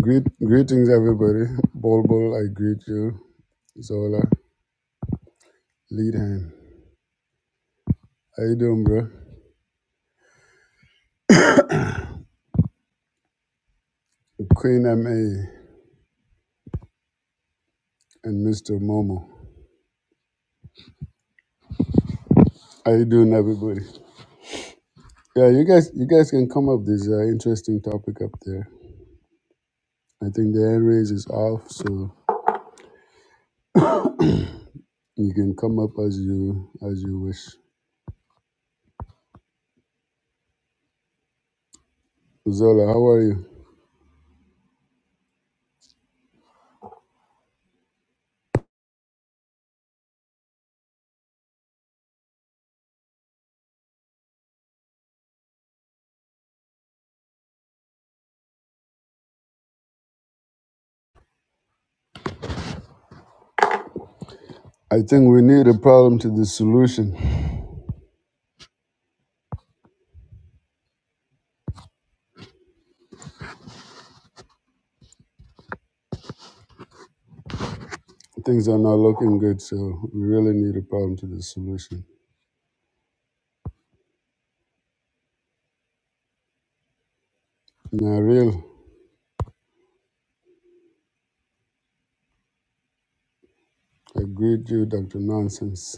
Greet, greetings, everybody. Bol Bol, I greet you. Zola, lead hand. How you doing, bro? Queen Ma and Mr. Momo. How you doing, everybody? Yeah, you guys, you guys can come up. There's an interesting topic up there. I think the hand raise is off, so you can come up as you as you wish. Zola, how are you? I think we need a problem to the solution. Things are not looking good, so we really need a problem to the solution. Now, real, I greet you, Dr. Nonsense.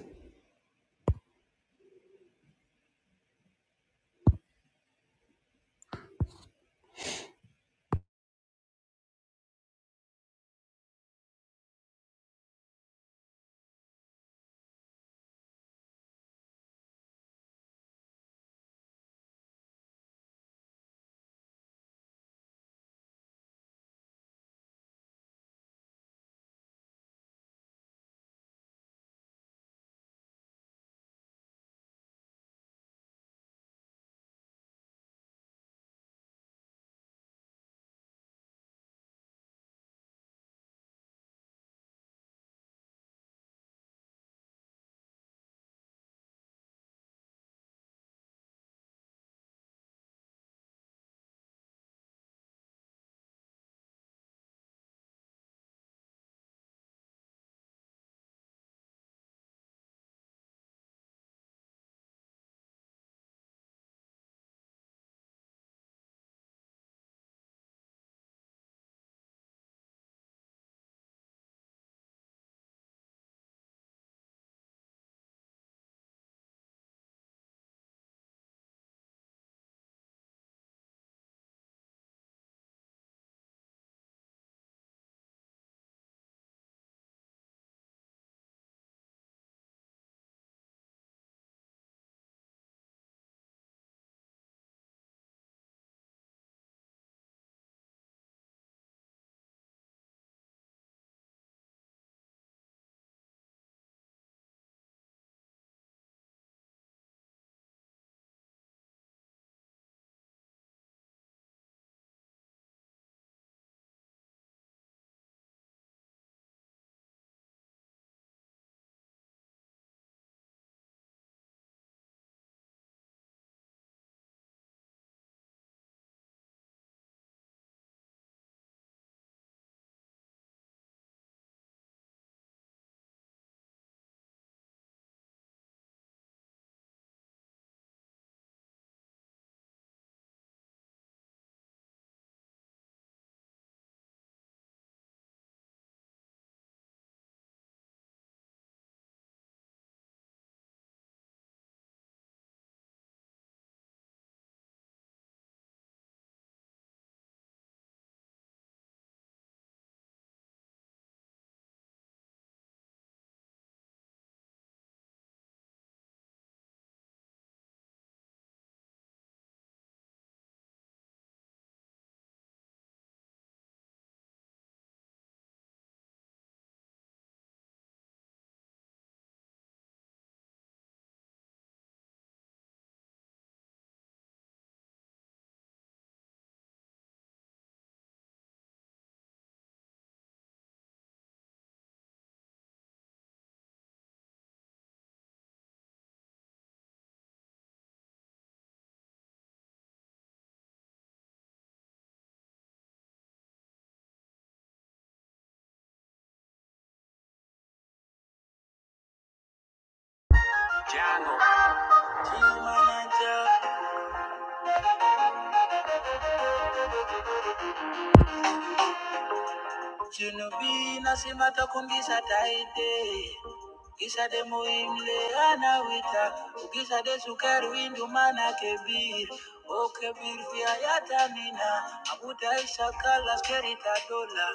Jango, Team manager, Junubina simatakumbisa taite. Kisa de muimle anawita Kisa de sukari windu mana kebir O kebir fia yatamina Abuta isha kala skerita dola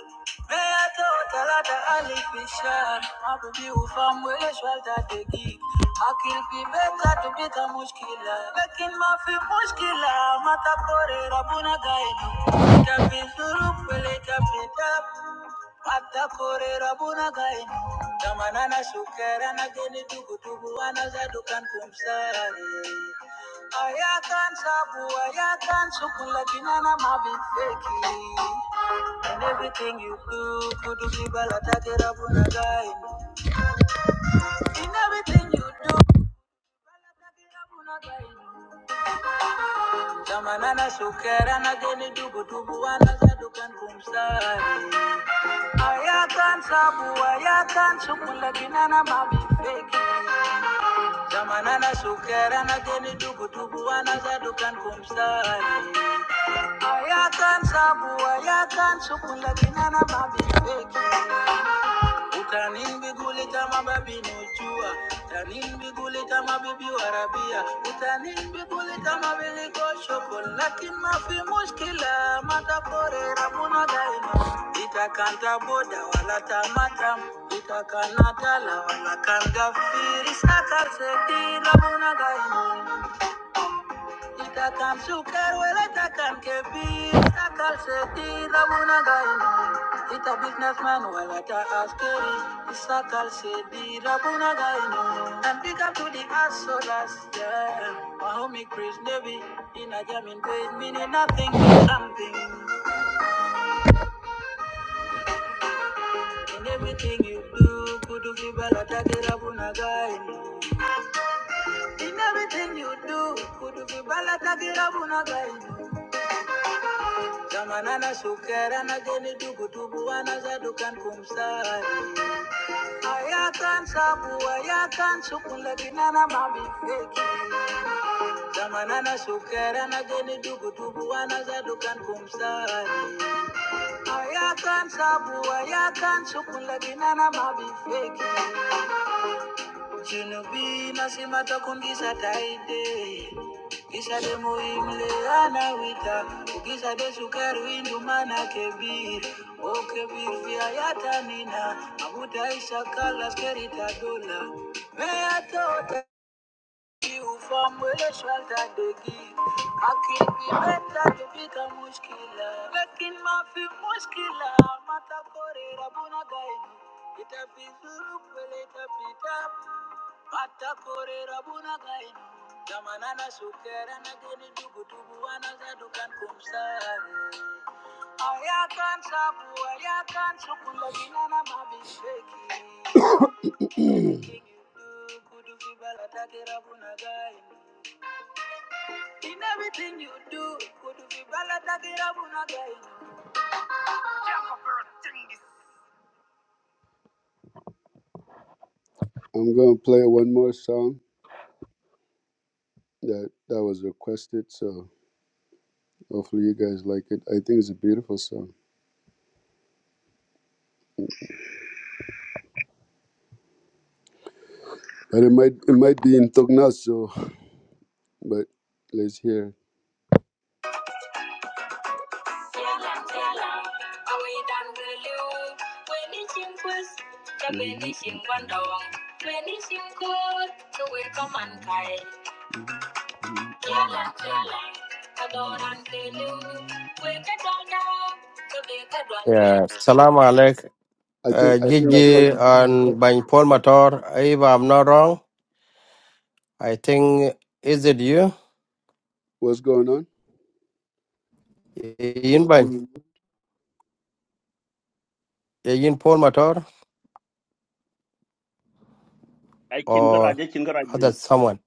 Mea to talata alifishar Mabibi ufamu ile shwalta degi Akil fi beka tubita mushkila Lakin mafi mushkila Mata kore rabuna gainu Itapi suruk pele tapi tap, Atakorera bunagain Damanana shukera na geni tugu tugu anazadukan kumsare Ayakan sabu ayakan sukula kinana mabifeki In everything you do kudu kibala takera bunagain In everything you do kibala take rabuna gaini Zamana na sukera na geni dubu dubu anazadukan kumsari. Ayakan sabu ayakan sukula kinana mabi feki. Zamana na sukera na geni dubu dubu anazadukan kumsari. Ayakan sabu ayakan sukula kinana mabi feki utanimbigulita mababi nojua utanimbigulita mabibi warabia utanimbigulita mabiliko shokol lakin mafi mushkila matakorera Ita itakanta boda wala tamatam itakanatala wala kanda firi, saka seti rabuna sakasetila Itakan suker wele takan kebi Takal seti rabuna gaini Ita businessman wala ta askeri Isakal seti rabuna gaini And big up to the Asoras yeah My homie Chris Navy In a jamming page meaning nothing but something In everything you do Kudu kibala take rabuna gaini In everything you do Kudu kibala take rabuna gaini Zamanana sukera na geni dubu dubu wana zadukan kumsari. Ayatan sabu ayatan sukunle binana mami feki. Zamanana sukera na geni dubu dubu wana zadukan kumsari. Ayatan sabu ayatan sukunle binana mami feki. Junubi nasema takumbisa taide Kisa de muhimle ana wita Ukisa de sukari windu mana kebir O kebir vya yata nina Amuta isa kala skerita dola Mea tota ufamwele swalta degi Akibi meta tupika muskila Lakin mafi muskila Mata kore rabuna gainu Itapizuru kwele itapita Atakore rabuna gainu Tamanana sukera na geni dugu dugu anazadukan kumsare Ayakan sabu, ayakan sukula ginana mabisheki I'm gonna play one more song that that was requested, so hopefully you guys like it. I think it's a beautiful song, but it might it might be in Tognath, so. but let's hear. Yeah, salam alaikum. I Uh, think I think I Gigi caught and Bany Paul Mator, if I'm not wrong, I think, is it you? what's going on. Yin Bany, uh, Yin Paul Mator, ai chin ka or raj ai chin ka raj other bin someone?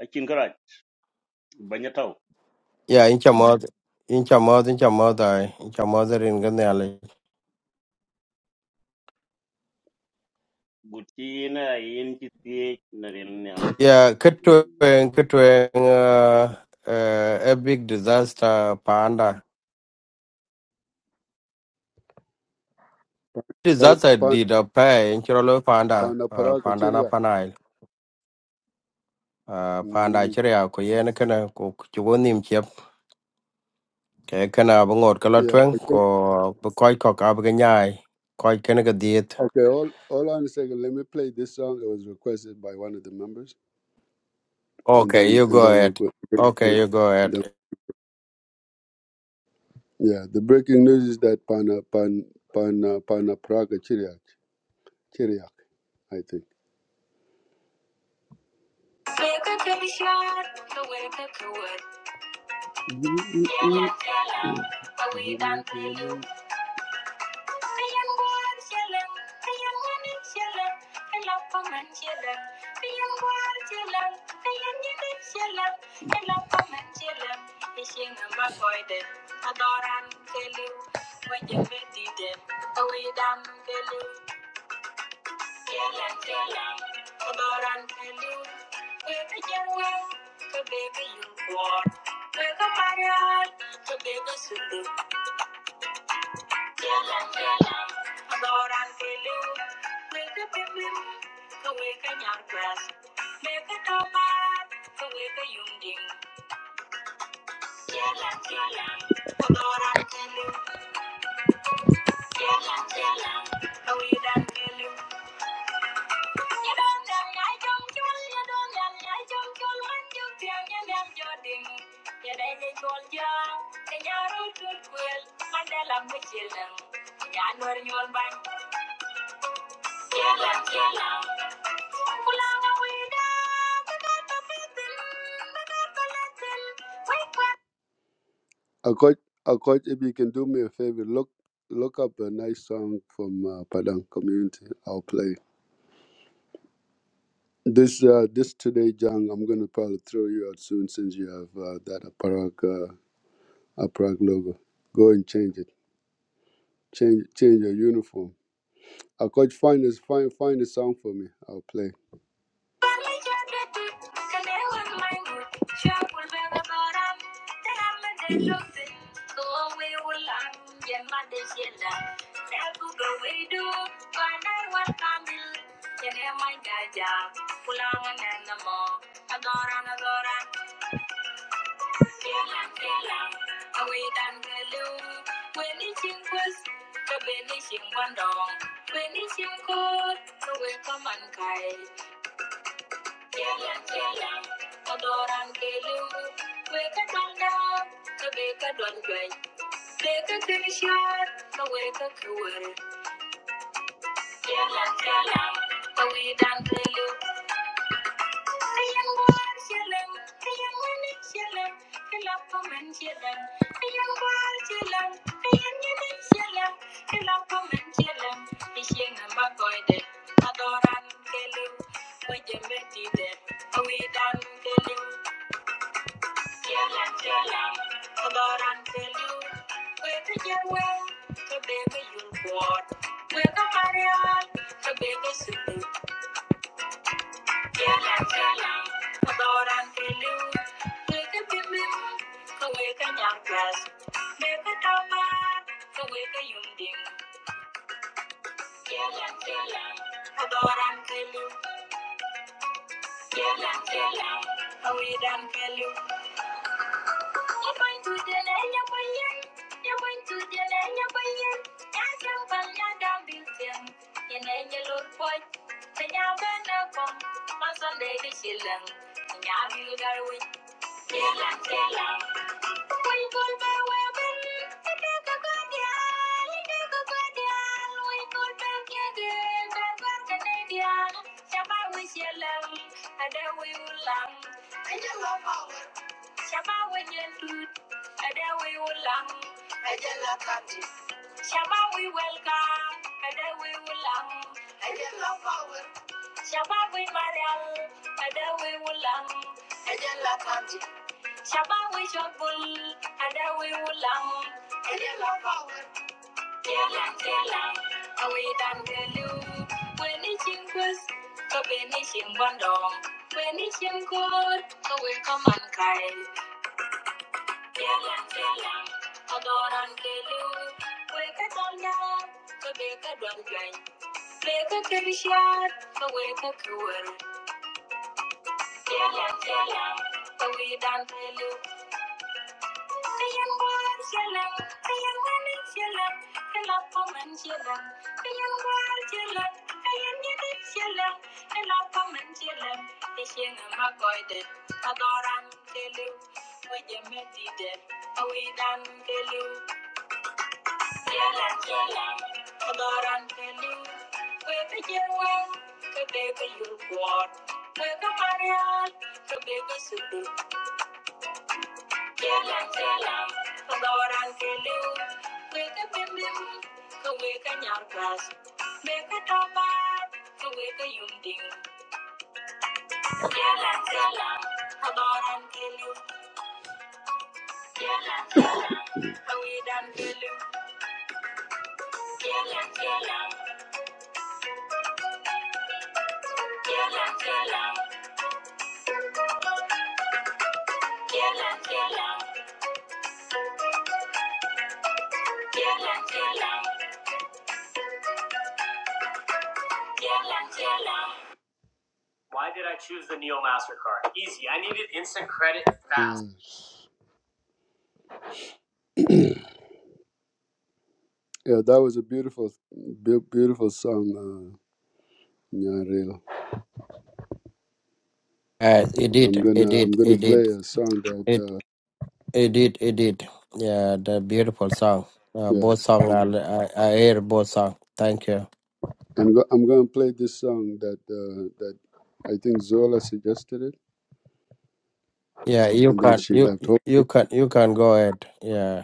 ai chin ka raj banya tau Yeah, in Chamod, in Chamod, in Chamod, I, in Chamod, in Ganyali. guti na yin ki tie na rin ne ali Yeah, Kitwing, Kitwing, uh, uh, a big disaster, Panda. Pan Disaster pan did a pay in Chirolo Panda, uh, panaparaga Panda na chiria. Panai. Uh, Panda Mm, Chiria, Kuyen, Kana, Kuchuanim, cái cái nào bằng ngột cái lát yeah, trứng I think có bà coi có cả bà cái nhai coi cái này cái diet okay. All all on a second. Let me play this song. It was requested by one of the members. and okay then you and go then we'll ahead go. okay we'll- you go ahead The, yeah, the breaking news is that Pana Pan Pan uh, Pana Praga Chiriak Chiriak, I think. Thank you. want. Wake up, my heart. Baby, you do. Adoran keliu, weka pipim, keweka nyarpes, meka tomat, keweka yunding. Jalan jalan, adoran keliu, jalan jalan, kawidan keliu. Nyedon jam nyai jom jul, nyedon jam nyai jom jul, manjung tiang nyedam joding. Nyedai jai jol jang, kenyaru tut kuel, mandala mucilang. Nyanwar nyol bang. Killer, killer. Uh, coach, uh, coach, if you can do me a favor, look look up a nice song from uh, Padang community. I'll play this uh, this today, Jang. I'm gonna probably throw you out soon since you have uh, that Aparag uh, Aparag logo. Go and change it. Change change your uniform. Uh, coach, find this find find a song for me. I'll play. Kau benishing wandong, benishing kod, kau wekaman kai. Jalan, jalan, kotoran kelu. Kue kadang dap, kebe kadang juai. Beka kirishat, kawe kakuar. Jalan, jalan, kawe kelu. Ayang buar jalan, ayang manis jalan. Kelap paman jalan. Ayang buar jalan, ayang manis jalan. Kelap paman jalan. Isyeng nama koide, kotoran kelu. Kue jembe tidak, kawe kelu. Thank you. You're going to the land of Oyen. You're going to the land of Oyen. That's a ballad of Bilton. In a yellow boy. The Yavan of Bom. My son, Lady Shilling. And Yabu Garwin. Shilling, Shilling. We could be women. We could go to the island. We could go to the island. We could be Canadian. We could be Canadian. Shabbat we shall love. And then we will love. Shama Wajendu, Adawi Ulam, la Katis. Shama, we welcome, Adawi Ulam, la Power. Shama, we Mariam, Adawi Ulam, Ajala Katis. Shama, we Shokul, Adawi Ulam, Kela Kela, Awi Dangelu, Weni Chinkus, Kabeni Chimbandong, Weni Chinkot, Awi Kamankai. Adoran kelu, we jemedi de, awi dan kelu. Yalan yalan, adoran telu. Kewe terjemuh, kewe terjulur kuat. Tidak marah, kewe bersuatu. Yalan yalan, adoran telu. Kewe terpempu, kewe kenyar klas. Mepet tabah, kewe penyunting. Yalan yalan, adoran telu. Yalan yalan, kewe dan telu. Yalan yalan, yalan yalan. Why did I choose the Neo MasterCard? Easy. I needed instant credit fast. Mm. Yeah, that was a beautiful, beau- beautiful song, uh, Nyanrela. uh, edit I'm gonna, edit I'm gonna edit play a song that, it uh, edit edit yeah the beautiful song uh, yeah, both song I, I, I hear both song thank you I'm, go- I'm gonna play this song that, uh, that I think Zola suggested it, yeah you and then can she you left. Hope you can you can go ahead yeah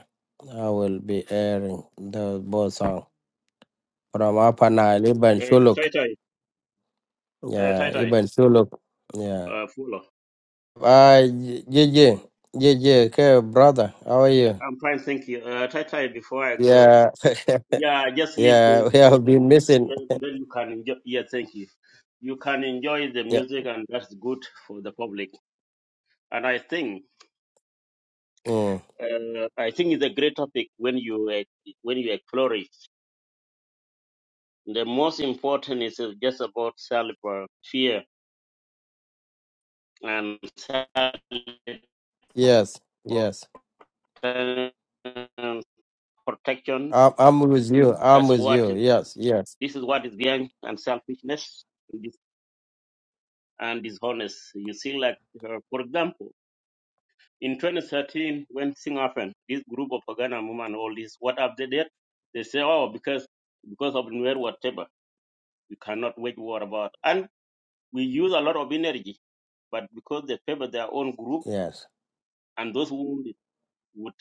I will be airing the both song from Upper Nile Ibn eh tai Shuluk tai eh tai yeah tai Ibn Shuluk yeah uh full Uh, JJ, JJ, okay, brother, how are you? i'm fine thank you uh tai tai before i go Yeah, yeah I just leave the yeah, we because have I'm, been missing. then then you can enjoy yeah thank you you can enjoy the Yeah, music and that's good for the public and i think mm, uh, i think it's a great topic when you uh, when you explore it the most important is uh, just about self uh, fear and self yes, yes. protection. I'm, I'm with you. I'm That's with what you. is, Yes, yes, this is what is behind and selfishness and and dishonest. You see, like uh, for example, in 2013 when thing happened, this group of Pagana women, all this, what have they did? They say, oh, because because of Nuer whatever, we cannot wage war about, and we use a lot of energy, but because they favor their own group yes. and those who would.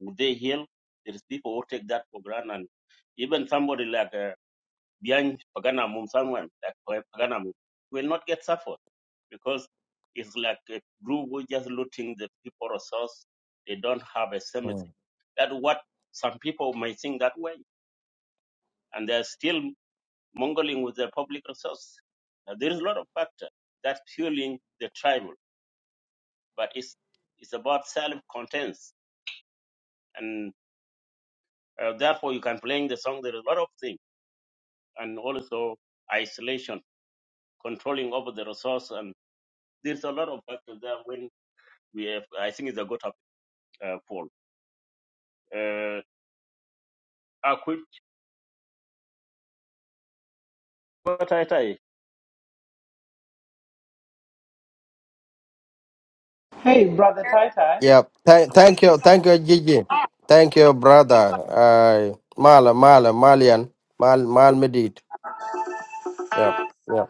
Would they heal? There is people who take that for granted. And even somebody like uh, Bian Paganamum, someone like Pa- Paganamum, will not get suffered because it's like a group who just looting the people resource. They don't have a sympathy. Mm. That what some people may think that way, and they're still mongling with their public resource. Now, there is a lot of factor that's fueling the tribal, but it's it's about self-contents, and uh, therefore you can play the song. There is a lot of things. and also isolation, controlling over the resource. And there's a lot of factors there when we have, I think it's a good topic, uh, Paul. Uh, I quit what Hey, brother Tai Tai. Yep. Thank, you, thank you, thank you, JJ. Thank you, brother. Uh, Mala, Mala, Malian, Mal, Mal Medit. Yeah, yeah.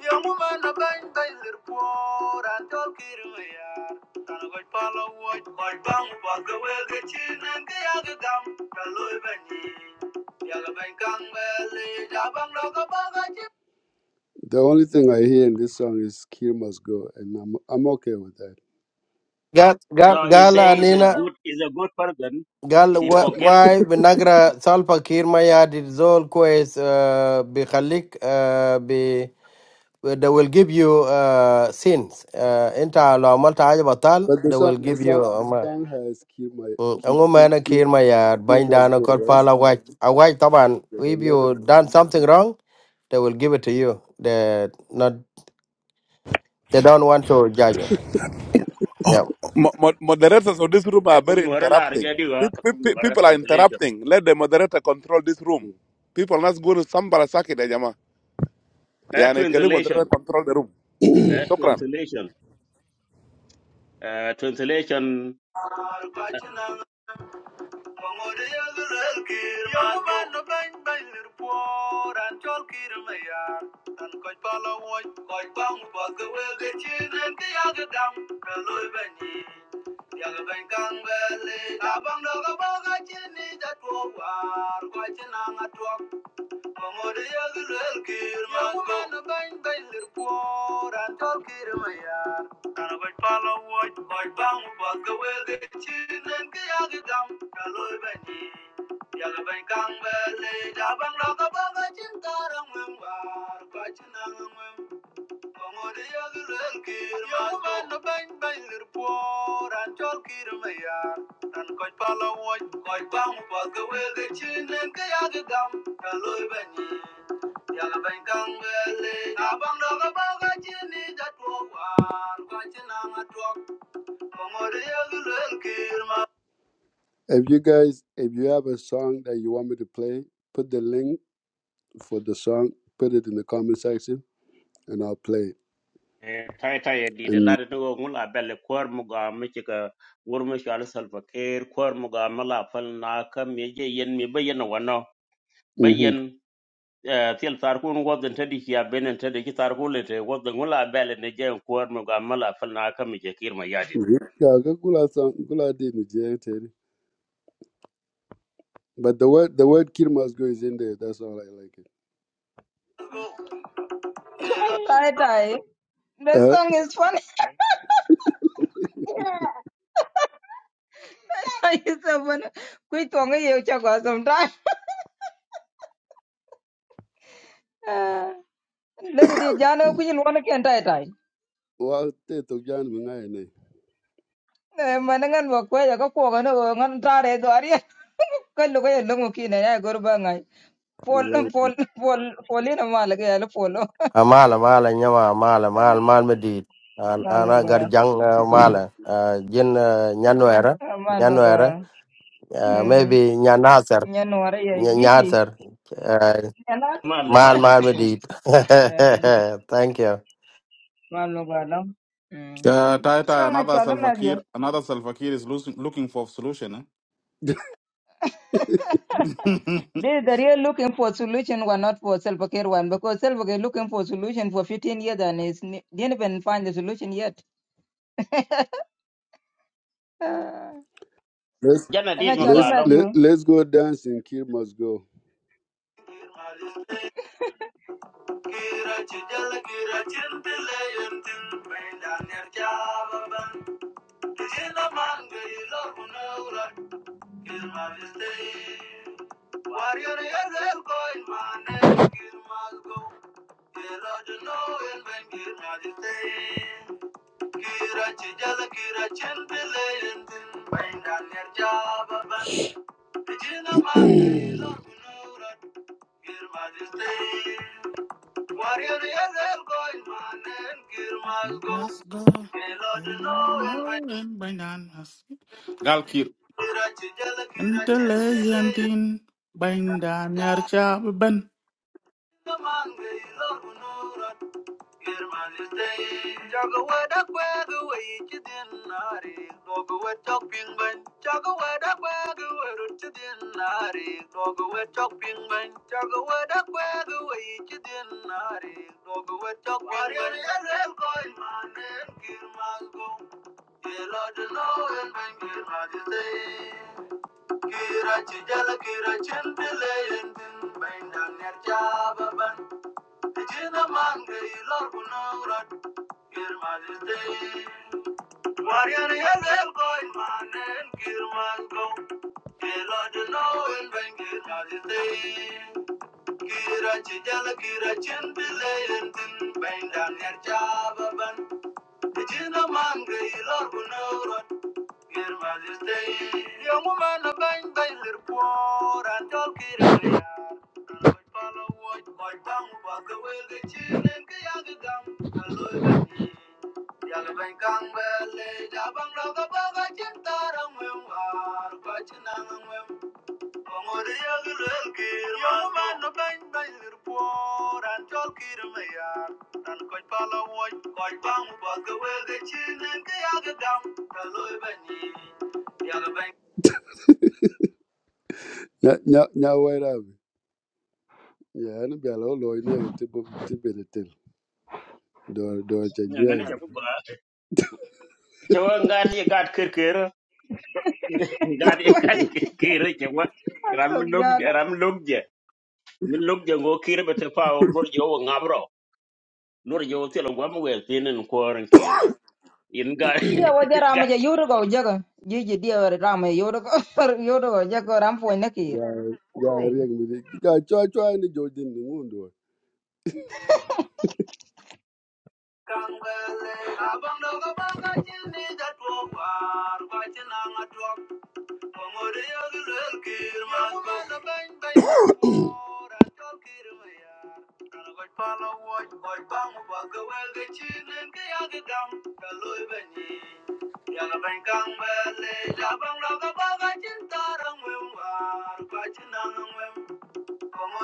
Young woman, a kind Kaiser poor and talking here. Can I follow what my bang was the way the chin and the other gum? The only thing I hear in this song is "Kill Must Go," and I'm I'm okay with that. Gal, Gal, No, he says he's a Gala, good, is a good person. قال He و- forget واي بنقرا سالفة كير ما يادي زول كويس آه، بيخليك آه، بي they will give you uh, sins uh, انت لو عملت حاجة بطال But the they song will the give you song the um, song has "Kill My Kill عموما Kill, انا Kill, كير ما ياد Kill باين Must دانا Go," كل right? فالا واج اواج طبعا So if let you done something wrong they will give it to you they not they don't want to judge you Yeah. Mo- mo- moderators of this room are katong very la interrupting. harga Pe- diwa pe- pe- People are translation. interrupting. Let the moderator control this room. Mm. People are not going to sambara sakit, eh, Jama. Uh, Yani, Kali moderator translation, control the room. uh, Sokran. translation, uh, translation. 'em- Bangode yagalal kir ma Yo ban no ban ban lir por an chol kir ma ya an koy pala bang ba ke we ge chin en dam ka loy ban ni kang ba ta bang do ga ba ni da to war koy ang a Amore yagul elkir masko. Yagumana bain bain lirkuor antol kirmayar. Kana bai pala waj bai bangu batka welde chinen ke yagi kaloi bani. Yaga bain kang bele jabang raka baga chinkarang membar kachinang if you guys, if you have a song that you want me to play, put the link for the song, put it in the comment section, and I'll play it. Eh, tai tai ya di da And lada nuwa mula belle kwar muga miki ka wurmi shi al salfa kair kwar muga mala fal na kam me je yen me bayyana wano mhm. bayyan til tar kun wadin ta di ya benen ta di ki tar kun le te wadin mula belle ne je kwar muga mala fal na kam me je kir ma yadi Yeah, go Gula song, Gula did in jail, Terry. But the word the word kill must go is in there. That's all I like it. Tie tie. The Uh, song is funny. I used to when quit on a year chago sometime. Let it be Jano Queen one can tie tie. well, Ted to John Mungai, ne. Manangan work where you go for an old tare doria. Kalu kaya lungo kina ya guru bangai. We Pol like it. pol pol polin amal kaya lo polo. Amala mala nyama amala mal mal medit an ana Maluga garjang uh, mala uh, jin uh, nyanwera nyanwera maluga. uh, Hmm. maybe nyanasar Nyano ara ya Ny- gigi. nyasar uh, Nyana mal mal mal mal medit thank you maluga lam. Hmm. Uh, Taya, tai, Kanga another Salva chala Kiir, another Salva Kiir is losing, looking for solution. Eh? I They the real looking for solution were not for self-care one because self-care looking for solution for 15 years and is didn't even find the solution yet. Ah, let's jana di Nga chala muga let's lom mag you. let, let's go dance and kill must go. Kilo dunno, and when girna di ste, girachijala, girachintele, and when bandarjaabab, di jinama, dunurat, girba di ste, warrior ya selko, ismanen, girmaggo, must go. Kilo and I dunno, and when know and by none must- Gal Kiir. girachijala, Until I am girachintele, and thin, by none are when shall bend. ya man gay, lor dunurat. Kira chijala kira chendile yentin, bainang nerjaba ban. Regina man, the Lord will know that your majesty. Warrior, you're well going, man, and kill must and bring majesty. Kira chijala kira chintile yentin, bend down Regina man, the Lord will know Kir mazis dey, yomu mana bang bang lir por antol kir mayar. Aloy pala woy, koy bang ubag wel ge chilin ke yag gam aloy bani. Yag bang kang bele, jabang laga baga chin tarang Nya nya nya wera bi. Ya ni bia lo lo ni ti bu ti be de tel. Do do cha je. ngani ja ku ga ce wa ngati gat kir kir ngati gat kir kir ce wa ram Masuk log jana. ram log min nok jango kir bete pa nur jo ngabro nur jo telo gwam wel tinen koran kir in ga Dia wajar rama ga ja yuru go jaga. Jiji dia rama ja yuru go yuru go jaga ram po nakir. Ga ga riek mi di. Ga cho cho ni jo din ni ngun do. kambele abang do ga ba ga chin ni da to war ba chin na Yalla Thank you.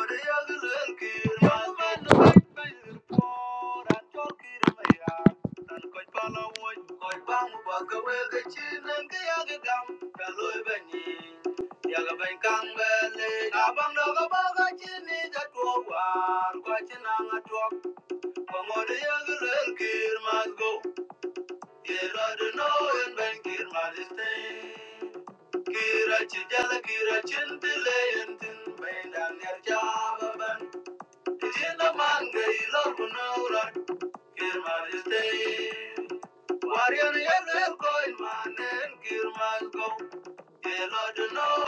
Kira ci jala kira cin tile yentin bai da ngar jaba Tiene manga y lo conora, que mal esté. Guardian y el coin man no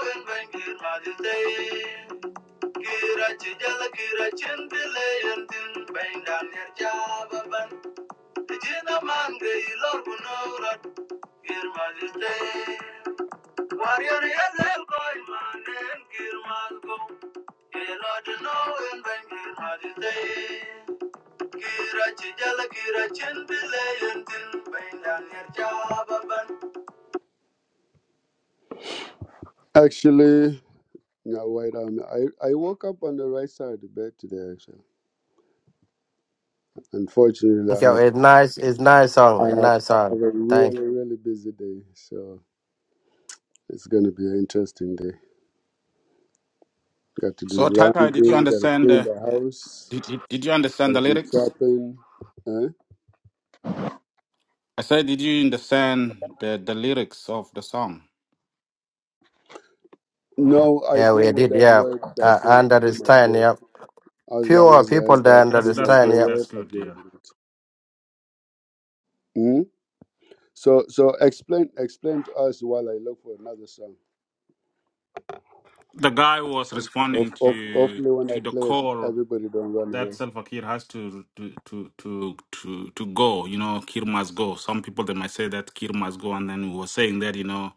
Kira chijala kira chintile en tin ben daniel jababan. Tiene manga y lo conora, que mal esté. Guardian y el coin man no Actually, no, wait a minute. I, I woke up on the right side of the bed today, actually. Unfortunately, thank I you have, it's nice it's nice song I it's have, nice I song have a thank really, really busy day. So it's going to be an interesting day. Got to do So, Taya, Tai, did you laundry, got to understand? clean The, the house, did, did did you got understand to the do lyrics? shopping. Huh? I said, did you understand the, the lyrics of the song? No, you I yeah go we with did that yeah word that uh, says you must understand go. yeah As long fewer as it has people that that That's you that's must good. understand go yeah. That's word, I good. go Yeah. with it. Hmm? So so explain explain to us while I look for another song. The guy was Of responding of to hopefully when I to the play it, call everybody don't run that away. Salva Kiir has to to to to to to go. You know, Kiir must go. Some people they might say that Kiir must go, and then we were saying that you know,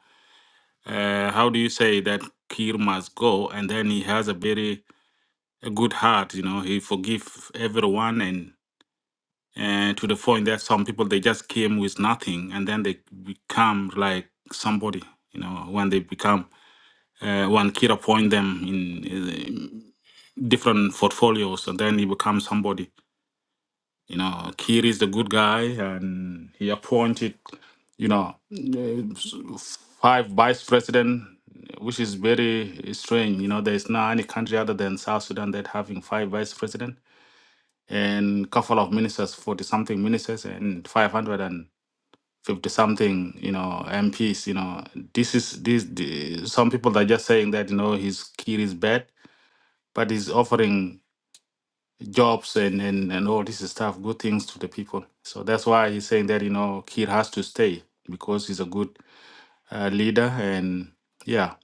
uh, how do you say that Kiir must go? And then he has a very a good heart. You know, he forgive everyone, and and to the point that some people they just came with nothing, and then they become like somebody. You know, when they become uh, when Kiir appoint them in. Uh, different portfolios and then he becomes somebody You know, Kiri is the good guy, and he appointed, you know, uh, five vice president, which is very strange. You know, there is not any country other than South Sudan that having five vice president and couple of ministers, forty something ministers, and five hundred and fifty something, you know, MPs. You know, this is this. The, some people are just saying that you know his Kiri is bad, but he's offering jobs and, and, and all this stuff, good things to the people. So that's why he's saying that, you know, Kir has to stay because he's a good uh, leader. And yeah,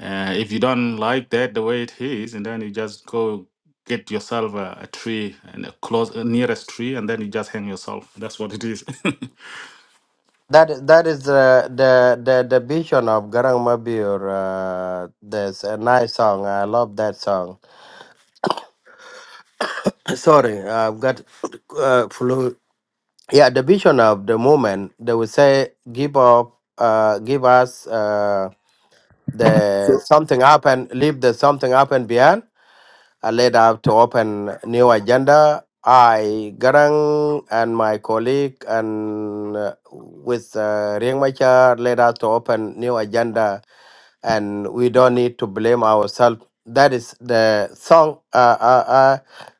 uh, if you don't like that the way it is, and then you just go get yourself a, a tree and a close a nearest tree and then you just hang yourself that's what it is That that is uh, the the the vision of Garang Mabir. Uh, there's a nice song. I love that song. Sorry, I've got uh, flu. Yeah, the vision of the moment. They would say, "Give up, uh, give us uh, the So something up and leave the something up and beyond." I laid out to open new agenda. I Garang and my colleague and uh, with uh, Riek Machar laid out to open new agenda and we don't need to blame ourselves. That is the song. Uh, uh,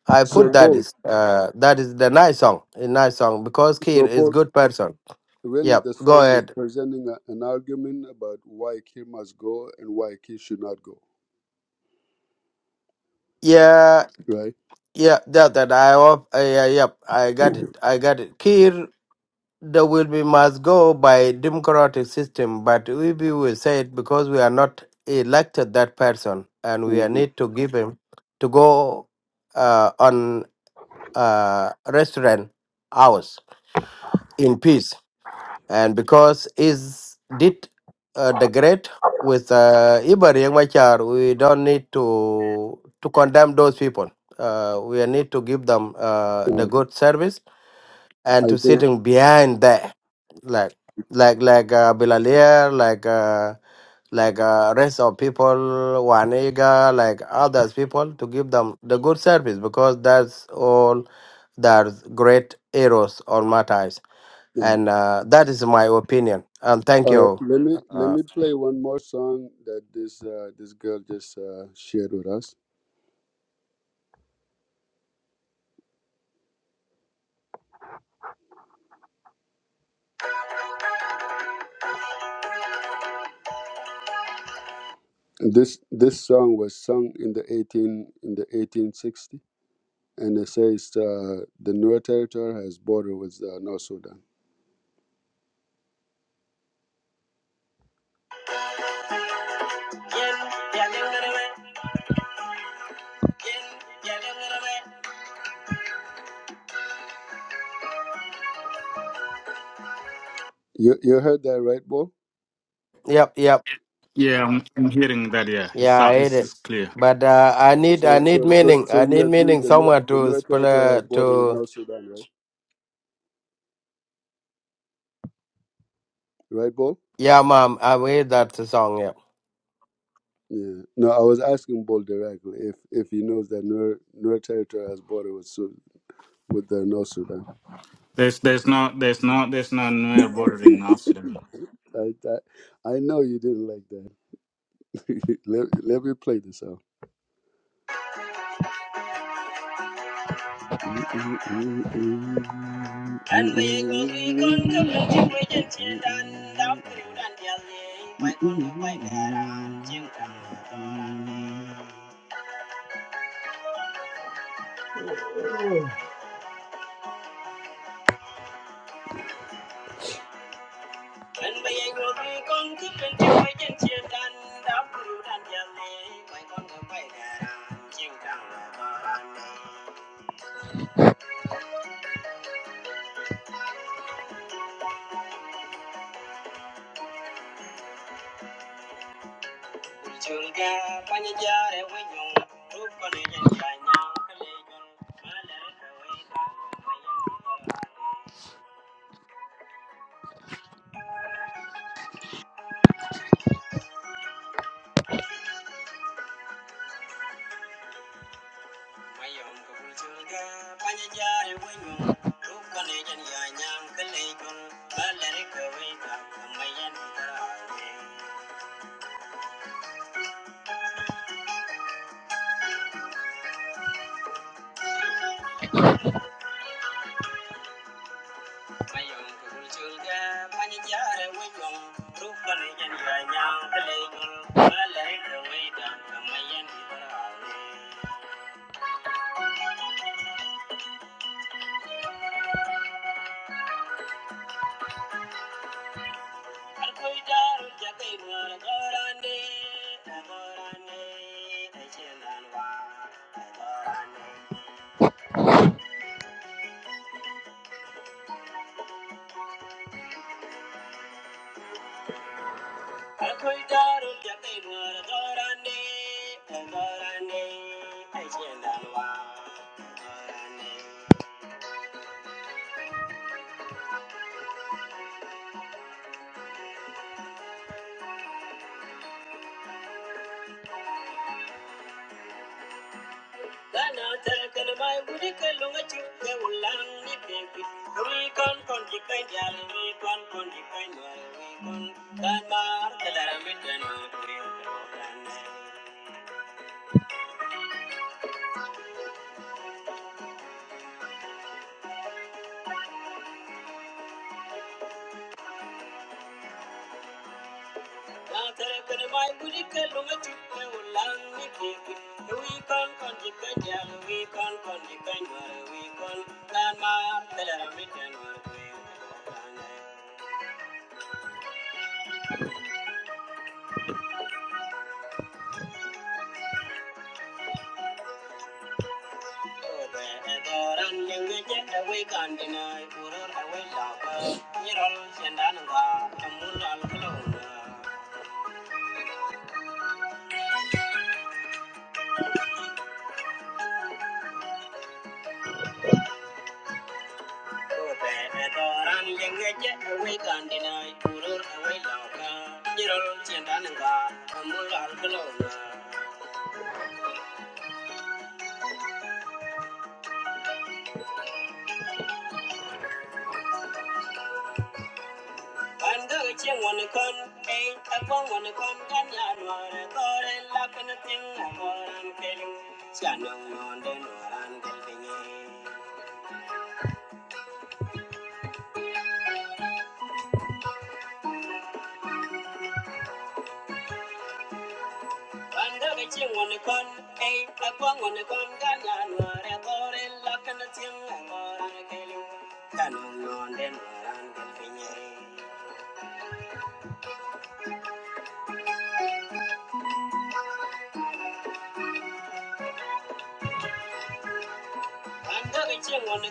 I I put so that Paul is uh, that is the nice song, a nice song because Kir so is Paul good person. really Yep, the go song is ahead. presenting a, an argument about why Kim must go and why Kim should not go, Yeah, right? yeah, that that I hope. Uh, yeah, yep, I got it. I got it. Kir, the will be must go by democratic system, but we we will say it because we are not elected that person, and we are hmm need to give him to go uh, on. uh, restaurant hours in peace. And because is did uh, the great with uh, Ibari and Machar, we don't need to to condemn those people. Uh, we need to give them uh, the Okay, good service and I to think sitting behind there, like like like uh, Bilalier, like uh, like uh, rest of people, Waniga, like others people, to give them the good service because that's all there's great heroes or martyrs, no. and uh, that is my opinion. And thank All right, you. let me let Uh, me play one more song that this uh, this girl just uh, shared with us. This this song was sung in the eighteen in the eighteen sixty. and it says uh, the Nuer territory has border with uh, North Sudan. You you heard that right, Bo? yep, yep, yeah I'm, I'm hearing that yeah yeah, it's, I uh, hate it's it, it's clear but uh, I need I So need so so meaning. so I you need agree meaning the Nuer, somewhere the to Nuer spell territory uh, has border with to. North Sudan, right? Right, Bo? Yeah, mom, I made that song. Yeah. Yeah. No, I was asking Bo directly if if he knows that Nuer, Nuer territory has border with Su- with the North Sudan. there's there's no there's no there's no near bordering now Sudan. I, I I know you didn't like that. let, let me play this out. And we go we con come no chim we jen chim dan dam kriu dan dia le pai con no pai da chim and we go we con come no chim we jen chim dan dam kriu dan dia le pai con no pai da ran dang la ba ran le chul ga pa ni ja re we nyong rup ko ne jen ja nyang ma la ka we da Mayong kabulsulga panyajar winyong rupan ejan yanyang kelejong balari kawita mayan utarane Mayong kabulsulga panyajar winyong rupan ejan yanyang kelejong balari kawita mayan utarane Alkoitar jakai muar gorande gorande ejelan wa gorande Lui con con di peña, lui con con di peña, lui con can mar que la ramita no abrió grande. La tele que le va a impedir que lo me chupe un langue que lui con con di peña, We con con di peña, lui con can mar te dará mi teno tuyo obe adoran ninge je We con di noi puror we la ramita no abrió grande. Ran yengeje away kandina turur away lauka Jirol chendananga amul alkalona Banga cheng wanakon ay I'm gonna sing on the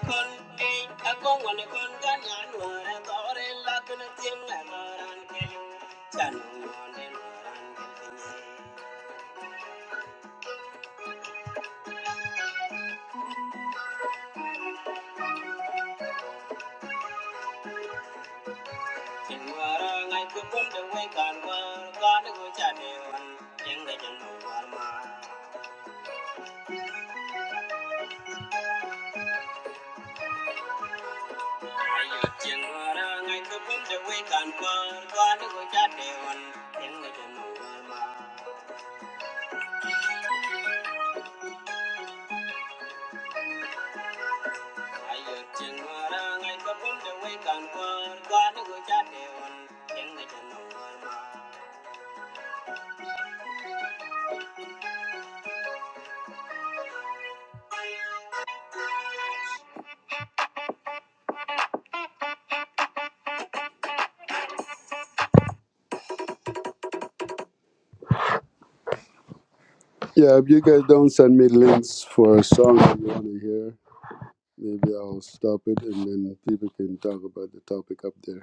to go Yeah, if you guys don't send me links for a song that you want to hear, maybe I'll stop it and then people can talk about the topic up there.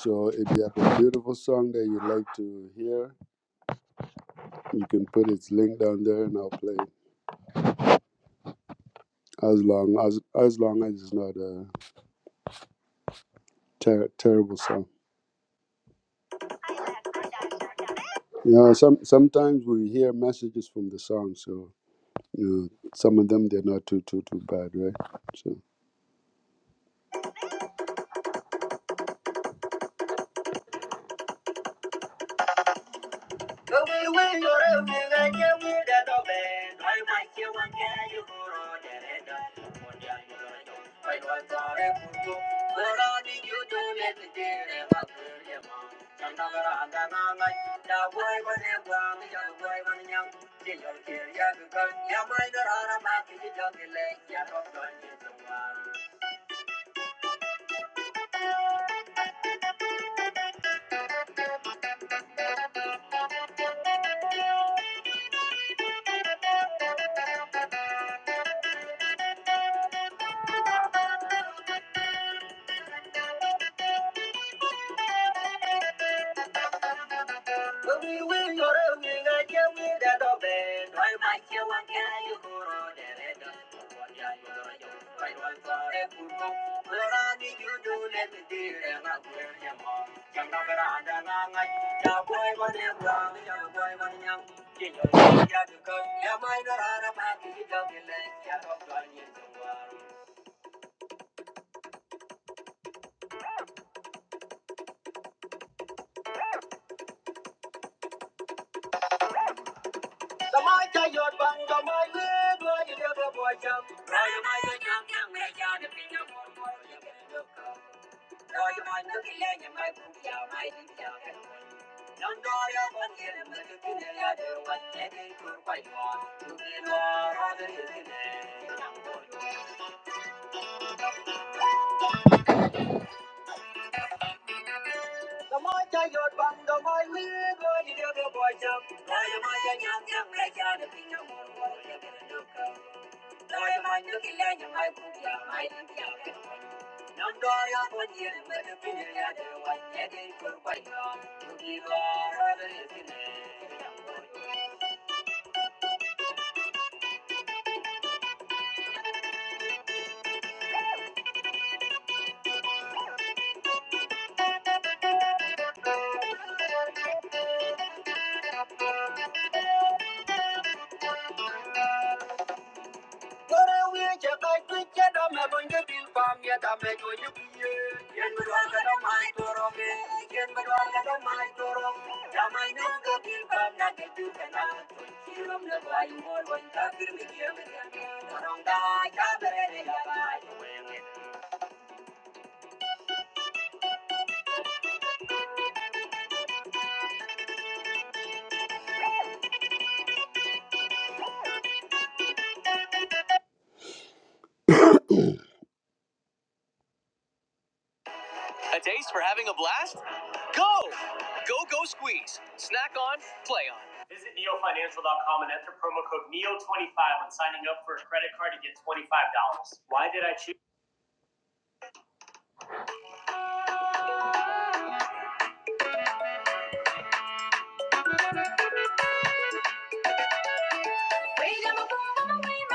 So if you have a beautiful song that you'd like to hear, you can put its link down there and I'll play it. As long as as long as it's not a ter- terrible song. You know, some sometimes we hear messages from the song, so you know, some of them they're not too too too bad, right? So. Thank you. The more I got bang, the more we go to the boy jump. Now you young, young, like you're the king of all work, you're gonna do come. Now you go around with you, but the feeling other one, yeah, they could wait To be all the years, you all let them mind Now my name go but not the two can out. She room the boy, more, one, talk to me, don't die, come here, yeah, A taste for having a blast? Go! Go, go, squeeze. Snack on, play on. Visit neofinancial.com and enter promo code NEO25 when signing up for a credit card to get $25. Why did I choose? Don't let it die, don't let it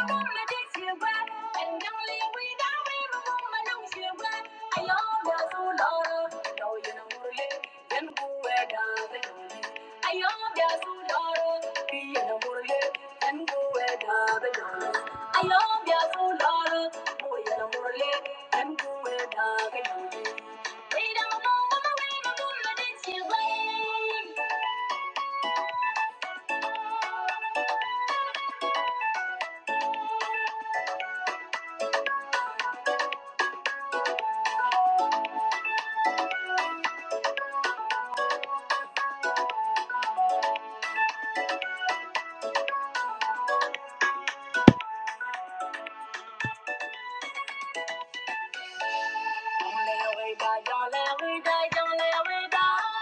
die, don't let it die.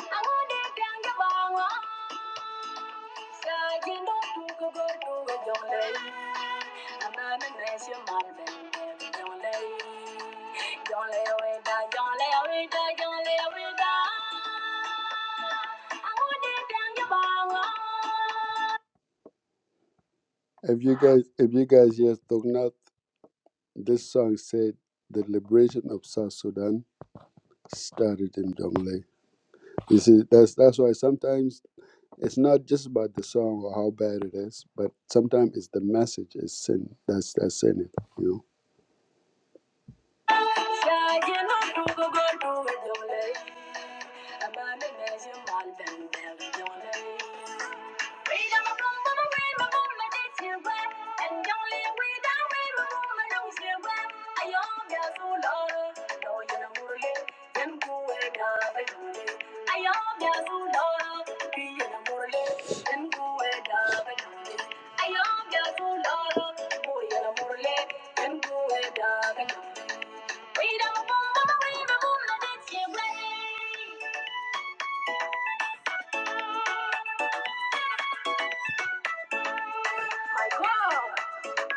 Angode If you guys, if you guys hear Tongnath, this song said the liberation of South Sudan started in Jonglei. You see, that's that's why sometimes It's not just about the song or how bad it is, but sometimes it's the message is sin. That's that's in it, you know. My wow!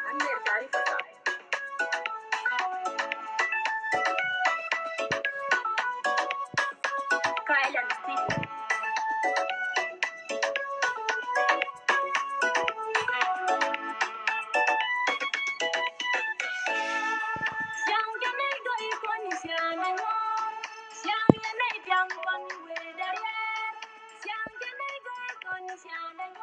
I'm very sorry for that. Kyle and Steve. Thank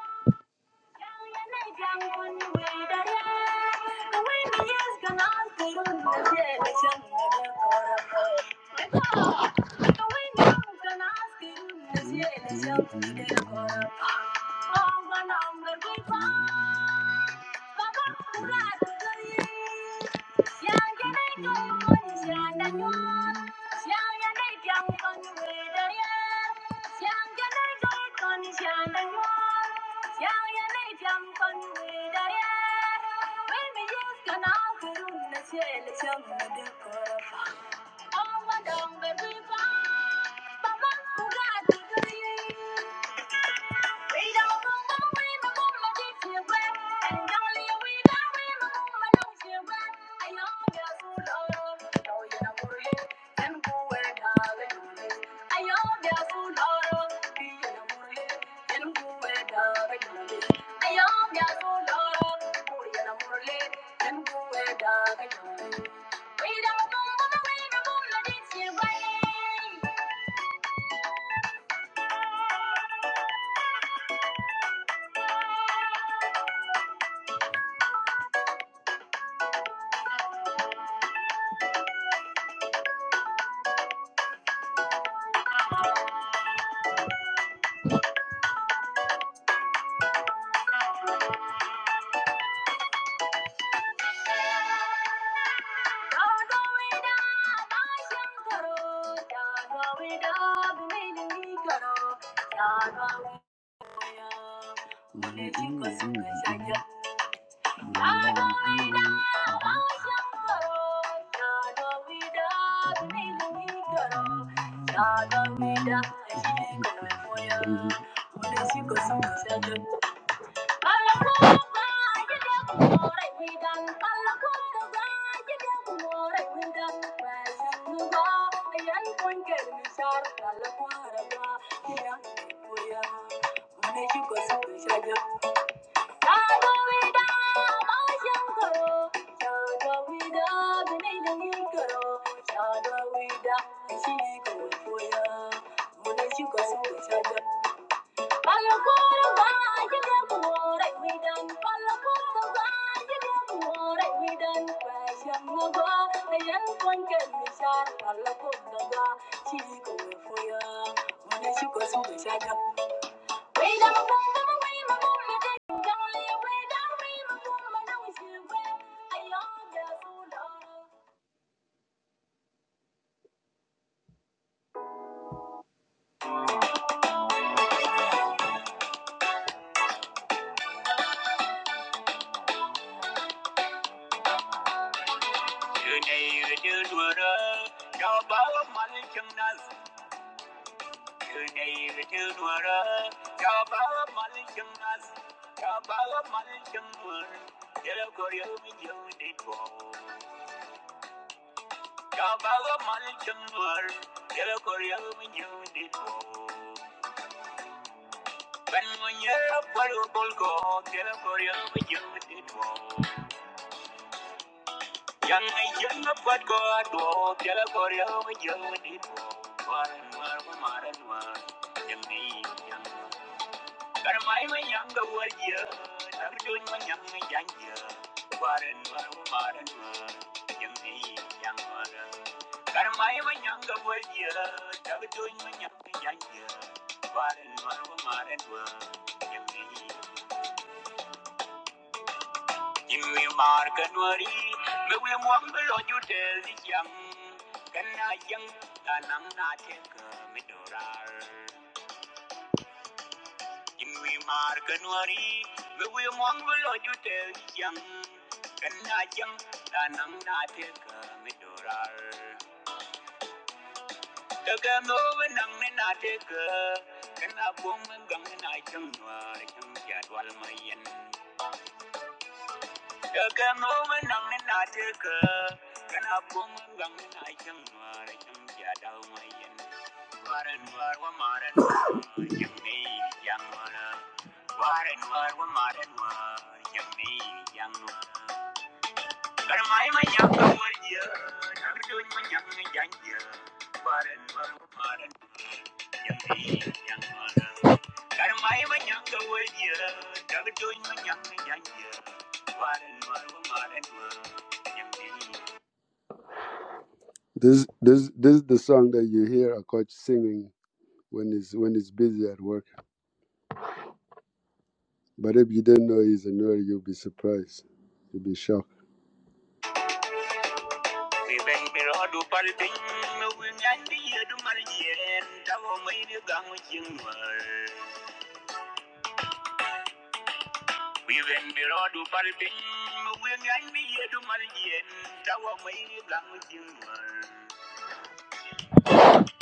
yeah, Oh, my dog, baby, bye. Bye-bye, Bugatti, we don't go away, no the way the moon is Thank Shadow, we die, she go for ya. When she goes, we shall Thank you. Kabaga malchung war, kera Korea mnyundi po. Ben mnyera paru bolgo, kera Korea mnyundi po. Yang yang pat ko adwo, kera Korea mnyundi po. Maran im yang kana yang tanang na tek midorar. Im wi mar kanwari, we wi mong belo jute yang kana yang tanang na tek midorar. Daga mawin ang ninadaga, kanabong hanggang inayang nuwarang jadwal mayan. Daga mawin ang iman, karmay manyang kawalya, dagdoy manyang niyanya, waran warang waran waran This this this is the song that you hear a coach singing when he's when he's busy at work. But if you didn't know he's a nerd, you'll be surprised. You'll be shocked. We bang me rodu pal ping me we ngan di yedu mar yen ta wo me ni gang ching mar. We bang me rodu pal ping me we ngan di yedu mar yen ta wo me ni gang ching mar.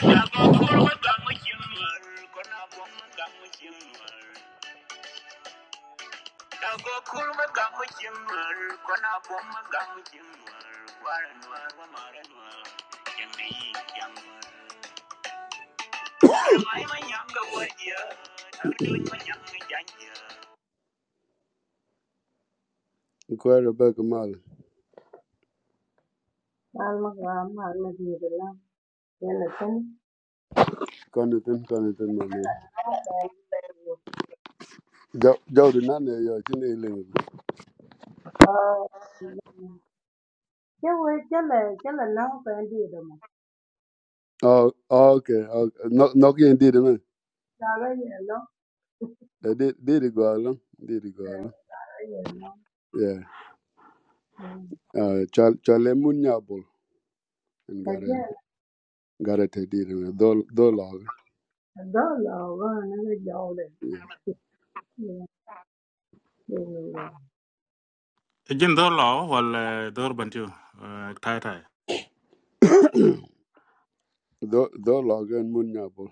Ta go kul me gang ching mar kona bom me gang ching mar. Ta go kul me gang ching mar kona bom me gang ching mar. Waran war wa maran war. Yang ni yang Quite a Molly. An ma ga ma na di da la ya na tin Connaughton, Connaughton, my man. na fa Joe, Joe did not know your chin ah ke we ke le ke le na fa di da ma Oh, oh, okay. okay. No, no, you did it, man. ta ga ye no Eh, Did did it go along? Did it go along? ta ye no Yeah. Uh, Chal Chale Munyabul and got a got a did it, man. Dol Dolog. ja Yeah. no Again, door law, well, uh, door bantu, uh, tie tie. Dol Dolog and Munyabul.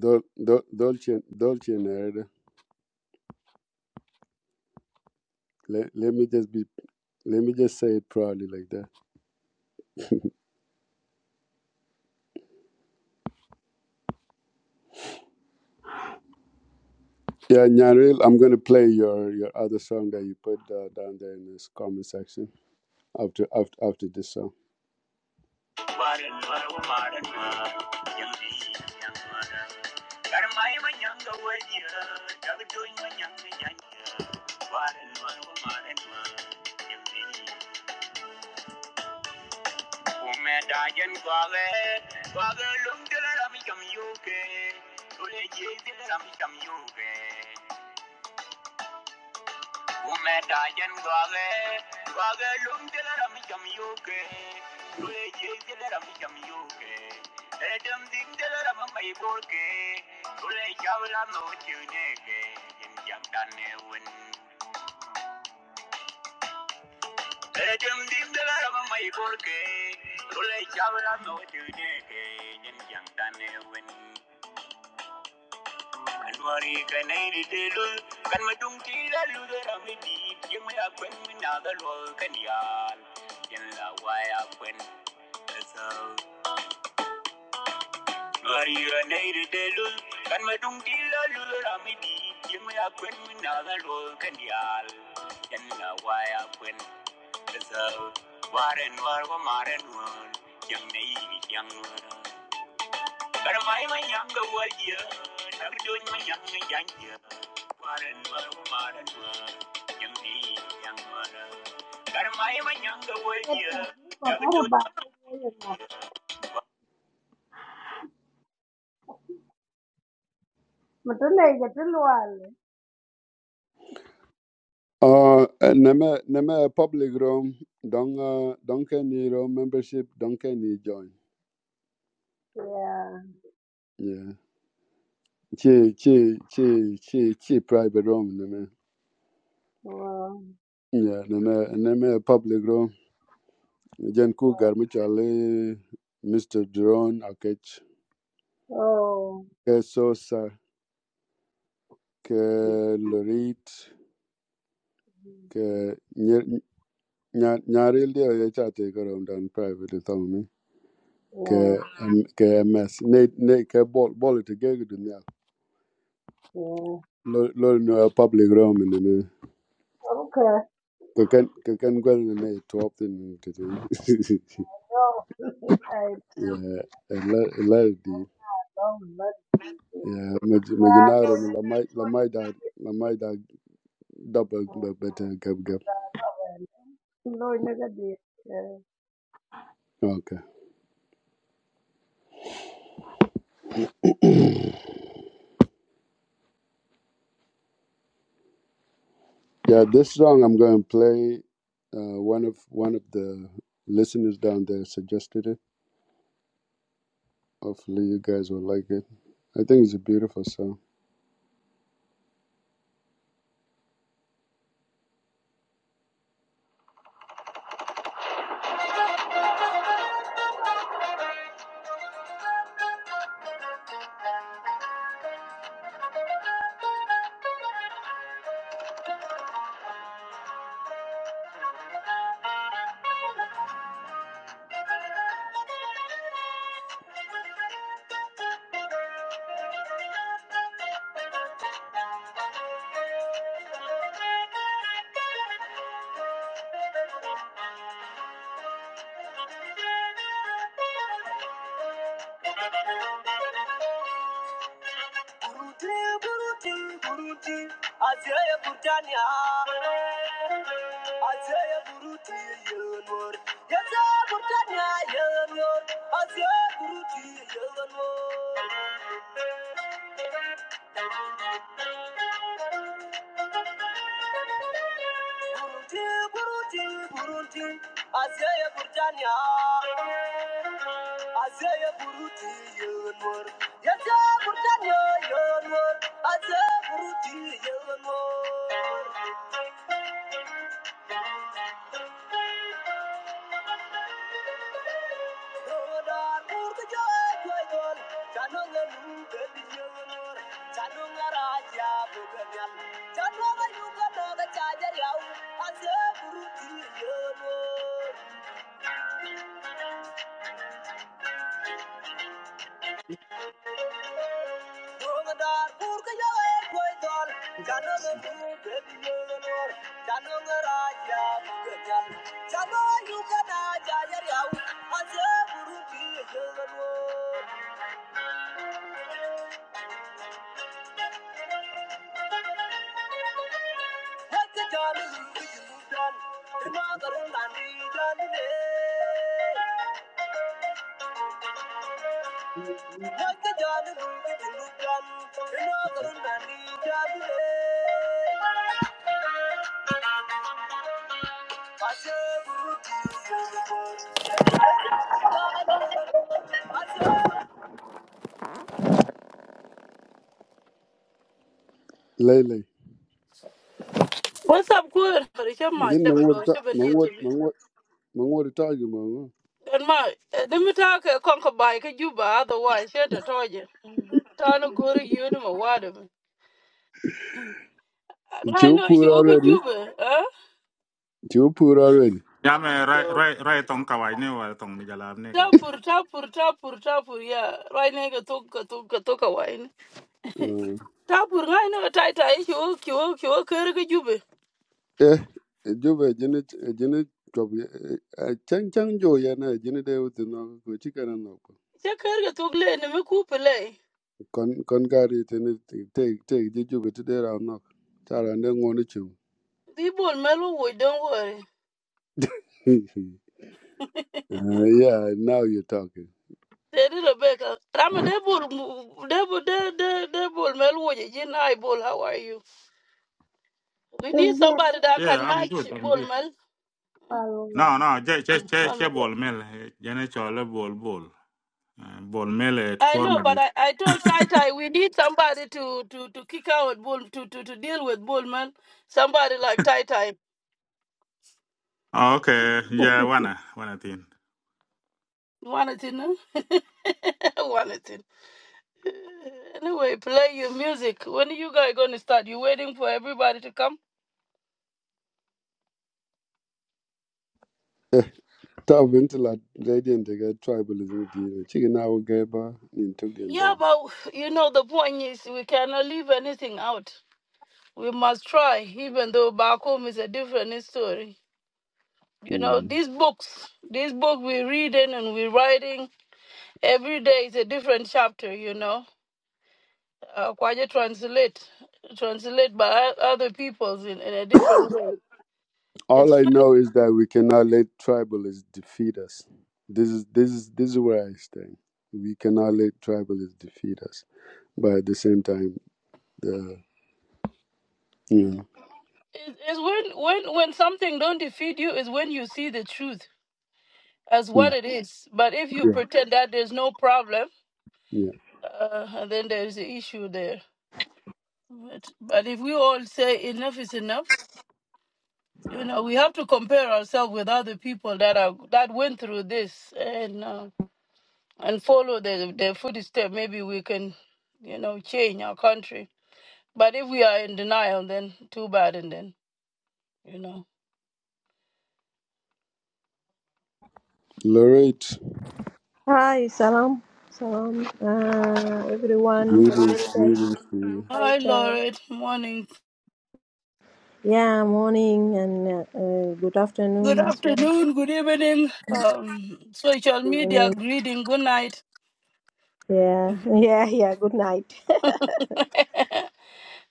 Dol Dol Dolce Dolce Let Let me just be. Let me just say it proudly like that. Yeah, Nyanril, I'm gonna play your your other song that you put uh, down there in this comment section after after after this song. Umedajen gwage, gwage lum dilara mi jam yoke, lule ye dilara mi edem dik dilara mi mai borke, lule chavla no chuneke, jin jam Edem dik dilara mi mai borke, lule chavla no chuneke, jin jam Anwari kanairi telu kan madung tila luda rami di yang me akwen minaga lo kanial yang la wai akwen esau. Anwari kanairi telu kan madung tila luda rami di yang me akwen minaga lo kanial yang la wai akwen esau. Waren war ko maren war yang nei yang war. Young lady, young woman. But my my young over here, I'm doing my young young here. What and what a modern young me, young mother. But my my young over here, I'm doing to le ke te lo ale uh, nema nema public room don't uh, don't can you room membership don't can you join ya yeah chi chi chi chi chi private room nema oh yeah nema nema public room jen ku yeah garmi Mr. Drone Akech. Okay, so sir. ke lorit ke nyaril dia ya chate ko rom dan private to mi ke ke ms ne ne ke bol bol e te ge du nya yeah lo no public rom ni me okay ke ken ke ken gwen ni ne to up tin te te no I ya la la di don't know ya ma jinaro la mai la mai da la mai da double better gab Lord, never did. okay. Yeah, this song I'm going to play. Uh, one of one of the listeners down there suggested it. Hopefully, you guys will like it. I think it's a beautiful song. Azaya buruti yelmor. Yaza burtanya yelmor. Azaya buruti yelmor. Roda kurta Chano nganu beli Chano ngaraja buganyal. Chano ngayuga naga chajar yau. Azaya Ramadan, purka yawa e koi dol, chano nga mu Lele. What's up, good? But it's your mind, Jin shepherd, or mangot shepherd, you to mangot be. mangot Mong what to tell you, Mong. And my, let me talk a conquer by Kajuba, otherwise, you're the target. Trying to go to you and my water. I Chew know you poor over already. Juba, huh? Chew poor already. Yeah, I'm uh, right, So, right, right on Kawai ne wa tong ni jalab ne ke. tapur, tapur, tapur, tapur, yeah. Right now, I took a took a took a wine. Uh, Tapur, I know a tight eye, you walk, you walk, you walk, Kerga Juba. eh, Juba, Janet, Janet, a chang chang jo yana, Janet, they would know, go chicken and knock. Check Kerga took lane and me coop a lay. Con con carry it and take, take, did you but today I'll knock. Tara and then want to chew. The ball mellow, don't worry. Uh, yeah, now you're talking. They did a baker. I'm a devil. Devil, devil, devil. Mel, would you? You know, How are you? We need Then yes, somebody that Yeah, can I'm match good, I'm ball, good. Mel. Paloma. No, no, che che che Man, che we go. ball mill. eh, jene chole ball, ball, Eh, Bol mel at I know, forma but dit. I, I told Tai Tai we need somebody to, to, to kick out bull to, to, to deal with bull, man. Somebody like Tai Tai. Oh, okay, yeah, wanna, wanna tin. One it in, huh? One it in. Anyway, play your music. When are you guys gonna start? You waiting for everybody to come? Top until I radiant, they get tribalism. Chicken hour gave her in took the Yeah, but you know the point is we cannot leave anything out. we must try, even though back home is a different story. You know, bed. these books, this book we're reading and we're writing every day is a different chapter. You know, uh, Kwaja translate, translate by other people's in, in a different way. All It's I funny. know is that we cannot let tribalists defeat us. This is this is this is where I stand. We cannot let tribalists defeat us. But at the same time, the you Mhm. know, It, it's when when when something don't defeat you is when you see the truth as mm, what it is. But if you yeah, pretend that there's no problem, yeah. uh, then there is an issue there. But, but if we all say enough is enough You know, we have to compare ourselves with other people that are that went through this and uh, and follow their their footsteps. Maybe we can, you know, change our country. But if we are in denial, then too bad. And then you know. Lorette, Hi, salam, salam, uh, everyone. greetings, American, greetings to you. Hi, Hi, Thai. Lauren. Morning. Yeah, morning and uh, uh, good Good afternoon as well. afternoon. Good evening. Um, social media Evening. greeting. Good night. Yeah, yeah, yeah. Good night.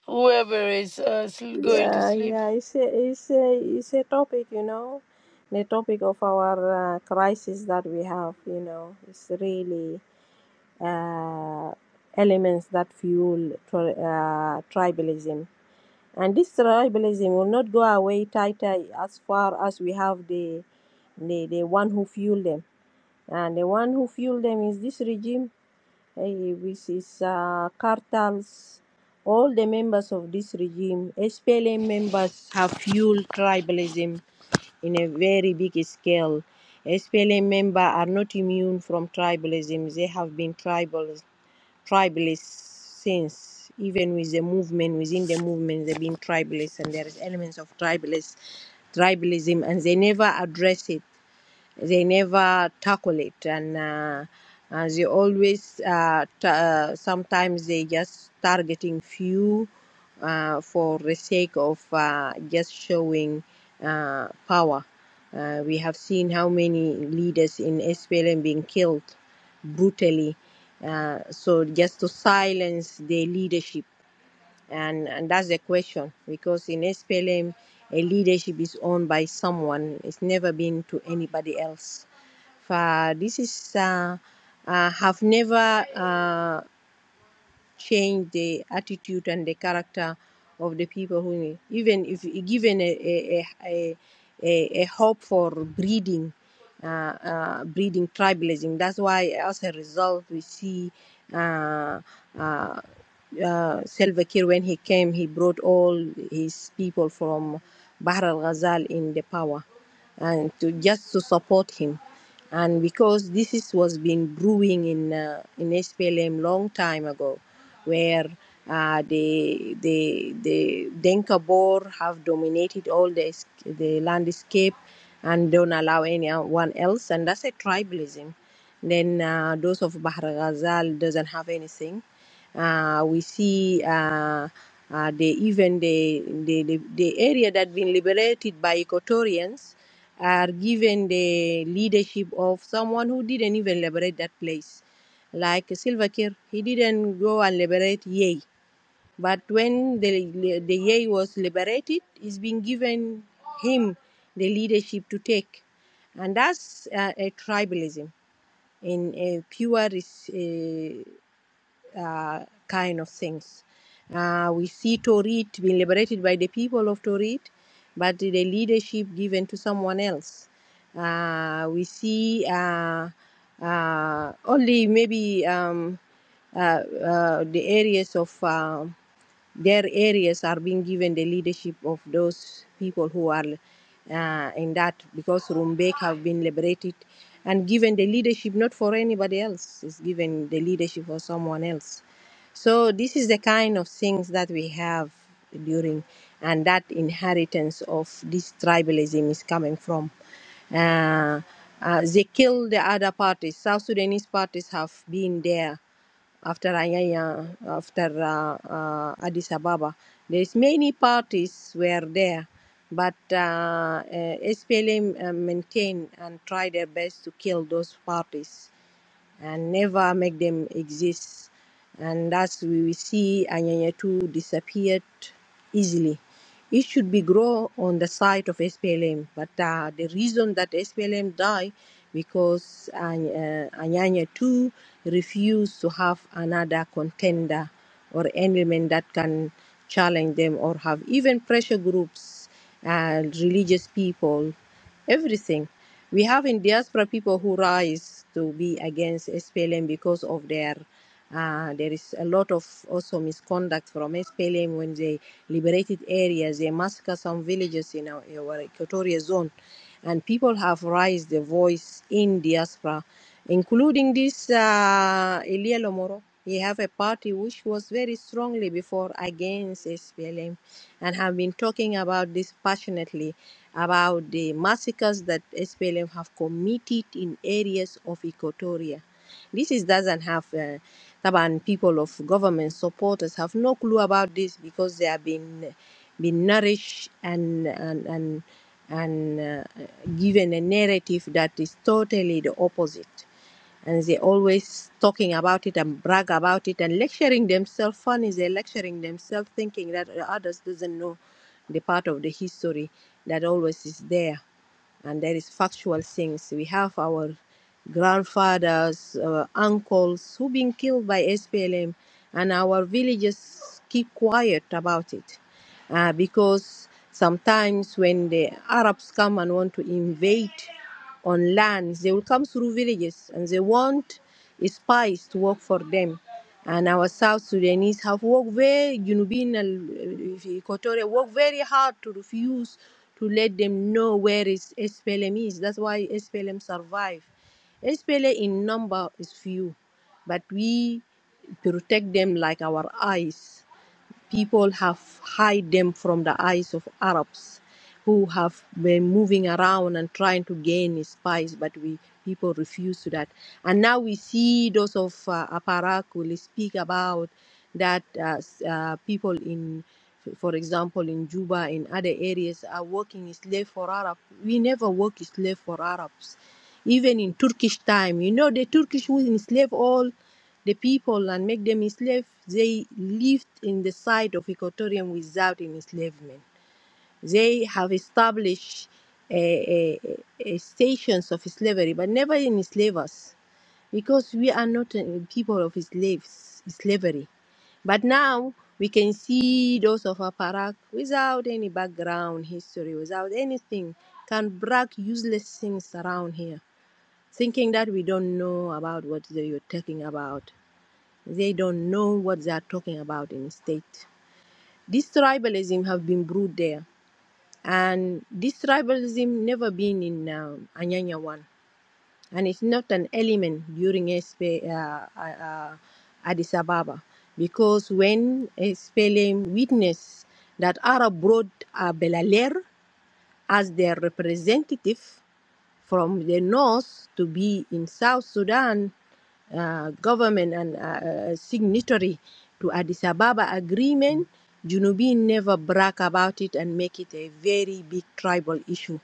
Whoever is uh, sl- going to Yeah, sleep. yeah. It's a, it's a, it's a topic, you know, the topic of our uh, crisis that we have. You know, it's really uh, elements that fuel tri- uh, tribalism And this tribalism will not go away tighter as far as we have the, the, the one who fueled them. And the one who fueled them is this regime, eh, which is uh, cartels. All the members of this regime, SPLM members, have fueled tribalism in a very big scale. SPLM members are not immune from tribalism. They have been tribal tribalist since even with the movement within the movement they've been tribalist and there is elements of tribalist tribalism and they never address it they never tackle it and uh, uh, they always uh, t- uh, sometimes they just targeting few uh, for the sake of uh, just showing uh, power uh, we have seen how many leaders in SPLM being killed brutally uh, so just to silence their leadership and and that's the question because in SPLM, a leadership is owned by someone. It's never been to anybody else. For this is uh, uh, have never. Uh, change the attitude and the character of the people who even if given a a, a, a, a hope for breeding uh, uh, breeding tribalism that's why as a result we see uh, uh, uh, Salva Kiir when he came he brought all his people from Bahr al-Ghazal in the power and to just to support him and because this is was been brewing in uh, in SPLM long time ago, where uh, the the the Denka Boer have dominated all the the landscape and don't allow anyone else, and that's a tribalism. Then uh, those of Bahr Ghazal doesn't have anything. Uh, we see. Uh, uh, the even the, the, the, the area that been liberated by Equatorians are given the leadership of someone who didn't even liberate that place. Like Silva Kiir, he didn't go and liberate Yei. But when the, the Yei was liberated, it's been given him the leadership to take. And that's uh, a tribalism in a pure uh, uh, kind of things. Uh, we see Torit being liberated by the people of Torit, but the leadership given to someone else. Uh, we see uh, uh, only maybe um, uh, uh, the areas of. um their areas are being given the leadership of those people who are uh, in that because Rumbek have been liberated and given the leadership not for anybody else, it's given the leadership for someone else. So this is the kind of things that we have during and that inheritance of this tribalism is coming from. Uh, uh, they kill the other parties. South Sudanese parties have been there after Anyanya, after uh, uh, Addis Ababa. There's many parties were there, but uh, uh, SPLM uh, maintained and tried their best to kill those parties and never make them exist. And thus we will see Anyanya Two disappeared easily. It should be grow on the side of SPLM, but uh, the reason that SPLM die because Any- uh, Anyanyatu refused to have another contender or element that can challenge them or have even pressure groups and religious people, everything. We have in diaspora people who rise to be against SPLM because of their. Uh, there is a lot of also misconduct from SPLM when they liberated areas. They massacre some villages in our, our Equatorial zone, and people have raised their voice in diaspora, including this uh, Elia Lomoro. He have a party which was very strongly before against SPLM and have been talking about this passionately about the massacres that SPLM have committed in areas of Equatoria. This is doesn't have uh, Taban people of government supporters have no clue about this because they have been been nourished and and and, and uh, given a narrative that is totally the opposite and they always talking about it and brag about it and lecturing themselves funny they lecturing themselves thinking that others doesn't know the part of the history that always is there and there is factual things we have our grandfathers uh, uncles who been killed by SPLM and our villagers keep quiet about it uh, because sometimes when the Arabs come and want to invade on lands. They will come through villages and they want spies to work for them. And our South Sudanese have worked very, you know, being Equatorial, worked very hard to refuse to let them know where is SPLM is. That's why SPLM survive. SPLM in number is few, but we protect them like our eyes people have hide them from the eyes of Arabs who have been moving around and trying to gain spies, but we people refuse to that. And now we see those of uh, Aparak will speak about that uh, s- uh, people in, for example, in Juba in other areas are working slave for Arab. We never work slave for Arabs. Even in Turkish time, you know, the Turkish who enslaved all the people and make them enslaved, they lived in the side of Equatorium without enslavement. They have established eh, eh, eh, stations of slavery, but never enslave us because we are not eh, people of slaves, slavery. But now we can see those of Aparak without any background history, without anything, can brag useless things around here, thinking that we don't know about what they are talking about. They don't know what they are talking about in state. This tribalism have been brewed there, and this tribalism never been in uh, Anyanya one, and it's not an element during SPA, uh, uh, uh, Addis Ababa, because when SPLM witnessed that Arab brought uh, Belaler as their representative from the north to be in South Sudan uh, government and uh, uh, signatory to Addis Ababa agreement, Junubin never brag about it and make it a very big tribal issue.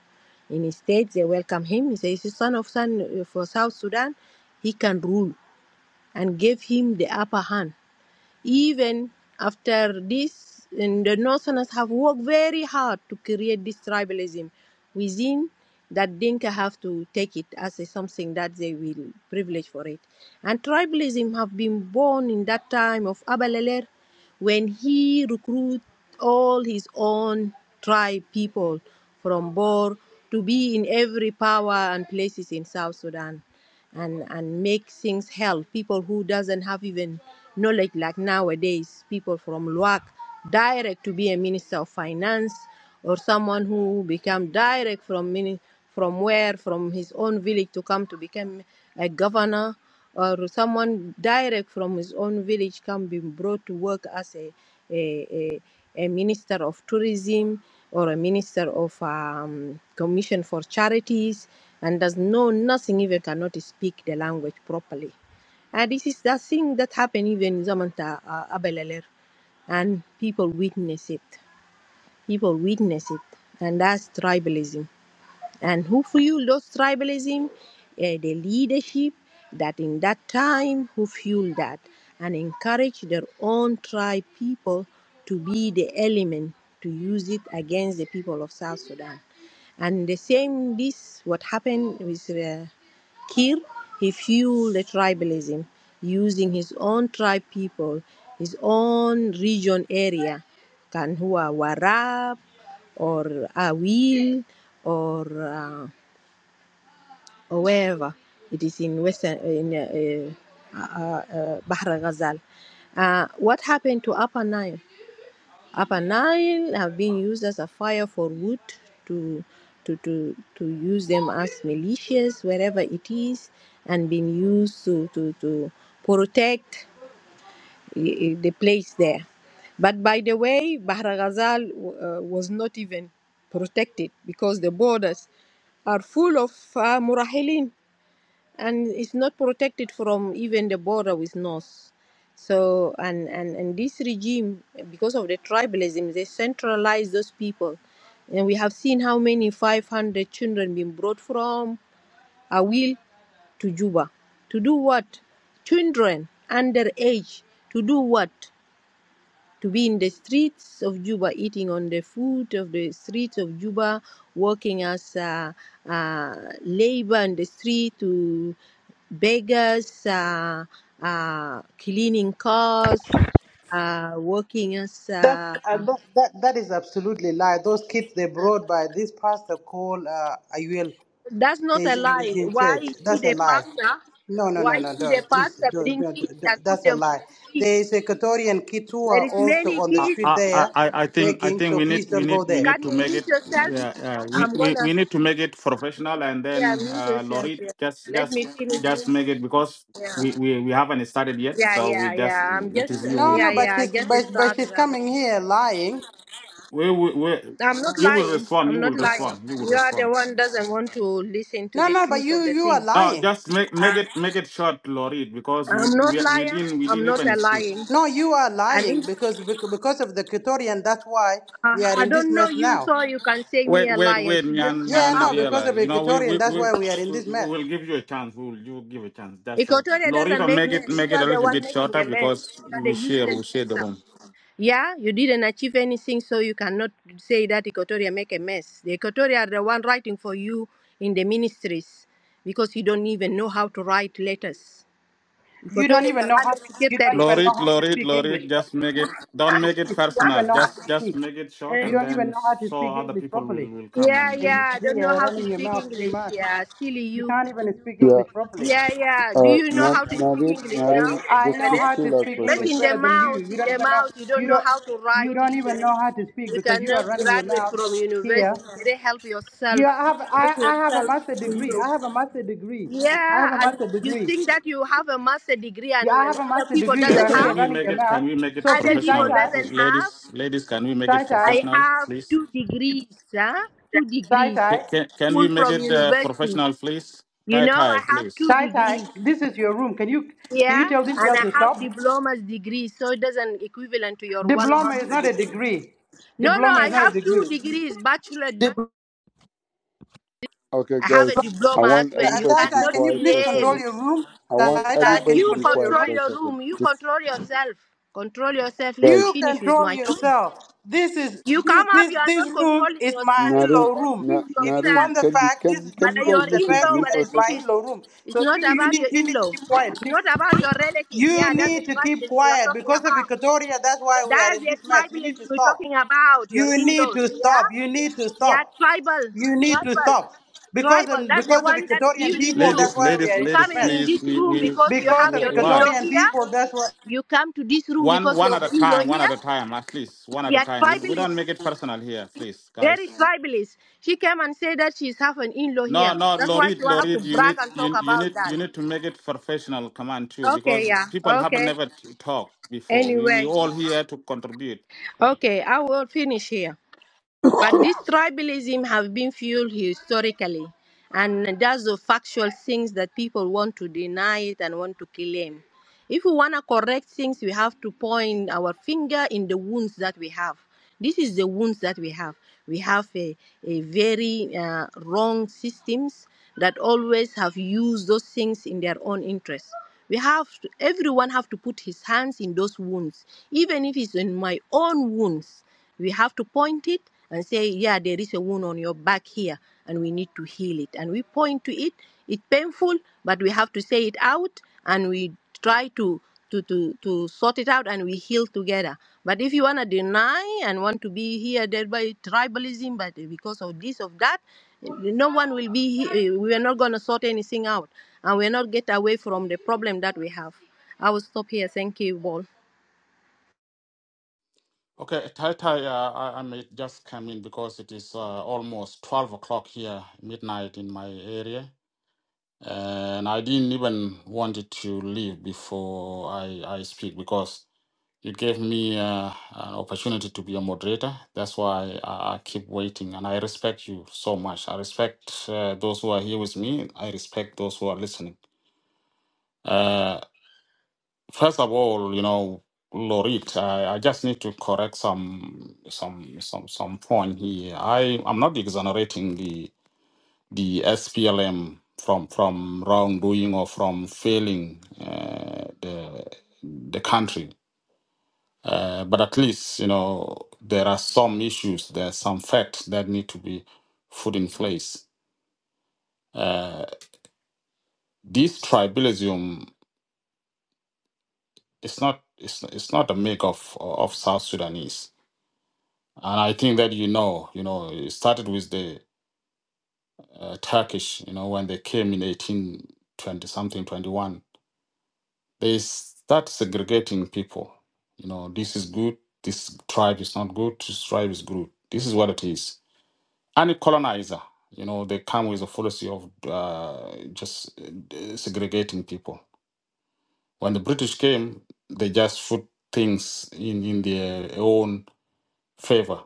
Instead, they welcome him. He says, he's son of son uh, for South Sudan. He can rule and gave him the upper hand. Even after this, and the Northerners have worked very hard to create this tribalism within that Dinka have to take it as a, something that they will privilege for it. And tribalism have been born in that time of Abaleler when he recruited all his own tribe people from Bor to be in every power and places in South Sudan and and make things help people who doesn't have even knowledge like nowadays people from luak direct to be a minister of finance or someone who become direct from mini, from where from his own village to come to become a governor or someone direct from his own village can be brought to work as a a a a minister of tourism or a minister of um, commission for charities and does know nothing even cannot speak the language properly and this is the thing that happened even in zamanta uh, abeleler and people witness it people witness it and that's tribalism and who lost tribalism, uh, the leadership that in that time who fueled that and encouraged their own tribe people to be the element to use it against the people of South Sudan. And the same, this what happened with uh, Kir, he fueled the tribalism using his own tribe people, his own region area, Kanhua Warab, or I will or uh, or wherever it is in Western in uh, uh, uh, Bahra Ghazal. Uh, what happened to Upper Nile? Upper Nile have been used as a fire for wood to to to, to use them as militias wherever it is, and been used to to to protect y- the place there. But by the way, Bahra Ghazal uh, was not even protected because the borders are full of uh, Murahilin and it's not protected from even the border with North. So, and, and, and this regime, because of the tribalism, they centralize those people. And we have seen how many 500 children being brought from Awil to Juba. To do what? Children under age. To do what? to be in the streets of Juba, eating on the food of the streets of Juba, working as uh, uh, labor in the street to beggars, uh, uh, cleaning cars, uh, working as. That, Uh, uh, that that that is absolutely lie. Those kids they brought by this pastor called uh, Ayuel. that's not They is a in, is lie. in Why church. That's should a a lie. pastor? No, no, no, Why no, should a don't please. pastor Don't, bring don't, kids and don't- put that's a them in lie. the There is streets? Equatorian kids who There are is also many on the I, kids. street I there I I think I begging. think So we please need we don't go need we there. need Can to you make mute it yourself? yeah, yeah we, I'm we gonna. we need to make it professional and Yeah, then mute uh yourself. Lori Yeah. just Let just me finish just this. make it because Yeah. we, we we haven't started yet Yeah, so yeah, we just yeah. I'm it just, is No, you no, yeah, yeah. but yeah. I she's but, just but started. she's I'm coming here lying. we, we, we, I'm not you will lying. respond. You I'm not will lying. respond. You will You are the respond. one doesn't want to listen to No, the no, but truth you of the you are things. No, lying. just make make Uh, it make it short, Lorid, because I'm we, not we we liar. didn't we I'm didn't not a even speak. lying. No, you are I mean, lying because bec- because of the Equatorian. That's why uh, we are I in this don't know mess you, now. so you can say me Wait, a wait, liar. wait, So just Nyan shut Yeah, Nyan no, up. because Riela. of You know, we we Equatorian, that's we. why we are in We this we mess. will give you a chance. We will you will give a chance. That's a Equatorial doesn't Lorita. make Make it mess. make You it are a the little one bit making shorter the mess. because You are the we share useless we share the messer. room. Yeah, you didn't achieve anything, so you cannot say that Equatoria make a mess. The Equatoria are the one writing for you in the ministries because you don't even know how to write letters. You don't Equatorians even are know how under to, you don't secretaries. even know Lorit, how to Lorit, speak English Lorit. Just properly. make it. Don't So make it Please, you don't personal. even know how to Just just speak. make it short, Eh? You and don't even then know how to speak so other English people will properly. will come yeah, and, And and you yeah, are I don't know here how to running your speak mouth too English. much. Yeah, silly You you. can't even speak Yeah, English properly. Yeah, yeah. Do uh, you know Nya- how to speak Nyaril, English now? Nyaril, I just Get know just it? how to chill out speak for a But English in second. the better than you. mouth, You in don't the even know mouth, you you don't know don't how to you write don't even even. know how to speak You because you are cannot running your graduate mouth from here. university. They help yourself. You have I, Help I have a yourself. master degree. You. I have a master degree. Yeah, I have a and master you degree. think that you have a master degree Yeah, and, I and have a other master people degree. You Can doesn't are can here have. we running make your it? mouth. Can we make it So Other please, tie people professional, tie, doesn't have. ladies? Ladies, can we make tie it tie, I professional, have please? two degrees, huh? Two tie degrees. tie, Ca- Can can School we make from it uh, university. professional, please? You Tie know, tie, I have please. two tie tie. degrees. This is your room. Can you can Yeah, you tell this and girl I to have stop? diploma's degree, so it doesn't equivalent to your one Diploma is master not a degree. degree. No, no, Diploma is I not a have two degree. degrees, bachelor. Dipl- Okay, I have a guys, I diploma as want Uh, well. You everybody tie to be tie, cannot can you quiet please for a control claim. second. your room? I You want Tie tie, can. can everybody you to You be control your quiet control room? for a your second. room. You Just control yourself. Control yourself. Let guys. me You finish with control my topic. yourself. This is You this come up. this You are this not room controlling is my yourself. You Naril, in-law us room. please Na- If you yourself. Naril, want the can you fact, can this you can this you But room guys your is a listen rare to in-law, room me but and for a as it's if my second? it's in-law room. it's So not you you about your need you need to in-law. keep quiet, It's please. not about your relative. You Yeah, that's the need to keep tribalism we are quiet talking because of about. Equatoria, that's why we are That's in your this mess. You need tribalism to we're talking stop. about, your You need in-laws, to yeah? stop. You need to Yeah, stop. tribal, You need to tribal, stop. Because tribal. of, That's the because of one that's Equatorian fueling people, that's you. Ladies, why we ladies, are You in this ladies, coming mess. in please. this We room we because you Because have of your wh- why in-law Equatorian here. people, that's why. You come to this room one because one you have at a the in-law time, one here. at a time, at least one at a Yeah, time. We we tribalist, don't make it personal here, please, very guys. tribalist. She came and said that she's have an in-law here. No, no, That's why Lorid, you have to Lorid, you brag need and talk you you about need that. you need to make it professional, come on too, Okay, because yeah, people have okay. never t- talked before. We we Anyway, all here to contribute okay, I will finish here. But this tribalism have been fueled historically, and that's the factual things that people want to deny it and want to claim. If we want to correct things, we have to point our finger in the wounds that we have. This is the wounds that we have. We have a, a very uh, wrong systems that always have used those things in their own interest. We have to, everyone have to put his hands in those wounds, even if it's in my own wounds. We have to point it and say, yeah, there is a wound on your back here and we need to heal it. And we point to it. It's painful, but we have to say it out and we try to to, to, to sort it out and we heal together. But if you want to deny and want to be here there by tribalism, but because of this, of that, no one will be here. We are not going to sort anything out and we're not get away from the problem that we have. I will stop here. Thank you, Paul. Okay, Tai Tai, uh, I, I may just come in because it is uh, almost 12 o'clock here, midnight in my area. And I didn't even wanted to leave before I, I speak because you gave me uh, an opportunity to be a moderator. That's why I, I keep waiting. And I respect you so much. I respect uh, those who are here with me. I respect those who are listening. Uh, First of all, you know, Lorit, I, I just need to correct some some some some point here. I I'm not exonerating the the SPLM from from wrongdoing or from failing uh, the the country, uh, but at least you know there are some issues, there are some facts that need to be put in place. Uh, this tribalism is not it's, it's not a make of of South Sudanese And I think that you know, you know, it started with the uh, Turkish, you know, when they came in 1820 something, 21. They start segregating people. You know, this is good, this tribe is not good, this tribe is good. This is what it is. Any colonizer, you know, they come with a policy of uh, just uh, segregating people. When the British came, they just put things in, in their own favor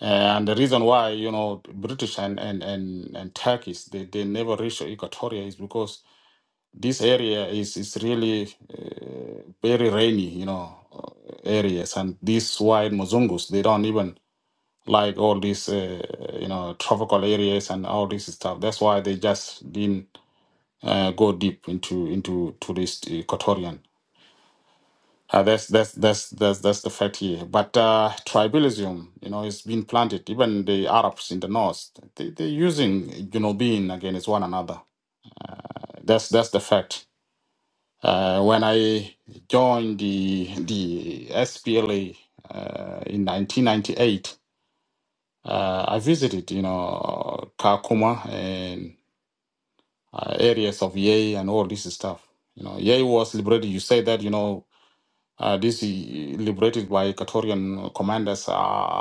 Uh, And the reason why, you know, British and and and, and Turkish they, they never reach Equatoria is because this area is is really uh, very rainy, you know, uh, areas, and these white Mozungus they don't even like all these uh, you know tropical areas and all this stuff. That's why they just didn't uh, go deep into into to this Equatorian. Uh, that's that's that's that's that's the fact here. But uh, tribalism, you know, is being planted. Even the Arabs in the north, they they're using you know being against one another. That's that's the fact. Uh, when I joined the the SPLA uh, in 1998, uh, I visited you know Kakuma and uh, areas of Yei and all this stuff. You know, Yei was liberated. You say that you know Uh, this i- liberated by Equatorian commanders. Uh,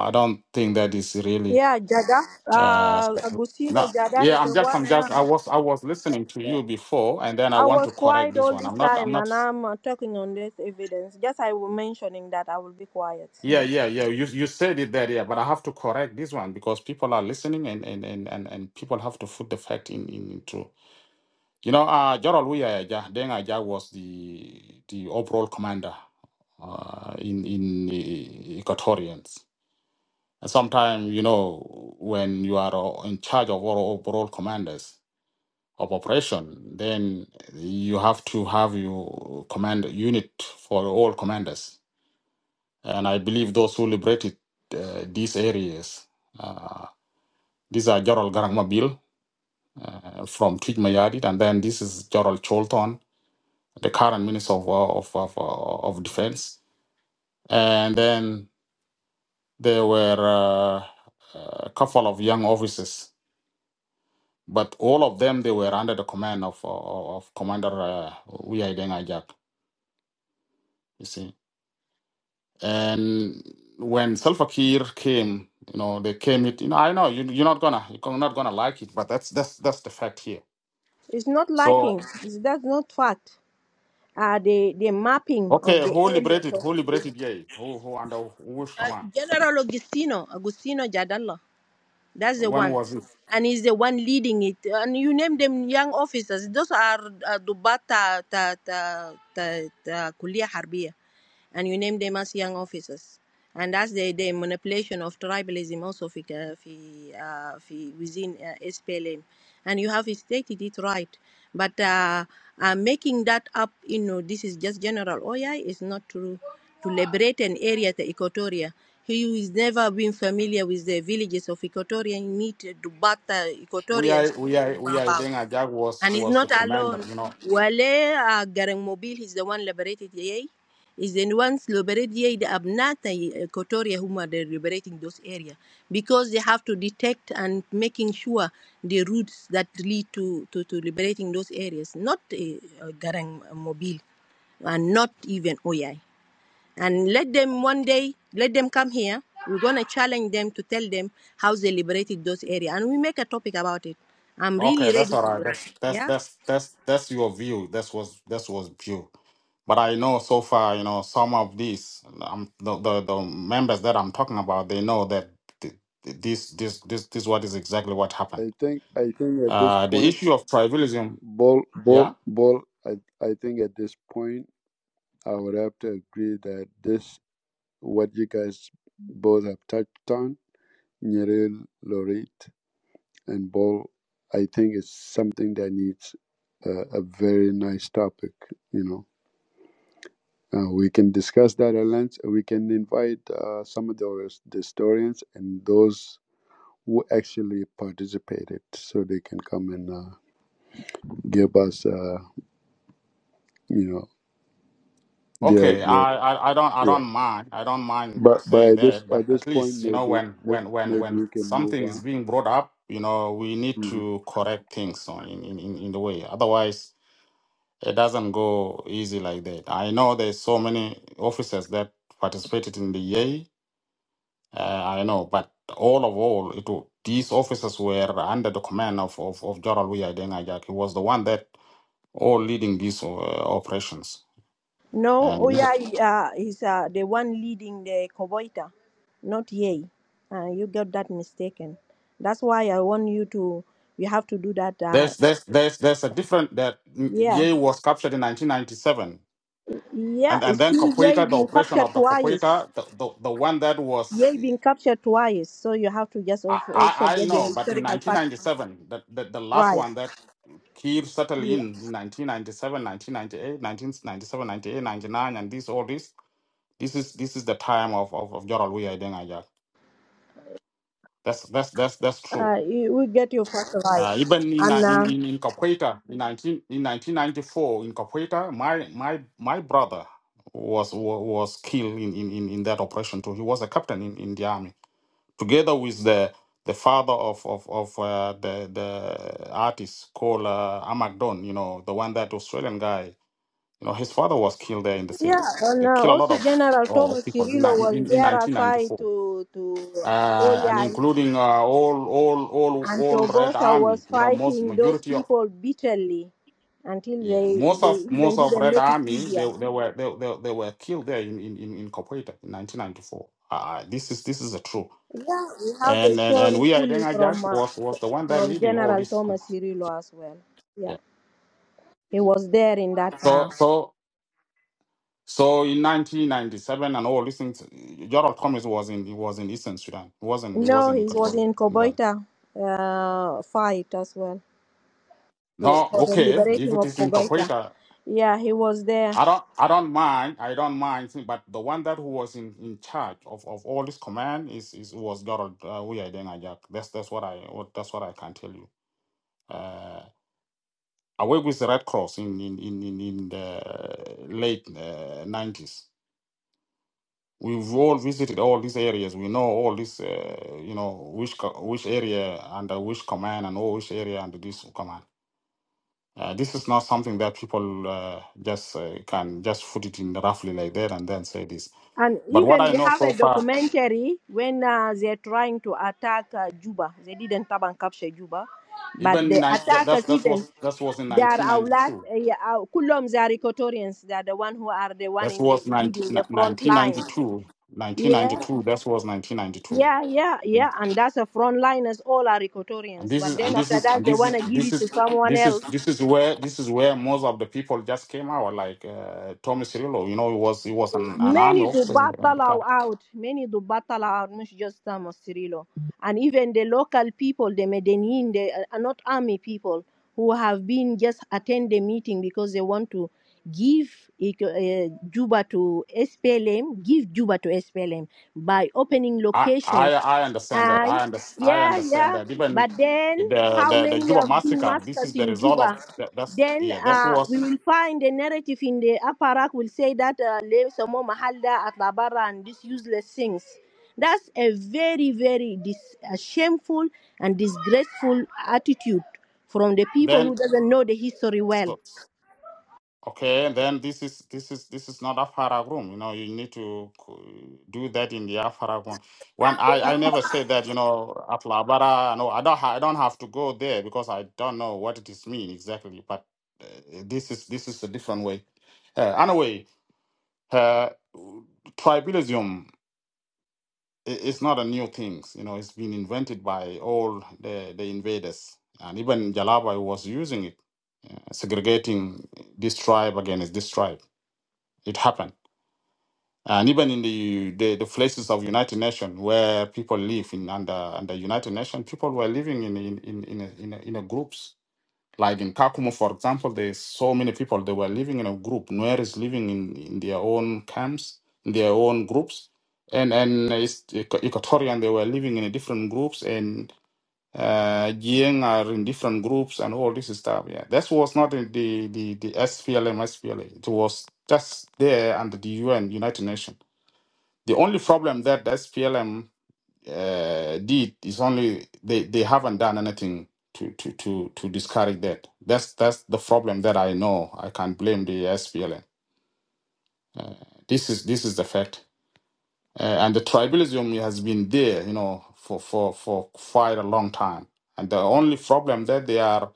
I don't think that is really. Yeah, Jada. Uh, Uh, Agustino no, Jada is yeah, I'm the just, one I'm I just, am. I was, I was listening to you before, and then I I want was to correct quiet this all one. this I'm not, I'm time, not. and I'm uh, talking on this evidence. Just I was mentioning that I will be quiet. Yeah, So yeah, yeah. You, you said it there, yeah, but I have to correct this one because people are listening, and and and and, and people have to put the fact in in into. You know, uh, Gerald Weah Deng Aja was the the overall commander uh, in in uh, Equatorians. And sometimes, you know, when you are uh, in charge of all overall commanders of operation, then you have to have your command unit for all commanders. And I believe those who liberated uh, these areas, uh, these are Gerald Garangmabil uh, from Twij Mayadit, and then this is Gerald Cholton, the current Minister of, uh, of, of, uh, of Defense. And then there were uh, a couple of young officers But all of them, they were under the command of of of Commander uh, Uyai Deng Ajak, you see. And when Salva Kiir came, you know, they came it. You know, I know you, you're not gonna you're not gonna like it, but that's that's that's the fact here. It's not So liking. It's, that's not fact. Uh, the the mapping of okay, the who areas liberated? of Who the liberated? Yay? Who who under which uh, command? General Agustino Agustino Jadala. That's the When one, was it? and he's the one leading it. And you name them young officers. Those are uh, Dubata ta ta ta ta Kulia Harbia. and you name them as young officers. And that's the, the manipulation of tribalism also في, ك- uh, within uh, SPLM. And you have stated it right. But uh, uh, making that up, you know, this is just general OI is not true. To liberate an area, the Equatoria, he who is never been familiar with the villages of Equatoria, he need to bat the Equatorians Uyai to help Uyai him Uyai about. Deng Ajak was And he's was the not commander. alone. You know, Wale uh, Garang Mobile, he's the one liberated Yei. He's the ones liberated Yei, the Abnata, uh, Kotoria, whom are they liberating those areas? Because they have to detect and making sure the routes that lead to, to, to liberating those areas, not uh, uh, Garang Mobile and not even Oyai. And let them one day, let them come here. We're gonna challenge them to tell them how they liberated those areas, and we make a topic about it. I'm really Okay, that's ready all for right. that. That's that's Yeah. that's that's that's your view. That's was that's was view. But I know so far, you know, some of these um, the, the the members that I'm talking about, they know that th- th- this this this this what is exactly what happened. I think I think at this Uh, the point, issue of tribalism. Bol Bol Yeah. Bol, I I think at this point I would have to agree that this what you guys both have touched on, Naril, Lorit, and Bol, I think is something that needs a, a very nice topic. You know, uh, we can discuss that at length. We can invite uh, some of the his- the historians and those who actually participated so they can come and uh, give us uh, you know their Okay. their I, I I don't I don't yeah mind. I don't mind but but saying at this that. But at this at point least you know maybe when may- when when maybe when we can move something is on being brought up, you know, we need Mhm. to correct things so in in in in the way. Otherwise It doesn't go easy like that. I know there's so many officers that participated in the EA. Uh, I know, but all of all, it wa- these officers were under the command of of, of General Wi Deng Ajak. He was the one that all leading these uh, operations. No, And Oya uh, is uh, the one leading the Koboita, not Yei. Uh, you got that mistaken. That's why I want you to, you have to do that. Uh, there's there's there's there's a different that yeah. EA was captured in 1997, Yeah, and and it's then still Yei Capoeira, the being operation captured of the twice. Capoeira, the, the the one that Yei was being captured twice. So you have to just al- I, also I I get the know, but in historical fact 1997, the, the, the last right. one that Kiir settled Yeah. in in 1997, and this all this. This is this is the time of of, of Joral Weah Deng Ajak. That's that's that's that's true. Uh, you will get your fact right. Uh, even in And uh, in uh, in, in Capoeira in 19 in 1994 in Capoeira, my my my brother was wa- was killed in, in, in in that operation too. He was a captain in, in the army together with the the father of of, of uh, the the artist called uh, Amak Don, you know, the one that Australian guy You know, his father was killed there in the yeah, same. and They uh, kill a lot also of General oh, Thomas people in, Cirillo ni- was in, in there aside 1994, to, to uh, and Oya. including uh, all all all And all Red Togosa Army. was You know, most fighting those majority of people bitterly until yeah, they, most of they even most of didn't Red make it Army they easier. they were they they, they were killed there in in in, in Kopoita in 1994. Uh, this is this is the truth. Yeah, we have the And and and story we fully Idenga from Jack uh, was was the one that from leading all General this. com- Thomas Cirillo as well. Yeah, Yeah. he was there in that So time. so So in 1997 and all these things, Gerald Thomas was in he was in Eastern Sudan. He wasn't he No, wasn't in he was Equatoria in in that. Koboita uh, fight as well. So No, for the okay. If liberating it of is in Koboita. Capoeira, Yeah, he was there. I don't I don't mind. I don't mind. But the one that who was in, in charge of, of all this command is, is was Gerald uh, Weah Ajak. That's that's what I what that's what I can tell you. Uh, I worked with the Red Cross in in in in, in the late uh, nineties. We've all visited all these areas. We know all this, uh, you know, which co- which area under which command and all which area under this command. Uh, this is not something that people uh, just uh, can just put it in roughly like that and then say this. And But what even I we know have a so far, documentary when uh, they're trying to attack uh, Juba. They didn't come and capture Juba, but even the ni- that that's attackers that even was that was in they are outlet, 1992. uh, yeah, uh, Kulom, they are Equatorians. They are the one who are the one That in the was 19, leading the front line. 1992. Yeah, 1992. That was yeah, 1992. yeah, yeah. And that's the front liners. All are and Equatorians. this But is then and this after is that, and they this is wanna give this it to is someone this else is this is where this is where most of the people just came out like uh, Tommy Cirillo you know he was he was an, an army Many to officer in the- in battle the back. out. Many to battle out, not just um, Cirilo. And even the local people, the Medellin, they are not army people who have been just attend the meeting because they want to give uh, Juba to SPLM, give Juba to SPLM by opening I I locations. I understand that Aye. I under, I Yeah, understand yeah. that even But then, the, how the the many Juba have been massacre this massacred is the in result of Juba? that, that's Then yeah that uh, we was will find a narrative in the apparat will say that uh, Lev Somo Mahalda at Labara and these useless things. That's a very, very dis- uh, shameful and disgraceful attitude from the people who then doesn't know the history well. so Okay, and then this is this is this is not Afarag room. You know, you need to c- do that in the Afarag one. When I I never said that. You know, Atlabara. No, I don't ha- I don't have to go there because I don't know what it is mean exactly. But uh, this is this is a different way. Uh, anyway, uh, tribalism i- is not a new thing. You know, it's been invented by all the the invaders, and even Jalaba was using it, segregating this tribe against this tribe. It happened and even in the the, the places of United Nations where people live in under under United Nations, people were living in in in in a, in, a, in a groups. Like in Kakumu, for example, there's so many people they were living in a group. Nuer is living in, in their own camps, in their own groups, and and it's Equatorian they were living in different groups, and uh, Jiang are in different groups, and all this stuff. Yeah, that was not the the the, the SPLM SPLA. It was just there under the UN United Nations the only problem that SPLM uh, did is only they, they haven't done anything to, to, to, to discourage that. That's that's the problem that I know. I can't blame the SPLM. This is this is the fact, uh, and the tribalism has been there, you know, for, for for quite a long time. And the only problem that they are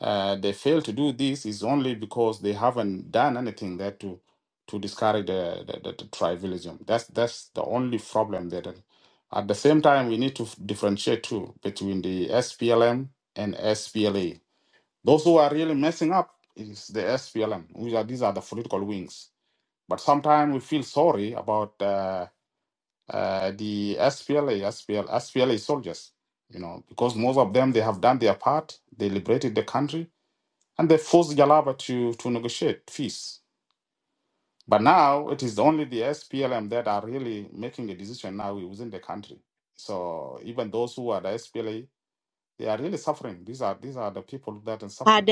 Uh, they fail to do this is only because they haven't done anything there to to discourage the, the, the, the tribalism. That's that's the only problem there. At the same time, we need to f- differentiate too between the SPLM and SPLA. Those who are really messing up is the SPLM. Which are, these are the political wings. But sometimes we feel sorry about uh, uh, the SPLA, SPL, SPLA soldiers. You know, because most of them they have done their part. They liberated the country and they forced Jalaba to, to negotiate fees. But now it is only the SPLM that are really making a decision now within the country. So even those who are the SPLA, they are really suffering. These are these are the people that are Uh, suffering. the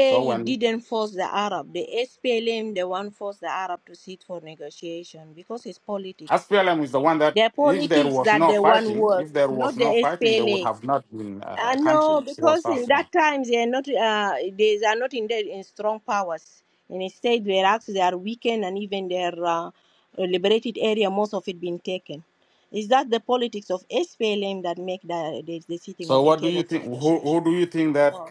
So it when didn't force the Arab. The SPLM the one forced the Arab to sit for negotiation because it's politics. SPLM is the one that, The if there politics was that no they want fighting, work, if there not was the no fighting, there would SPLA. have not been I a country no, called because South in Sudan. that times they are not, uh, they are not in, the, in strong powers. And instead, their acts they are weakened and even their uh, liberated area, most of it being taken. Is that the politics of SPLM that make the, the, the sitting So, of the what do table you for think? Who negotiation? who do you think that No.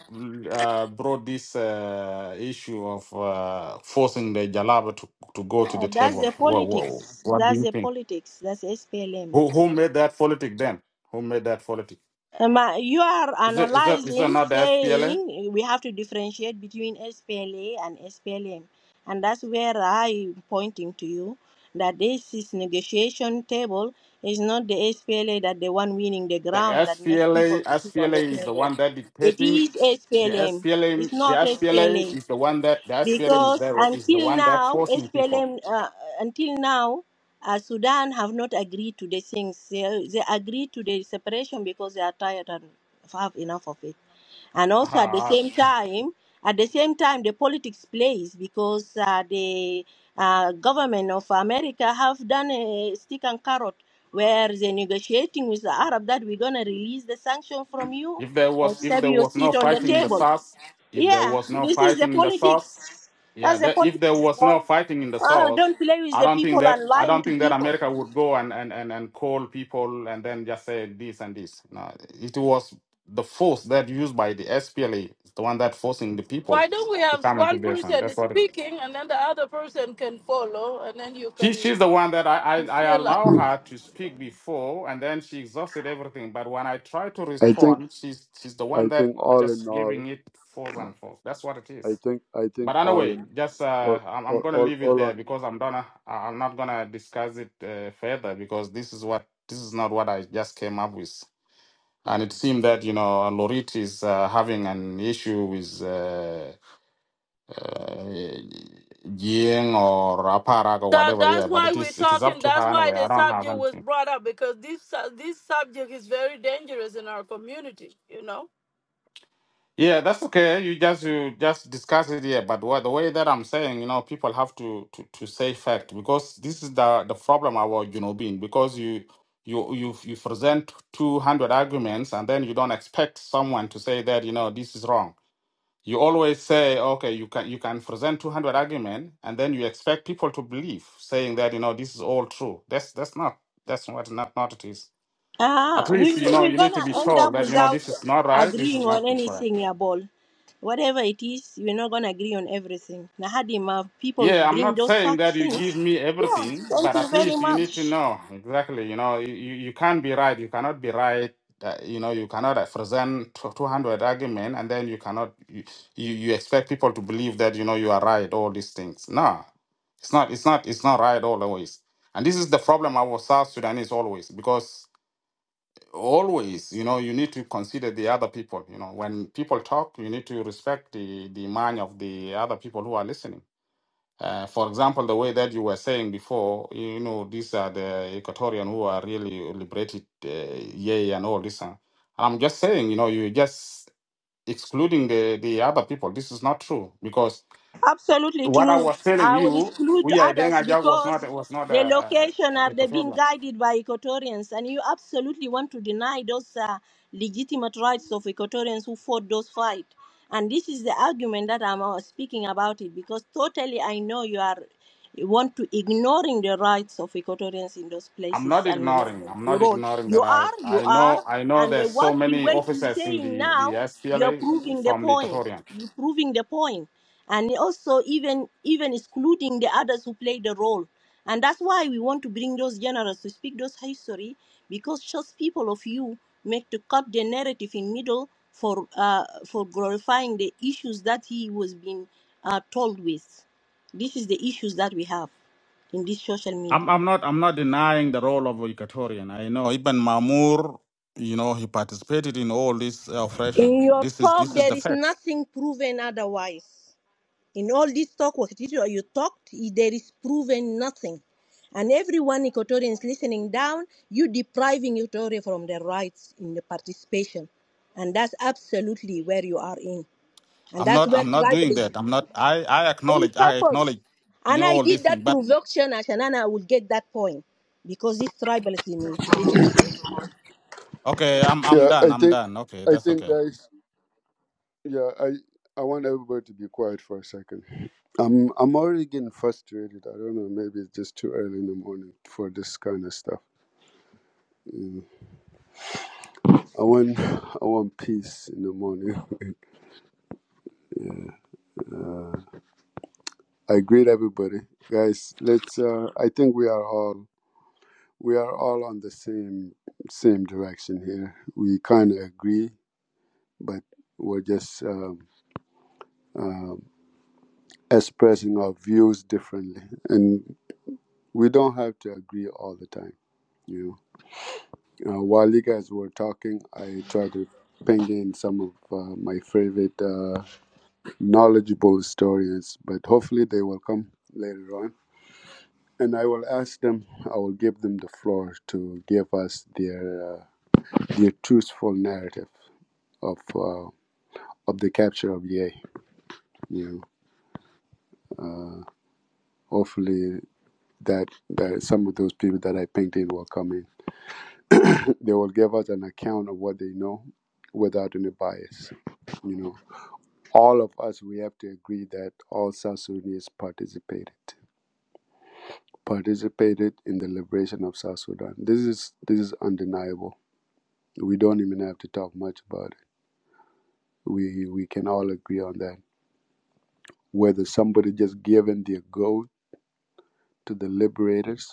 uh, brought this uh, issue of uh, forcing the Jalaba to, to go to Uh, the that's table? the What, what politics. what do That's you the think? politics. That's SPLM. Who who made that politic then? Who made that politic? Um, uh, you are Is it is it is it analyzing, not the SPLA? saying we have to differentiate between SPLA and SPLM. And that's where I'm pointing to you that this is negotiation table is not the SPLA that the one winning the The ground that make people SPLA to sit on the SPLA is the table. one that It dictating. is The SPLM. SPLA It's the not SPLA SPLA is the one that the SPLA is because there is the until one that now, forcing people. SPLM, uh, until now, uh, Sudan have not agreed to the things. They, they agreed to the separation because they are tired and have enough of it. And also at the Uh-huh. same time, at the same time, the politics plays because uh, the uh, government of America have done a stick and carrot where they're negotiating with the Arab that we're gonna release the sanction from you, If there was if except there you was sit no on the fighting in the table. source, if there Yeah, was no this is the fighting in the source, politics. yeah, That's the that if there politics, was ball. no fighting in the Uh, source, don't play with I the don't think people that and I lying don't to think that people. America would go and and and, and call people and then just say this and this. No, it was the force that used by the SPLA, the one that forcing the people Why don't we to have come into one this, and person that's is what speaking and then the other person can follow and then you She can she's the one that I, I you I feel like allow her to speak before, and then she exhausted everything. But when I try to i think respond, she's she's the one i that think all in just all giving it force and force. That's what it i is. think i think But all anyway, in just all uh, I'm I'm all gonna all, leave it all there on because I'm gonna I- am going to i am not gonna discuss it uh, further because this is what this is not what I just came up with, and it seemed that you know Lorit is uh, having an issue with. Uh, uh, Ying or Aparag or that whatever. that's Yeah, but why it we're is it is talking up to that's her why anyway. I the don't have subject was anything. brought up because this su- this subject is very dangerous in our community you know Yeah, that's okay. You just you just discuss it here. But what, the way that I'm saying, you know, people have to to, to say fact because this is the the problem about you know being because you. You, you you present 200 arguments and then you don't expect someone to say that you know this is wrong You always say, okay, you can you can present 200 argument, and then you expect people to believe, saying that you know this is all true. That's that's not that's what not not it is. At Ah, least we you know we're you need gonna to be end up told that you know without this is not right. This agreeing is on not correct. anything, yeah, ball. Whatever it is, we're not gonna agree on everything. Nahadima, people Yeah, I'm bring not those saying facts that you things. give me Yeah, everything, thank but you at very least you need to much. know exactly. You know, you, you you can't be right. You cannot be right. Uh, you know, you cannot uh, present tw- 200 argument and then you cannot, you, you, you expect people to believe that, you know, you are right, all these things. No, it's not, it's not, it's not right always. And this is the problem of our South Sudanese always, because always, you know, you need to consider the other people. You know, when people talk, you need to respect the, the mind of the other people who are listening uh, for example, the way that you were saying before, you know, these are the Equatorian who are really liberated, uh, yay, and all this. uh, I'm just saying, you know, you're just excluding the, the other people. This is not true because Absolutely what I true. was telling I will you, exclude we are others Ajak was because not was not the a, location a, a are they being Equatorian. guided by Equatorians, and you absolutely want to deny those uh, legitimate rights of Equatorians who fought those fight. And this is the argument that I'm uh, speaking about it because totally I know you are you want to ignoring the rights of Equatorians in those I'm not places and where ignoring. I'm they not roll. ignoring the You are, right. you I are, know. I know. and the, There's so what the many way you're officers in saying the the now, you're SPLA proving the from the point. Equatorian. You're proving the point and also even even excluding the others who play the role and that's why we want to bring those generals to speak those history because just people of you make to cut the narrative in middle for uh, for glorifying the issues that he was being uh, told with this is the issues that we have in this social I'm media I'm not I'm not denying the role of Equatorian. I know Ibn Mamur, you know, he participated in all this uh, in operation. your This is talk this is there the is fact. nothing proven otherwise In all this talk, what you talked, there is proven nothing. And everyone Equatorians listening down, you depriving Equatoria from their rights in the participation. And that's absolutely where you are in. And I'm that's not where I'm not doing tribalism that. I'm not. I I in acknowledge I purpose. acknowledge, you And know, I all did these things. that But provocation, Ashanana, I will get that point. Because this tribalism exists in you. okay, I'm I'm yeah done. i I'm think done. Okay, i that's think okay. guys yeah i i want everybody to be quiet for a second i'm i'm already getting frustrated i don't know maybe it's just too early in the morning for this kind of stuff I want I want peace in the morning. uh, I greet everybody, guys. Let's. Uh, I think we are all we are all on the same same direction here. We kind of agree, but we're just um, um, expressing our views differently, and we don't have to agree all the time. You know. Uh, while you guys were talking, I tried to ping in some of uh, my favorite. Uh, knowledgeable historians, but hopefully they will come later on. And I will ask them, I will give them the floor to give us their uh, their truthful narrative of uh, of the capture of Ye. You know, uh, hopefully that, that some of those people that I painted will come in. They will give us an account of what they know without any bias. You know, all of us we have to agree that all South Sudanese participated participated in the liberation of South Sudan. This is this is undeniable. We don't even have to talk much about it. We we can all agree on that. Whether somebody just given their goat to the liberators,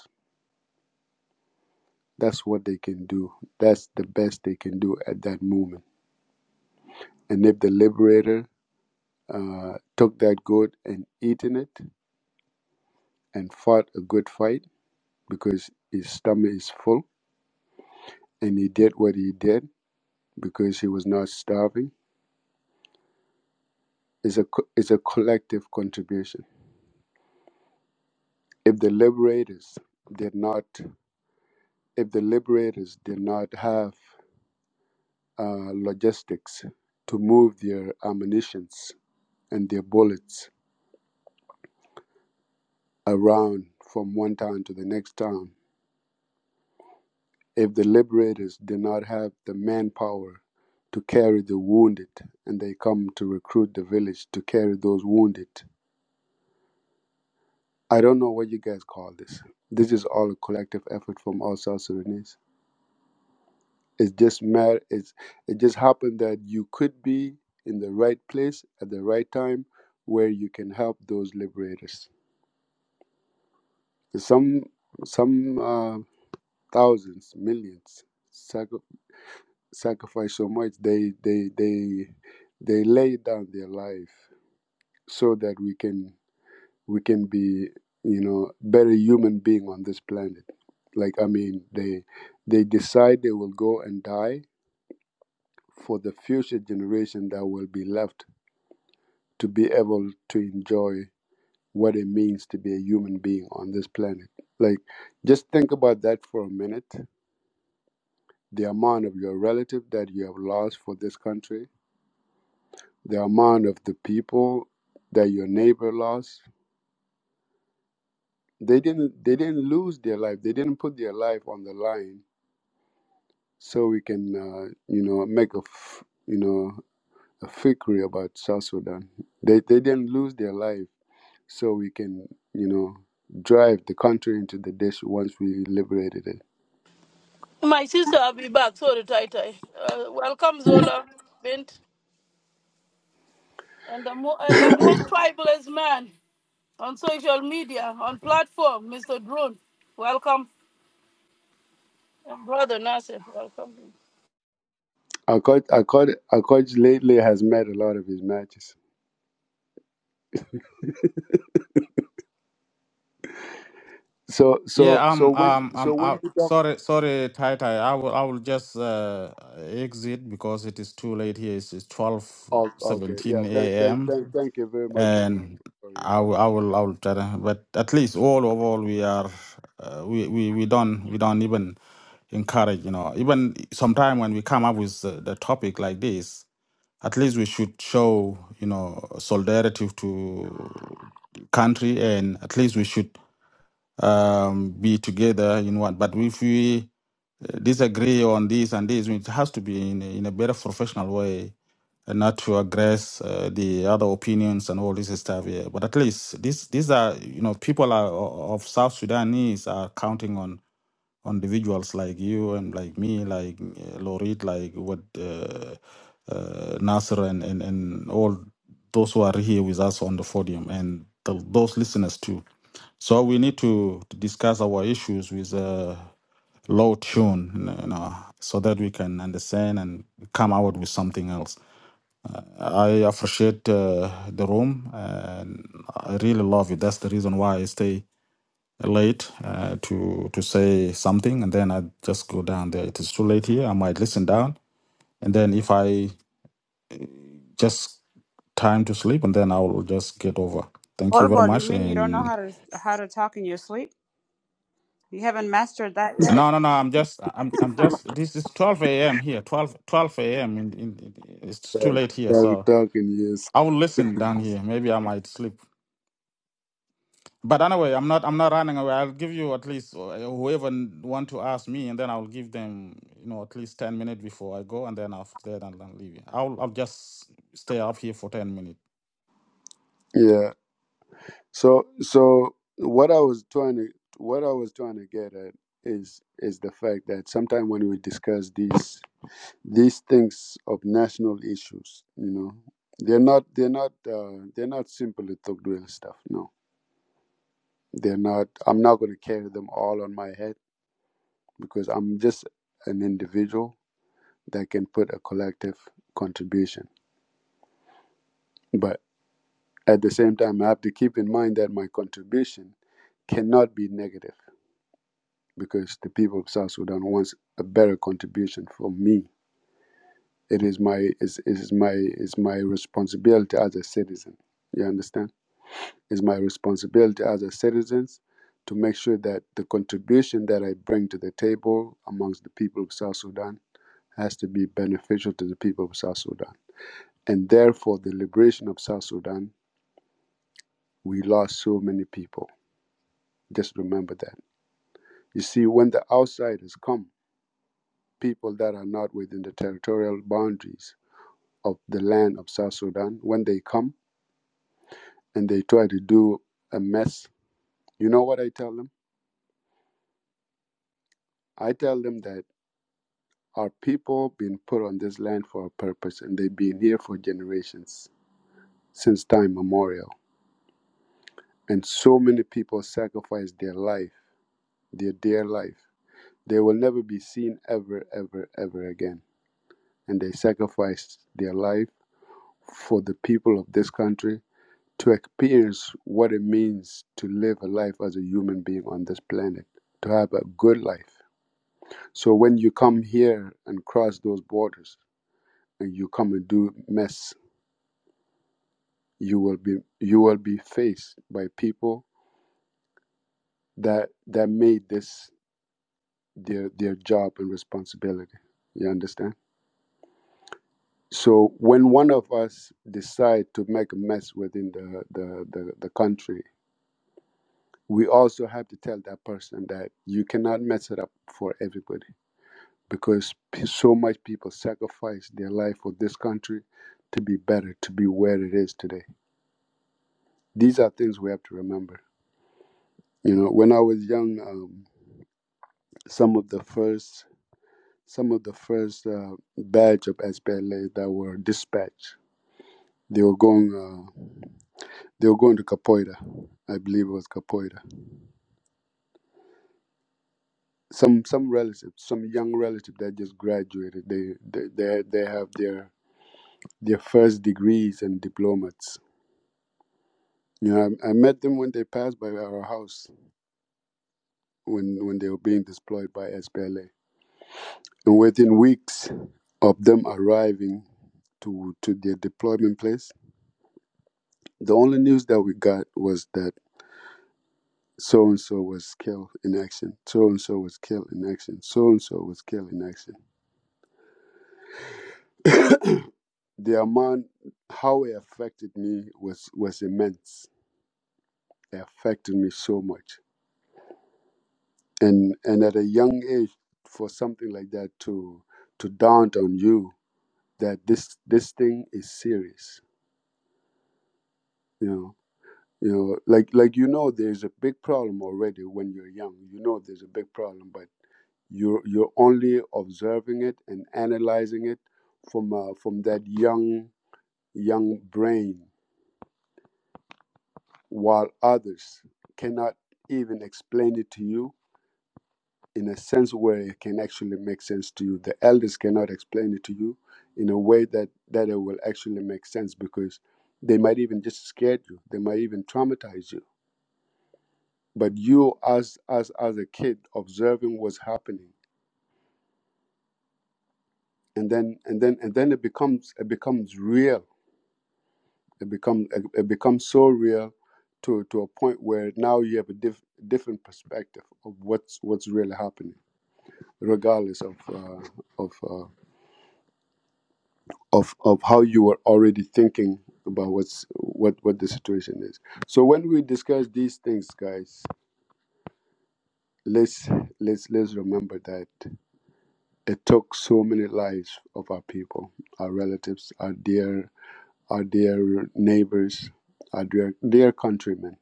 that's what they can do. That's the best they can do at that moment. And if the liberator uh, took that goat and eaten it and fought a good fight because his stomach is full and he did what he did because he was not starving is a co- is a collective contribution. If the liberators did not, if the liberators did not have uh, logistics to move their ammunitions and their bullets around from one town to the next town, if the liberators did not have the manpower to carry the wounded, and they come to recruit the village to carry those wounded, I don't know what you guys call this. This is all a collective effort from all South Sudanese. It just matter. It's it just happened that you could be in the right place at the right time, where you can help those liberators. Some some uh, thousands, millions sacri- sacrifice so much. They they they they lay down their life so that we can we can be you know better human being on this planet. Like I mean, they they decide they will go and die for the future generation that will be left to be able to enjoy what it means to be a human being on this planet. Like, just think about that for a minute. The amount of your relative that you have lost for this country, the amount of the people that your neighbor lost. They didn't. They didn't lose their life. They didn't put their life on the line so we can, uh, you know, make a, f- you know, a fakery about South Sudan. They they didn't lose their life. so we can, you know, drive the country into the ditch once we liberated it. my sister i'll be back sorry tai tai uh, welcome zola bint and the mo- and the most tribalist man on social media on platform mr drone welcome And brother nasir welcome Our coach, our coach, our coach lately has met a lot of his matches. So, so, Yeah, so I'm when, um so I'm when out. we talk, Sorry, sorry, Tai Tai. I will I will just uh, exit because it is too late here. It's, it's twelve oh, okay, yeah, seventeen thank, thank, a.m. thank, thank you very much, Bo, and for your I help. will, I will, I will try to, but at least all overall we are, uh, we, we, we don't, we don't even encourage, you know, even sometime when we come up with the, the topic like this, at least we should show, you know, solidarity to country and at least we should um, be together in one. But if we uh, disagree on this and this, it has to be in a, in a better professional way and not to aggress uh, the other opinions and all this stuff. Yeah. But at least this, these are, you know, people are, o- of South Sudanese are counting on on individuals like you and like me, like uh, Lorit, like what. Uh, Nasser and, and, and all those who are here with us on the podium and the, those listeners too. So we need to, to discuss our issues with a low tune, you know, so that we can understand and come out with something else. I appreciate uh, the room and I really love it. That's the reason why I stay late uh, to to say something and then I just go down there. It is too late here. I might listen down and then if I just time to sleep, and then I will just get over. Thank you very Horrible. You much. mean you don't know how And to how to talk in your sleep? You haven't mastered that yet? no, no, no. I'm just, I'm, I'm just. This is 12 a.m. here. 12, 12 a.m. In, in, it's too Talk, late here, talk- so talking, yes, I will listen down here. Maybe I might sleep. But anyway, I'm not, I'm not running away. I'll give you at least uh, whoever want to ask me, and then I'll give them, you know, at least 10 minutes before I go, and then after that I'll, I'll leave. you. I'll, I'll just stay up here for 10 minutes. yeah. So, so what I was trying to, what I was trying to get at is, is the fact that sometimes when we discuss these these things of national issues you know they're not they're not uh, they're not simply Togduil stuff no they're not i'm not going to carry them all on my head because i'm just an individual that can put a collective contribution but at the same time i have to keep in mind that my contribution cannot be negative because the people of south sudan wants a better contribution from me it is my is is my is my responsibility as a citizen you understand It's my responsibility as a citizen to make sure that the contribution that I bring to the table amongst the people of South Sudan has to be beneficial to the people of South Sudan. And therefore, the liberation of South Sudan, we lost so many people. Just remember that. You see, when the outsiders come, people that are not within the territorial boundaries of the land of South Sudan, when they come and they try to do a mess, you know what I tell them? I tell them that. Our people been put on this land for a purpose and they've been here for generations, since time memorial. And so many people sacrificed their life, their dear life. They will never be seen ever, ever, ever again. And they sacrificed their life for the people of this country to experience what it means to live a life as a human being on this planet, to have a good life. So when you come here and cross those borders and you come and do mess you will be you will be faced by people that that made this their their job and responsibility you understand so when one of us decide to make a mess within the the the, the country we also have to tell that person that you cannot mess it up for everybody because p- so much people sacrifice their life for this country to be better to be where it is today these are things we have to remember you know when i was young um, some of the first some of the first uh, batch of SPLA that were dispatched. They were going. Uh, they were going to Capoeira, I believe it was Capoeira. Some some relatives, some young relative that just graduated. They they they, they have their their first degrees and diplomas. You know, I, I met them when they passed by our house when when they were being deployed by SPLA, and within weeks of them arriving to to their deployment place, the only news that we got was that. So and so was killed in action. So and so was killed in action. So and so was killed in action. The amount, how it affected me was was immense. It affected me so much. And and at a young age, for something like that to to daunt on you that this this thing is serious. You know, you know, like like you know, there's a big problem already when you're young. You know, there's a big problem, but You're, you're only observing it and analyzing it from, uh, from that young, young brain, while others cannot even explain it to you in a sense where it can actually make sense to you. The elders cannot explain it to you in a way that, that it will actually make sense because they might even just scare you, they might even traumatize you but you as as as a kid observing what's happening and then and then and then it becomes it becomes real It become it, it becomes so real to to a point where now you have a diff, different perspective of what's what's really happening, regardless of uh, of uh, of of how you were already thinking about what's what what the situation is. So when we discuss these things, guys, let's let's let's remember that it took so many lives of our people, our relatives, our dear our dear neighbors, our dear dear countrymen.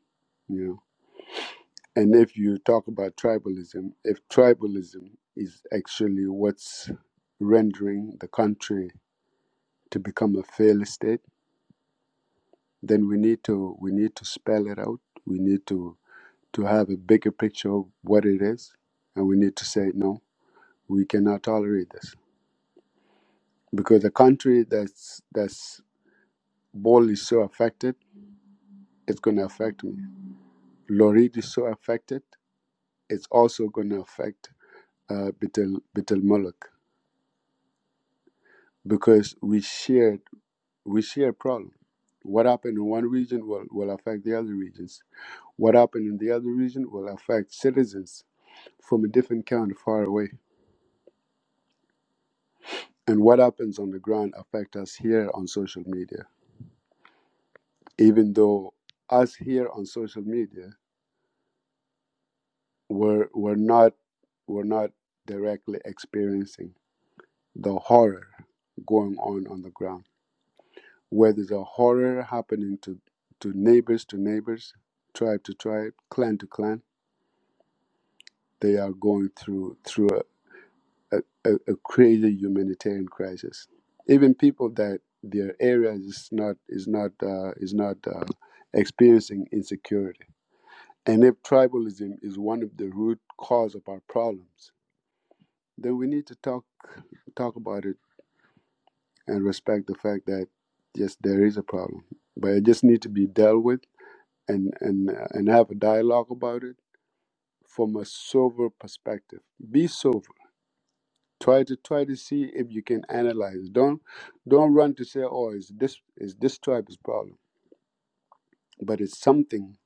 You know. And if you talk about tribalism, if tribalism is actually what's rendering the country to become a failed state, then we need to we need to spell it out. We need to to have a bigger picture of what it is, and we need to say no, we cannot tolerate this because a country that's that's ball is so affected, it's going to affect me. Lorid is so affected, it's also going to affect uh, Bitel Bitel Moloch because we shared we share a problem. What happened in one region will, will affect the other regions. What happened in the other region will affect citizens from a different county far away. And what happens on the ground affect us here on social media. Even though us here on social media we're, we're not we're not directly experiencing the horror going on on the ground. where there's a horror happening to, to neighbors to neighbors, tribe to tribe, clan to clan, they are going through through a, a, a crazy humanitarian crisis. Even people that their area is not is not uh, is not uh, experiencing insecurity. And if tribalism is one of the root cause of our problems, then we need to talk talk about it and respect the fact that yes, there is a problem, but it just need to be dealt with and and uh, and have a dialogue about it from a sober perspective. Be sober Try to try to see if you can analyze. Don't don't run to say, oh, it's this is this tribe's problem. But it's something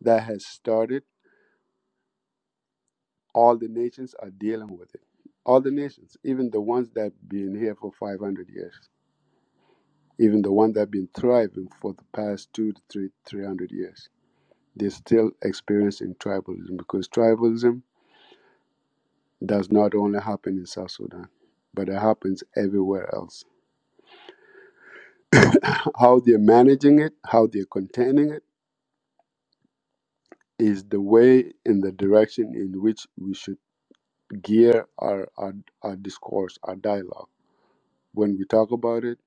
that has started. All the nations are dealing with it. All the nations, even the ones that have been here for five hundred years, even the ones that have been thriving for the past two to three three hundred years, they're still experiencing tribalism because tribalism does not only happen in South Sudan, but it happens everywhere else. How they're managing it, how they're containing it is the way and the direction in which we should gear our, our, our discourse, our dialogue. When we talk about it,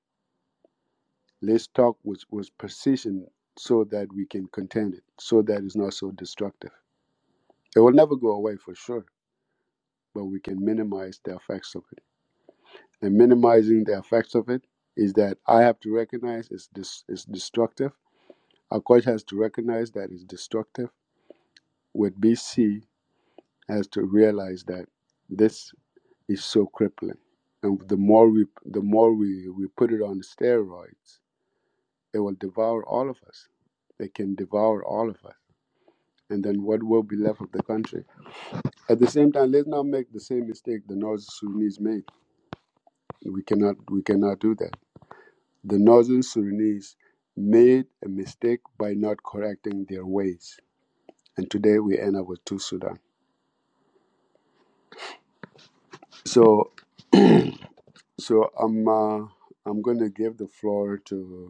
let's talk with, with precision so that we can contend it, so that it's not so destructive. It will never go away for sure, but we can minimize the effects of it. And minimizing the effects of it is that I have to recognize it's, dis- it's destructive. Our coach has to recognize that it's destructive. With BC has to realize that this is so crippling. And the more we the more we, we put it on steroids, it will devour all of us. It can devour all of us. And then what will be left of the country? At the same time, let's not make the same mistake the North Sudanese made. We cannot we cannot do that. The Northern Sudanese made a mistake by not correcting their ways. And today we end up with two Sudan. So so I'm uh, I'm going to give the floor to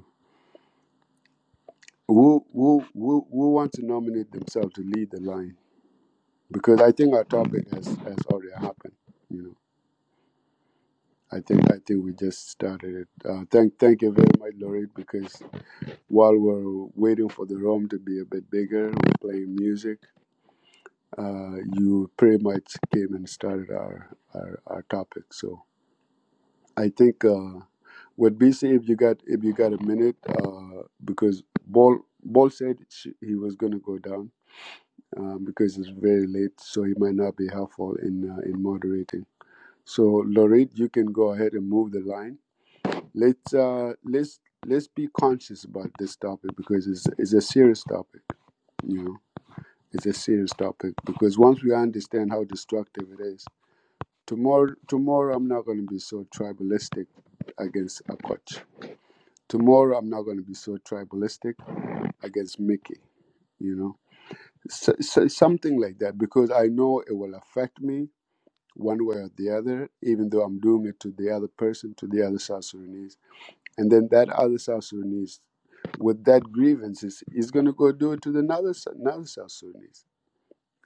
who who who who want to nominate themselves to lead the line because I think our topic has has already happened. You know, I think I think we just started it. Uh, thank thank you very much, Lorraine, because while we're waiting for the room to be a bit bigger, we're playing music. Uh, you pretty much came and started our our, our topic. So I think uh, with BC, if you got if you got a minute, uh, because Ball Ball said she, he was going to go down. um, because it's very late, so he might not be helpful in uh, in moderating. So, Lorit, you can go ahead and move the line. Let's uh, let's let's be conscious about this topic because it's it's a serious topic. You know, it's a serious topic because once we understand how destructive it is, tomorrow tomorrow I'm not going to be so tribalistic against a coach. Tomorrow I'm not going to be so tribalistic against Mickey. You know, so, so, something like that because I know it will affect me one way or the other, even though I'm doing it to the other person, to the other South Sudanese. And then that other South Sudanese, with that grievances, is going to go do it to the another, S- another South Sudanese.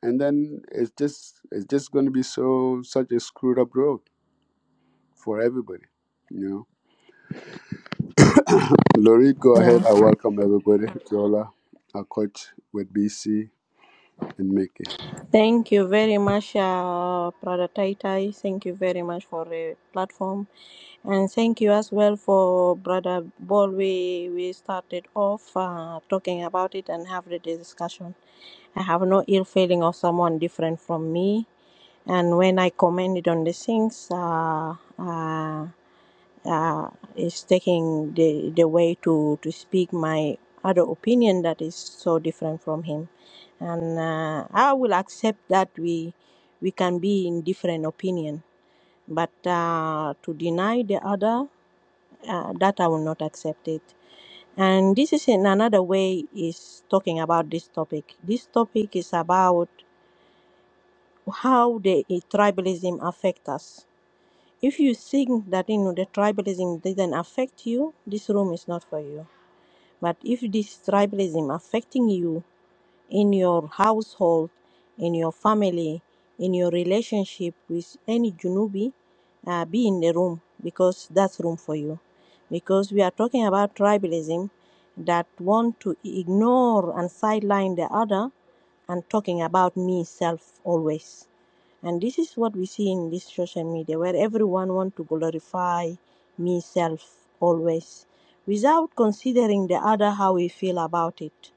And then it's just it's just going to be so such a screwed up road for everybody, you know. Lorit, go Yeah. ahead. I welcome everybody. Jola, our coach with BC and Mickey. Thank you very much, uh, Brother Taitai. Thank you very much for the platform. And thank you as well for Brother Ball. We, we started off uh, talking about it and have the discussion. I have no ill feeling of someone different from me. And when I commented on the things, uh, uh, uh, it's taking the, the way to, to speak my other opinion that is so different from him. And uh, I will accept that we, we can be in different opinion. But uh, to deny the other uh, that I will not accept it. And this is in another way is talking about this topic. This topic is about how the eh, tribalism affect us. If you think that you know the tribalism didn't affect you, this room is not for you. But if this tribalism affecting you in your household, in your family, in your relationship with any Junubi, uh, be in the room because that's room for you. Because we are talking about tribalism that want to ignore and sideline the other and talking about me self always. And this is what we see in this social media where everyone want to glorify me self always without considering the other how we feel about it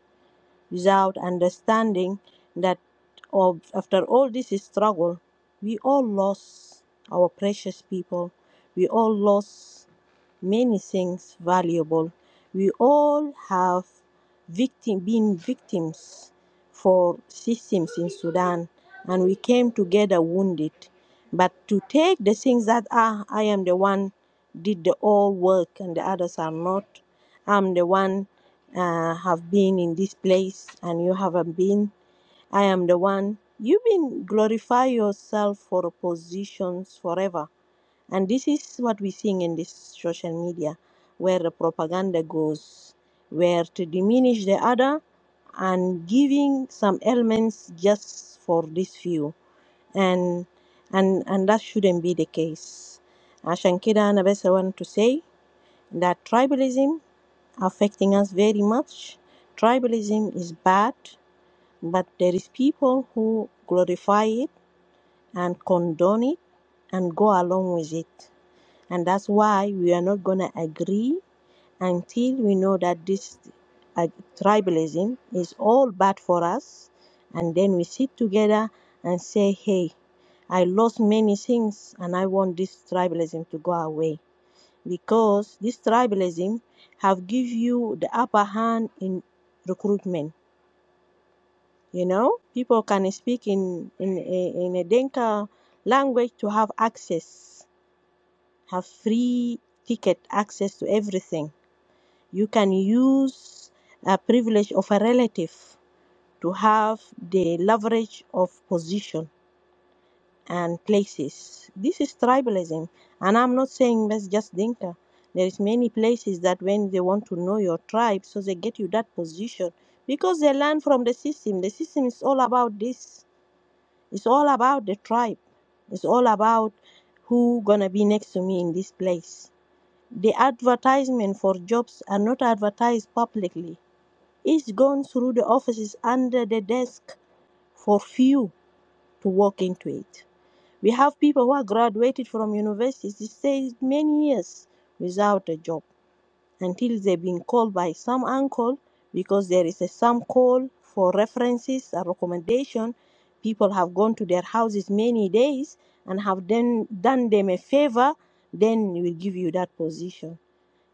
without understanding that of, after all this struggle, we all lost our precious people. We all lost many things valuable. We all have victim, been victims for systems in Sudan, and we came together wounded. But to take the things that ah, I am the one did the all work and the others are not. I'm the one uh, have been in this place and you haven't been. I am the one. You've been glorify yourself for positions forever. And this is what we're seeing in this social media, where the propaganda goes, where to diminish the other and giving some elements just for this few. And and and that shouldn't be the case. عشان كده أنا بس want to say that tribalism affecting us very much. Tribalism is bad, but there is people who glorify it and condone it and go along with it. And that's why we are not going to agree until we know that this uh, tribalism is all bad for us. And then we sit together and say, hey, I lost many things and I want this tribalism to go away. Because this tribalism have give you the upper hand in recruitment you know, people can speak in in a, in a Dinka language to have access, have free ticket access to everything. You can use a privilege of a relative to have the leverage of position and places. This is tribalism, and I'm not saying that's just Dinka. There is many places that when they want to know your tribe, so they get you that position because they learn from the system. The system is all about this It's all about the tribe. It's all about who gonna be next to me in this place. The advertisement for jobs are not advertised publicly. It's gone through the offices under the desk for few to walk into it. We have people who are graduated from universities. They stay many years without a job until they've been called by some uncle because there is a some call for references and recommendation. People have gone to their houses many days and have then done them a favor, then we will give you that position.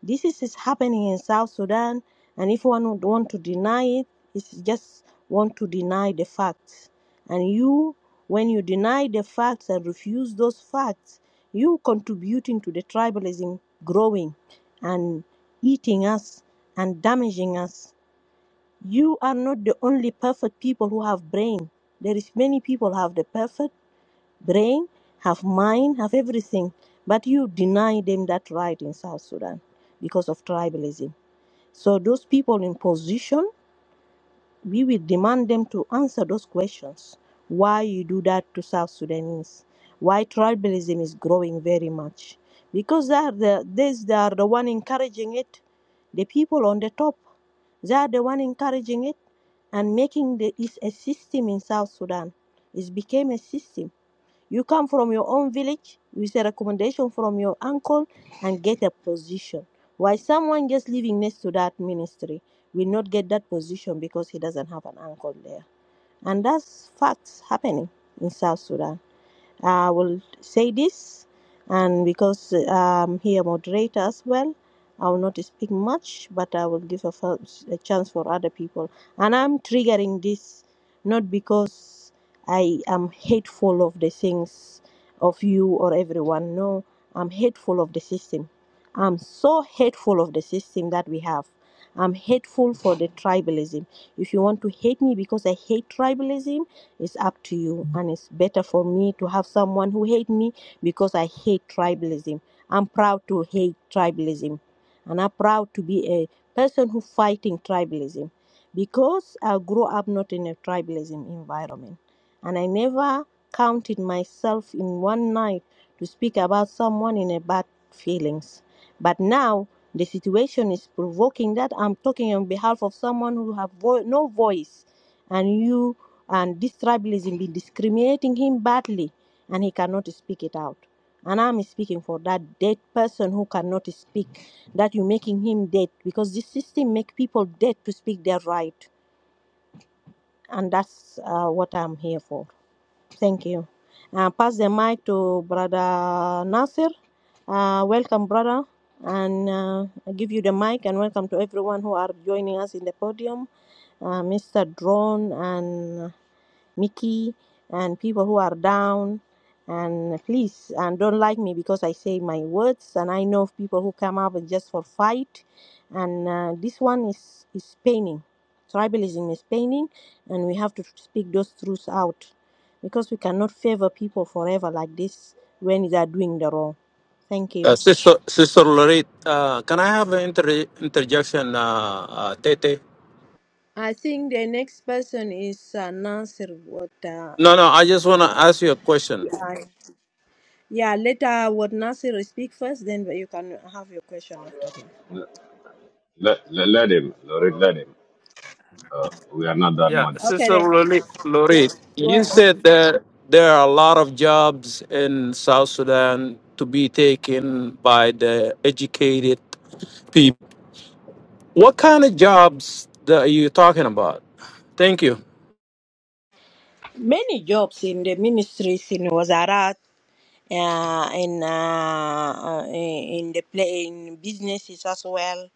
This is, is happening in South Sudan, and if one would want to deny it, it's just want to deny the facts. And you, when you deny the facts and refuse those facts, you contributing to the tribalism growing and eating us and damaging us. You are not the only perfect people who have brain. There is many people who have the perfect brain, have mind, have everything. But you deny them that right in South Sudan because of tribalism. So those people in position, we will demand them to answer those questions. Why you do that to South Sudanese? Why tribalism is growing very much? Because they are the these they are the one encouraging it. The people on the top, they are the one encouraging it and making the is a system in South Sudan. It became a system you come from your own village with a recommendation from your uncle and get a position. Why someone just living next to that ministry will not get that position because he doesn't have an uncle there. And that's facts happening in South Sudan. I will say this, and because uh, I'm here moderator as well, I will not speak much, but I will give a, f- a chance for other people. And I'm triggering this not because I am hateful of the things of you or everyone. No, I'm hateful of the system I'm so hateful of the system that we have. I'm hateful for the tribalism. If you want to hate me because I hate tribalism, it's up to you. And it's better for me to have someone who hate me because I hate tribalism. I'm proud to hate tribalism. And I'm proud to be a person who fighting tribalism. Because I grew up not in a tribalism environment. And I never counted myself in one night to speak about someone in a bad feelings but now the situation is provoking that I'm talking on behalf of someone who have vo- no voice, and you and this tribalism be discriminating him badly, and he cannot speak it out. And I'm speaking for that dead person who cannot speak. That you're making him dead because this system make people dead to speak their right, and that's uh, what I'm here for. Thank you. Uh, pass the mic to Brother Nasir. Uh, welcome, brother, and uh, I give you the mic and welcome to everyone who are joining us in the podium. Uh, Mr. Drone and. Mickey and people who are down and please and don't like me because I say my words and I know of people who come up and just for fight and uh, this one is is paining tribalism is paining and we have to speak those truths out because we cannot favor people forever like this when they are doing the wrong thank Uh, you Sister, Sister Lorette, uh, can I have an inter- interjection, uh, uh, Tete? I think the next person is uh, Nasir what uh, No, no, I just want to ask you a question. I Yeah, later what Nasir speak first, then you can have your question after him. Let, let, let him, Lorit, let him. Uh, we are not that Yeah, much. Okay, Sister then Lorette, Lorette, go you ahead. said that there are a lot of jobs in South Sudan to be taken by the educated people. What kind of jobs that are you talking about? Thank you. Many jobs in the ministries in Wazarat, uh, in uh, uh, in the play in businesses as well.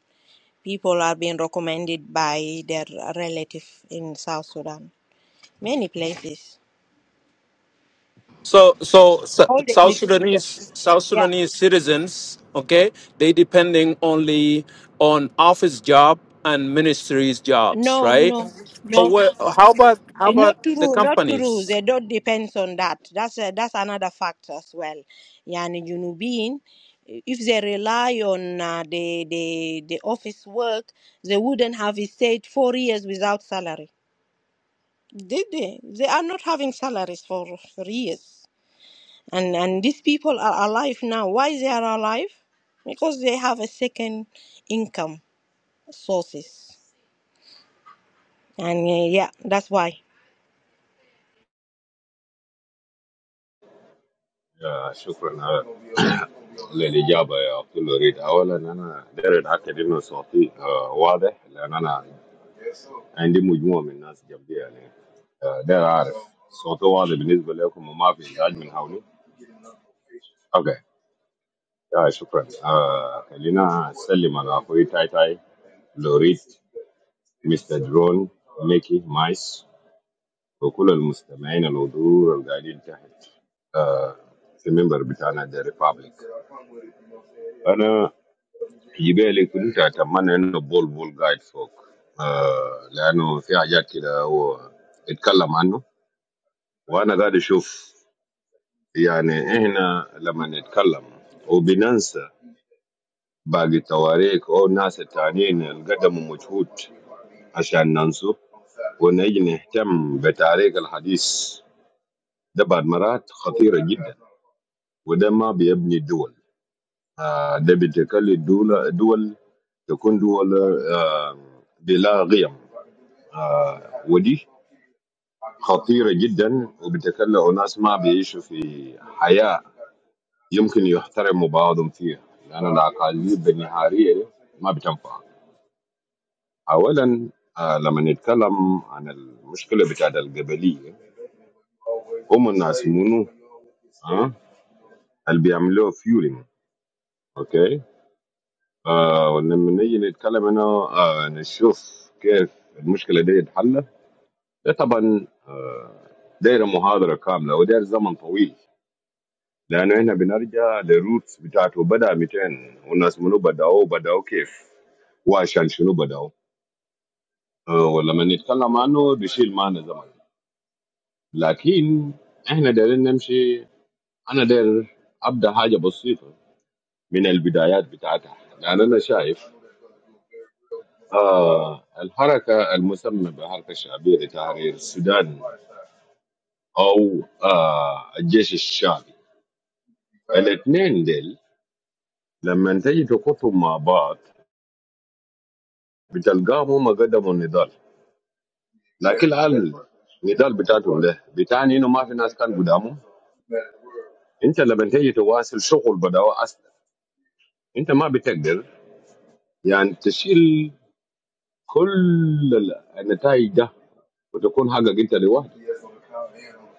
People are being recommended by their relative in South Sudan. Many places, So, so Su- all the South Sudanese, institutions. South Yeah. Sudanese citizens, okay, they depending only on office job and ministries jobs, No, right? no, So, no. where, how about how about Not the true, not true. companies? They don't depends on that. That's a, that's another factor as well. Yani you know, being if they rely on uh, the the the office work, they wouldn't have stayed four years without salary. Did they? They are not having salaries for, for years. And and these people are alive now. Why they are alive? Because they have a second income sources. And uh, yeah, that's why. Yeah, شكرا على للإجابة يا أخت لوريد أولا أنا داير أتأكد إنه صوتي آه، واضح لأن أنا عندي مجموعة من الناس جنبي يعني آه، داير أعرف صوتي واضح بالنسبة لكم وما في إزعاج من حولي أوكي آه شكرا آه خلينا أسلم على أخوي تاي تاي لوريد مستر درون ميكي مايس وكل المستمعين الحضور القاعدين تحت آه، في المنبر بتاعنا ذا ريبابليك انا جبالي كنت اتمنى انه بول بول قاعد فوق آه، لانه في حاجات كده هو اتكلم عنه وانا قاعد اشوف يعني احنا لما نتكلم وبننسى باقي التواريخ او الناس التانيين اللي قدموا مجهود عشان ننسوا ونجي نهتم بتاريخ الحديث ده بعد مرات خطيره جدا وده ما بيبني الدول آه، ده بيتكلم الدول دول تكون دول آه، بلا قيم ودي خطيرة جدا وبتكلم ناس ما بيعيشوا في حياة يمكن يحترموا بعضهم فيها لأن الأقاليم بالنهارية ما بتنفع أولا آه، لما نتكلم عن المشكلة بتاعت القبلية هم الناس منو آه؟ اللي بيعملوا فيولينج أوكي آه، ولما نيجي نتكلم هنا آه، نشوف كيف المشكلة دي تتحل ده طبعا داير محاضره كامله وداير زمن طويل لانه احنا بنرجع للروتس بتاعته بدا 200 والناس منو بداوا بداوا كيف وعشان شنو بداوا آه، ولما نتكلم عنه بيشيل معنا زمن لكن احنا دايرين نمشي انا داير ابدا حاجه بسيطه من البدايات بتاعتها لان انا شايف آه الحركه المسمى بحركه الشعبيه لتحرير السودان او آه الجيش الشعبي الاثنين ديل لما تيجي تخطهم مع بعض بتلقاهم هم قدموا النضال لكن هل النضال بتاعتهم ده بتعني انه ما في ناس كان قدامهم انت لما تيجي تواصل شغل بدأوا اصلا انت ما بتقدر يعني تشيل كل ال- النتائج ده وتكون حقك انت لوحدك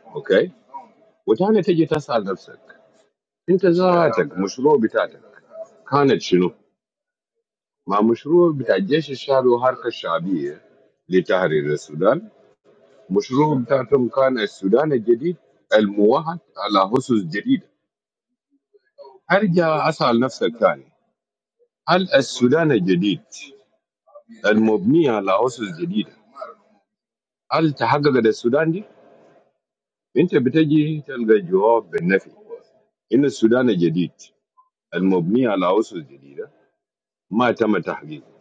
اوكي وتاني تيجي تسأل نفسك انت ذاتك مشروع بتاعتك كانت شنو؟ ما مشروع بتاع الجيش الشعبي وحركة الشعبية لتحرير السودان المشروع بتاعتهم كان السودان الجديد الموحد على أسس جديدة أرجع أسأل نفسك تاني هل السودان الجديد المبني على أسس جديدة هل تحققت السودان دي؟ أنت بتجي تلقى الجواب بالنفي إن السودان الجديد المبني على أسس جديدة ما تم تحقيقه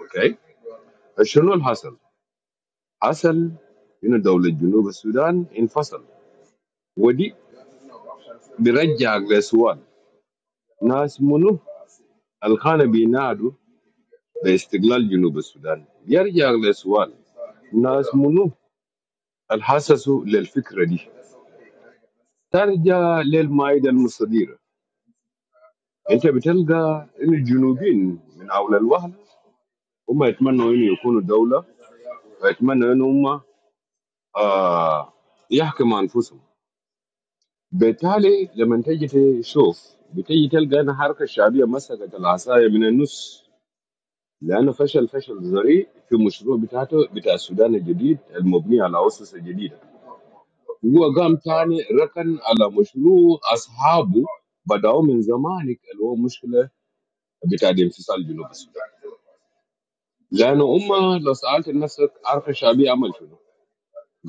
أوكي؟ فشنو اللي حصل؟ حصل إن دولة جنوب السودان انفصل ودي برجعك لسؤال ناس منو الخانة بينادوا باستقلال جنوب السودان يرجع لسؤال ناس منو الحسسوا للفكره دي ترجع للمائده المستديره انت بتلقى ان الجنوبيين من اول الوهله هم يتمنوا انه يكونوا دوله ويتمنوا ان هم آه يحكموا انفسهم بالتالي لما تجي تشوف بتجي تلقى ان الحركه الشعبيه مسكت العصايه من النص لانه فشل فشل ذريع في مشروع بتاعته بتاع السودان الجديد المبني على اسس جديده هو قام تاني ركن على مشروع اصحابه بداوا من زمانك اللي هو مشكله بتاع انفصال جنوب السودان لانه هم لو سالت نفسك عارف الشعبيه عمل شنو؟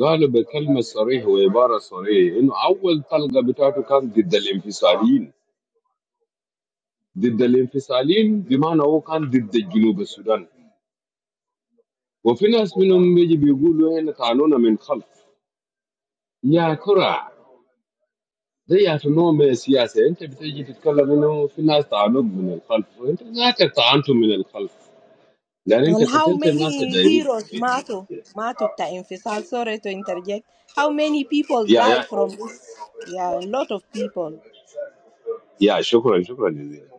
قالوا بكلمه صريحه وعباره صريحه انه اول طلقه بتاعته كان ضد الانفصاليين ضد الانفصاليين بمعنى هو كان ضد جنوب السودان وفي ناس منهم بيجي بيقولوا هنا طعنونا من خلف يا ترى ده يا أخي نوع من السياسة أنت بتيجي تتكلم إنه في ناس طعنوك من الخلف وأنت ذاتك طعنته من الخلف لأن أنت And how قتلت الناس many الدايرين heroes Mato Mato ta Infisal, sorry to interject. How many people يا die يا from this? Yeah, a lot of people. يا شكرا شكرا جزيلا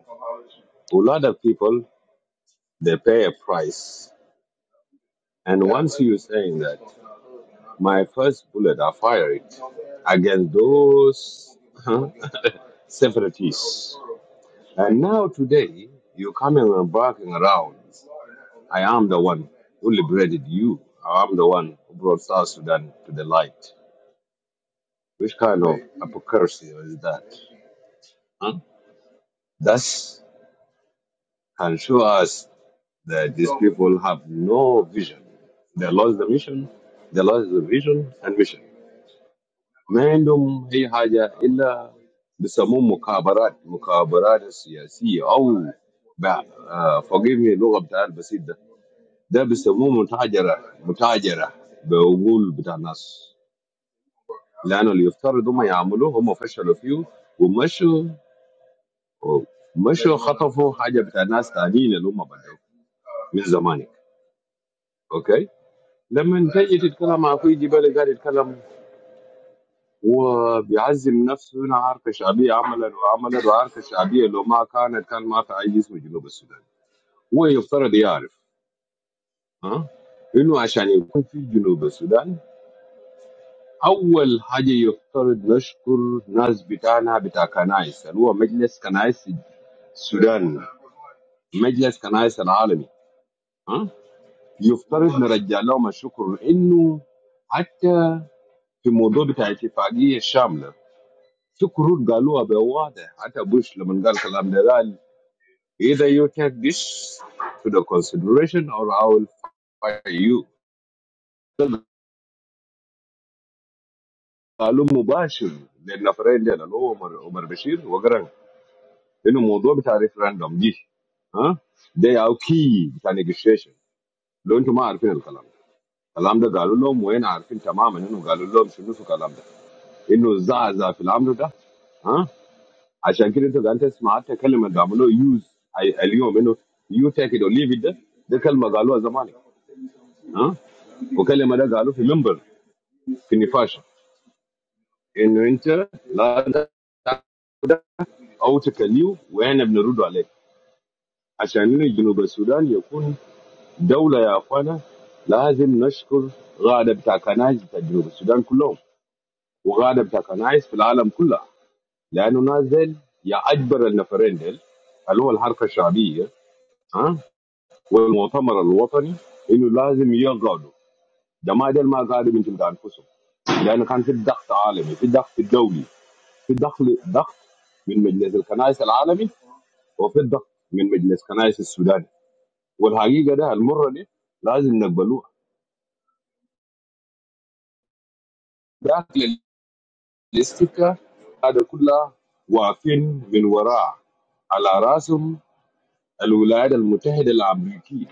a lot of people they pay a price and once you saying that my first bullet i fired against those huh, separatists and now today you're coming and barking around I am the one who liberated you. I am the one who brought South Sudan to the light. Which kind of hypocrisy is that? Huh? That can show us that these people have no vision. They lost the mission, they lost the vision and mission. ما عندهم أي حاجة إلا بيسموه مكابرات مكابرات سياسية أو ب- آه، forgive me اللغة بتاع البسيط ده ده بيسموه متاجرة متاجرة بعقول بتاع الناس لانه اللي يفترض هم يعملوه هم فشلوا فيه ومشوا مشوا خطفوا حاجه بتاع ناس ثانيين اللي هم بدوا من زمانك اوكي لما تجي تتكلم مع اخوي جبالي قاعد يتكلم وبيعزم نفسه انا عارف الشعبيه عملا وعملا وعارف الشعبيه لو ما كانت كان ما في اي اسم جنوب السودان هو يفترض يعرف ها انه عشان يكون في جنوب السودان اول حاجه يفترض نشكر ناس بتاعنا بتاع كنايس اللي هو مجلس كنايس السودان مجلس كنائس العالمي ها يفترض نرجع لهم الشكر لانه حتى في موضوع بتاع اتفاقيه شامله في كروت قالوها بواضح حتى بوش لما قال كلام ده قال either you take this to the consideration or I will fire you قالوا مباشر للنفرين ديل اللي هو عمر عمر بشير وقرن انه الموضوع بتاع ريفراندوم دي ها ده او كي بتاع نيجوشيشن لو انتم ما عارفين الكلام الكلام ده قالوا لهم وين عارفين تماما انه قالوا لهم شنو في الكلام ده انه الزعزع في الامر ده ها عشان كده انت قاعد تسمع حتى كلمه بيعملوه يوز اليوم انه يو تيك ات اور ليف ات ده ده كلمه قالوها زمان ها وكلمه ده قالوه في منبر في النفاشه انه انت لا تعبد او تكليه واحنا بنرد عليك عشان انه جنوب السودان يكون دوله يا اخوانا لازم نشكر غاده بتاع كنايس بتاع جنوب السودان كلهم وغاده بتاع كنايس في العالم كله لانه نازل يعبر النفرندل اللي هو الحركه الشعبيه ها والمؤتمر الوطني انه لازم يقعدوا جماعه ديل ما قعدوا من تلقى انفسهم لانه كان في ضغط عالمي في ضغط دولي في ضغط ضغط من مجلس الكنائس العالمي وفي الضغط من مجلس كنائس السودان والحقيقه ده المره دي لازم نقبلوها داخل الاستكه هذا كلها واقفين من وراء على راسهم الولايات المتحده الامريكيه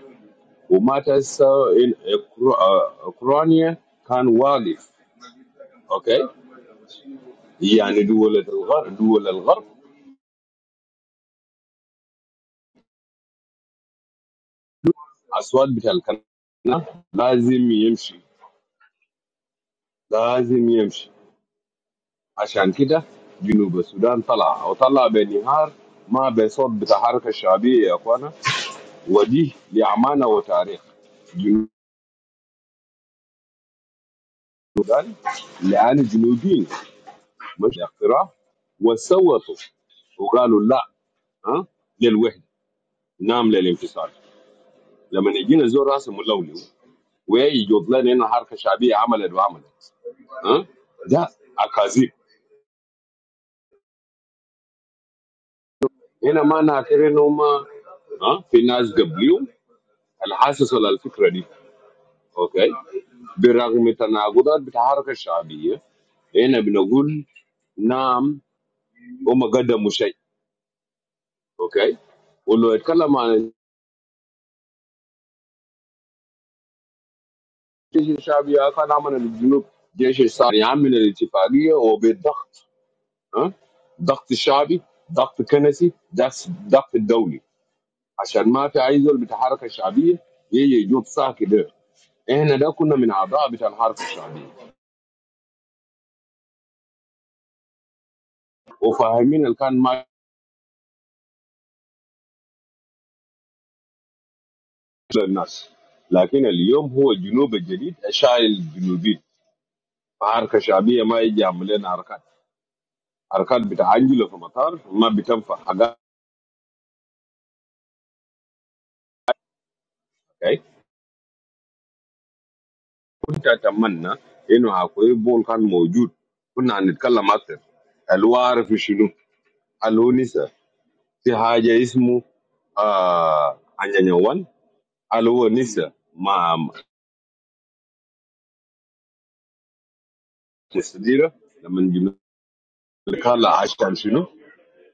ومات سوا إن أوكرا- أوكرانيا كان واقف أوكي يعني دول الغرب دول الغرب أصوات بتاع القناة لازم يمشي لازم يمشي عشان كده جنوب السودان طلع وطلع بنهار ما بصوت بتاع الحركة الشعبية يا أخوانا ودي لأمانة وتاريخ جنوب السودان لأن الجنوبيين مش اقتراع وصوتوا وقالوا لا ها للوحدة نعم للانفصال لما يجينا زور راسه ملولو ويجوب لنا هنا حركه شعبيه عملت وعملت ها ده اكاذيب هنا ما نعتبر ان هم ها في ناس قبليهم الحاسس على الفكره دي اوكي برغم تناقضات بتاع الحركه الشعبيه هنا بنقول نعم هم قدموا شيء اوكي ولو اتكلم عن الجيش الشعبي كان عمل الجنوب جيش الشعبي يعمل الاتفاقيه وبالضغط ها ضغط الشعبي ضغط كنسي ضغط ضغط دولي عشان ما في اي زول بتاع حركه شعبيه يجي يجوب ساكي ده احنا ده كنا من اعضاء بتاع الحركه الشعبيه وفاهمين اللي كان ماشي للناس لكن اليوم هو الجنوب الجديد شايل الجنوبيين حركه شعبيه ما يجي يعمل لنا حركات حركات بتاع انجلو في مطار ما بتنفع حاجات أوكي؟ كنت اتمنى انه عقوي بول كان موجود كنا هنتكلم اكثر هل هو عارف شنو؟ هل هو نسى في حاجه اسمه آه عنيوان هل هو نسى مع السديره لما الامريكان لا عشان شنو؟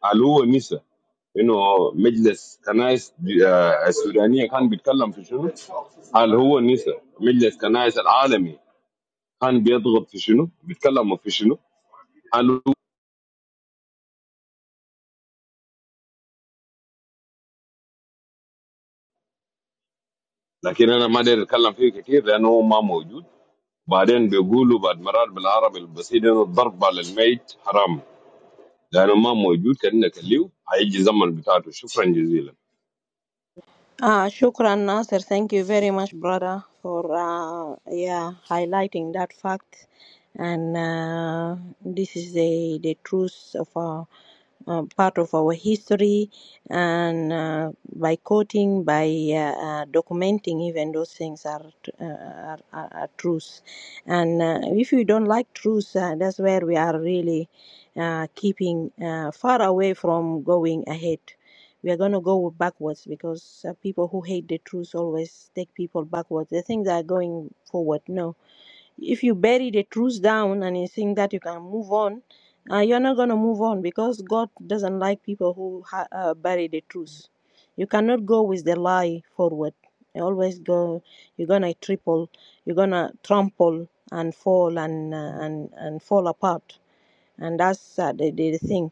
قالوا هو نسى انه مجلس كنائس دي- آه، السودانيه كان بيتكلم في شنو؟ قال هو نسى مجلس كنائس العالمي كان بيضغط في شنو؟ بيتكلموا في شنو؟ قال هو- لكن انا ما داير اتكلم فيه كثير لانه هو ما موجود بعدين بيقولوا بعد مرات بالعربي البسيط انه الضرب على الميت حرام لانه ما موجود كانك الليو هيجي زمن بتاعته شكرا جزيلا Ah, shukran, Nasser. Thank you very much, brother, for uh, yeah highlighting that fact. And uh, this is the the truth of our uh, part of our history, and uh, by quoting, by uh, uh, documenting, even those things are uh, are, are, are truths. And uh, if we don't like truths, uh, that's where we are really uh, keeping uh, far away from going ahead we are going to go backwards because uh, people who hate the truth always take people backwards. They think they are going forward. No. If you bury the truth down and you think that you can move on, uh, you're not going to move on because God doesn't like people who ha- uh, bury the truth. You cannot go with the lie forward. You always go, you're going to triple, you're going to trample and fall and, uh, and, and fall apart and that's uh, the, the thing.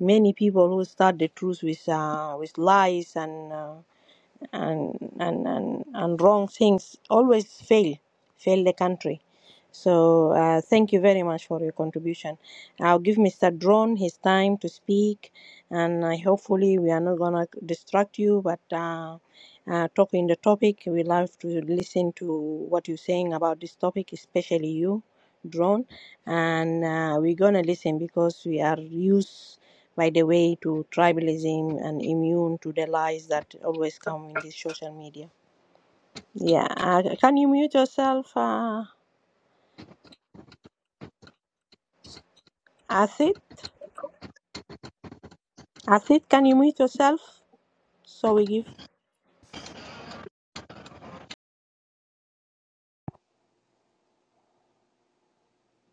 Many people who start the truth with uh, with lies and uh, and and and, and wrong things always fail fail the country so uh, thank you very much for your contribution i'll give mr drone his time to speak and I hopefully we are not gonna distract you but uh, uh, talking the topic we love to listen to what you're saying about this topic especially you drone and uh, we're gonna listen because we are used by the way to tribalism and immune to the lies that always come in this social media. Yeah, uh, can you mute yourself, uh, Asit? Asit, can you mute yourself? So we give.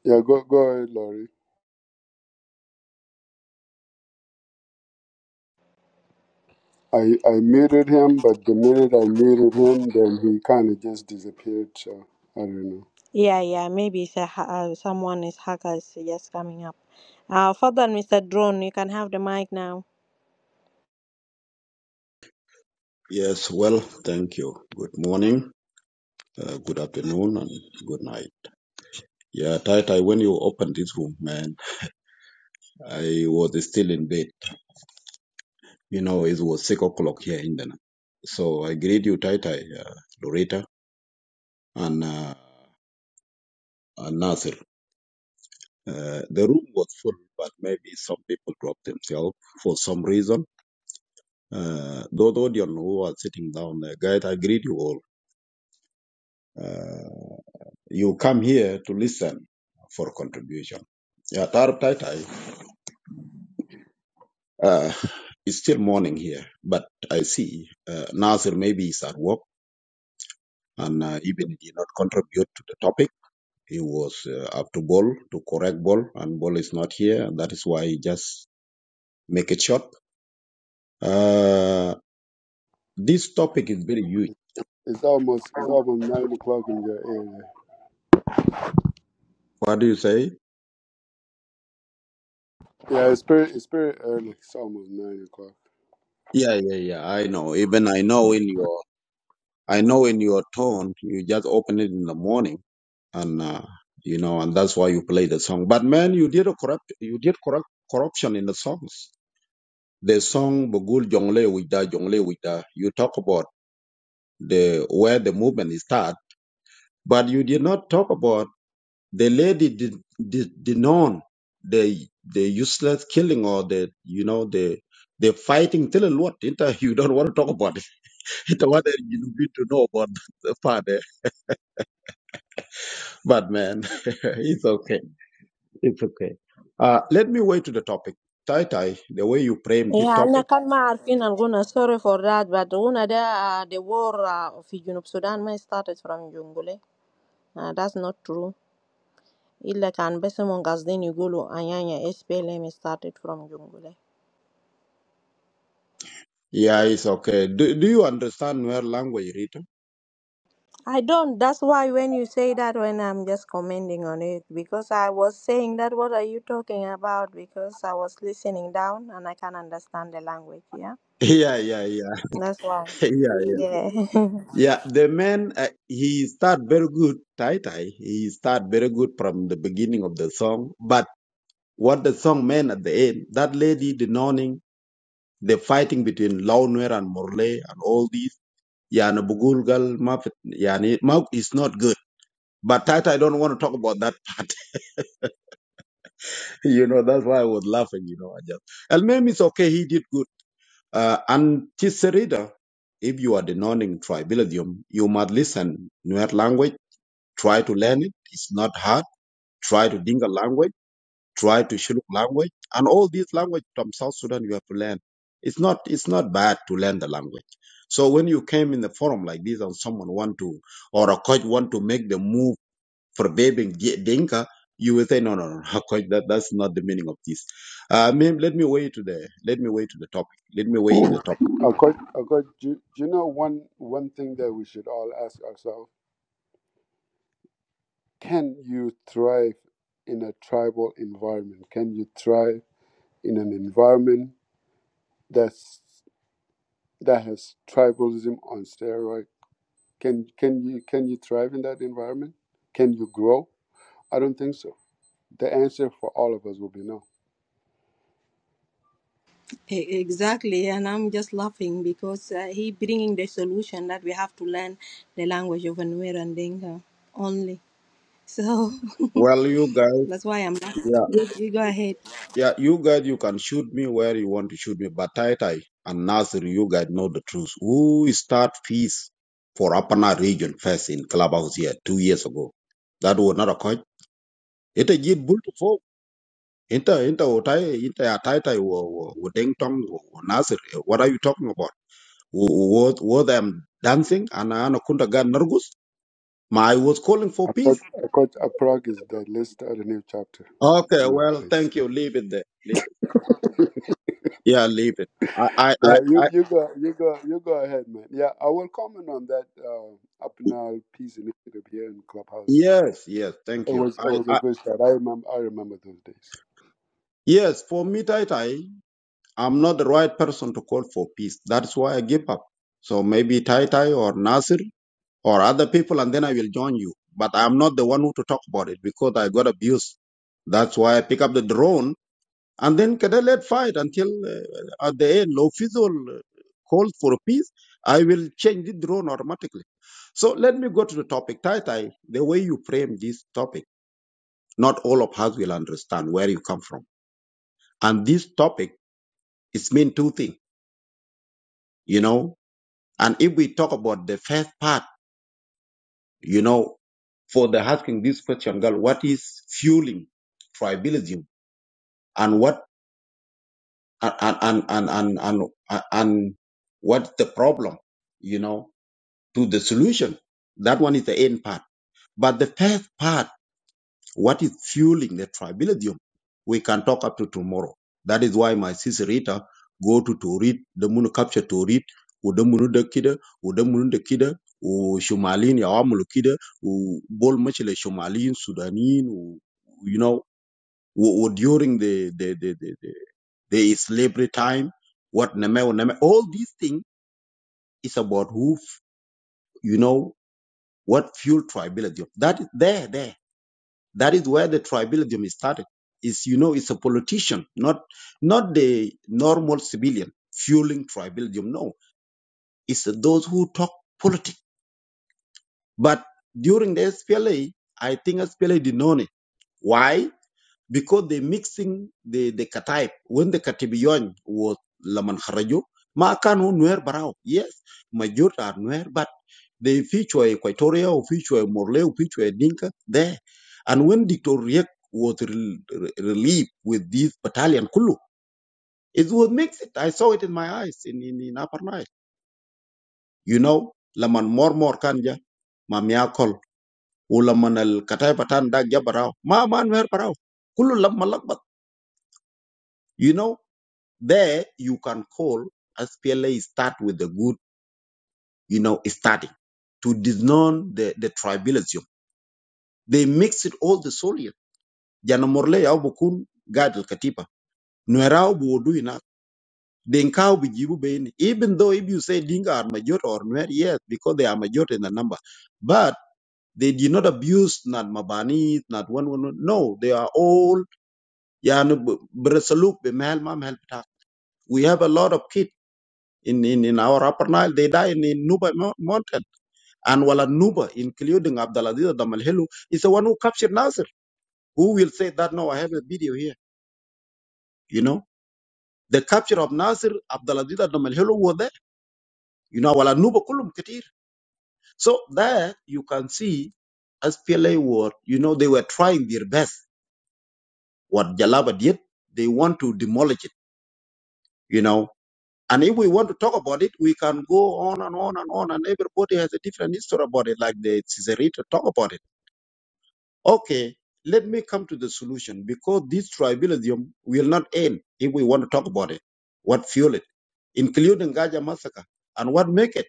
Yeah, go go ahead, Lorit. I, I muted him, but the minute I muted him, then he kind of just disappeared. So I don't know. Yeah, yeah, maybe it's a, ha- uh, someone is hacker is just coming up. Uh, Fadal, Mr. Drone, you can have the mic now. Yes, well, thank you. Good morning, uh, good afternoon, and good night. Yeah, Tai Tai, when you opened this room, man, I was still in bed. You know, it was six o'clock here in the night. So I greet you, Tai Tai, uh, Loretta, and, uh, and Nasir. Uh, the room was full, but maybe some people dropped themselves for some reason. Uh, those audience who are sitting down there, guys, I greet you all. Uh, You come here to listen for contribution. Yeah, Tarab Taitai uh, is still morning here, but I see uh, Nasir maybe is at work and uh, even he did not contribute to the topic. He was uh, up to Ball to correct Ball, and Ball is not here. and That is why he just make it short. Uh, this topic is very huge. It's almost it's almost nine o'clock in your area. What do you say? Yeah, it's pretty it's pretty early. It's almost nine o'clock. Yeah, yeah, yeah. I know. Even I know in your, I know in your tone, you just open it in the morning. and uh, you know, and that's why you play the song. But man, you did a corrupt, you did corrupt corruption in the songs. The song "Bugul Jongle Wida Jongle Wida," you talk about the where the movement is start, but you did not talk about the lady did did, did the the useless killing or the you know the the fighting till what inter you don't want to talk about it. It's what you need to know about the father. But man, it's okay. It's okay. Uh, let me wait to the topic. Tai Tai, the way you frame the Yeah, أنا topic. كان ما عارفين الغنى sorry for that but غنى ده uh, the war uh, في جنوب السودان ما started from جنجولي uh, that's not true Illa can Besemon Gazdini Gulu Anyanya SPLM started from Jungule. Yeah, it's okay. Do, do you understand where language written? I don't. That's why when you say that, when I'm just commenting on it, because I was saying that, what are you talking about? Because I was listening down and I can understand the language, yeah? Yeah, yeah, yeah, That's why. yeah, yeah. Yeah. Yeah, the man, uh, he start very good, Tai Tai. He start very good from the beginning of the song. But what the song meant at the end, that lady, the noning, the fighting between Launer and Morley and all these, yeah, and Bugulgal, Mafet, yeah, and it- ma- it's not good. But Tai Tai don't want to talk about that part. you know, that's why I was laughing, you know. I just, Al-Mem is okay, he did good. Uh, and Tisserida, if you are denoting tribalism, you must listen Nuer language, try to learn it. It's not hard. Try to Dinka language, try to Shiluk language, and all these language from South Sudan you have to learn. It's not, it's not bad to learn the language. So when you came in the forum like this and someone want to, or a coach want to make the move forbidding Dinka, you will say, no, no, no, Hakoy, that, that's not the meaning of this. Uh, ma'am, let me wait to the, let me wait to the topic. Let me wait in the topic. Akot, Akot, do, do you know one one thing that we should all ask ourselves? Can you thrive in a tribal environment? Can you thrive in an environment that's that has tribalism on steroids? Can can you can you thrive in that environment? Can you grow? I don't think so. The answer for all of us will be no. E- Exactly, and I'm just laughing because uh, he bringing the solution that we have to learn the language of Nuer and Dinka only. So Well, you guys, that's why I'm laughing. yeah, You go ahead. yeah, you guys, you can shoot me where you want to shoot me, but Tai Tai and Nasir, you guys know the truth. Who start peace for Apana region first in Clubhouse here two years ago? That was not a coin. It a jit bull to folk. Inter, inter, inter, inter, Tai Tai, Deng Tong, Nasir, what are you talking about? was was I'm dancing and I kunta gan nervous. My I was calling for I thought peace. I thought a Prague is the Let's start a new chapter. Okay, Come on, well, please. thank you. Leave it there. Leave it. Yeah, leave it. I, I, I, Now you, I you go you go you go ahead, man. Yeah, I will comment on that uh, Apnal Peace Initiative here in Clubhouse. yes, yes. Thank It you. was I, it was a I good start. I remember I remember those days. yes. For me, Tai Tai, I'm not the right person to call for peace. That's why I give up. So maybe Tai Tai or Nasir or other people, and then I will join you. But I'm not the one who to talk about it because I got abused. That's why I pick up the drone And then Kada led fight until uh, at the end, Lofizol called for peace. I will change the drone automatically. So let me go to the topic. Tai Tai, the way you frame this topic, not all of us will understand where you come from. And this topic is mean two things, you know. And if we talk about the first part, you know, for the asking this question, girl, what is fueling tribalism and what and and and and and, and, and what the problem, you know? to the solution. That one is the end part. But the first part, what is fueling the tribalism, we can talk up to tomorrow. That is why my sister Rita go to to read the moon capture to read udamunu da kida udamunu da kida o shumalin ya amulu kida o bol machile shumalin sudanin o you know o, o during the the, the the the the slavery time what name name all these things is about who you know What fueled tribalism? That is there, there. That is where the tribalism is started. Is you know, it's a politician, not not the normal civilian fueling tribalism. No, it's those who talk politics. But during the SPLA, I think SPLA did not know it. Why? Because they mixing the the Kataib. When the Katibiyon was Laman Harajo, maakanu Nuer Barao. Yes, majority are Nuer, but. They feature Equatoria, or feature Morley, or feature Dinka there. And when Dr. Riek was re- re- relieved with this battalion, Kulu, it was makes it. I saw it in my eyes in, in, in Upper Nile. You know, Laman Mormor Kanja, Mamiakol, Ulaman Al Katai Patan Dag Jabarao, Ma Man Mer Parao, Kulu Lam Malakbat. You know, there you can call SPLA start with the good, you know, starting to disown the, the tribalism. They mix it all the soil. jana morle yao bukun guide Katipa. katiba nuerao buodu ina denkao bijibu baini even though if you say dinga are majority or nuer yes because they are majority in the number but they did not abuse not mabani not one one one. no they are all yani b- bresaluk be mel ma mel bita. we have a lot of kids in, in, in our upper Nile, they die in, in Nuba Mo- mountain. And Wala Nuba, including Abdulaziz Damalhelu, is the one who captured Nasir. Who will say that? No, I have a video here. You know? The capture of Nasir, Abdulaziz and Nomalhelo were there. You know, wala Nuba kulum katir. So there you can see SPLA were, you know, they were trying their best. What Jalaba did, they want to demolish it, you know. And if we want to talk about it, we can go on and on and on, and everybody has a different history about it, like the Caesarita talk about it. Okay, let me come to the solution because this tribalism will not end if we want to talk about it. What fuel it, including Gaja massacre, and what make it?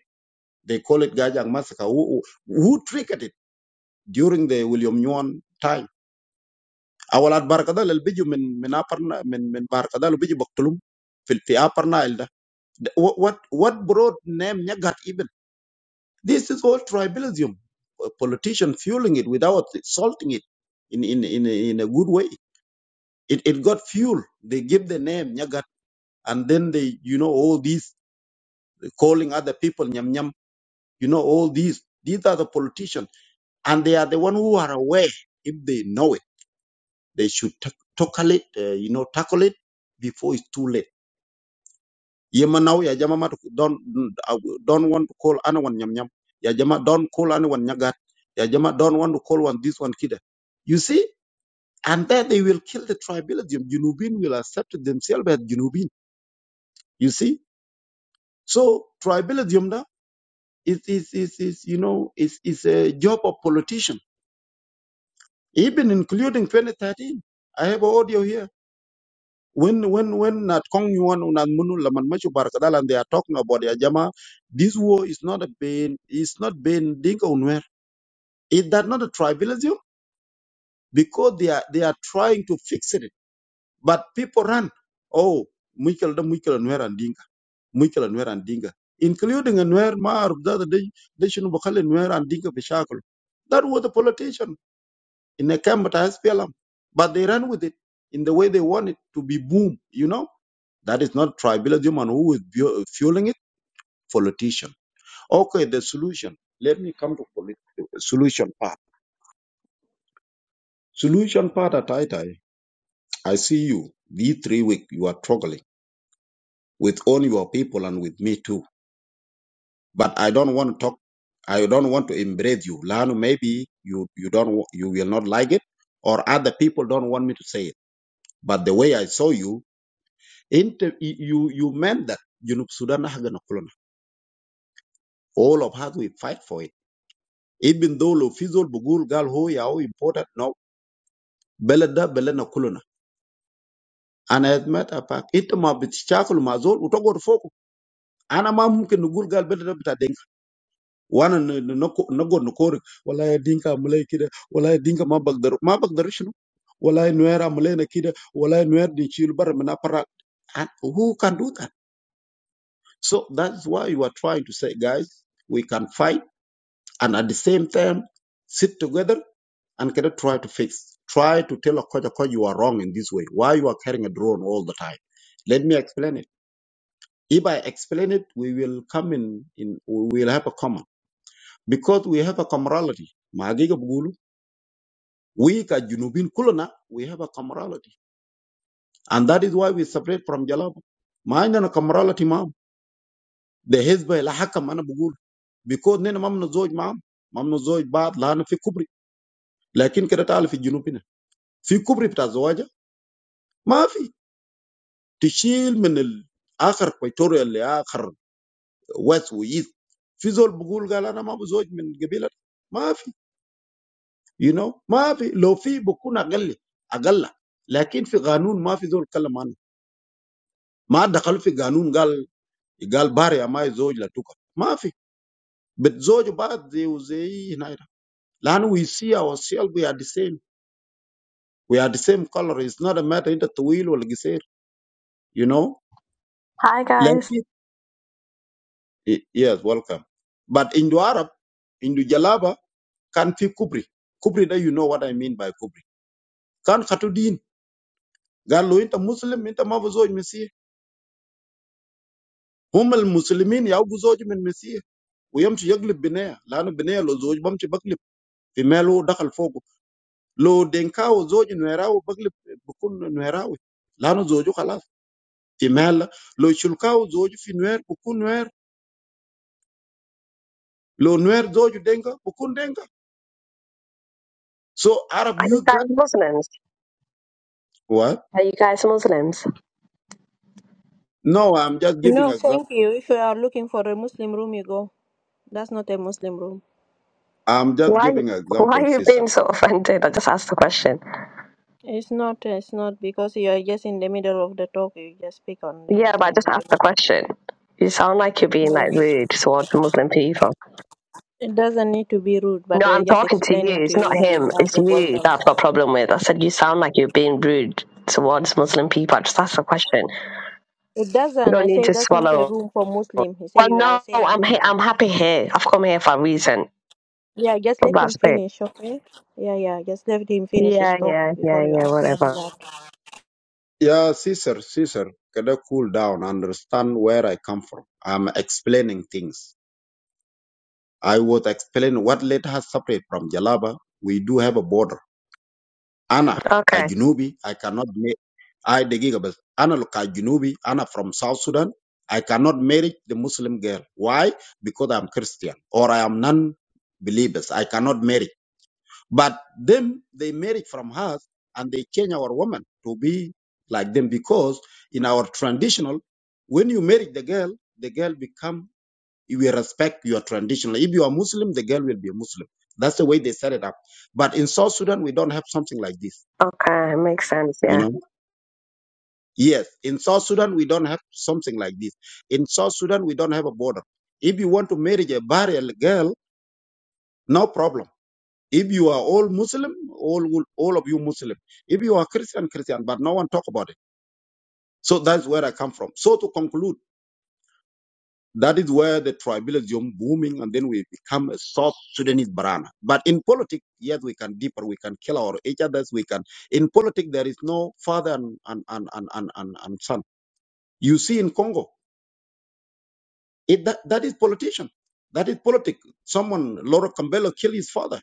They call it Gajang massacre. Who, who who triggered it during the William Nyon time? أولاد باركدال اللي بيجوا من من أبرنا من من باركدال وبيجوا بقتلهم في في upper Nile What what what brought name Nyagat even? This is all tribalism. A politician fueling it without salting it in in in a, in a good way. It it got fuel. They give the name Nyagat and then they you know all these calling other people Nyam Nyam. You know all these. These are the politicians and they are the one who are aware if they know it they should ta- tackle it uh, you know tackle it before it's too late yema now ya jama matu don't I don't want to call anyone nyam nyam ya jama don't call anyone nyagat ya jama don't want to call one this one kida you see and then they will kill the tribalism junubin will accept themselves as junubin you see so tribalism now is is is, is you know is is a job of politician even including 2013 i have audio here When when when at Kong Yuan Unan Munu Laman Machu Barkadal and they are talking about ya Jama, this war is not a been it's not been ding unwer. Is that not a tribalism? Because they are they are trying to fix it. But people run. Oh, Mikel the Mikel and Wer and Dinka. Mikel and Wer and Dinka. Including and Wer Mar the day they shouldn't and Wer and Dinka Bishakul. That was the politician in a camp at SPLM. But they ran with it in the way they want it to be boom, you know? That is not tribalism, and who is fueling it? Politician. Okay, the solution. Let me come to polit- solution part. Solution part at Taitai. I see you. These three weeks you are struggling with all your people and with me too. But I don't want to talk. I don't want to embrace you. Lano, maybe you you don't wa- you will not like it, or other people don't want me to say it. But the way I saw you, inter- you you meant that. You know, Sudan, Haganah, Kulona. all of us we fight for it Even though the physical struggle is now important, now balance, balance, and colour. I admit that. In terms of the challenges we are facing, I am not sure that we can balance the different ones. One is the need for the government to provide the necessary support. Who can do that? So that is why we are trying to say, guys, we can fight and at the same time sit together. and cannot try to fix. Try to tell Okoja, Okoja, you are wrong in this way. Why you are carrying a drone all the time? Let me explain it. If I explain it, we will come in, in we will have a common. Because we have a camaraderie. Magiga Bugulu, we ka Junubin Kulana, we have a camaraderie. And that is why we separate from Jalaba. Mindana camaraderie, ma'am. The Hezbollah, Lahaka, Mana Bugulu. because nina mamna zoj mam mamna zoj baad laana fi kubri lakin kada taala fi junubina fi kubri bita zowaja To kill from the last picture, the last wife and his. In that, I say, I am not married to the people. No, no. If there is no one, I am not. But in the law, there is no such word. When he enters the law, he says, "He is a man." But the husband is not the same. And we see ourselves. We are the same. We are the same color. It is not a matter that we are different. You know, Hi but guys. yes, welcome. But in the Arab, in the Jalaba. Can fee Kubri, Kubri. Now you know what I mean by Kubri. Can Katudin. Gal lo into Muslim into Mavuzoj Mesiye. Hume al Muslimin yau guzoj Mesiye. Oyam chiyaglib binaya. Lano binaya lozoj Bam chiyaglib fi Melo dhal Fogo. Lo Dengka lozoj Nuera loyaglib Bukun Nuera lo. Lano zoju khalas fi Mel. Lo ichulka lozoj fi Nuera Bukun Nuera. Lo Nuera zoju Dengka Bukun Dengka. So Arab Are you youth that guys Muslims? what? Are you guys Muslims? No, I'm just giving No, example. thank you. If you are looking for a Muslim room, you go. That's not a Muslim room. I'm just Why giving why example, are you sir. being so offended? I just asked the question. It's not. It's not because you are just in the middle of the talk. You just pick on the Yeah, but I Muslim. just I asked the don't- question. You sound like you're being like Yeah. rude towards Muslim people. It doesn't need to be rude, No, but uh, I'm just talking to you. explaining to It's you not what is him. as It's the you question. that I've got a problem with. I said you sound like you're being rude towards Muslim people. I just asked the question. It You doesn't. don't I need say to that's not a swallow. room for Muslim. He say Well, you are no, saying a I'm he- I'm Muslim. happy here. I've come here for a reason. Yeah, just So let him that's it. finish, okay? Yeah, yeah. Just let him finish his Yeah, talk yeah, yeah, before you yeah. ask Whatever. him. Yeah, Caesar, Caesar, can I cool down, understand where I come from. I'm explaining things. I was explaining what let us separate from Jalaba. We do have a border. Anna, Okay, Kajunubi, I cannot make, I, the gigabus, Anna Kajunubi, Anna from South Sudan, I cannot marry the Muslim girl. Why? Because I'm Christian or I am non-believers. I cannot marry. But them, they married from us and they change our woman to be like them because in our traditional, when you marry the girl, the girl become, you will respect your traditional. If you are Muslim, the girl will be a Muslim. That's the way they set it up. But in South Sudan, we don't have something like this. okay, makes sense. Yeah. You know, yes, in South Sudan, we don't have something like this. In South Sudan, we don't have a border. If you want to marry a barrier girl, no problem If you are all Muslim, all will- all of you Muslim. If you are Christian, Christian, but no one talk about it. So that's where I come from. So to conclude, that is where the tribalism booming, and then we become a South Sudanese banana. But in politics, yes, we can deeper, we can kill our each others, we can. In politics, there is no father and and and and and, and, and son. You see in Congo, it that, that is politician. That is politics. Someone, Laura Kambelo, killed his father.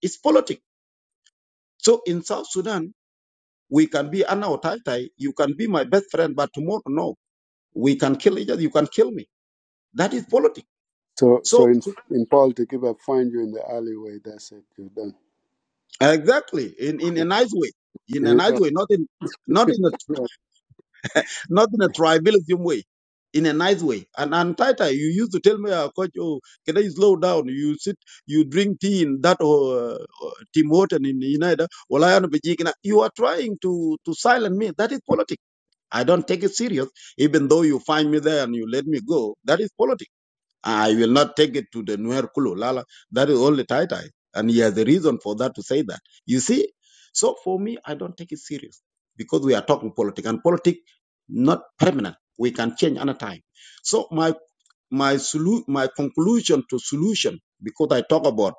It's politics. So in South Sudan, We can be Anao Tai Tai. You can be my best friend, but tomorrow, no. We can kill each other. You can kill me. That is politics. So so So, in so- in politics, if I find you in the alleyway, that's it. You're done. exactly, in, in a nice way, in a Yeah. nice way, Yeah. not in not in a not in a tribalism way, in a nice way. And and Tai Tai, you used to tell me, uh, Coach, oh, can I slow down? You sit, you drink tea in that uh, uh, Tim Horton in the United. Well, I am a Bajik. Now, You are trying to to silence me. That is politics. I don't take it serious even though you find me there and you let me go, that is politics. I will not take it to the Nuer Kulu. Lala. That is only Tai Tai. And he has a reason for that to say that. You see? So for me, I don't take it serious because we are talking politics and politics not permanent. We can change another time. So my my solu- my conclusion to solution, because I talk about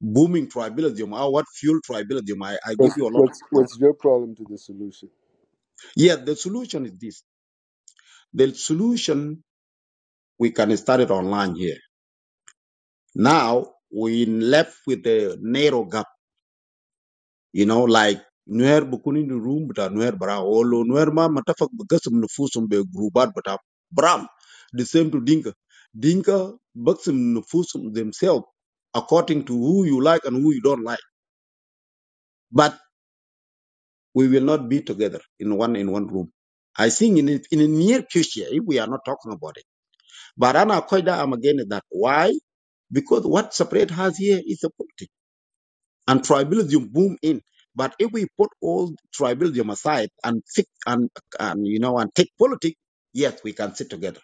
booming tribalism, or what fuel tribalism, I, I give What's, you a lot of what's them. what's your problem to the solution? Yeah, the solution is this. The solution we can start it online here. Now we left with the narrow government you know like nuer bukuni the room bita nuer bara olo nuer ma matafak bagasum nufusum be grubat bita bram the same to dinka dinka bagasum nufusum themselves according to who you like and who you don't like but we will not be together in one in one room I think in a, in a near future, if we are not talking about it. But Anna Koida, I'm against that. Why? Because what separate us here is the politics. and tribalism boom in. But if we put all tribalism aside and fix and, and you know and take politics, yes, we can sit together.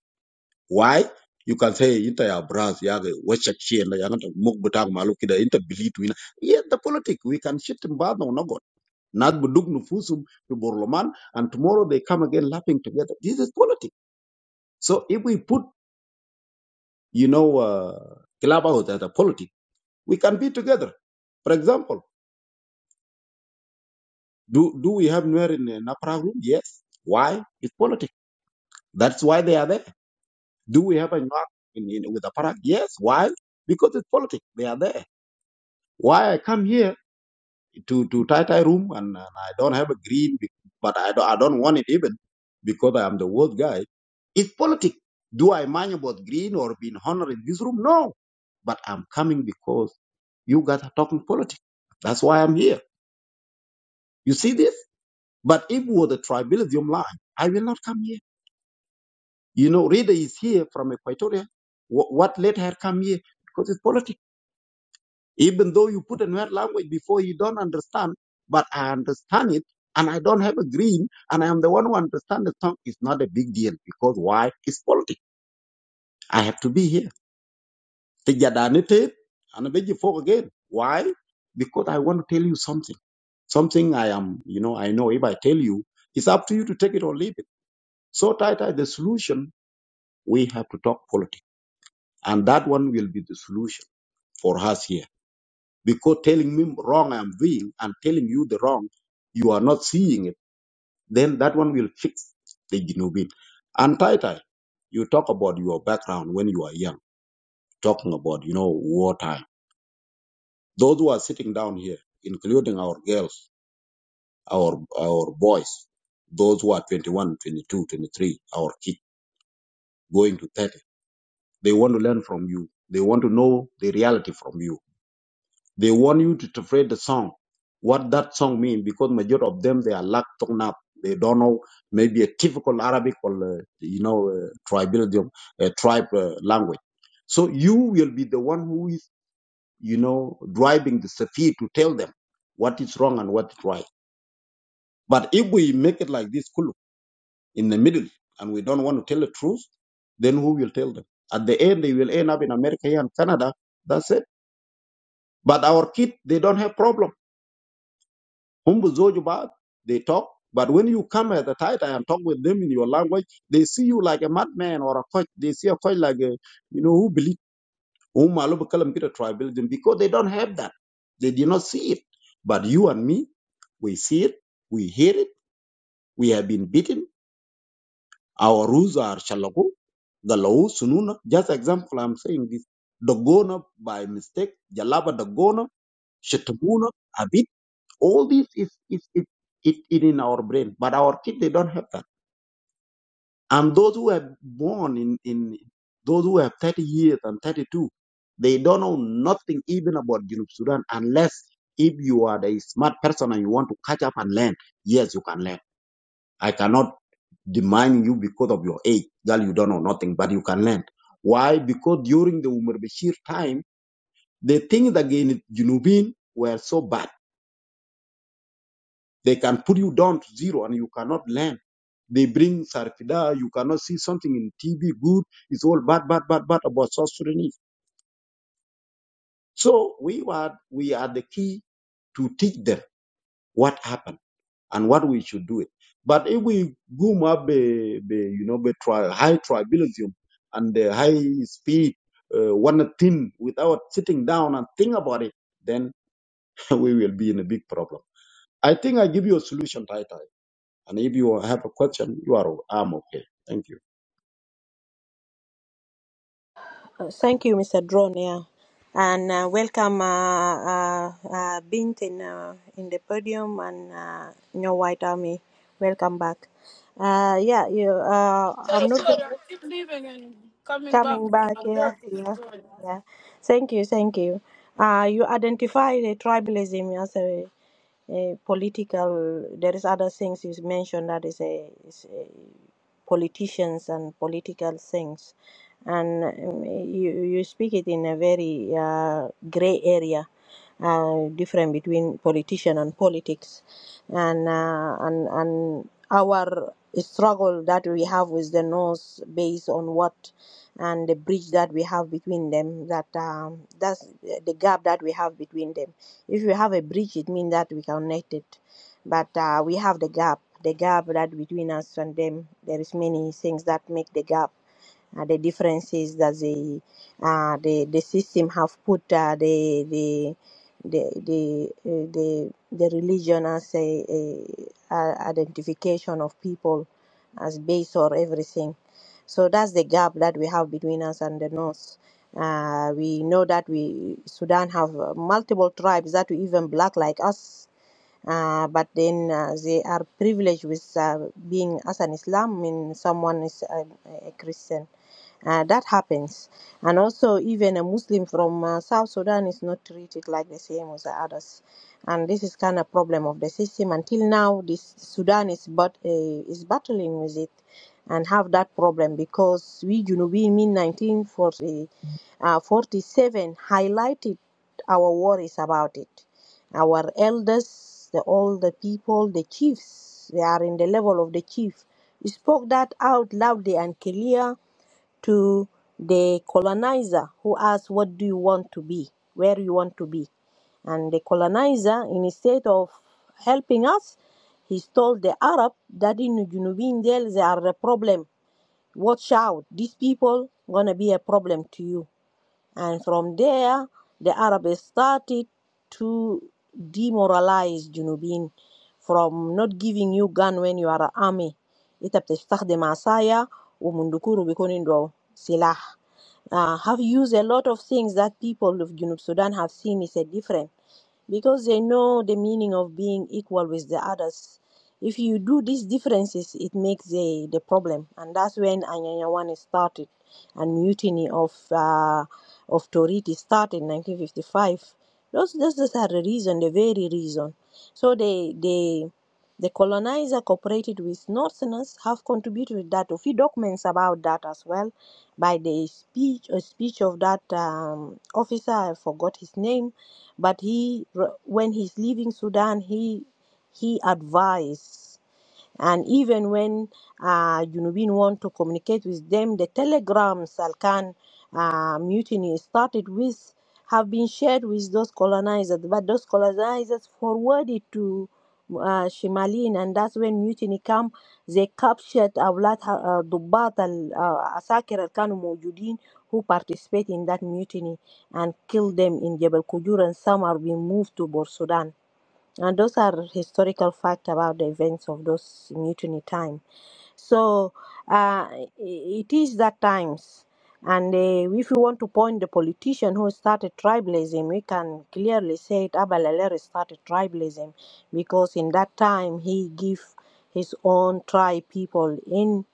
Why? You can say inter ya bras ya wachak shi la ya ngata muk butak malu kida inter bilit wina. Yes, the politics we can shit in bad no no god. Not buduk nufusum to Borloman and tomorrow they come again laughing together. This is politics. So if we put you know uh, clubhouse as a politics, we can be together. For example. Do do we have Nuer in uh, Napra room? Yes. Why? It's politics. That's why they are there. Do we have a Nuer in, in with Aparak? Yes. Why? Because it's politics. They are there. Why I come here to to Tai Tai room and, and I don't have a green, be- but I don't I don't want it even because I am the worst guy. It's politics. Do I mind about green or being honored in this room? No. But I'm coming because you guys are talking politics. That's why I'm here. You see this? But if it was a tribalism line, I will not come here. You know, Rita is here from Equatoria. Wh- what let her come here? Because it's politics. Even though you put another language before you don't understand, but I understand it and I don't have a green and I am the one who understands the tongue. It's not a big deal because why? It's politics. I have to be here. The and I beg you for again. Why? Because I want to tell you something. Something I am, you know, I know if I tell you, it's up to you to take it or leave it. So, Tata, the solution, we have to talk politics. And that one will be the solution for us here. Because telling me wrong I'm doing and telling you the wrong, you are not seeing it, then that one will fix the Ginubin. And Tai Tai, you talk about your background when you are young, talking about, you know, wartime. Those who are sitting down here, including our girls, our our boys, those who are 21, 22, 23, our kids going to 30, they want to learn from you. They want to know the reality from you They want you to interpret the song, what that song mean, because majority of them, they are lack torn up. They don't know maybe a typical Arabic or, uh, you know, uh, tribalism, uh, tribe uh, language. So you will be the one who is, you know, driving the Safi to tell them what is wrong and what is right. But if we make it like this, Kulu, in the middle, and we don't want to tell the truth, then who will tell them? At the end, they will end up in America and Canada. That's it. But our kids, they don't have problem Hum buzoju ba, they talk. But when you come at the title and talk with them in your language, they see you like a madman or a coach. They see a coach like a, you know, who believe, whom Allah Bakalam Peter tribalism, because they don't have that. They did not see it. But you and me, we see it, we hear it, we have been beaten. Our rules are shalaku, the law, sununa. Just example, I'm saying this. Dogona by mistake, jalaba dogona, gona, shetamuna, Abid. All this is, is it, it, it in our brain, but our kids, they don't have that. And those who are born in, in those who have 30 years and 32, they don't know nothing even about Junub Sudan unless if you are the smart person and you want to catch up and learn. Yes, you can learn. I cannot demand you because of your age. Girl, you don't know nothing, but you can learn. Why? Because during the Umar Bashir time, the things against Junubin were so bad. They can put you down to zero and you cannot learn They bring Sarfida. You cannot see something in TV good. It's all bad, bad, bad, bad about South Sudanese. So we are, we are the key to teach them what happened and what we should do it. But if we boom up the, the you know, the tri- high tribalism and the high speed, uh, one thing without sitting down and think about it, then we will be in a big problem. I think I give you a solution, Tai Tai. And if you have a question, you are, I'm okay. Thank you. Uh, Thank you, Mr. Drone, yeah. And uh, welcome uh, uh, uh, Bint in, uh, in the podium and uh, your White Army. Welcome back. Uh, yeah, you, uh, so I'm not gonna sorry i keep leaving and coming back coming back. Yeah, yeah, yeah. Thank you, thank you. Uh, you identify the tribalism, yes, a political there is other things you mentioned that is a, is a politicians and political things and um, you, you speak it in a very uh, gray area uh, different between politician and politics and uh, and and our struggle that we have with the north based on what and the bridge that we have between them that um, that's the gap that we have between them if we have a bridge, it means that we connected, but uh, we have the gap. The gap that between us and them, there is many things that make the gap uh, the differences that the uh, the the system have put uh, the the the the uh, the the religion as a, a, a identification of people as base or everything. So that's the gap that we have between us and the North. Uh, we know that we Sudan have uh, multiple tribes that we even black like us uh, but then uh, they are privileged with uh, being as an Islam when someone is a, a Christian. Uh, that happens. And also, even a Muslim from uh, South Sudan is not treated like the same as the others. And this is kind of problem of the system. Until now, this Sudan is but uh, is battling with it and have that problem because we, you know, we in 1947 highlighted our worries about it our elders, the older people, the chiefs, they are in the level of the chief, spoke that out loudly and clear to the colonizer who asked, What do you want to be? Where you want to be? And the colonizer, instead of helping us, he told the Arab that in Junubin there they are a problem. Watch out, these people gonna be a problem to you. And from there, the Arabs started to demoralize Junubin from not giving you gun when you are an army. أنت بتستخدم عصاية ومندكور بيكون عنده سلاح. Uh, have used a lot of things that people of Junub Sudan have seen is a different because they know the meaning of being equal with the others. If you do these differences, it makes the, the problem, and that's when Anyanya One started and mutiny of uh, of Toriti started in 1955. Those, those are the reason, the very reason. So they they the colonizer cooperated with Northerners have contributed that. A few documents about that as well, by the speech a speech of that um, officer. I forgot his name, but he when he's leaving Sudan, he he advised and even when uh, Junubin want to communicate with them, the telegrams Salkan uh, mutiny started with have been shared with those colonizers, but those colonizers forwarded to uh, Shimalin, and that's when mutiny come. They captured أولاد uh, ضباط ال- uh, عساكر اللي كانوا موجودين who participate in that mutiny and killed them in Jebel Kujur and some are being moved to Bor Sudan. And those are historical facts about the events of those mutiny time. So uh, it is that times. And uh, if you want to point the politician who started tribalism, we can clearly say it, Abalalere started tribalism because in that time he gave his own tribe people in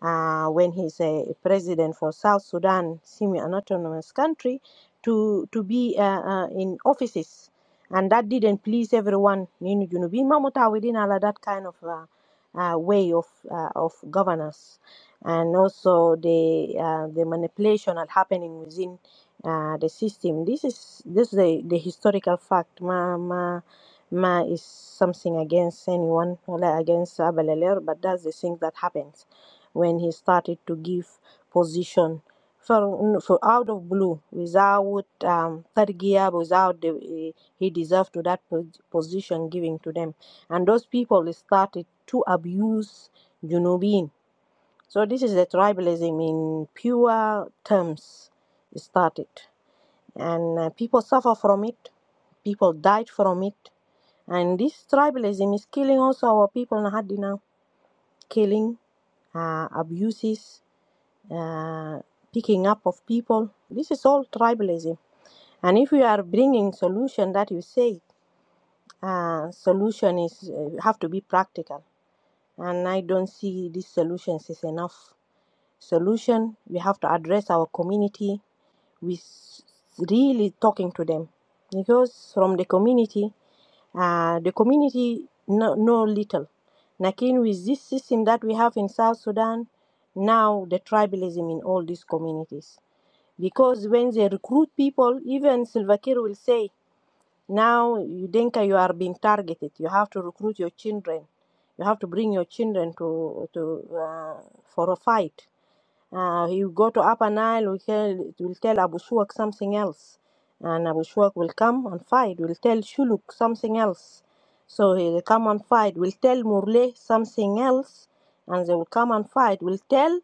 uh, when he's a president for South Sudan, semi-autonomous country, to to be uh, uh, in offices, and that didn't please everyone. You Junubi, you know, being Mamutawi that kind of. uh, uh, way of uh, of governance, and also the uh, the manipulation are happening within uh, the system. This is this is the, the historical fact. Ma ma ma is something against anyone or like against Abelaler, but that's the thing that happens when he started to give position for, for out of blue without um, third gear without the, he deserved to that pos- position giving to them and those people started to abuse Junubin. So this is the tribalism in pure terms started, and uh, people suffer from it. People died from it, and this tribalism is killing also our people in Hadi now, killing, uh, abuses, uh, picking up of people. This is all tribalism. And if we are bringing solution that you say, uh, solution is uh, have to be practical and I don't see these solutions is enough. Solution we have to address our community with really talking to them because from the community, uh, the community know, know little. Lakin with this system that we have in South Sudan, now the tribalism in all these communities. Because when they recruit people, even Silva Kiir will say now you think you are being targeted. You have to recruit your children. You have to bring your children to to uh, for a fight. Uh, you go to Upper Nile, we tell, will tell Abu Shuak something else. And Abu Shuak will come and fight. We'll tell Shuluk something else. So he'll come and fight. We'll tell Murle something else. And they will come and fight. We'll tell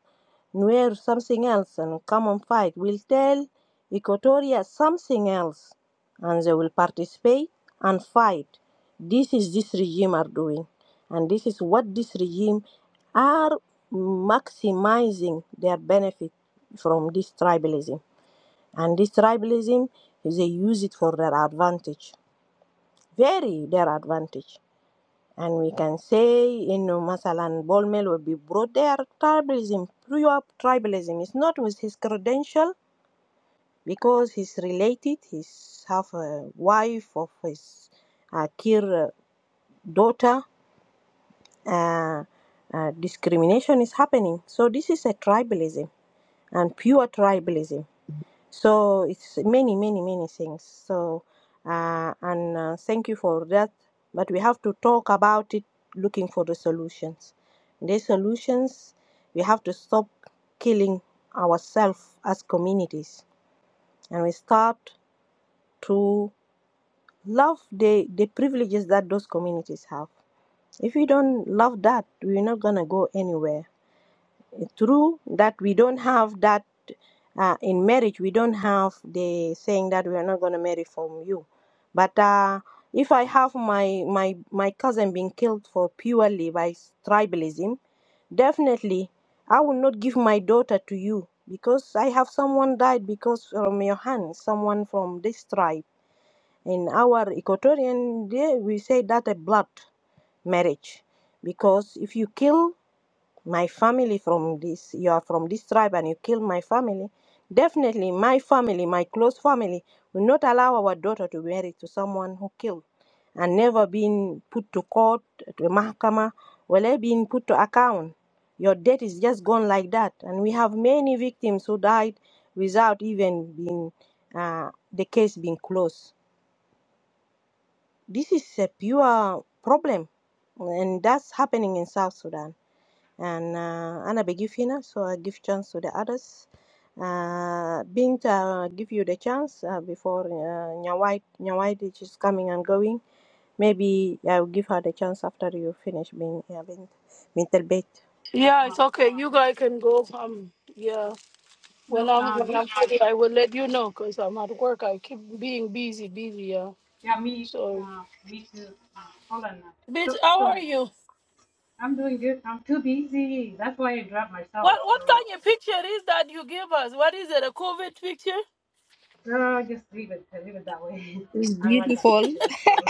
Nuer something else and come and fight. We'll tell Equatoria something else. And they will participate and fight. This is this regime are doing, and this is what this regime are maximizing their benefit from this tribalism. And this tribalism, they use it for their advantage, very their advantage. And we can say, you know, Masalan Bolmel will be brought there. Tribalism, pure tribalism. It's not with his credential because he's related. He's half a wife of his uh, Kir daughter uh, uh, discrimination is happening. So this is a tribalism and pure tribalism. So it's many, many, many things. So uh, and uh, thank you for that. But we have to talk about it, looking for the solutions. The solutions we have to stop killing ourselves as communities, and we start to love the the privileges that those communities have. If we don't love that, we're not gonna go anywhere True that we don't have that uh, in marriage. We don't have the saying that we are not going to marry from you. But uh, if I have my my my cousin being killed for purely by tribalism, definitely I will not give my daughter to you because I have someone died because from your hand, someone from this tribe. In our Equatorian, day, we say that a blood marriage because if you kill my family from this you are from this tribe and you kill my family definitely my family my close family will not allow our daughter to be married to someone who killed and never been put to court to mahkama well been put to account your death is just gone like that and we have many victims who died without even being uh, the case being closed this is a pure problem and that's happening in south sudan and uh, أنا بجيب هنا so I give chance to the others uh, بنت uh, give you the chance uh, before uh, Nyawai Nyawai which is just coming and going maybe I'll give her the chance after you finish being yeah, بنت بنت البيت yeah Uh, it's okay you guys can go um yeah When no, I'm uh, when give, I'm ready, I will let you know because I'm at work. I keep being busy, busy. Yeah. yeah, me, So, uh, me too. Uh, hold on now. bitch, So, how are sorry. you? I'm doing good. I'm too busy. That's why I dropped myself. What what So, kind of picture is that you give us? What is it? A COVID picture? uh, just leave it, leave it that way. It's I like that beautiful. picture. So,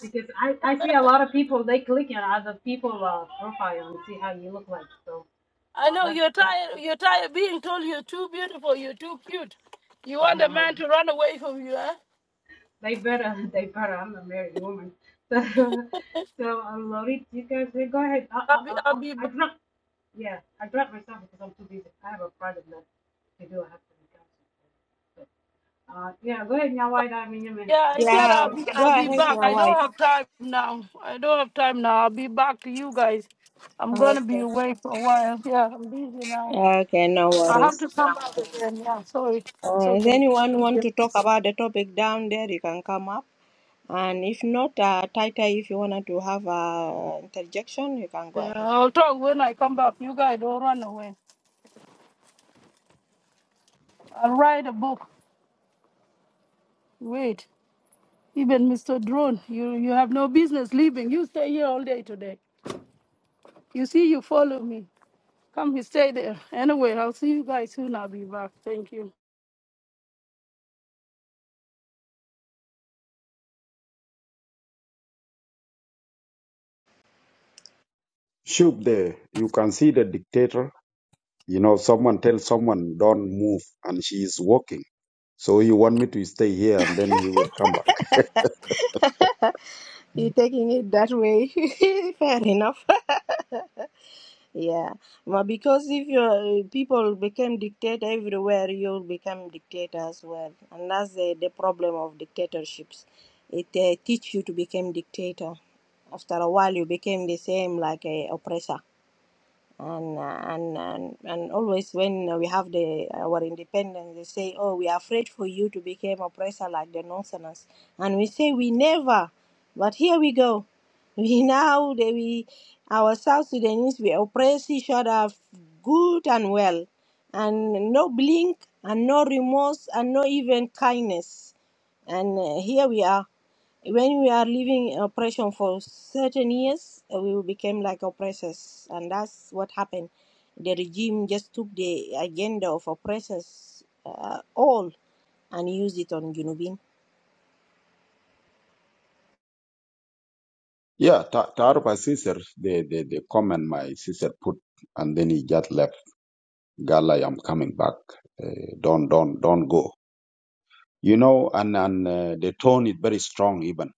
because I, I see a lot of people, they click on other people uh, profile and see how you look like. So, I uh, know that's, you're that's, tired. You're tired being told you're too beautiful. You're too cute. You want a man to run away from you, eh? They better, they better. I'm a married woman, so so I'm You guys say, go ahead. I I I'll be, I I'll I'll- be. I ba- drop. Yeah, I dropped myself because I'm too busy. I have a project that to do. I have to be counseling. So, uh, yeah, go ahead now. Why I mean, Yeah, the I floor said is I'll yeah yours. be, I go I'll be can ahead back. I Nyawai don't have time now. I don't have time now. I'll be back to you guys. I'm gonna be okay away for a while. Yeah, I'm busy now. okay no I have worries to come back again. Yeah, sorry. It's uh, if okay. anyone Thank want you. to talk about the topic down there you can come up and if not uh, Taita if you wanted to have an interjection you can go Yeah, ahead I'll talk when I come back. You guys don't run away. I'll write a book. Wait, even Mr. Drone, you, you have no business leaving. You stay here all day today. You see, you follow me. Come, you stay there. Anyway, I'll see you guys soon. I'll be back. Thank you. Shoop there, you can see the dictator. You know, someone tells someone, don't move, and she is walking. So you want me to stay here, and then he will come back. You're taking it that way. Fair enough. yeah. Well, because if your uh, people became dictator everywhere, you'll become dictator as well. And that's the, the problem of dictatorships. It uh, teach you to become dictator. After a while, you became the same like a oppressor and uh, and and and always when we have the uh, our independence they say oh we are afraid for you to become oppressor like the northerners and we say we never but here we go we now they we our south sudanese we oppress each other good and well and no blink and no remorse and no even kindness and uh, here we are when we are living in oppression for certain years, uh, we became like oppressors, and that's what happened. The regime just took the agenda of oppressors uh, all and used it on Junubin. Yeah, Ta- Taruba sister, the, the, the comment my sister put, and then he just left. Gala, I'm coming back. Uh, don't, don't, don't go. You know, and, and uh, the tone is very strong even.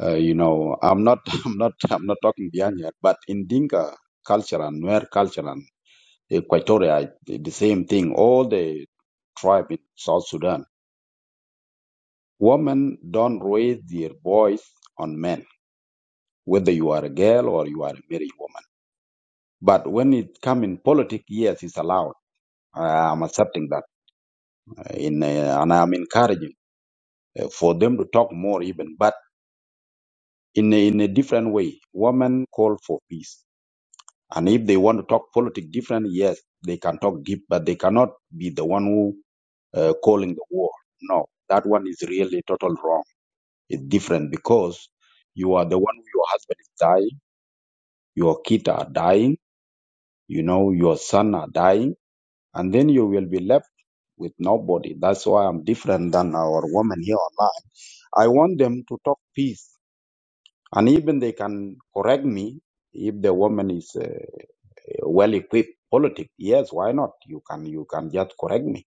Uh, you know, I'm not, I'm not, I'm not talking behind here, but in Dinka culture and Nuer culture and. Equatoria, the same thing. All the tribe in South Sudan, women don't raise their voice on men, whether you are a girl or you are a married woman. But when it come in politics, yes, it's allowed. I- am accepting that, uh, in uh, and I'm encouraging uh, for them to talk more even, but in a, in a different way. Women call for peace, and if they want to talk politics different, yes, they can talk deep, but they cannot be the one who uh, calling the war. No, that one is really total wrong It's different because you are the one your husband is dying, your kids are dying, you know, your son are dying, and then you will be left with nobody. That's why I'm different than our women here online. I want them to talk peace, and even they can correct me if the woman is uh, well equipped. Politics, yes, why not? You can, you can just correct me.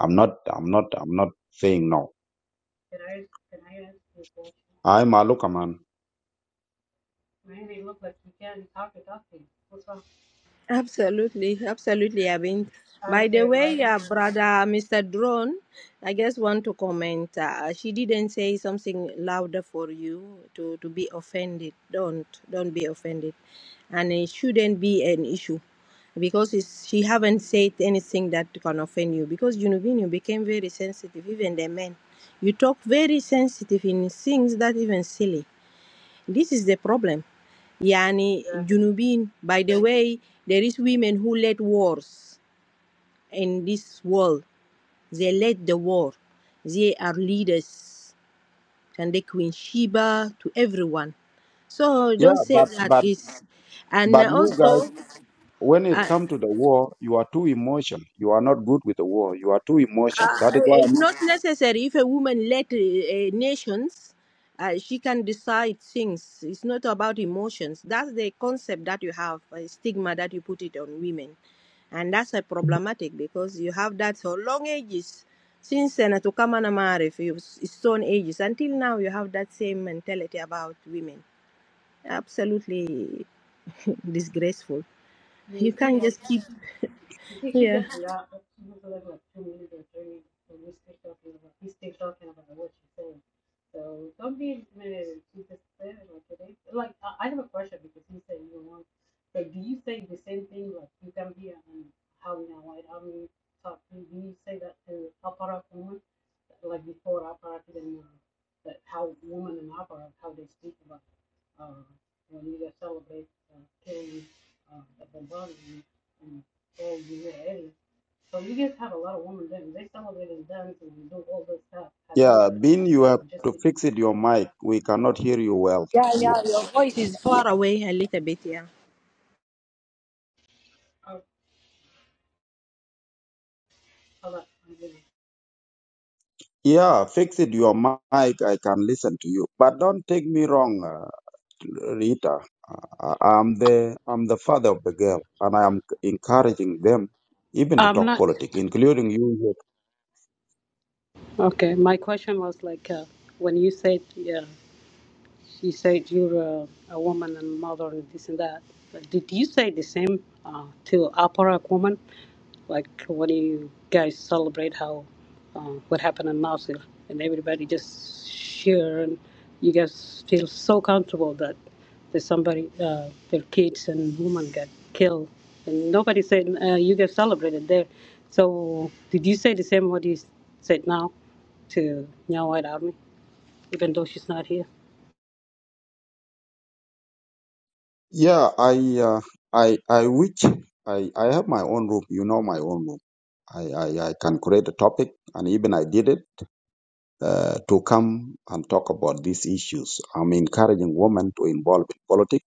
I'm not, I'm not, I'm not saying no. can I can I ask you a question? I'm a looker man. Man, they look like you can't talk to talk to you. What's wrong? Absolutely, absolutely, I mean, By the Okay, right. way, uh, brother Mr. Drone, I just want to comment. Uh, she didn't say something louder for you to, to be offended. Don't don't be offended, and it shouldn't be an issue because it's, she haven't said anything that can offend you because Junubin became very sensitive, even the men. You talk very sensitive in things that even silly. This is the problem Yani Junubin, by the way, there is women who led wars in this world. They led the war. They are leaders. And they Queen Sheba to everyone. So Yeah, don't say but that but is. And but you guys. also, when it uh, comes to the war, you are too emotional. You are not good with the war. You are too emotional. That is why, it's I'm, not necessary if a woman led uh, uh, nations, uh, she can decide things. It's not about emotions. That's the concept that you have, a stigma that you put it on women. And that's a problematic because you have that for long ages. Since Senator Kamana Marif, it stone ages, until now you have that same mentality about women. Absolutely disgraceful. You You see, can't I just she, keep, she you see she yeah. just laughed. She was like like two minutes or three minutes when we still talking about we still talking about what she said. So don't be intimidated. She just said it like today. Like I, I have a question because he said you want like do you say the same thing like you can be an army and white army talk do you say that to opera woman like before opera then uh, that how women in opera how they speak about uh, when you just celebrate uh, killing uh, that been bothering and told you your age. So you guys have a lot of women doing they celebrate and dance and do all this stuff. Have you yeah, ever Bin, asked you or have just to because? fix it your have mic. you- We cannot hear you well. Yeah, yeah, your voice is far away a little bit, yeah. Oh, I'm Yeah, fix it your mic. I can listen to you. But don't take me wrong, uh, Rita. Uh, uh, I'm the I'm the father of the girl, and I am encouraging them even to talk not. politics, including you. Okay, my question was like uh, when you said, yeah, she said you're a, a woman and mother and this and that. But did you say the same uh, to Aparak woman? Like when you guys celebrate how uh, what happened in Mosul, and everybody just cheer, and you guys feel so comfortable that there's somebody, uh, their kids and women got killed, and nobody said uh, you guys celebrated there. So did you say the same what you said now to Nya White Army, even though she's not here? Yeah, I uh, I I wish I I have my own room. You know my own room. I I, I can create a topic, and even I did it uh, to come and talk about these issues. I'm encouraging women to involve in politics,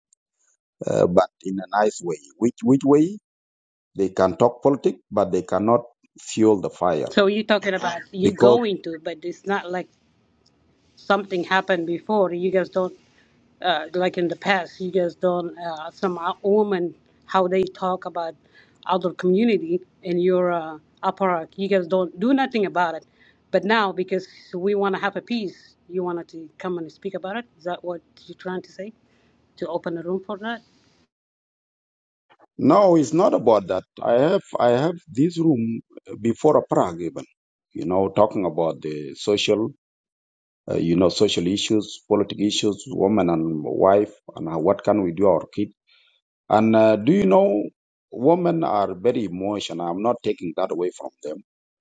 uh, but in a nice way. Which which way they can talk politics, but they cannot fuel the fire You talk because going to, but it's not like something happened before. You guys don't uh, like. in from our women how they talk about other community in your uh, apartheid. You guys don't do nothing about it. But now, because we want to have a peace, you wanted to come and speak about it. Is that what you're trying to say? To open a room for that? no, it's not about that. I have I have this room before a Prague even. You know, talking about the social uh, you know, social issues, political issues, woman and wife, and uh, what can we do our kid. And uh, do you know, women are very emotional. I'm not taking that away from them,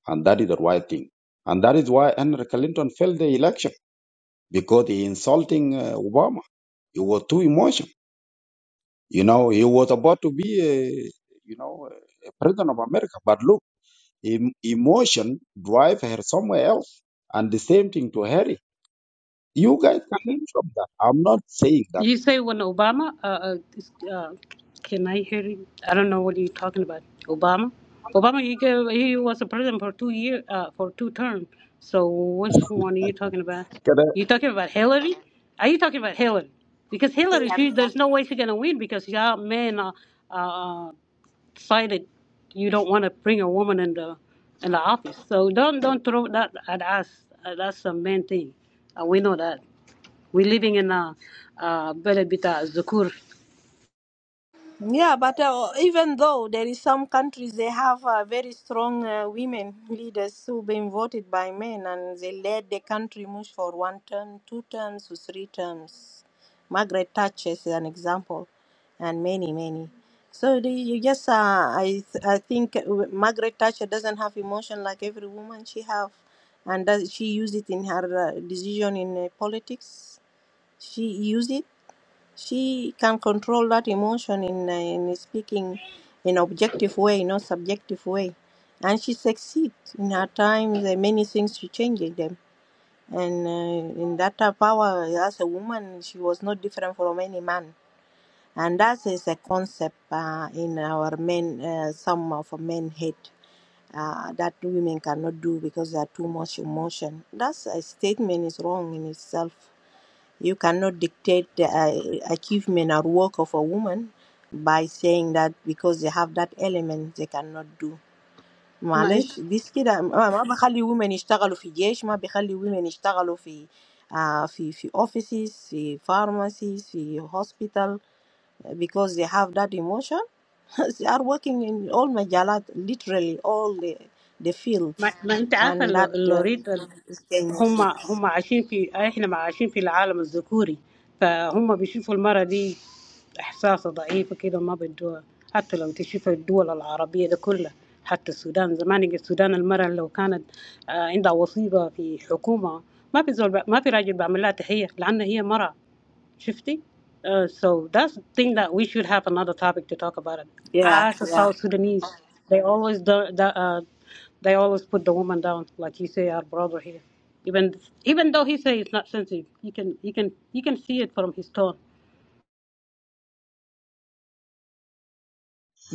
and that is the right thing. And that is why Henry Clinton failed the election because he insulting uh, Obama. He was too emotional. You know, he was about to be a, you know, a president of America. But look, em- emotion drive her somewhere else, and the same thing to Harry. You guys can learn from that. I'm not saying that. You say when Obama? Uh, uh, this- uh, can I hear you? I don't know what you're talking about. Obama? Obama, he gave, he was a president for two year, uh, for two terms. So which one are you talking about? Kada You talking about Hillary? Are you talking about Hillary? Because Hillary, she there's no way she's gonna win because y'all men uh, uh, decided you don't want to bring a woman in the in the office. So don't don't throw that at us. Uh, That's a man thing. Uh, we know that we're living in a uh, بلد بتاع الذكور Yeah, but uh, even though there is some countries they have uh, very strong uh, women leaders who been voted by men and they led the country much for one term, two terms, or three terms. Margaret Thatcher is an example, and many many. So the, you just uh, I th- I think w- Margaret Thatcher doesn't have emotion like every woman she have, and does she use it in her uh, decision in uh, politics? She used it she can control that emotion in, uh, in speaking in objective way, not subjective way. And she succeeds in her times. There are many things she changes them. And uh, in that uh, power, as a woman, she was not different from any man. And that is a concept uh, in our men, uh, some of our men hate uh, that women cannot do because they are too much emotion. That's a statement is wrong in itself. You cannot dictate the uh, achievement or work of a woman by saying that because they have that element they cannot do. ما انت معلش this كده ما ما بخلي women يشتغلوا في جيش ما بخلي women يشتغلوا في آه في في offices في pharmacies في hospital because they have that emotion they are working in all مجالات literally all the, the ما, fields ما انت عارفه and اللو- that uh, اللوريد ال- is هم dangerous. هم عايشين في احنا ما عايشين في العالم الذكوري فهم بيشوفوا المرأة دي احساسها ضعيفة كده ما بدوها حتى لو تشوف الدول العربية ده كلها حتى السودان زمان يجي السودان المرأة لو كانت آه، عندها وصيبة في حكومة ما في زول ما في راجل بيعمل لها تحية لأن هي مرأة Shifty. Uh, so that's the thing that we should have another topic to talk about it. yeah As a yeah South Sudanese, they always do, the, uh, they always put the woman down, like you say, our brother here. Even even though he say it's not sensitive, you can you can you can see it from his tone.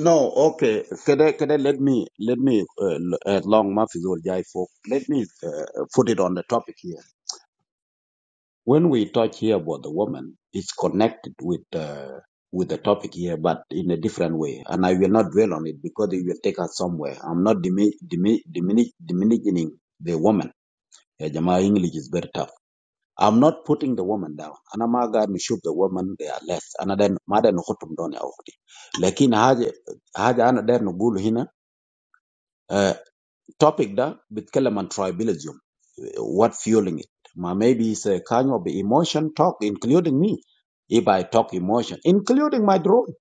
no, okay. Kada kada let me let me uh, l- uh, long mafizol jai folk. Let me uh, put it on the topic here. When we talk here about the woman, it's connected with uh, with the topic here, but in a different way. And I will not dwell on it because it will take us somewhere. I'm not dimi- dimi- dimini- diminishing the woman. Yeah, Jama English is very tough. I'm not putting the woman down. Ana maga nishuk the woman they are less. Ana den mada nukhutum doni awkti. Lakin haja haja ana der nugulu hina Uh, topic da بيتكلم عن tribalism what fueling it Ma, maybe it's a kind of emotion talk including me if I talk emotion including my drone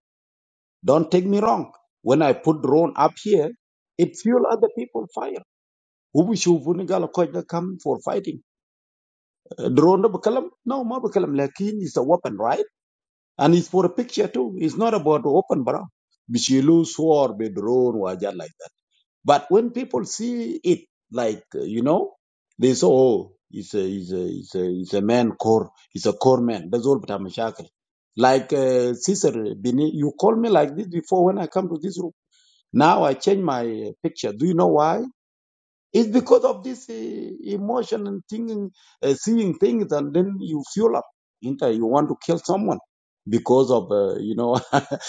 don't take me wrong when I put drone up here it fuel other people fire Who هو بيشوفوا قالوا كويس ده come for fighting Uh, drone ده no ma, بكلم لكن it's a weapon right and it's for a picture too it's not about open barang. Bishilu بيشيلوا be drone وحاجات like that But when people see it, like uh, you know, they say, "Oh, he's a he's a he's a he's a man core. He's a core man." That's all. But I'm a shackle. Like uh, Sister Bini, you called me like this before when I come to this room. Now I change my uh, picture. Do you know why? It's because of this uh, emotion and thinking, uh, seeing things, and then you fuel up. Inter, you want to kill someone because of uh, you know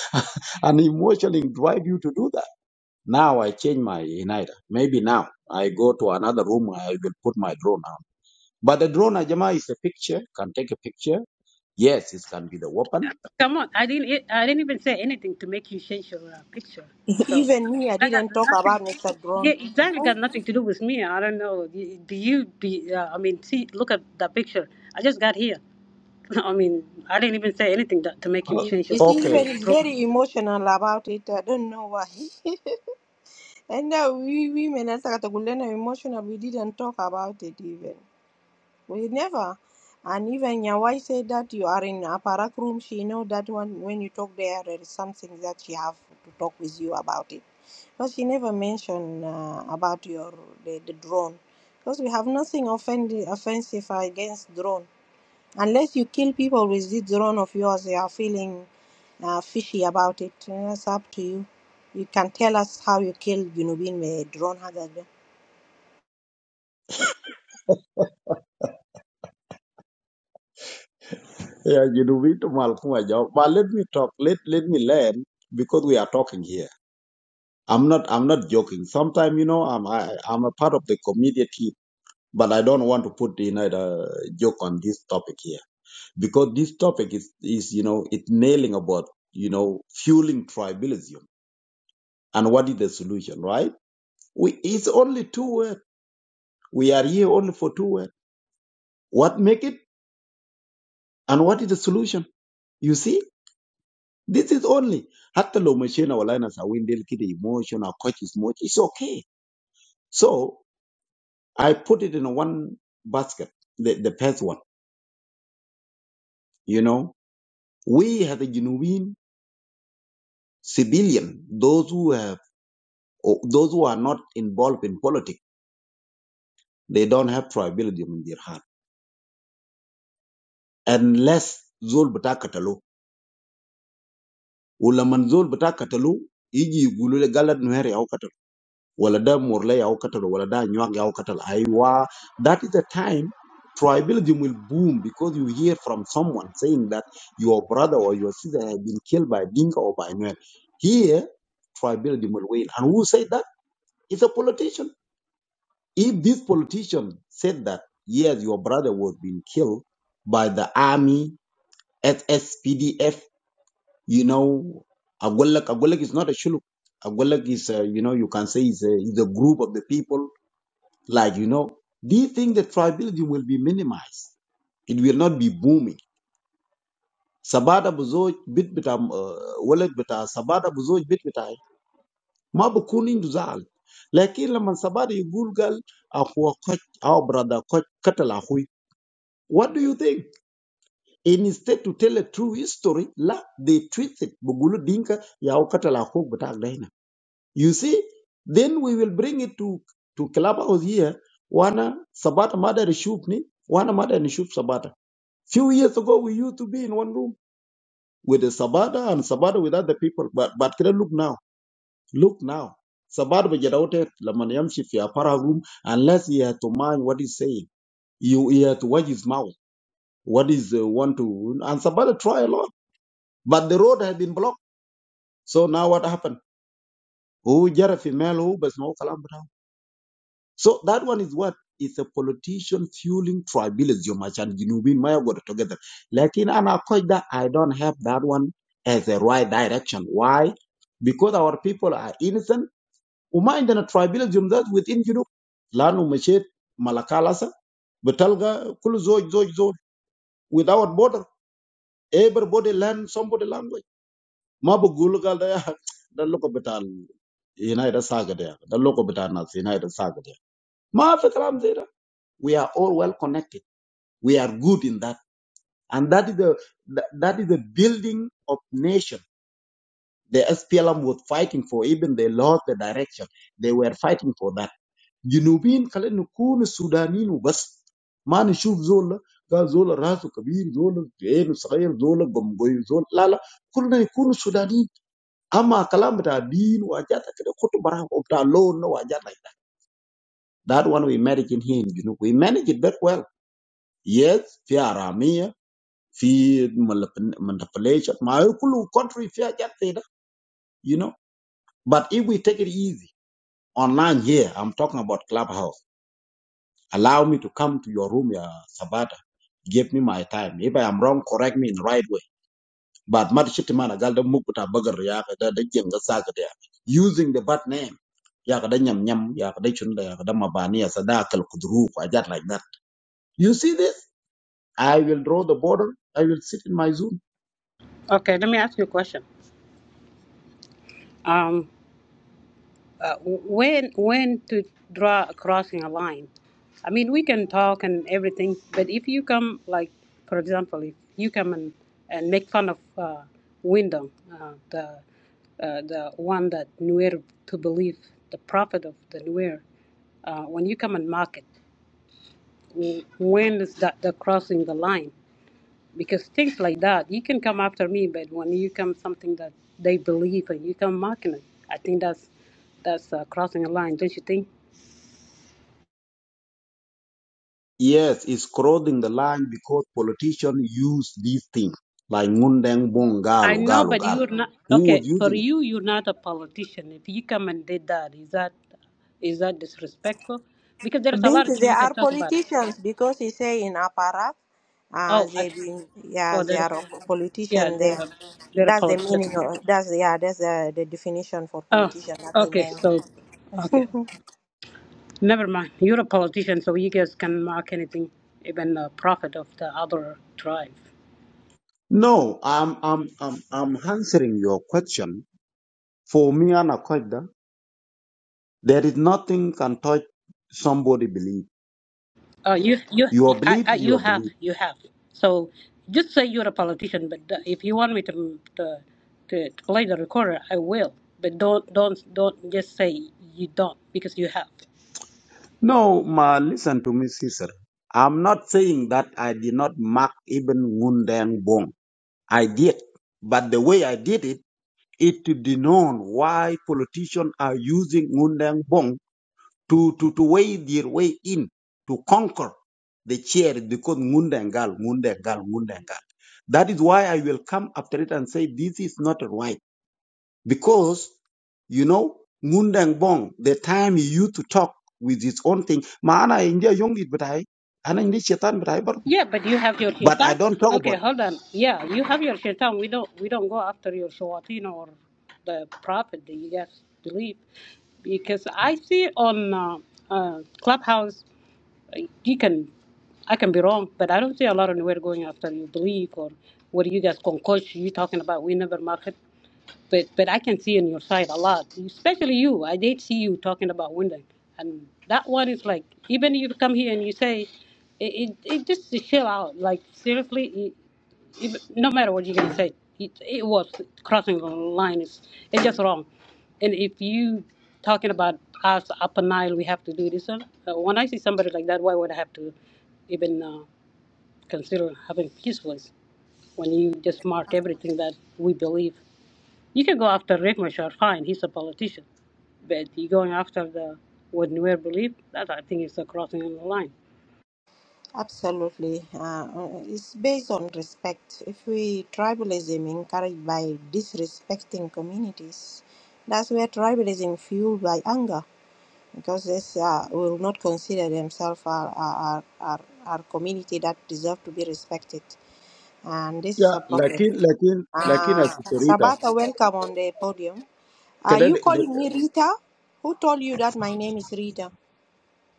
an emotion drive you to do that now I change my United. Maybe now I go to another room. I will put my drone on. But the drone, Ajama, is a picture. Can take a picture. Yes, it can be the weapon. Come on, I didn't I didn't even say anything to make you change your uh, picture. So Even me, I that got didn't talk about nothing. Mr. Yeah, Drone. exactly. Got nothing to do with me. I don't know. Do you? Do you, uh, I mean, see, look at that picture. I just got here. I mean, I didn't even say anything that, to make you change your You see, Okay. even picture it's profile. very emotional about it. I don't know why. And uh, we women, as a Katagulena, emotional, we didn't talk about it even. We never. And even Nyawai said that you are in a parak room. She know that one when you talk there, there is something that she have to talk with you about it. But she never mentioned uh, about your the, the drone. Because we have nothing offend- offensive against drone. Unless you kill people with this drone of yours, they are feeling uh, fishy about it. That's up to you. You can tell us how you killed Junubin with a drone. هذا ده. Yeah, you do it, Malcolm Ajama. But let me talk. Let let me learn because we are talking here. I'm not. I'm not joking. Sometimes you know, I'm. I, I'm a part of the community, team, but I don't want to put you know the joke on this topic here because this topic is is you know it nailing about you know fueling tribalism And what is the solution, right? We, it's only two words. We are here only for two words. What make it and what is the solution? You see, this is only. Hatta lo machine or liners are windel kid emotion or coaches is much. It's okay. So I put it in one basket, the, the first one, you know. We as a genuine civilian, those who have, or those who are not involved in politics, they don't have tribalism in their heart. Unless Zul Batakatalo ولما الزول بتاع قتلوه يجي يقولوا لي قالت نوير ياو قتل ولا ده مورلا ياو قتل ولا ده نيوان ياو قتل ايوه that is the time tribalism will boom because you hear from someone saying that your brother or your sister has been killed by Dinka or by Nuer. Here, tribalism will win. And who said that? It's a politician. If this politician said that, yes, your brother was being killed by the army, SSPDF, you know, Agwelak, Agwelak is not a shuluk. Agwelak is, uh, you know, you can say is a, is a group of the people. Like, you know, do you think that tribalism will be minimized? It will not be booming. Sabada buzoj bit bitam uh, wallet bita sabada buzoj bit bitai ma bukun indu zal lakin laman sabada yugul gal akwa koch our brother koch katala what do you think And instead to tell a true history la they twist it bugulu dinka ya ukatala hu You see, then we will bring it to to clubhouse here. Wana Sabata mother Shupni, Wana mother and Shup Sabata. Few years ago, we used to be in one room with the Sabata and Sabata with other people. But but can I look now, look now. Sabata bejadaote lamaniyamshi fi para room unless he has to mind what he's saying. You he has to watch his mouth. What is uh, want to and Sabata try a lot, but the road had been blocked. So now what happened? Who jara female who bas So that one is what is a politician fueling tribalism and Junubin Maya got together. Like in Anakoida, I don't have that one as a right direction. Why? Because our people are innocent. Uma in the tribalism that within Junub. Lanu Mashet Malakalasa, Betalga, Kulu Zoj Zoj Zoj, without border. Everybody learn somebody language. Mabu Gulga there. The local betal United Saga there. The local betal United Saga there. Ma Fikram Zeda. We are all well connected. We are good in that. And that is the, that that is the building of nation. The SPLM was fighting for, even they lost the direction. They were fighting for that. جنوبين خلينا nukun سودانيين وبس ما نشوف زول قال زول راسه كبير زول عينه صغير زول قمقوي زول لا لا كلنا يكونوا سودانيين اما كلام بتاع دين وحاجات كده خطوا براه وبتاع لون وحاجات like that. That one we manage in here in Junub. We manage it very well. Yes, في في manipulation My whole country فيها جات زي you know but if we take it easy online here I'm talking about clubhouse allow me to come to your room يا Sabata give me my time if I am wrong correct me in the right way but ما تشتي ما نقال ده مو بتاع بقر يا أخي، ده ده جنگ ساكت there, using the bad name يا أخي ده نيم نيم يا أخي ده شنو ده يا أخي ده مباني يا صداقة like that you see this I will draw the border I will sit in my Zoom. Okay, let me ask you a question. Um, uh, when when to draw a crossing a line? I mean, we can talk and everything, but if you come, like, for example, if you come and, and make fun of uh, Wyndham, uh, the uh, the one that Nuer to believe, the prophet of the Nuer, uh, when you come and mock it, w- when is that the crossing the line? because things like that you can come after me but when you come something that they believe and you come mocking it i think that's that's uh, crossing a line don't you think Yes, it's crossing the line because politicians use these things like Ngundeng Bong i Galo know Galo but Galo. you're not Who okay was for using it? you you're not a politician if you come and did that is that is that disrespectful because there's a lot of Binti, things they you can are talk about it politicians because he say in Aparat, uh, oh I, they been yeah, so they there are a yeah politician they're there. they're a That's the politician meaning. Of, that's yeah, that's the, the definition for oh politician that they okay meant. so okay Never mind. You're a politician, so you guys can mark anything, even the prophet of the other tribe. No, I'm I'm I'm I'm answering your question. For me and Akoida, there is nothing can touch somebody belief. Uh, you, you, Your I, belief I, is you your have, belief. you have. So just say you're a politician. But the- if you want me to, to, to, to play the recorder, I will. But don't, don't, don't just say you don't because you have. No, ma listen to me, sister. I'm not saying that I did not mark even Ngundeng Bong. I did. But the way I did it it to be known why politicians are using Ngundang Bong to, to, to weigh their way in to conquer the chair because Ngundangal, Ngundangal, Ngundangal. That is why I will come after it and say this is not right. Because, you know, Ngundang Bong, the time he used to talk with his own thing, maana india young it, but I, ana india shetan, but I, but Yeah, but you have your I shaitan. don't talk Okay, about it. hold on. Yeah, you have your shaitan. We don't we don't go after your shawatin or the prophet that you guys believe, because I see on uh, uh, Clubhouse, uh, you can, I can be wrong, but I don't see a lot of nowhere going after your belief or what you guys concoct. You talking about we never market. But but I can see on your side a lot, especially you. I did see you talking about women, and that one is like even you come here and you say, it it, it just to chill out. Like seriously, it, it, no matter what you're gonna say, it, it was crossing the line. It's it's just wrong. And if you talking about us up and Nile, we have to do this. Uh, when I see somebody like that, why would I have to even uh, consider having peace voice when you just mark everything that we believe? You can go after Riek Machar, fine, he's a politician. But you going after the what Nuer believe, that I think is a crossing of the line. Absolutely. Uh, uh, it's based on respect. If we tribalism encouraged by disrespecting communities, that's where tribalism fueled by anger because this uh, will not consider themselves our, our, our, our community that deserve to be respected. And this is Yeah, a problem. lakin lakin lakin Uh, as a Serita, Sabata, welcome on the podium. Are you kada. calling me Rita? Who told you that my name is Rita?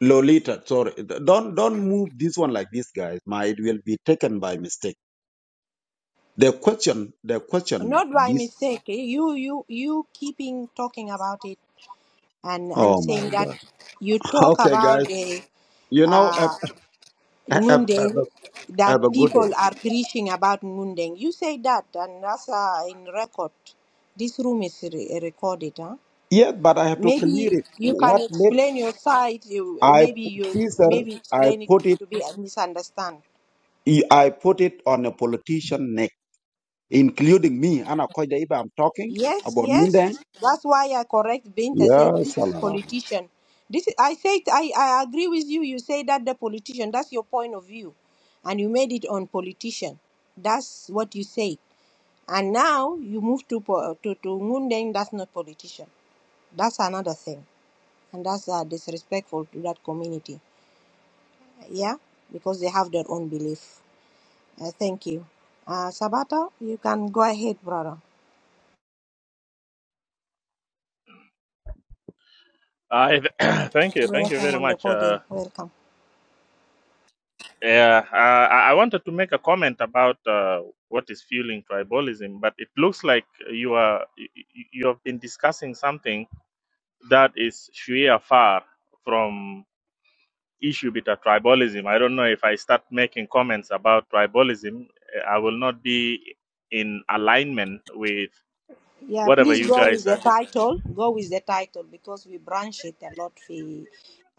Lolita, sorry. Don't don't move this one like this, guys. My it will be taken by mistake. The question, the question, Not by this. mistake. eh? You, you, you keeping talking about it. and and Oh my saying that God. you talk Okay, about guys. the You know, uh, have, have, have, Ngunde a have a that good people day. are preaching about Ngunde. You say that, and that's uh, in record. This room is re- recorded. Huh? Yes, but I have to Maybe clear it. you can What let explain your side. You I maybe you Caesar? maybe I explain it put it. to be misunderstood. I put it on a politician neck, including me. Anna Koida, if I'm talking Yes, about me, then yes. That's why I correct Bint. I said yes, this is Allah. politician. This is, I said I, I agree with you. You say that the politician. That's your point of view, and you made it on politician. That's what you say. And now you move to po- to to Mundeng. That's not politician. That's another thing, and that's uh, disrespectful to that community. Yeah, because they have their own belief. Uh, thank you, uh, Sabata. You can go ahead, brother. Uh, thank you, thank you Welcome very on the much. Uh, podium. Welcome. yeah, uh, I I wanted to make a comment about uh, what is fueling tribalism, but it looks like you are you you have been discussing something that is sheer far from issue with the tribalism. I don't know if I start making comments about tribalism, uh, I will not be in alignment with Yeah, whatever please you go with guys the are discussing. title. Go with the title because we branch it a lot for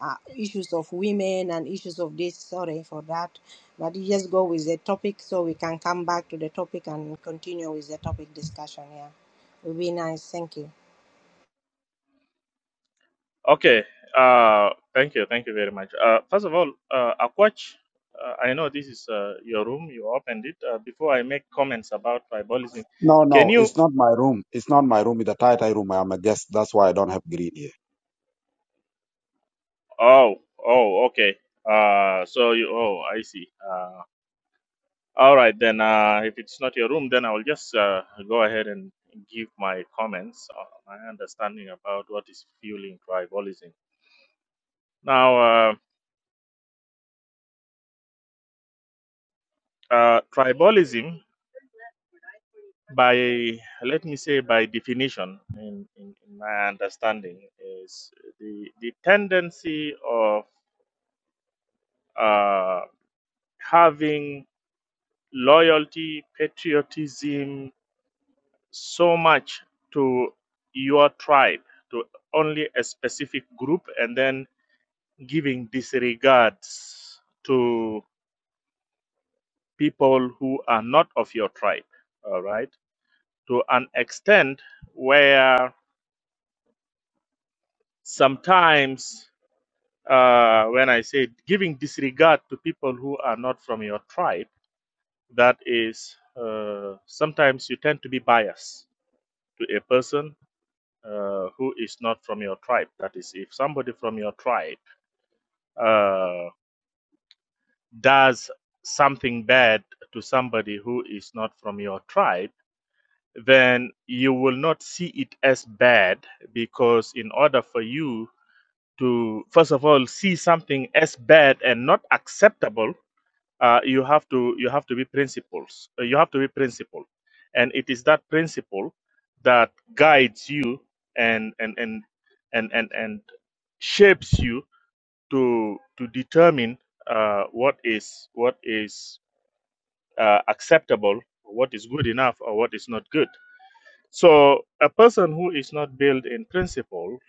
uh, issues of women and issues of this. Sorry for that, but you just go with the topic so we can come back to the topic and continue with the topic discussion. Yeah, it will be nice. Thank you. Okay. Uh, thank you. Thank you very much. Uh, first of all, uh, Akwach, uh, I know this is uh, your room. You opened it. Uh, before I make comments about tribalism, No, can no, you? it's not my room. It's not my room. It's a tight room. I'm a guest. That's why I don't have green here. Oh, oh, okay. Uh, so you. Oh, I see. Uh, all right then. Uh, if it's not your room, then I will just uh, go ahead and give my comments, uh, my understanding about what is fueling tribalism. Now, uh, uh, tribalism. by let me say by definition in, in, in my understanding is the the tendency of uh, having loyalty patriotism so much to your tribe to only a specific group and then giving disregards to people who are not of your tribe all right to an extent where sometimes uh, when I say giving disregard to people who are not from your tribe, that is uh, sometimes you tend to be biased to a person uh, who is not from your tribe. That is, if somebody from your tribe uh, does something bad to somebody who is not from your tribe, then you will not see it as bad because, in order for you to, first of all, see something as bad and not acceptable, uh, you have to you have to be principles uh, you have to be principled and it is that principle that guides you and and and and and, and shapes you to to determine uh, what is what is uh, acceptable what is good enough or what is not good so a person who is not built in principles,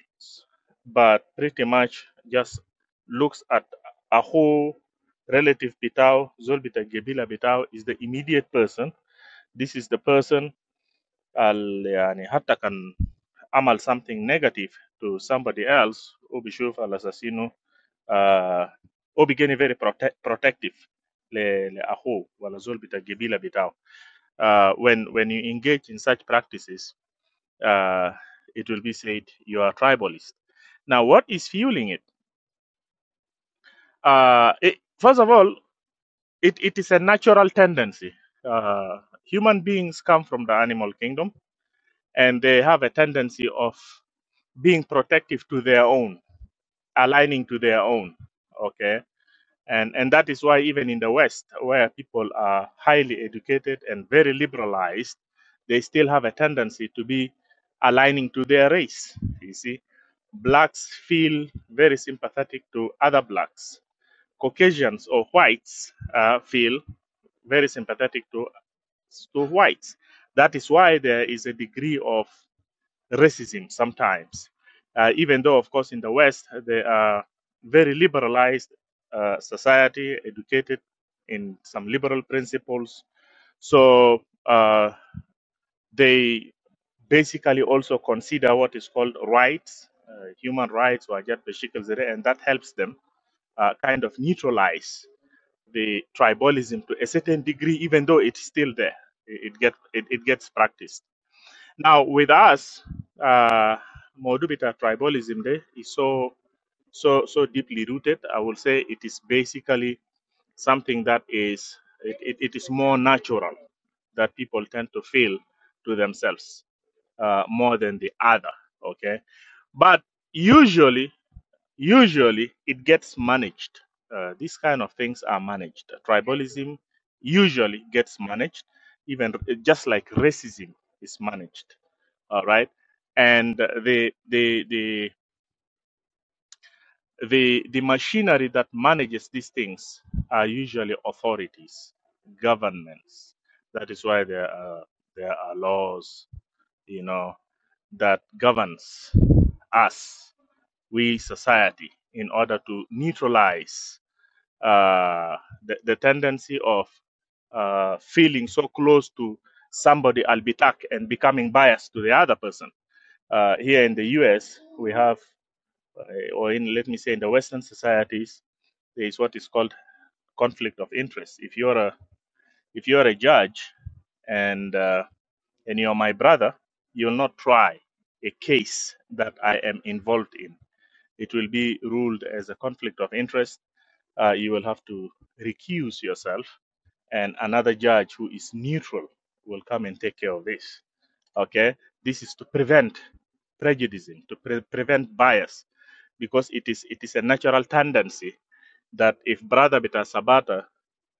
but pretty much just looks at a whole relative bitao, zol bita gebila bitao is the immediate person. This is the person al yani hatta kan amal something negative to somebody else, obishuf al assassino, uh, obigeni very prote- protective le le aho wala zol bita gebila bitao. Uh, when when you engage in such practices uh, it will be said you are tribalist. Now, what is fueling it? Uh, it first of all, it, it is a natural tendency. Uh, human beings come from the animal kingdom and they have a tendency of being protective to their own, aligning to their own. Okay and and that is why even in the west where people are highly educated and very liberalized they still have a tendency to be aligning to their race you see blacks feel very sympathetic to other blacks caucasians or whites uh, feel very sympathetic to to whites that is why there is a degree of racism sometimes. Uh, even though, of course, in the West, they are very liberalized uh, society, educated in some liberal principles. So uh, they basically also consider what is called rights, uh, human rights, wajad bashikal zere, and that helps them uh, kind of neutralize the tribalism to a certain degree, even though it's still there. It, it, get, it, it gets practiced. Now, with us, uh, Modubita tribalism there is so so so deeply rooted. I will say it is basically something that is it, it, it is more natural that people tend to feel to themselves uh, more than the other. Okay, but usually usually it gets managed. Uh, these kind of things are managed. Tribalism usually gets managed, even just like racism is managed all right and the the the the the machinery that manages these things are usually authorities governments that is why there are there are laws you know that governs us we society in order to neutralize uh, the, the tendency of uh, feeling so close to somebody albitak and becoming biased to the other person uh, here in the US, we have uh, or in let me say in the western societies there is what is called conflict of interest if you're a if you're a judge and uh, and you're my brother you'll not try a case that i am involved in it will be ruled as a conflict of interest uh, you will have to recuse yourself and another judge who is neutral will come and take care of this okay this is to prevent prejudice to pre- prevent bias because it is it is a natural tendency that if brother bita sabata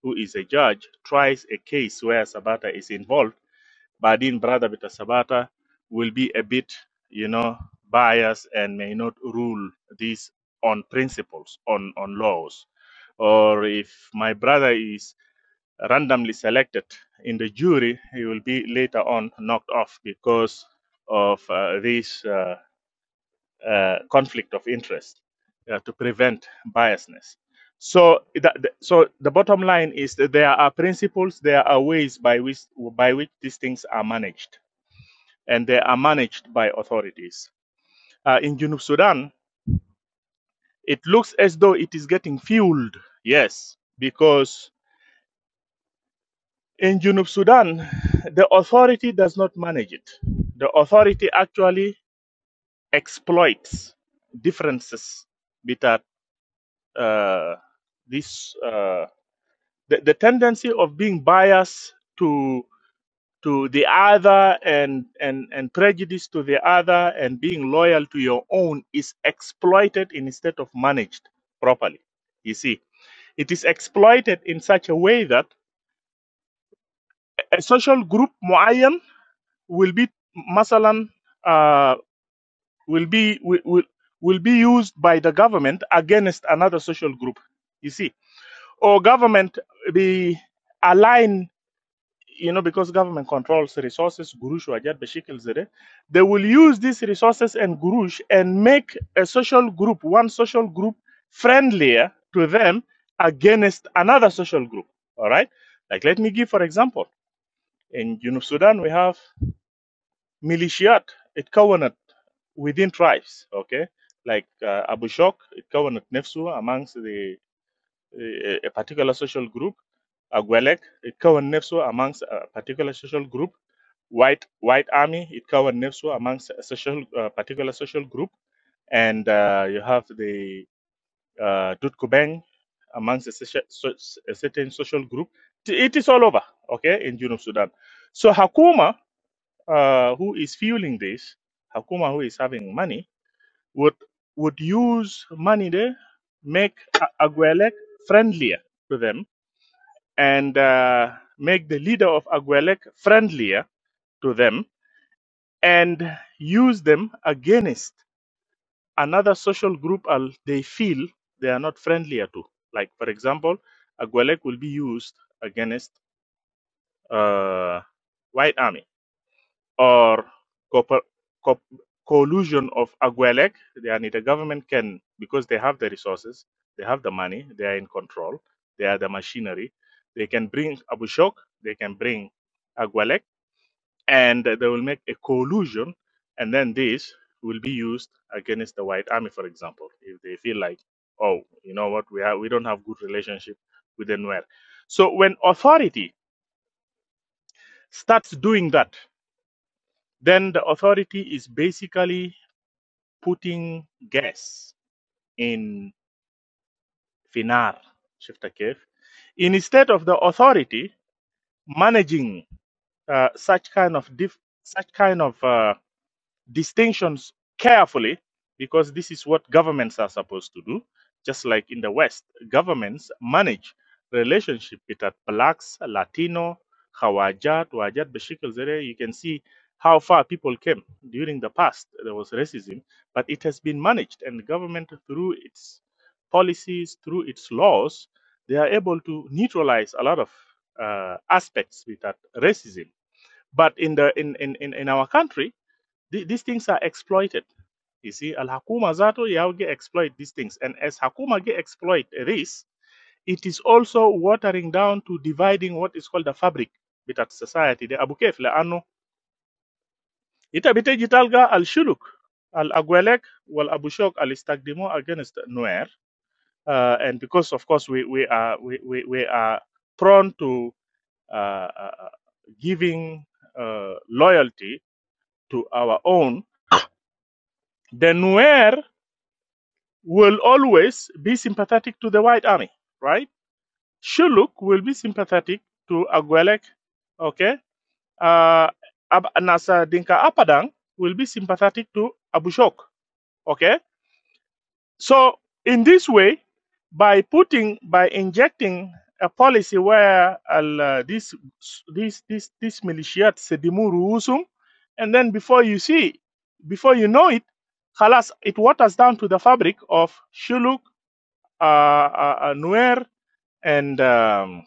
who is a judge tries a case where sabata is involved but then brother bita sabata will be a bit you know biased and may not rule these on principles on on laws or if my brother is randomly selected in the jury, he will be later on knocked off because of uh, this uh, uh, conflict of interest uh, to prevent biasness. So, that, so the bottom line is that there are principles, there are ways by which by which these things are managed, and they are managed by authorities. Uh, in Junub Sudan, it looks as though it is getting fueled, yes, because In Junub Sudan, the authority does not manage it. The authority actually exploits differences between uh, this uh, the, the tendency of being biased to to the other and, and and prejudice to the other and being loyal to your own is exploited instead of managed properly. You see, it is exploited in such a way that a social group معين will be masalan uh, will be will, will will be used by the government against another social group you see or government be aligned. you know because government controls resources gurush wajad bashikil zere they will use these resources and gurush and make a social group one social group friendlier to them against another social group all right like let me give for example in junub sudan we have militiat it covenant within tribes okay like uh, abu shok it covenant nefsu amongst the uh, a particular social group agwelek it covenant nefsu amongst a particular social group white white army it covenant nefsu amongst a social uh, particular social group and uh, you have the uh, dutkubeng amongst a, socia- so- a certain social group it is all over okay in junub sudan so hakuma uh, who is fueling this, Hakuma, who is having money, would would use money there, make A- Aguelec friendlier to them, and uh, make the leader of Agwelek friendlier to them, and use them against another social group al- they feel they are not friendlier to. Like, for example, Agwelek will be used against uh, White Army or cooper- co- collusion of Aguelec. Yani the government can, because they have the resources, they have the money, they are in control, they are the machinery. They can bring Abu Shok, they can bring Aguelec, and they will make a collusion, and then this will be used against the White Army, for example, if they feel like, oh, you know what, we have, we don't have good relationship with the Nuer. So when authority starts doing that, then the authority is basically putting gas in finar شفت كيف instead of the authority managing uh, such kind of diff- such kind of uh, distinctions carefully because this is what governments are supposed to do. Just like in the West, governments manage relationship with uh, blacks, Latino, Hawajat, Wajat, Bashikal Zere. You can see how far people came during the past. There was racism, but it has been managed, and the government, through its policies, through its laws, they are able to neutralize a lot of uh, aspects with that racism. But in the in, in, in in our country, Th- these things are exploited. You see, Al Hakuma Zato Yauge exploit these things. And as Hakuma ge exploit this, it is also watering down to dividing what is called the fabric bit society. The Abu Kef la Anu. Ita biteji talga al shuluk al agwelek wal abushok al istagdimo against Nuer. Uh, and because of course we, we are we, we, we are prone to uh, uh, uh, giving uh, loyalty to our own, then Nuer will always be sympathetic to the White Army, right? Shuluk will be sympathetic to Agwelek, okay? Uh, Ab- Nasa Dinka Apadang will be sympathetic to Abushok, okay? So, in this way, by putting, by injecting a policy where al, uh, this, this, this, this militiat sedimu ruusum, and then before you see, before you know it, Halas, it waters down to the fabric of Shuluk uh, uh, uh, Nuer and um,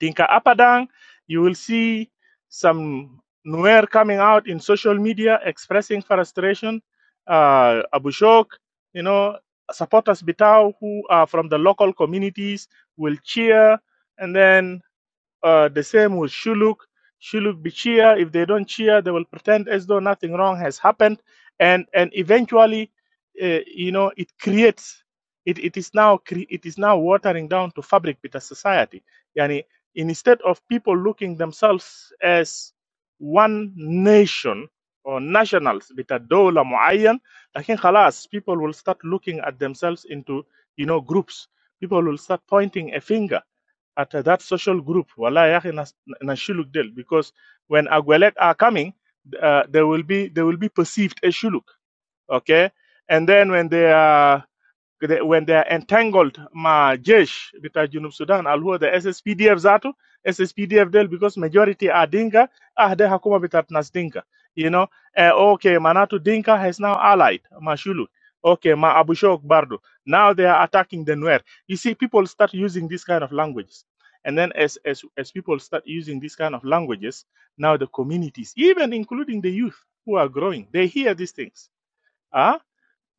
Tinka Apadang, you will see some Nuer coming out in social media expressing frustration. Uh, Abu Shok, you know, supporters Bitao who are from the local communities will cheer. And then uh, the same with Shuluk. Shuluk be cheer. If they don't cheer, they will pretend as though nothing wrong has happened, and and eventually, uh, you know, it creates. It, it is now cre- it is now watering down to fabric with a society. Yani instead of people looking themselves as one nation or nationals with a dola muayyan, لكن خلاص people will start looking at themselves into you know groups. People will start pointing a finger at uh, that social group wallahi ya akhi, nas- nashuluk del because when agwelek are coming uh, they will be they will be perceived as shuluk okay and then when they are when they are entangled ma jesh bita junub sudan al the sspdf Zato, sspdf del because majority are dinka ah de hakuma bitat nas dinka you know uh, okay manatu dinka has now allied mashulu okay ma abushok bardo now they are attacking the nuer you see people start using this kind of languages and then as, as as people start using this kind of languages now the communities even including the youth who are growing they hear these things Ah?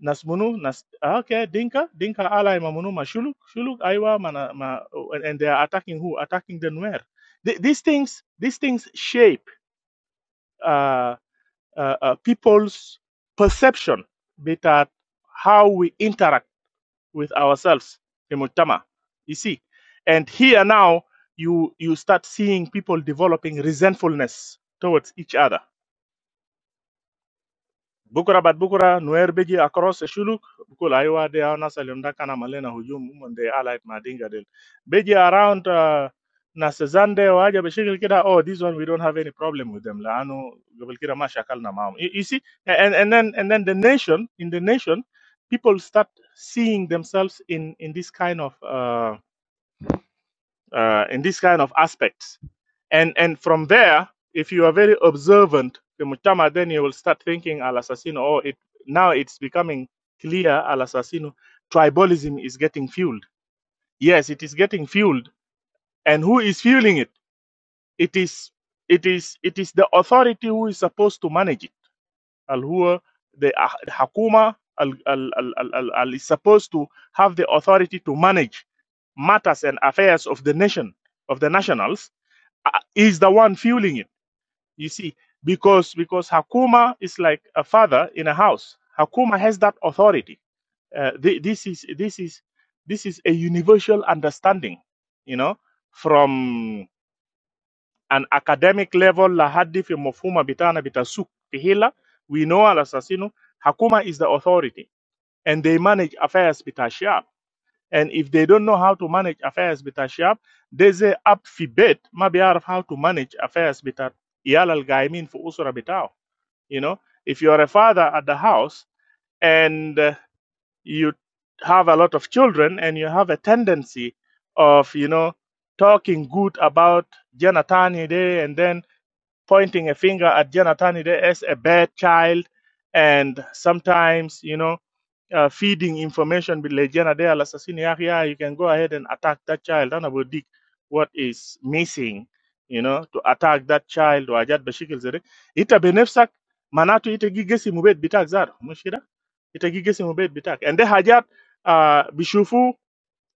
nas munu nas ah, okay dinka dinka alai ma munu ma shuluk shuluk aiwa mana ma and and they are attacking who attacking the nuer Th- these things these things shape uh, uh, uh, people's perception bit at how we interact with ourselves in mujtama you see and here now you you start seeing people developing resentfulness towards each other بكره بعد بكره نوير بيجي اكروس شلوك بقول ايوه دي انا سلم ده كان عمل لنا هجوم هم دي allied مع دينجا ديل بيجي around uh, ناس زاندي وحاجه بشكل كده oh this one we don't have any problem with them لانه قبل كده ما شكلنا معهم you, you see and, and then and then the nation in the nation people start seeing themselves in in this kind of uh, uh, in these kind of aspects. And and from there, if you are very observant, the mutama, then you will start thinking al assassino. Oh, it now it's becoming clear al assassino. Tribalism is getting fueled. Yes, it is getting fueled. And who is fueling it? It is it is it is the authority who is supposed to manage it. Al huwa the ah- hakuma al al al al al is supposed to have the authority to manage matters and affairs of the nation of the nationals uh, is the one fueling it. You see, because because Hakuma is like a father in a house. Hakuma has that authority. Uh, thi- this is this is this is a universal understanding. You know, from an academic level, lahadi fi mafhuma bitana bitasuk fihila. We know al assassino. Hakuma is the authority, and they manage affairs bitashab and if they don't know how to manage affairs بتاع الشعب they say up في بيت ما بيعرف how to manage affairs بتاع عيال القايمين في أسرة بتاعه you know if you are a father at the house and uh, you have a lot of children and you have a tendency of you know talking good about Janatani Day and then pointing a finger at Janatani Day as a bad child and sometimes you know uh, feeding information with Legiana de al Assassini Area, you can go ahead and attack that child. And about dig what is missing, you know, to attack that child or Ajad Bashikil Zere. Ita benefsak, manatu ita gigesi mubet bitak zar, mushira, ita gigesi mubet bitak. And the Hajat uh, Bishufu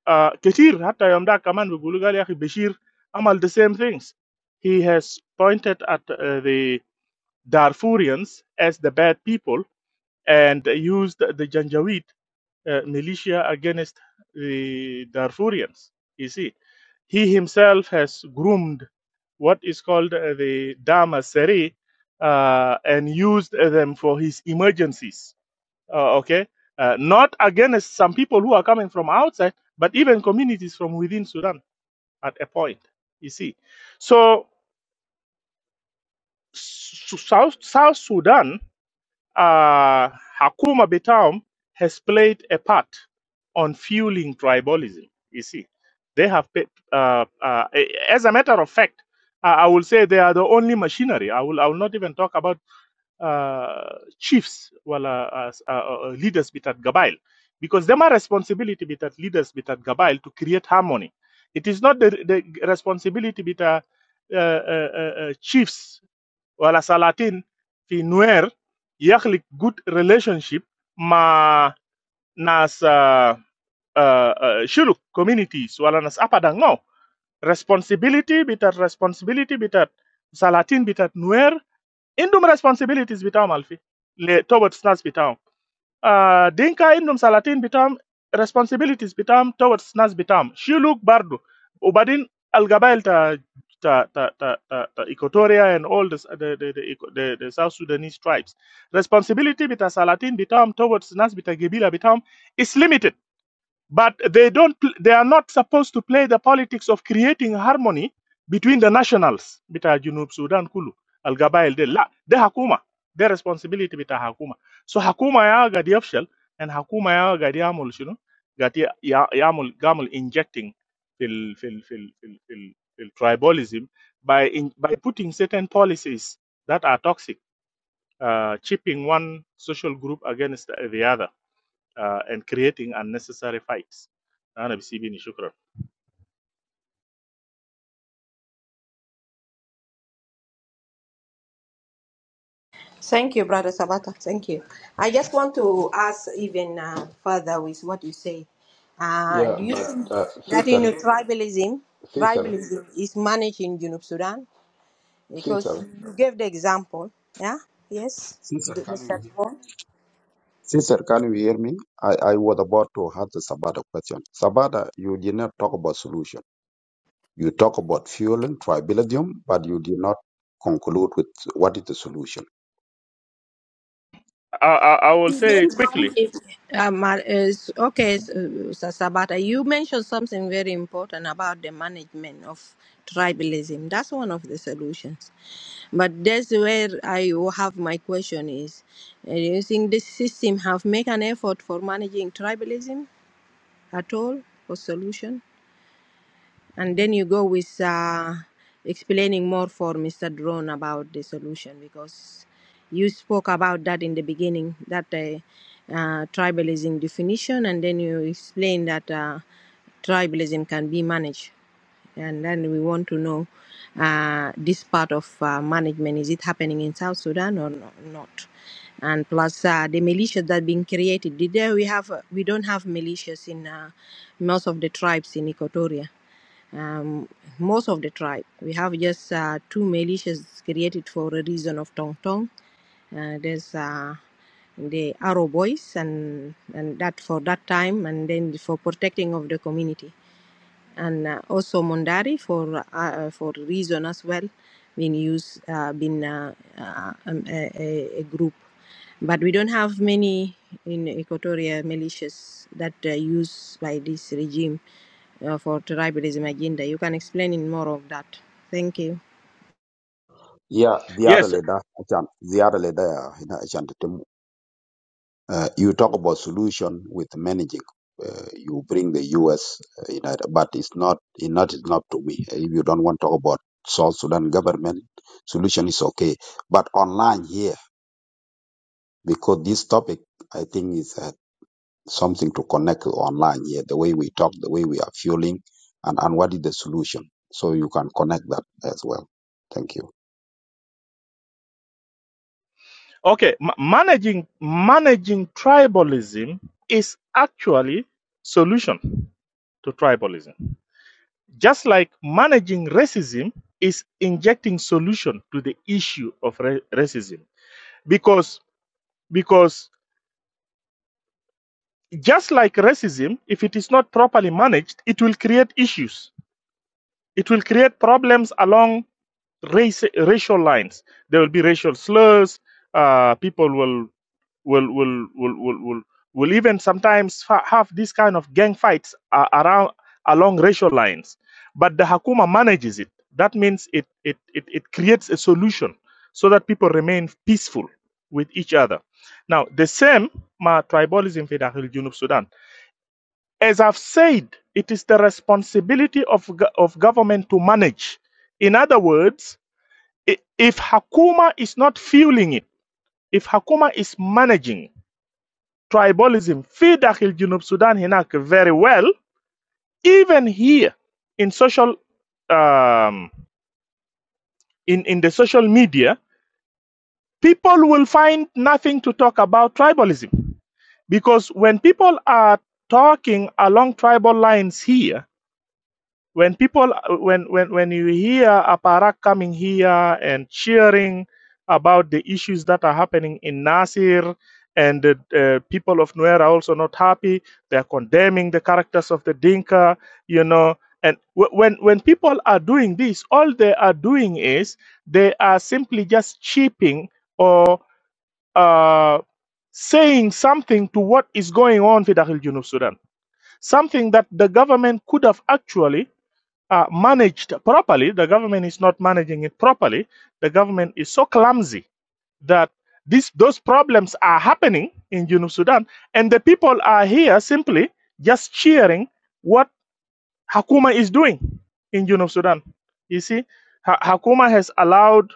uh, Ketir, hatta yamda kaman bugulugali yaki Bashir, amal the same things. He has pointed at uh, the Darfurians as the bad people and used the Janjaweed uh, militia against the Darfurians. You see, he himself has groomed what is called uh, the Dama uh, and used them for his emergencies. Uh, okay, uh, not against some people who are coming from outside, but even communities from within Sudan at a point. You see, so South South Sudan uh, Hakuma Bitaum has played a part on fueling tribalism. You see, they have, pa- uh, uh, as a matter of fact, I I will say they are the only machinery. I will, I will not even talk about uh, chiefs, well, uh, as- uh, uh, uh, leaders bit at Gabail, because them are responsibility bit leaders bit at Gabail to create harmony. It is not the, the responsibility bit uh, uh, uh, uh, chiefs wala salatin fi nuer yakhlik good relationship ma nas uh, uh, uh, shuluk communities wala nas apadang no responsibility bitat responsibility bitat salatin bitat nuer indum responsibilities bitam alfi le tobat snas bitam uh, dinka indum salatin bitam responsibilities bitam towards nas bitam shiluk bardu ubadin Al ta ta ta ta, ta, ta equatoria and all this, the, the, the, the the south sudanese tribes responsibility bita salatin bitam towards nas bita gebila bitam is limited but they don't they are not supposed to play the politics of creating harmony between the nationals bita junub sudan kulu al-gabail de la de hakuma their responsibility bita hakuma so hakuma ya gadi yafshal and hakuma ya gadi yamul shino gadi ya amul gamul injecting fil fil fil fil fil, fil tribalism by in, by putting certain policies that are toxic uh, chipping one social group against the other uh, and creating unnecessary fights. Thank you, brother Sabata. Thank you. I just want to ask even uh, further with what you say. Uh, Yeah, do you Yeah. but think uh, that in Caesar, tribalism, Caesar, tribalism is managed in Junub Sudan? because Caesar. you gave the example. Yeah. Yes. Caesar, The- can you Mr. hear? Paul. Caesar, can you hear me? I, I was about to ask the Sabata question. Sabata, you did not talk about solution. You talk about fuel and tribalism, but you did not conclude with what is the solution. I, I, I will say Mention quickly. if um, uh, is- okay, s- uh, Mr. Sabata, you mentioned something very important about the management of tribalism. That's one of the solutions. But that's where I will have my question is, uh, do you think this system have make an effort for managing tribalism at all or solution? And then you go with uh, explaining more for Mr. Drone about the solution because you spoke about that in the beginning, that uh, uh, tribalism definition, and then you explained that uh, tribalism can be managed. And then we want to know uh, this part of uh, management is it happening in South Sudan or no, not? And plus uh, the militias that being created. Did there we have we don't have militias in uh, most of the tribes in Equatoria um, most of the tribe. We have just uh, two militias created for a reason of Tong Tong. Uh, there's uh, the Arrow Boys, and and that for that time, and then for protecting of the community and uh, also Mondari for uh, uh, for reason as well been used uh, been uh, uh, um, a, a, a group but we don't have many in Equatoria militias that uh, used by this regime uh, for tribalism agenda. You can explain in more of that. Thank you. Yeah, the other Yes. leader, Achan, the other leader, Uh, you talk about solution with managing. Uh, you bring the U.S. Uh, United, but it's not it's not it's not to me. Uh, If you don't want to talk about South Sudan government solution, is okay. But online here, because this topic, I think is uh, something to connect online here. The way we talk, the way we are fueling, and and what is the solution? So you can connect that as well. Thank you. Okay. ma- managing managing tribalism is actually solution to tribalism. Just like managing racism is injecting solution to the issue of ra- racism, because because just like racism, if it is not properly managed, it will create issues. It will create problems along race, racial lines. There will be racial slurs. Uh, people will will will will will will, will even sometimes fa- have this kind of gang fights uh, around along racial lines. But the Hakuma manages it. That means it it it, it creates a solution so that people remain peaceful with each other. Now the same ma tribalism in Dahil Junub Sudan. As I've said, it is the responsibility of go- of government to manage. In other words if Hakuma is not fueling it, if Hakuma is managing tribalism, في داخل جنوب Sudan, هناك very well, even here in social um, in, in the social media, people will find nothing to talk about tribalism. Because when people are talking along tribal lines here, when people when when when you hear aparak coming here and cheering about the issues that are happening in nasir and the uh, people of nuer are also not happy they're condemning the characters of the dinka you know and wh- when when people are doing this all they are doing is they are simply just cheaping or uh, saying something to what is going on in Dakhil Junub Sudan something that the government could have actually uh, managed properly. The government is not managing it properly. The government is so clumsy that these those problems are happening in Junub Sudan, and the people are here simply just cheering what Hakuma is doing in Junub Sudan. You see, ha- Hakuma has allowed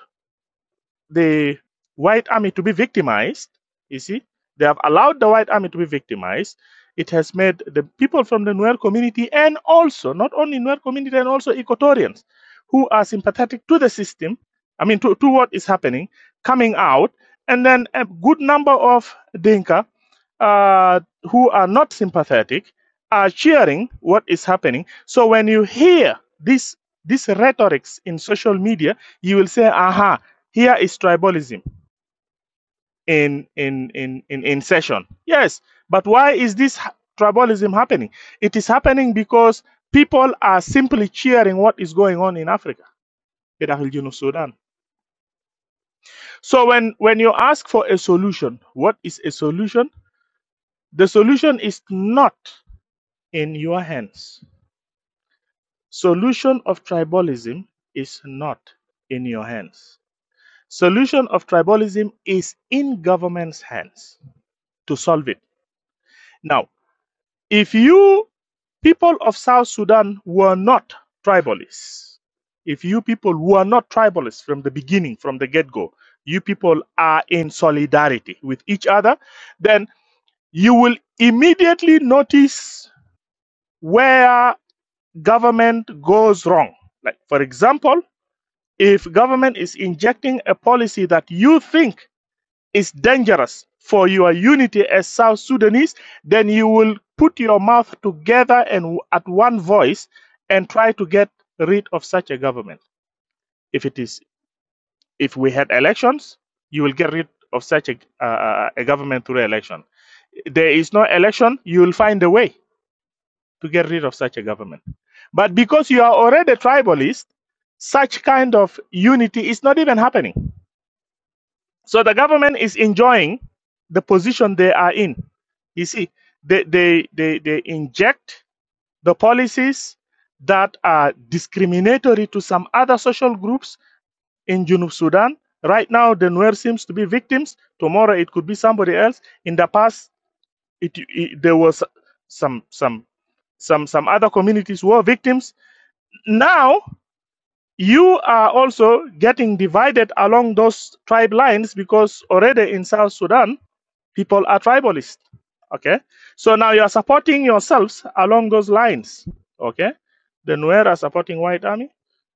the white army to be victimized. You see, they have allowed the white army to be victimized. It has made the people from the Nuer community and also not only Nuer community and also Equatorians who are sympathetic to the system, I mean to, to what is happening, coming out, and then a good number of Dinka uh, who are not sympathetic are cheering what is happening. So when you hear this these rhetorics in social media, you will say, aha, here is tribalism in in in in, in session. Yes, but why is this ha- tribalism happening? It is happening because people are simply cheering what is going on in Africa. in the Darul of Sudan. So when when you ask for a solution, what is a solution? The solution is not in your hands. Solution of tribalism is not in your hands. Solution of tribalism is in government's hands to solve it. Now, If you people of South Sudan were not tribalists, if you people were not tribalists from the beginning, from the get go, you people are in solidarity with each other, then you will immediately notice where government goes wrong. Like, for example, if government is injecting a policy that you think is dangerous for your unity as South Sudanese, then you will put your mouth together and at one voice and try to get rid of such a government. If it is, if we had elections, you will get rid of such a, uh, a government through election. There is no election, you will find a way to get rid of such a government. But because you are already tribalist, such kind of unity is not even happening So the government is enjoying the position they are in. You see, they, they, they, they inject the policies that are discriminatory to some other social groups in Junub Sudan. Right now, the Nuer seems to be victims. Tomorrow, it could be somebody else. In the past, it, it, there was some, some, some, some other communities who were victims. Now, you are also getting divided along those tribe lines because already in South Sudan, people are tribalist. Okay. So now you are supporting yourselves along those lines. Okay. The Nuer are supporting White Army.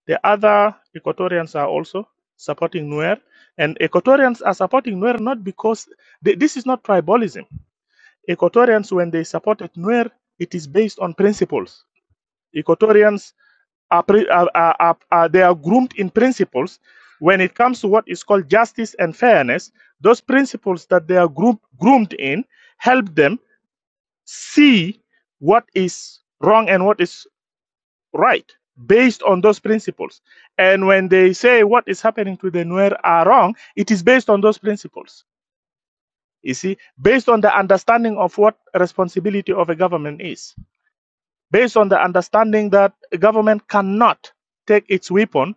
The other Equatorians are also supporting Nuer. And Equatorians are supporting Nuer not because th- this is not tribalism. Equatorians, when they supported Nuer, it is based on principles. Equatorians are, are, are, are- they are groomed in principles when it comes to what is called justice and fairness those principles that they are group, groomed in help them see what is wrong and what is right based on those principles and when they say what is happening to the nuer are wrong it is based on those principles you see based on the understanding of what responsibility of a government is based on the understanding that a government cannot take its weapon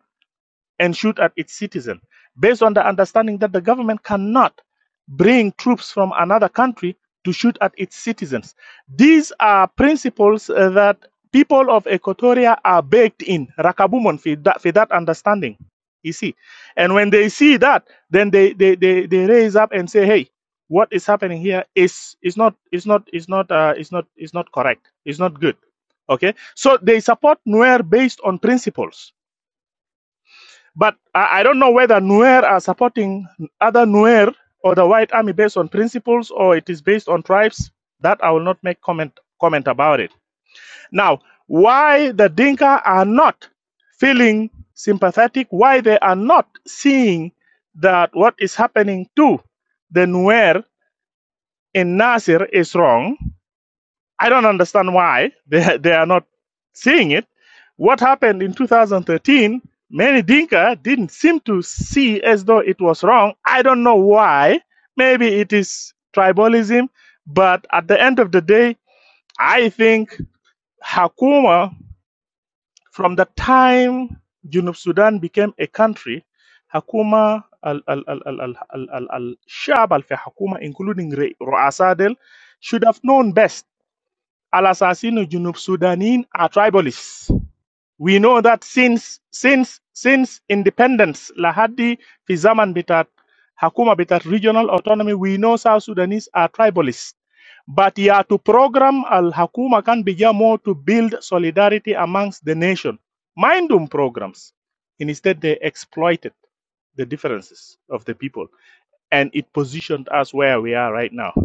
and shoot at its citizens, based on the understanding that the government cannot bring troops from another country to shoot at its citizens. These are principles uh, that people of Equatoria are baked in, rakabumon for that, for that understanding. You see, and when they see that, then they, they, they, they raise up and say, "Hey, what is happening here is is not is not is not uh, is not is not correct. It's not good." Okay, so they support Nuer based on principles but I, I don't know whether Nuer are supporting other Nuer or the White Army based on principles or it is based on tribes. That I will not make comment comment about it. Now, why the Dinka are not feeling sympathetic? Why they are not seeing that what is happening to the Nuer in Nasir is wrong? I don't understand why they, they are not seeing it. What happened in 2013, many Dinka didn't seem to see as though it was wrong. I don't know why. Maybe it is tribalism, but at the end of the day, I think Hakuma, from the time Junub Sudan became a country, Hakuma al al al al al al al al Shab al fi Hakuma, including Re- Ru'asa del, should have known best Al Assassinu Junub Sudanin are tribalists. We know that since since since independence Lahadi Fizaman Bitat Hakuma Bitat regional autonomy, we know South Sudanese are tribalists. But yeah, to program Al Hakuma can be yeah more to build solidarity amongst the nation. Mindum programs. And Instead, they exploited the differences of the people, and it positioned us where we are right now.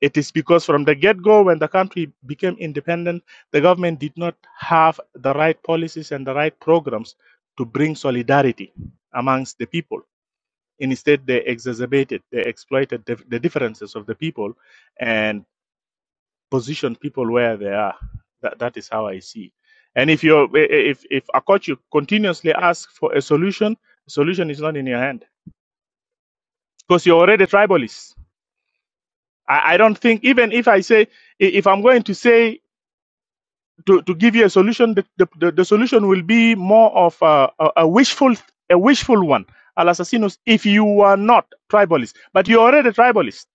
It is because from the get go, when the country became independent, the government did not have the right policies and the right programs to bring solidarity amongst the people. Instead, they exacerbated, they exploited the, the differences of the people and positioned people where they are. That, that is how I see. And if you if if Akochu continuously asks for a solution, the solution is not in your hand because you're already tribalist. I, I don't think even if I say if I'm going to say to, to give you a solution, the, the, the, solution will be more of a, a, a wishful a wishful one, al assassinos, if you are not tribalist. But you're already tribalist.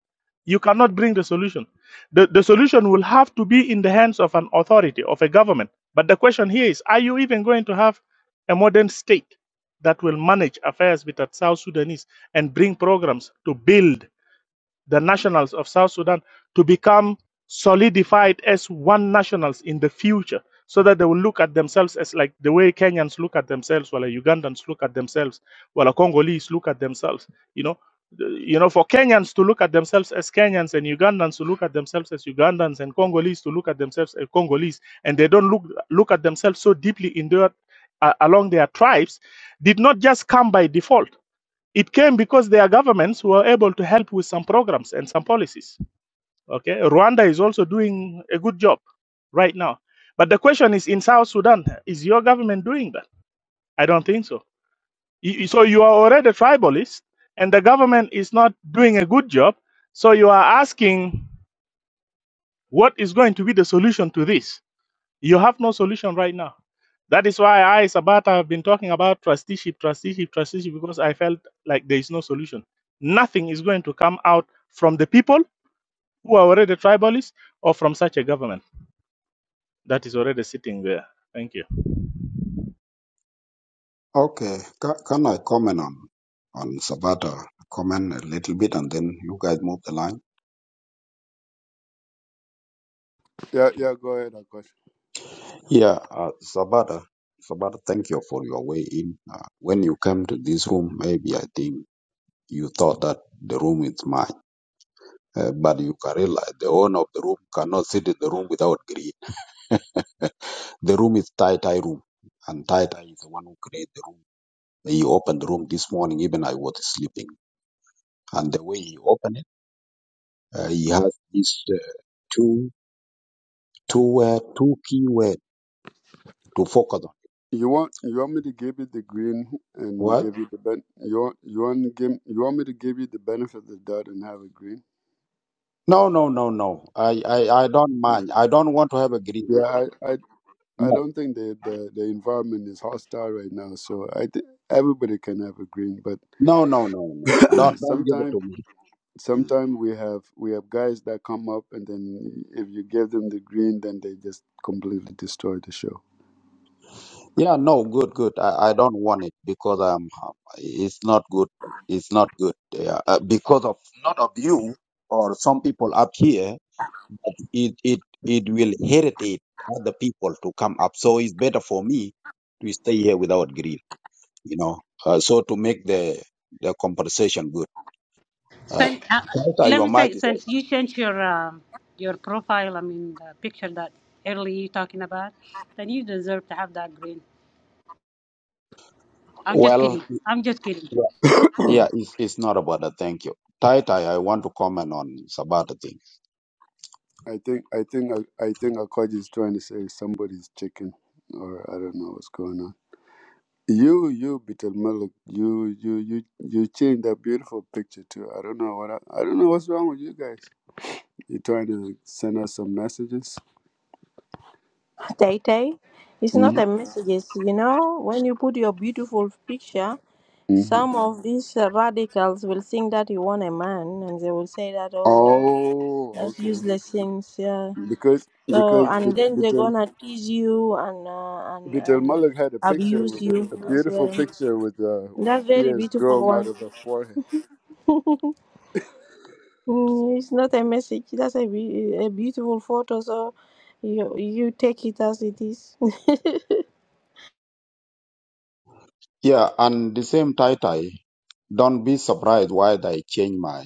You cannot bring the solution. The, the solution will have to be in the hands of an authority, of a government. But the question here is are you even going to have a modern state that will manage affairs with the South Sudanese and bring programs to build the nationals of South Sudan to become solidified as one nationals in the future so that they will look at themselves as like the way Kenyans look at themselves, while Ugandans look at themselves, while Congolese look at themselves, you know. You know, for Kenyans to look at themselves as Kenyans and Ugandans to look at themselves as Ugandans and Congolese to look at themselves as Congolese, and they don't look look at themselves so deeply in their uh, along their tribes, did not just come by default it came because their governments were able to help with some programs and some policies. Okay, Rwanda is also doing a good job right now. But the question is, in South Sudan, is your government doing that? I don't think so. So you are already tribalist, and the government is not doing a good job. So you are asking, what is going to be the solution to this? You have no solution right now. That is why I, Sabata, have been talking about trusteeship, trusteeship, trusteeship, because I felt like there is no solution. Nothing is going to come out from the people who are already tribalists or from such a government that is already sitting there. Thank you. Okay, can, can I comment on on Sabata? Comment a little bit, and then you guys move the line. Yeah, yeah, go ahead, Akash. Yeah, uh, Sabata, Sabata, thank you for your way in. Uh, when you came to this room, maybe I think you thought that the room is mine, uh, but you can realize the owner of the room cannot sit in the room without greed. The room is Tai Tai room, and Tai Tai is the one who created the room. He opened the room this morning, even I was sleeping, and the way he opened it, uh, he has these uh, two two word, two key word to focus on. You want you want me to give you the green and What? give you the ben you want you want give you want me to give you the benefit of the doubt and have a green? No, no, no, no. I, I, I don't mind. I don't want to have a green. Yeah, I I, I No, don't think the, the the environment is hostile right now, so I think everybody can have a green. But no, no, no, no. Don't don't give it sometimes to me. Mm. sometimes we have we have guys that come up and then if you give them the green, then they just completely destroy the show. Yeah, no, good, good. I, I don't want it because I'm. um, It's not good. It's not good. Yeah, uh, because of not of you or some people up here, but it it it will irritate other people to come up. So it's better for me to stay here without grill. You know, uh, so to make the the conversation good. Uh, Since, uh, Walter, let me your say, mic is open. since you changed your um, your profile, I mean, the picture that early you talking about, then you deserve to have that green. I'm just kidding. well. I'm just kidding. Yeah, it's, it's not about that. Thank you. Tai Tai, I want to comment on Sabat thing. I think I think I, I think Akash is trying to say somebody's chicken, or I don't know what's going on. You, you, Beetle you, you, you, you changed that beautiful picture too. I don't know what I, I don't know what's wrong with you guys. You trying to send us some messages? Tay Tay, it's not hmm a messages. You know, when you put your beautiful picture, hmm some of these uh, radicals will think that you want a man, and they will say that, oh. Oh, That's okay. useless things, yeah. Because So because and then they're Beetle gonna tease you and uh, and Beetle and Malik had a picture abuse with a, you a as beautiful well. picture with uh with That's very ears beautiful growing out one. of her forehead. Mm, it's not a message. That's a, be- a beautiful photo. So you you take it as it is. Yeah, and the same Tai Tai, don't be surprised why they change my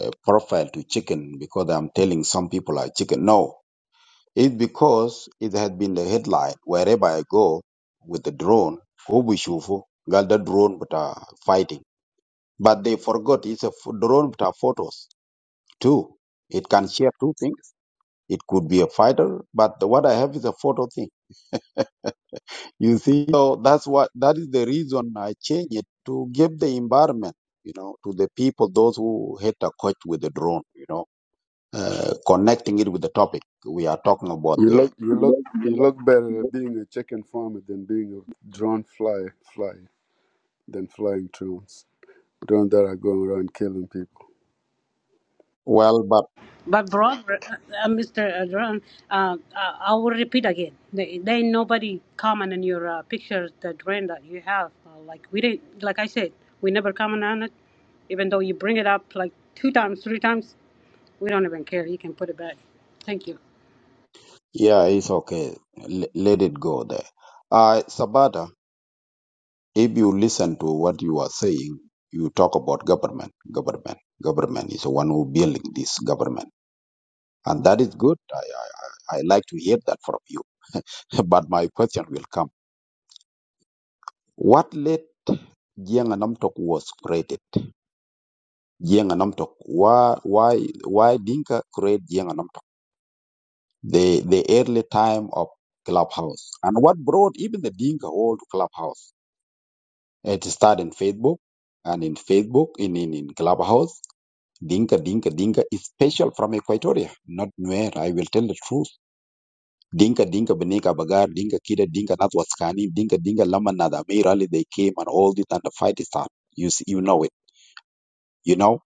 uh, profile to chicken because I'm telling some people I chicken. No, it's because it had been the headline wherever I go with the drone, Hubishufu, got the drone but are fighting. But they forgot it's a f- drone but are photos too. It can share two things. It could be a fighter, but what I have is a photo thing You see, so that's what that is the reason I change it to give the environment, you know, to the people, those who hit a coach with the drone, you know, uh, connecting it with the topic we are talking about. You The look you look you look better at being a chicken farmer than being a drone fly fly than flying drones. Drones that are going around killing people. well, but But brother, uh, uh, Mr. Adran, uh, I I will repeat again. They, they nobody comment on your uh, pictures, the drain that you have. Uh, like we didn't, like I said, we never comment on it. Even though you bring it up like two times, three times, we don't even care. You can put it back. Thank you. yeah, it's okay. L- let it go there. Uh, Sabata, if you listen to what you are saying, you talk about government, government, government is the one who building this government, and that is good. I I, I I like to hear that from you But my question will come. What led Jiang and Namtok was created? Jiang and Namtok. Why, why, why Dinka create Jiang and Namtok? The, the early time of Clubhouse. And what brought even the Dinka all to Clubhouse? It started in Facebook and in Facebook, in, in, in Clubhouse. Dinka, Dinka, Dinka is special from Equatoria, not Nuer. I will tell the truth. Dinka Dinka Beneka Bagar, Dinka Kida, Dinka Nat was scanning Dinka Dinka Laman Nadamir Ali, they came and all this and the fight is started. You see, you know it, you know?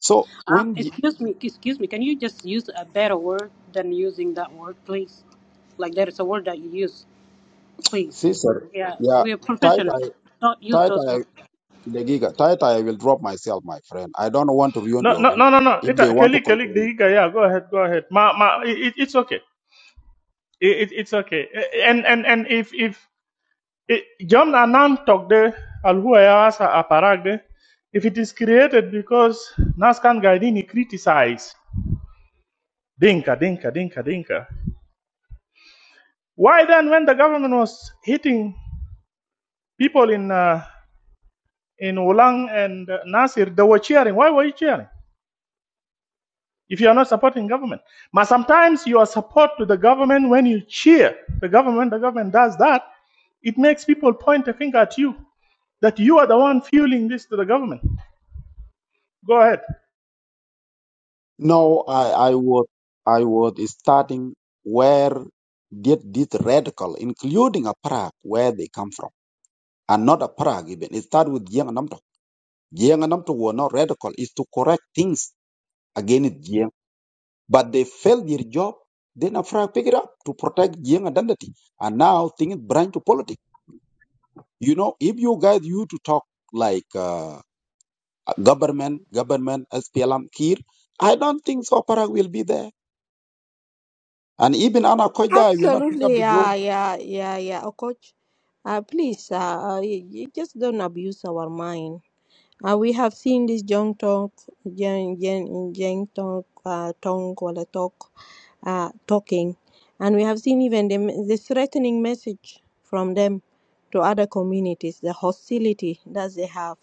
So Uh, when y- excuse me, excuse me. Can you just use a better word than using that word, please? Like there is a word that you use, please. Caesar, We're yeah, yeah, we're tight professional. I Don't use tight those I words. the giga, tight I will drop myself, my friend. I don't want to ruin No, your no, room. no, no, no. If It, they want to Kelly, Kelly, control you. yeah, go ahead, go ahead. Ma, ma, it, it's okay. it- it's okay. And and and if if It- Jom na nan tok de alhua ya asa aparag de. If it is created because Naskan Gaidini criticized Dinka, Dinka, Dinka, Dinka. Why then, when the government was hitting people in uh, in Ulang and uh, Nasir, they were cheering. Why were you cheering? If you are not supporting government, but sometimes your support to the government when you cheer the government, the government does that. It makes people point a finger at you that you are the one fueling this to the government. Go ahead. No, I I was I was starting where did this radical, including a Prague, where they come from. And not a Prague even. It started with Yang Namto. Jiang and Namto were not radical, is to correct things against Jiang. But they failed their job, then Afra picked it up to protect Jiang identity. And now things branch to politics. You know, if you guys you to talk like uh, government, government, SPLM, Kir, I don't think so Parag will be there. And even Anna Koida will not pick up Absolutely, the role. yeah, yeah, yeah, yeah. Oh, coach, uh, please, uh, uh, y- y- just don't abuse our mind. Uh, we have seen this young talk, young, young, young talk, uh, tongue or talk, uh, talking, and we have seen even the, the threatening message from them to other communities, the hostility that they have,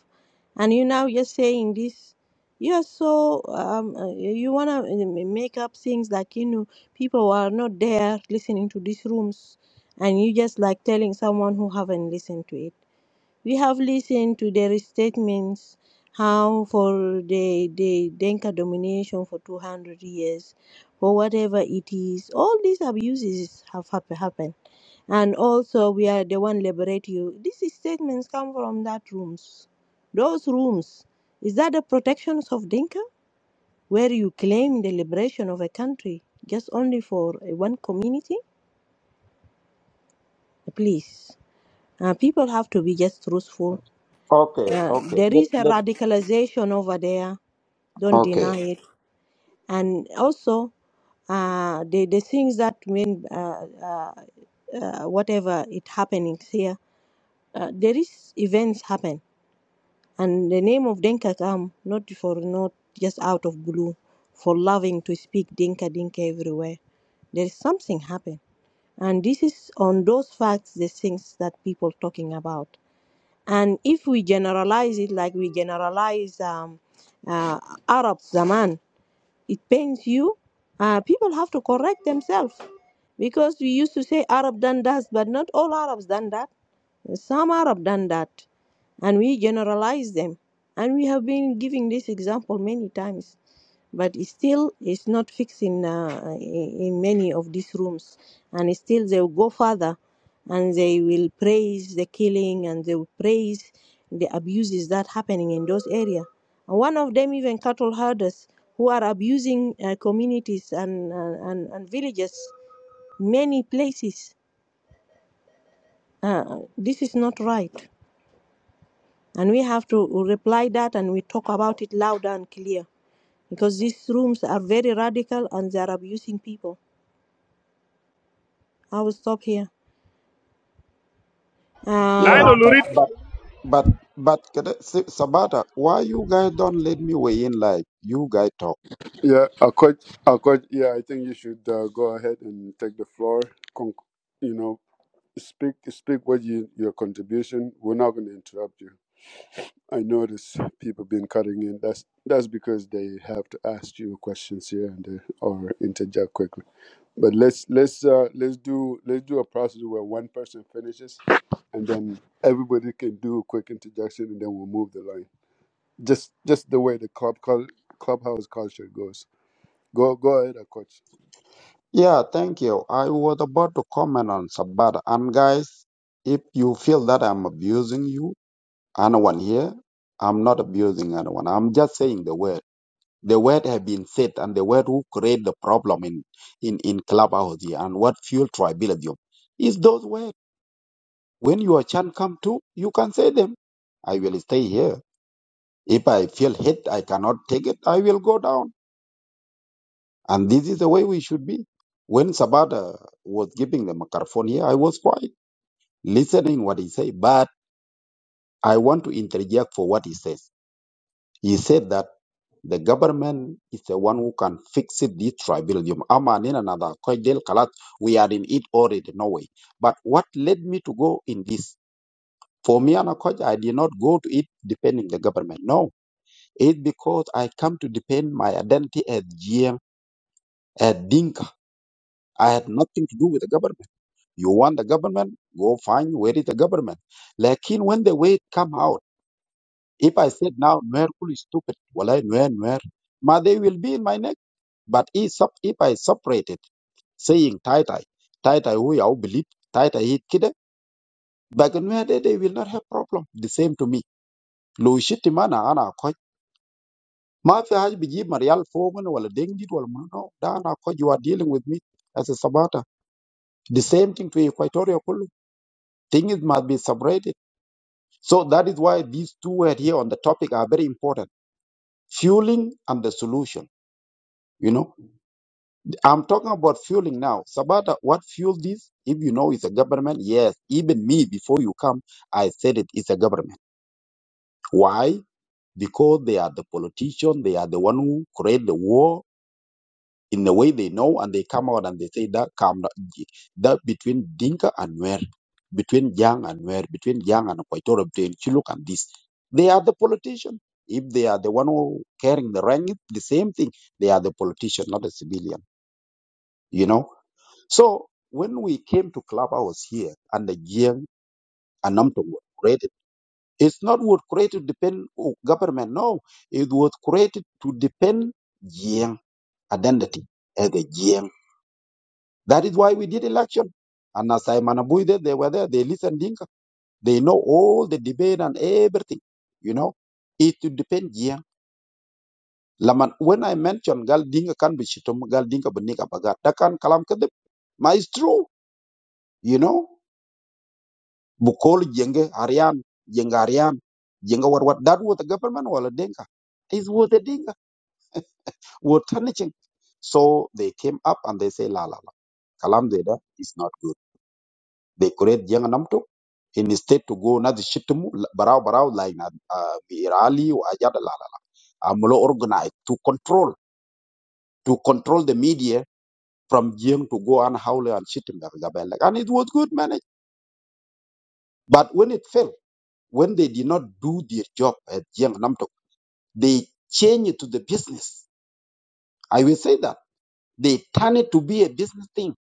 and you now you're saying this. You are so um, uh, you wanna make up things like you know people are not there listening to these rooms, and you just like telling someone who haven't listened to it we have listened to their statements how for the, the Denka domination for 200 years, for whatever it is. All these abuses have hap- happened. And also, we are the one liberate you. These statements come from that rooms. Those rooms. Is that the protections of Dinka? Where you claim the liberation of a country just only for uh, one community? Please. Uh, people have to be just truthful Okay, Uh, okay. there Let, is a let, radicalization over there. Don't okay. deny it. And also, uh, the the things that mean uh, uh, uh, whatever it happening here, uh, there is events happen, and the name of Denka come not for not just out of blue, for loving to speak Dinka Dinka everywhere. There is something happen, and this is on those facts the things that people talking about. And if we generalize it like we generalize um, uh, Arab Zaman, it pains you. Uh, people have to correct themselves because we used to say Arab done that, but not all Arabs done that. Some Arab done that, and we generalize them, and we have been giving this example many times. But it still, it's not fixing uh, in many of these rooms, and still they will go further, and they will praise the killing, and they will praise the abuses that happening in those areas. And one of them even cattle herders who are abusing uh, communities and, uh, and and villages, many places. Uh, this is not right And we have to reply that and we talk about it loud and clear because these rooms are very radical and they are abusing people. I will stop here. Yeah, I Uh, know Lurid. but, but, but, but, Sabata, why you guys don't let me weigh in like you guys talk? Yeah, Akoj, Akoj, yeah, I think you should uh, go ahead and take the floor. Con- you know, speak speak what you your contribution. We're not going to interrupt you. I notice people been cutting in. That's that's because they have to ask you questions here and there or interject quickly. But let's let's uh, let's do let's do a process where one person finishes and then everybody can do a quick interjection and then we'll move the line. Just just the way the club cul- clubhouse culture goes. Go go ahead, uh, coach. Yeah, thank you. I was about to comment on Sabbat. And guys, if you feel that I'm abusing you, anyone here, I'm not abusing anyone. I'm just saying the word. The word have been said, and the word who create the problem in in in clubhouse here, and what fuel tribalism is those words. When your chance come to, you can say them. I will stay here. If I feel hate, I cannot take it. I will go down. And this is the way we should be. When Sabata was giving the microphone here, I was quiet, listening what he said, but I want to interject for what he says. He said that the government is the one who can fix it, this tribalism. Ama nina na da koi del kalat, we are in it already, no way. But what led me to go in this? For me, and coach, I did not go to it depending the government. No, it's because I come to depend my identity as GM, as Dinka. I had nothing to do with the government. You want the government? Go find where is the government. Lakin when the way come out, if I said now Nuer Kulu is stupid, walai Nuer Nuer, ma they will be in my neck. But if sup- if I separate it, saying Tai Tai, Tai Tai who you believe, Tai Tai hit kida, back in where they, they will not have problem. The same to me. Lo shiti mana ana koj. Ma fi haj biji marial fomen wala dengdi wala mano. Da ana koj you are dealing with me as a sabata. The same thing to Equatorial Kulu. Things must be separated So that is why these two words here on the topic are very important. Fueling and the solution. You know, I'm talking about fueling now. Sabata, what fueled this? If you know it's a government, yes. Even me, before you come, I said it, it's a government. Why? Because they are the politician, they are the one who create the war, in the way they know and they come out and they say that come that between Dinka and Nuer, between Yang and Nuer, between Yang and Equatorial between Chiluk and this. They are the politician. If they are the one who carrying the rank, it's the same thing. They are the politician, not a civilian. You know? So when we came to Clubhouse here and the Yang and Namto were created, it's not what created depend on government. No, it was created to depend Yang identity as a Jiang. That is why we did election. And as I Manabuide, they were there, they listened Dinka. They know all the debate and everything. You know, it would depend yeah. Laman, when I mentioned Gal Dinka can be shitum, Gal Dinka Benika Bagat, Takan Kalam Kadip. Ma it's true, you know. Bukol Jenge Arian, Jenga Arian, Jenga what what that was the government wala Dinka. It was the Dinka. Were tarnishing. So they came up and they say la la la. Kalam Zeda is not good. They create young namto instead to go na shitumu barao barao like na uh, virali or ajada la la la. Amulo organize to control to control the media from young to go and howl and shitum gabel. and it was good managed. But when it failed, when they did not do their job at young namto, they changed it to the business. I will say that they turn it to be a business thing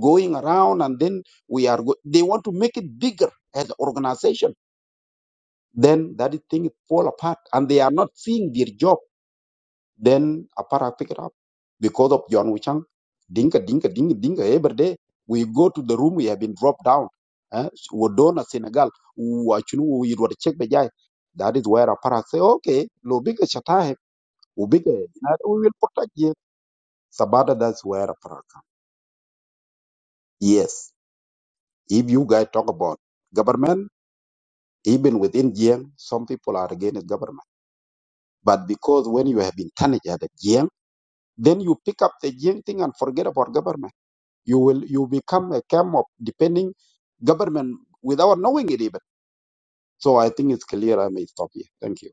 going around and then we are go- they want to make it bigger as an organization then that thing fall apart and they are not seeing their job. Then Aparak pick it up because of John Wichang. Dinka, dinka, dinka, dinka. Every day we go to the room, we have been dropped down. Eh? Wodona, Senegal, Wachunu, we were check the guy. That is where Aparak say, okay, lo bigger shatahe, ubiga, we will protect you. Sabada, that's where Aparak come. Yes, if you guys talk about government, even within GM, some people are against government. But because when you have been tarnished at the GM, Then you pick up the Jing thing and forget about government. You will you become a camp of depending government without knowing it even. So I think it's clear. I may stop here. Thank you.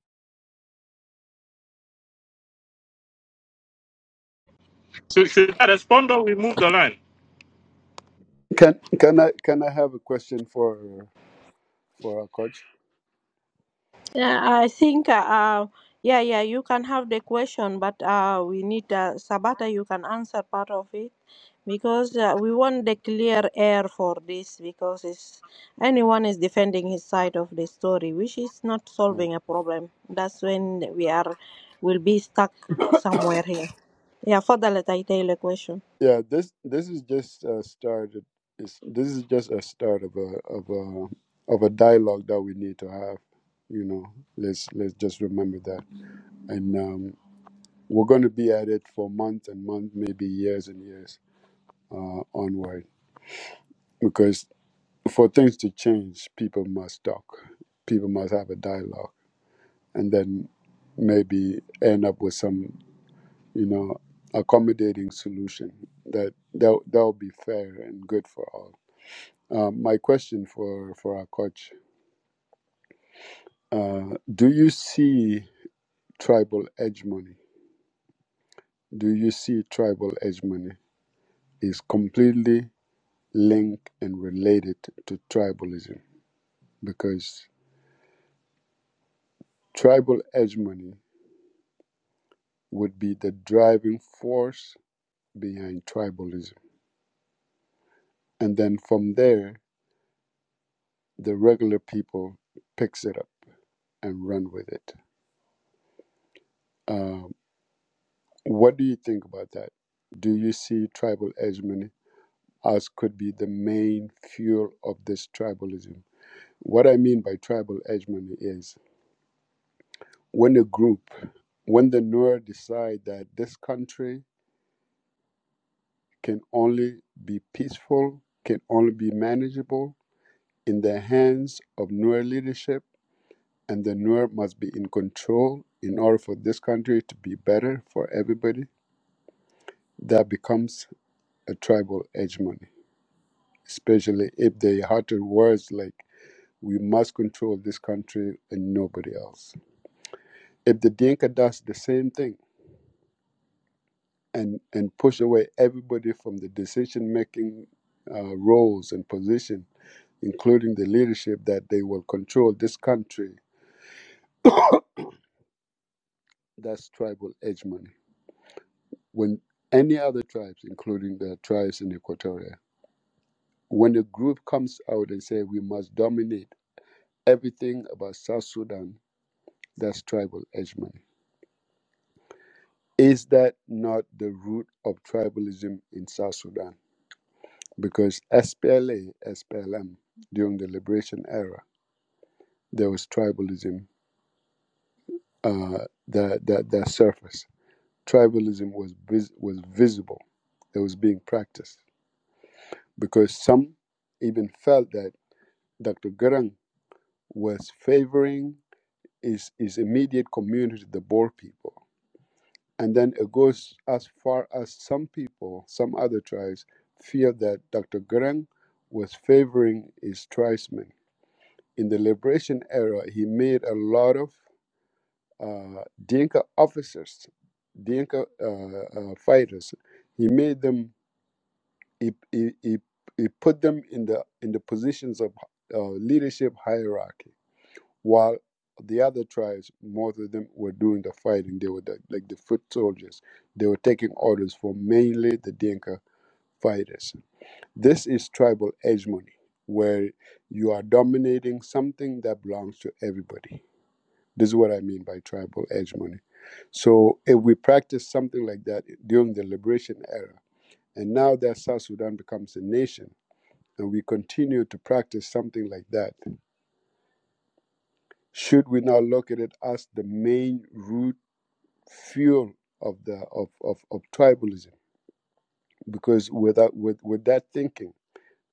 Should, should I respond or we move the line? Can can I can I have a question for for our coach? Yeah, I think, uh, uh, yeah, yeah, you can have the question, but uh, we need uh, Sabata, you can answer part of it because uh, we want the clear air for this because it's, anyone is defending his side of the story, which is not Mm. solving a problem. That's when we are will be stuck somewhere here. Yeah, further let I tell the question. Yeah, this this is just a start. It's, this is just a start of a of a of a dialogue that we need to have. You know, let's let's just remember that, and um, we're going to be at it for months and months, maybe years and years uh, onward, because for things to change, people must talk. People must have a dialogue, and then maybe end up with some you know, accommodating solution that that that'll be fair and good for all. Um, my question for for our coach: uh, Do you see tribal hegemony? Do you see tribal hegemony is completely linked and related to tribalism? Because tribal hegemony would be the driving force behind tribalism, and then from there, the regular people picks it up and run with it Um, what do you think about that? Do you see tribal hegemony as could be the main fuel of this tribalism? What I mean by tribal hegemony is when a group, when the Nuer decide that this country can only be peaceful, can only be manageable in the hands of Nuer leadership, and the Nuer must be in control in order for this country to be better for everybody, that becomes a tribal hegemony especially if they utter words like, we must control this country and nobody else. If the Dinka does the same thing and, and push away everybody from the decision making uh, roles and position, including the leadership, that they will control this country, that's tribal hegemony. When any other tribes, including the tribes in Equatoria, when a group comes out and say we must dominate everything about South Sudan, that's tribal hegemony. Is that not the root of tribalism in South Sudan? Because SPLA, SPLM, during the liberation era, there was tribalism uh, that, that, that surfaced. Tribalism was, vis- was visible, it was being practiced. Because some even felt that Dr. Garang was favoring his, his immediate community, the Boer people And then it goes as far as some people, some other tribes, feel that Dr. Gurung was favoring his tribesmen. In the liberation era, he made a lot of uh, Dinka officers, Dinka uh, uh, fighters. He made them, he, he, he, he put them in the, in the positions of uh, leadership hierarchy while the other tribes, most of them were doing the fighting. They were the, like the foot soldiers. They were taking orders from mainly the Dinka fighters. This is tribal hegemony, where you are dominating something that belongs to everybody. This is what I mean by tribal hegemony. So if we practice something like that during the liberation era, and now that South Sudan becomes a nation, and we continue to practice something like that, should we not look at it as the main root fuel of the of, of, of tribalism because without with, with that thinking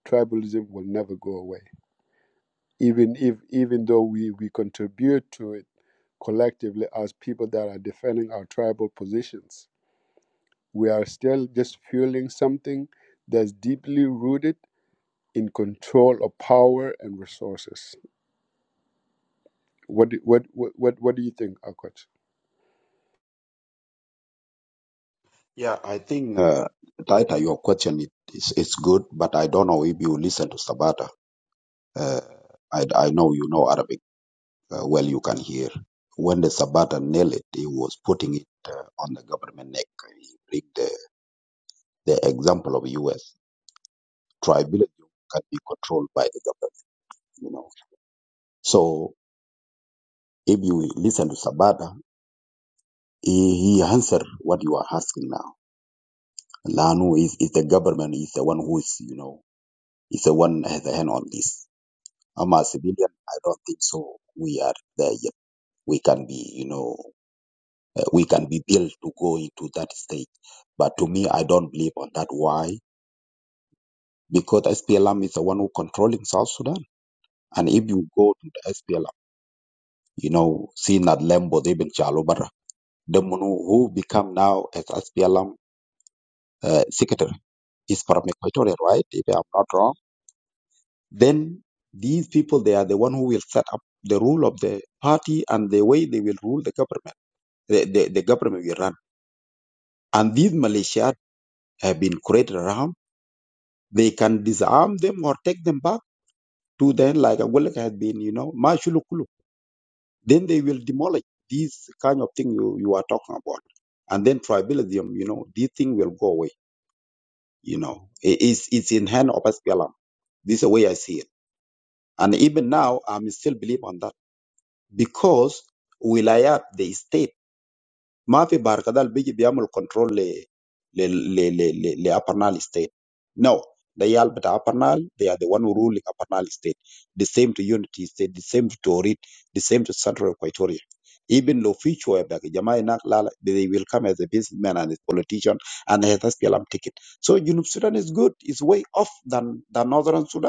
tribalism will never go away even if even though we, we contribute to it collectively as people that are defending our tribal positions we are still just fueling something that's deeply rooted in control of power and resources what what what what, what do you think Akot? Yeah, I think uh, Taita, your question it is it's good, but I don't know if you listen to Sabata. Uh, I I know you know Arabic uh, well. You can hear when the Sabata nailed it, he was putting it uh, on the government neck. He bring the the example of U.S. tribalism can be controlled by the government. You know, so If you listen to Sabata, he, he answer what you are asking now. Lanu is, is the government is the one who is, you know, is the one has the hand on this. I'm a civilian. I don't think so. We are there yet. We can be, you know, uh, we can be built to go into that stage. But to me, I don't believe on that. Why? Because SPLM is the one who controlling South Sudan. And if you go to the SPLM, you know, see Nad Lembo, they've been Chalobara, the one who who become now as SPLM uh, secretary He's from Equatorial, right? If I'm not wrong. Then these people, they are the one who will set up the rule of the party and the way they will rule the government. The, the, the government will run. And these militia have been created around. They can disarm them or take them back to then like Agulek has been, you know, Mashulukulu. Then they will demolish these kind of thing you, you are talking about. And then tribalism, you know, this thing will go away. You know, It- it's, it's in hand of SPLM. This is the way I see it. And even now, I'm still believe on that. because wilayat the state ما في بحر كده بيجي بيعمل كنترول ل ل ل ل ل لابرنال state no the يال بتاع Upper they are the one who ruling Apernal state the same to unity state the same to Torit the same to central Equatoria even lo fichwa ya jamaa inak lala they will come as a businessman and a politician and has a SPLM ticket so Junub Sudan is good it's way off than than northern Sudan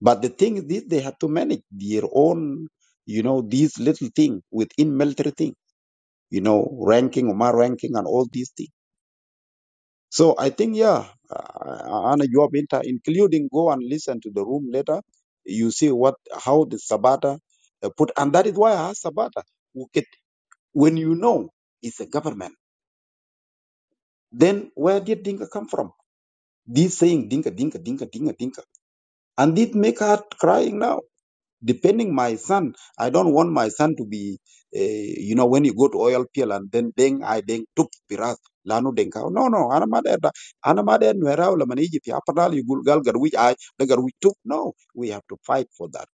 but the thing is, this, they have to manage their own, you know, these little thing within military thing, you know, ranking, Omar ranking, and all these things. So I think, yeah, uh, Anna Joab Inter, including go and listen to the room later. You see what how the Sabata uh, put, and that is why I asked Sabata. who get- When you know it's a government, then where did Dinka come from? This saying Dinka, Dinka, Dinka, Dinka, Dinka, and it make her crying now depending my son i don't want my son to be uh, you know when you go to oil field and then then i then took piras lanu denka no no ana made da ana made nwera wala mani jipi apadal you gulgal gar i the gar took no we have to fight for that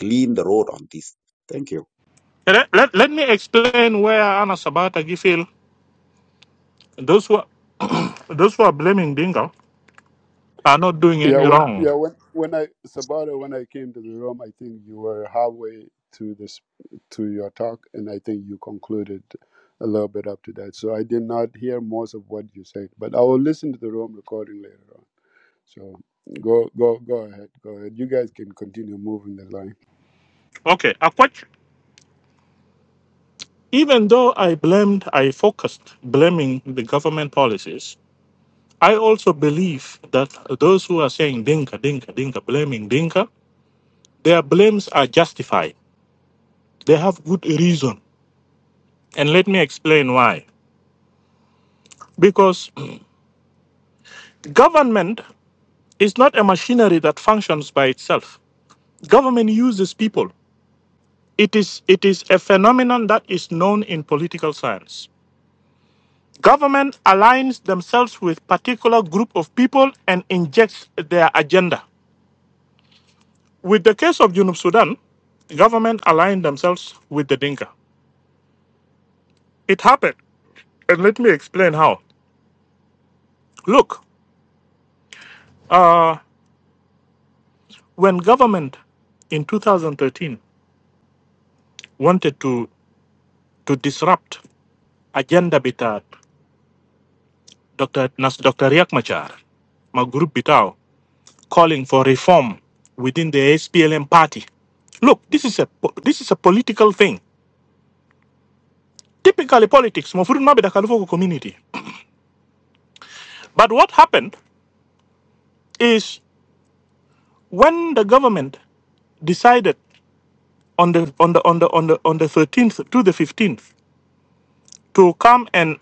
clean the road on this thank you Let, let, let me explain where Anna Sabata Gifil, those who, are- those who are blaming Dingo are not doing Yeah, any when yeah wrong. when when I Sabata when I came to the room, I think you were halfway to this to your talk, and I think you concluded a little bit up to that. So I did not hear most of what you said, but I will listen to the room recording later on. So go go go ahead, go ahead. You guys can continue moving the line. Okay, Akwach, even though I blamed, I focused blaming the government policies, I also believe that those who are saying Dinka, Dinka, Dinka, blaming Dinka, their blames are justified. They have good reason. And let me explain why. Because government is not a machinery that functions by itself. Government uses people. It is it is a phenomenon that is known in political science. Government aligns themselves with particular group of people and injects their agenda. With the case of Junub Sudan, government aligned themselves with the Dinka. It happened, and let me explain how. Look, uh, when government in 2013 wanted to to disrupt agenda bitat Dr. Nas Dr. Riak Machar, my group bitao calling for reform within the SPLM party. Look, this is a this is a political thing. Typically, politics. Mofurun Mabeda Kalifoko community. But what happened is when the government decided on the on the on the on the on the 13th to the 15th to come and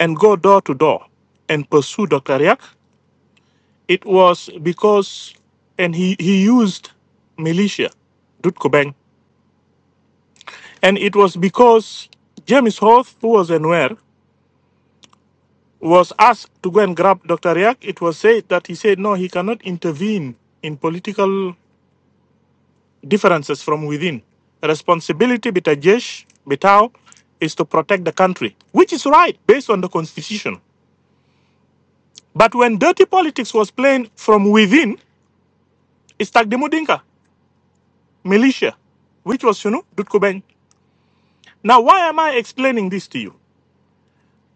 and go door to door and pursue Dr. Riak, it was because and he he used militia Dutko Beng. And it was because James Hoth, who was Anwer, was asked to go and grab Dr. Riak, it was said that he said no, he cannot intervene in political differences from within. Responsibility bitajesh bitao is to protect the country, which is right based on the constitution. But when dirty politics was playing from within, it's Tagdemudinka, militia, which was you know Dutkuben. Now why am I explaining this to you?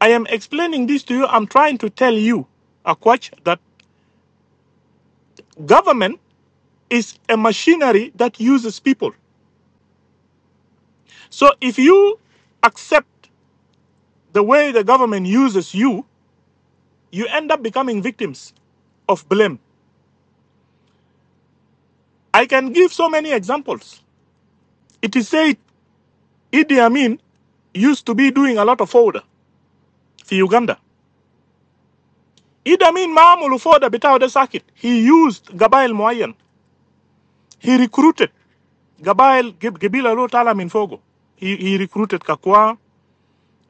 I am explaining this to you. I'm trying to tell you, Akwach, that government is a machinery that uses people. So if you accept the way the government uses you, you end up becoming victims of blame. I can give so many examples. It is said Idi Amin used to be doing a lot of fodder for Uganda. Idi Amin Maamulu fodder bitaw de sakit. He used Gabail Moyen. He recruited Gabail Gib- Gibila Lo Tala Min Fogo. He, he recruited Kakwa,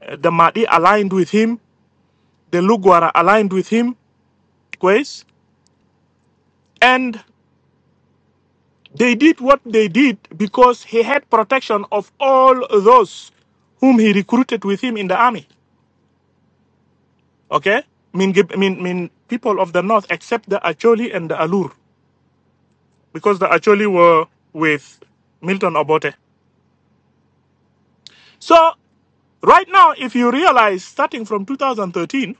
uh, the Mahdi aligned with him, the Lugwara aligned with him, Kwes, and They did what they did because he had protection of all those whom he recruited with him in the army. Okay? Mean, mean, mean people of the north except the Acholi and the Alur because the Acholi were with Milton Obote. So, right now, if you realize, starting from 2013,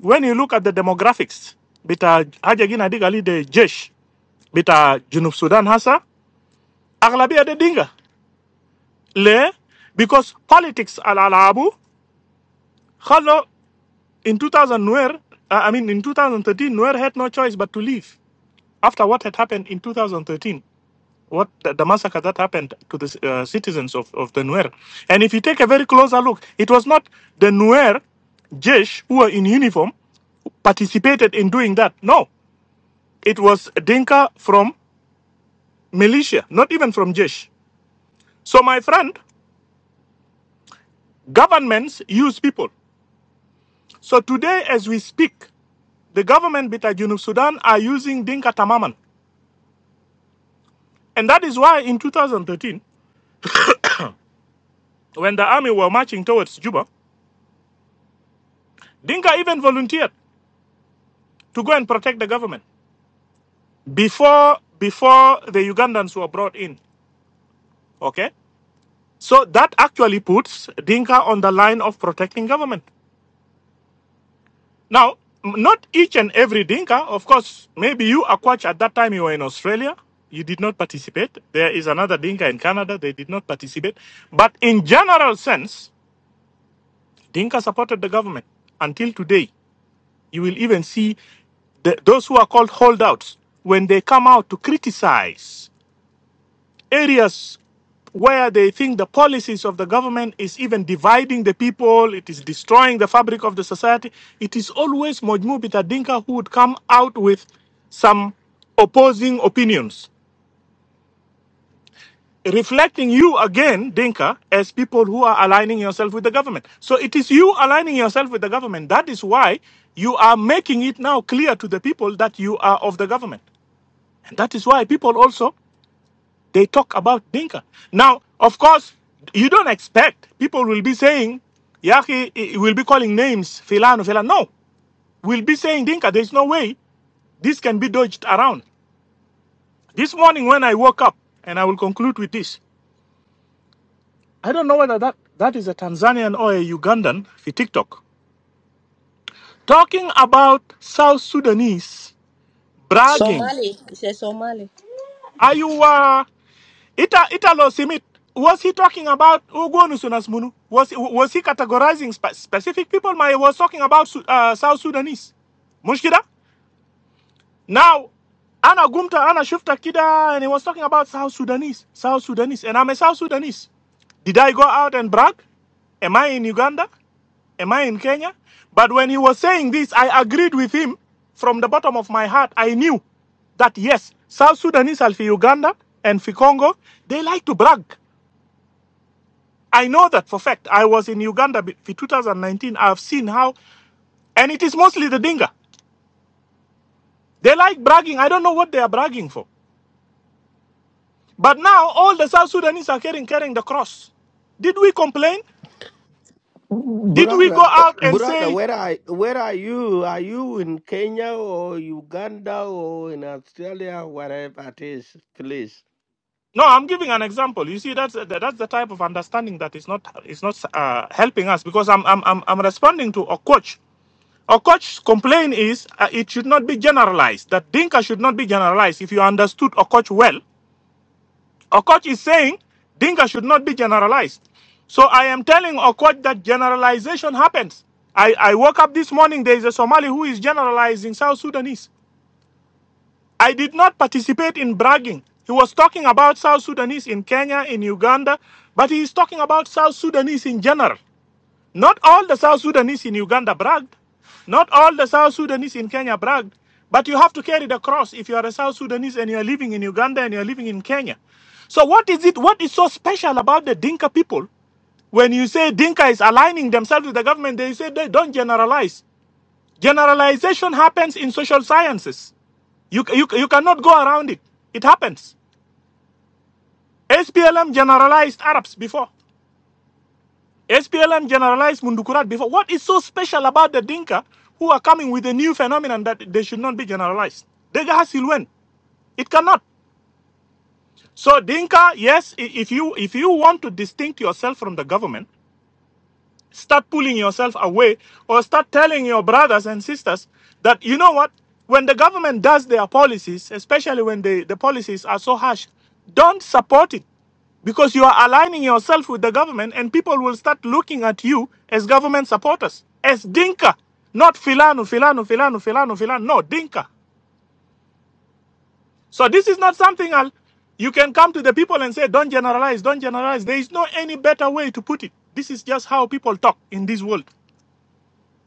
when you look at the demographics, bita Hajagin Adigali de Jesh, bita Junub Sudan hasa Aglabi de Dinga, Le, because politics al-alabu, In 2000, Nuer, uh, I mean, in 2013, Nuer had no choice but to leave after what had happened in 2013, what the, the massacre that happened to the uh, citizens of, of the Nuer. And if you take a very closer look, it was not the Nuer Jesh who were in uniform participated in doing that. No, it was Dinka from militia, not even from Jesh. So, my friend, governments use people. So, today, as we speak, the government, Bita Junub Sudan, are using Dinka Tamaman And that is why in 2013, when the army were marching towards Juba, Dinka even volunteered to go and protect the government before before the Ugandans were brought in. Okay, so that actually puts Dinka on the line of protecting government. Now, not each and every Dinka, of course. Maybe you, Akwach, at that time you were in Australia. You did not participate. There is another Dinka in Canada. They did not participate. But in general sense, Dinka supported the government until today. You will even see the, those who are called holdouts when they come out to criticize areas where they think the policies of the government is even dividing the people, it is destroying the fabric of the society. It is always Mojmu Bita Dinka who would come out with some opposing opinions. reflecting you again, Dinka, as people who are aligning yourself with the government. So it is you aligning yourself with the government. That is why you are making it now clear to the people that you are of the government. And that is why people also they talk about Dinka. Now, of course, you don't expect people will be saying, Yaki will be calling names, Filano, Filano. No, we'll be saying Dinka. There's no way this can be dodged around. This morning when I woke up, and I will conclude with this. I don't know whether that, that is a Tanzanian or a Ugandan for TikTok. Talking about South Sudanese bragging. Somali, it's a Somali. Are you uh, Ita Italo Simit? Was he talking about Ugonu Sunasmunu? Was was he categorizing spe- specific people? My he was talking about uh, South Sudanese. Mushkida? Now, ana Gumta, ana Shufta Kida, and he was talking about South Sudanese. South Sudanese. And I'm a South Sudanese. Did I go out and brag? Am I in Uganda? Am I in Kenya? But when he was saying this, I agreed with him from the bottom of my heart. I knew that yes, South Sudanese are for Uganda and for Congo. They like to brag. I know that for fact. I was in Uganda for 2019. I've seen how, and it is mostly the Dinka. They like bragging. I don't know what they are bragging for. But now all the South Sudanese are carrying carrying the cross. Did we complain? Did we Brother, go uh, out and brother, say where are where are you? Are you in Kenya or Uganda or in Australia, wherever it is? Please, No, I'm giving an example. You see, that's that- that's the type of understanding that is not is not uh, helping us because I'm I'm I'm, I'm responding to a coach. A coach's complaint is uh, it should not be generalized. That Dinka should not be generalized. If you understood a coach well, a coach is saying Dinka should not be generalized. So I am telling a coach that generalization happens. I, I woke up this morning. There is a Somali who is generalizing South Sudanese. I did not participate in bragging. He was talking about South Sudanese in Kenya, in Uganda, but he is talking about South Sudanese in general. Not all the South Sudanese in Uganda bragged. Not all the South Sudanese in Kenya bragged. But you have to carry the cross if you are a South Sudanese and you are living in Uganda and you are living in Kenya. So what is it? What is so special about the Dinka people? When you say Dinka is aligning themselves with the government, they say they don't generalize. Generalization happens in social sciences. You, you, you cannot go around it. It happens. SPLM generalized Arabs before. SPLM generalized Mundukurat before. What is so special about the Dinka who are coming with a new phenomenon that they should not be generalized? Dega Silwen. It cannot. So Dinka, yes, if you if you want to distinct yourself from the government, start pulling yourself away or start telling your brothers and sisters that you know what when the government does their policies especially when they, the policies are so harsh don't support it because you are aligning yourself with the government and people will start looking at you as government supporters as dinka not filano filano filano filano filano no dinka so this is not something I'll, you can come to the people and say don't generalize don't generalize there is no any better way to put it this is just how people talk in this world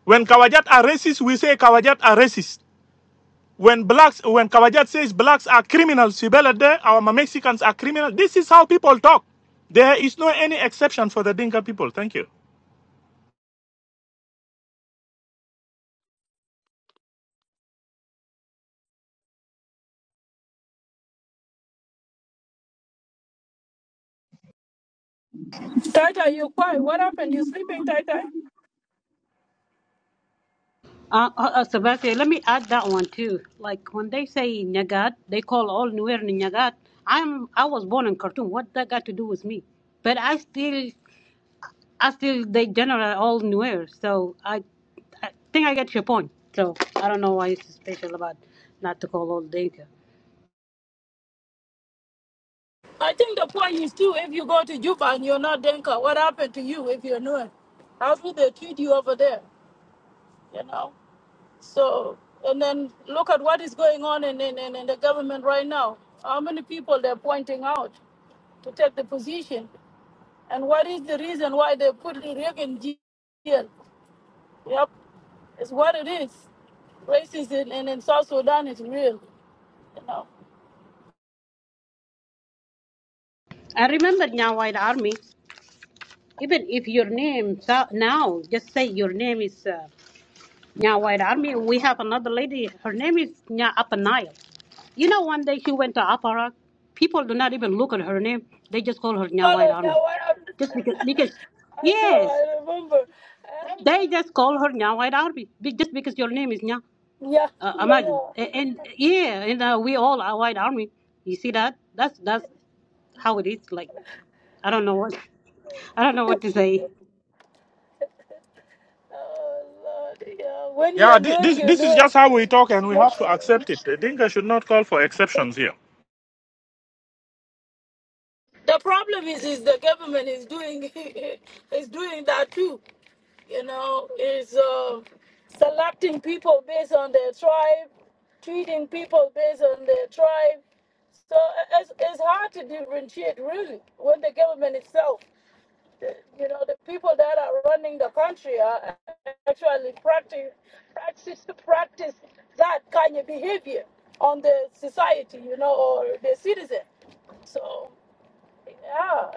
when Kawajat are racist, we say Kawajat are racist. When blacks, when Kawajat says blacks are criminals, Sibele De, our Mexicans are criminals. This is how people talk. There is no any exception for the Dinka people. Thank you. Thank Tata, you quiet. What happened? You sleeping, you. Tata? Uh, uh, uh, Sebastian, let me add that one too. Like when they say Nyagat, they call all Nuer Nyagat. I'm I was born in Khartoum. What that got to do with me? But I still, I still they generate all Nuer. So I, I think I get your point. So I don't know why it's special about not to call all Dinka. I think the point is too, if you go to Juba and you're not Denka, what happened to you if you're not? How do they treat you over there? You know? So, and then look at what is going on in, in, in in the government right now. How many people they're pointing out to take the position? And what is the reason why they put Riek in jail? Yep, it's what it is. Racism in, in, in South Sudan is real, you know. I remember Nya White Army. Even if your name so- now, just say your name is. uh, Nya White Army, we have another lady. Her name is Nya Upper Nile. You know, one day she went to Aparak. People do not even look at her name. They just call her Nya White Follow, yeah, Army. what up? Just because, because I know, yes, I remember. they Um, just call her Nya White Army. Be- Just because your name is Nya. yeah, Uh, yeah. imagine. Oh, And, and yeah, and uh, we all are White Army. You see that? That's that's how it is. Like, I don't know what, I don't know what to say. Lord, yeah. When Yeah, you thi- know, this you this is just how we talk, and we have to know. accept it. The Dinka should not call for exceptions here. The problem is, is the government is doing is doing that too. You know, is uh, selecting people based on their tribe, treating people based on their tribe. So it's, it's hard to differentiate really when the government itself, the- you know, the people that are running the country are actually practice practice practice that kind of behavior on the society, you know, or the citizen. So yeah, uh,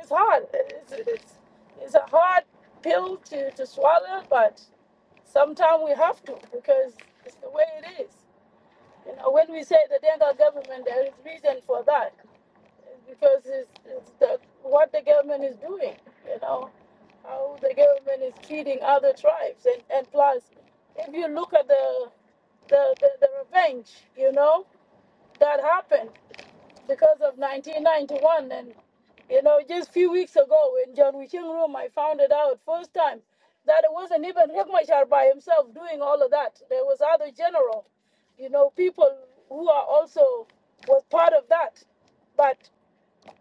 it's hard. It's, it's, it's a hard pill to, to swallow, but sometimes we have to because it's the way it is. You know, when we say the Denga government, there is reason for that because it's, it's the, what the government is doing, you know, how the government is treating other tribes. And, and plus, if you look at the, the, the, the revenge, you know, that happened because of 1991. And, you know, just a few weeks ago in John Wiching room, I found it out first time that it wasn't even Riek Machar by himself doing all of that. There was other general, you know, people who are also was part of that. But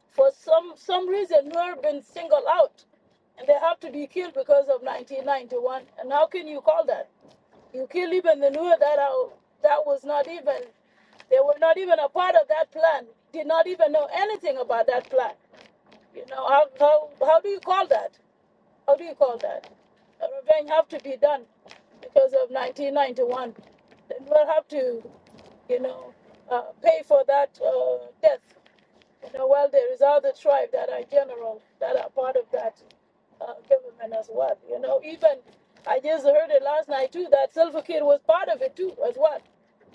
for some some reason, Nuer been singled out, and they have to be killed because of 1991. And how can you call that? You kill even the Nuer that are, that was not even they were not even a part of that plan. Did not even know anything about that plan. You know how how, how do you call that? How do you call that? A revenge have to be done because of 1991. The Nuer have to, you know, uh, pay for that uh, death. You know, well, there is other tribe that are general that are part of that uh, government as well. You know, even I just heard it last night too that Silver Kid was part of it too as well.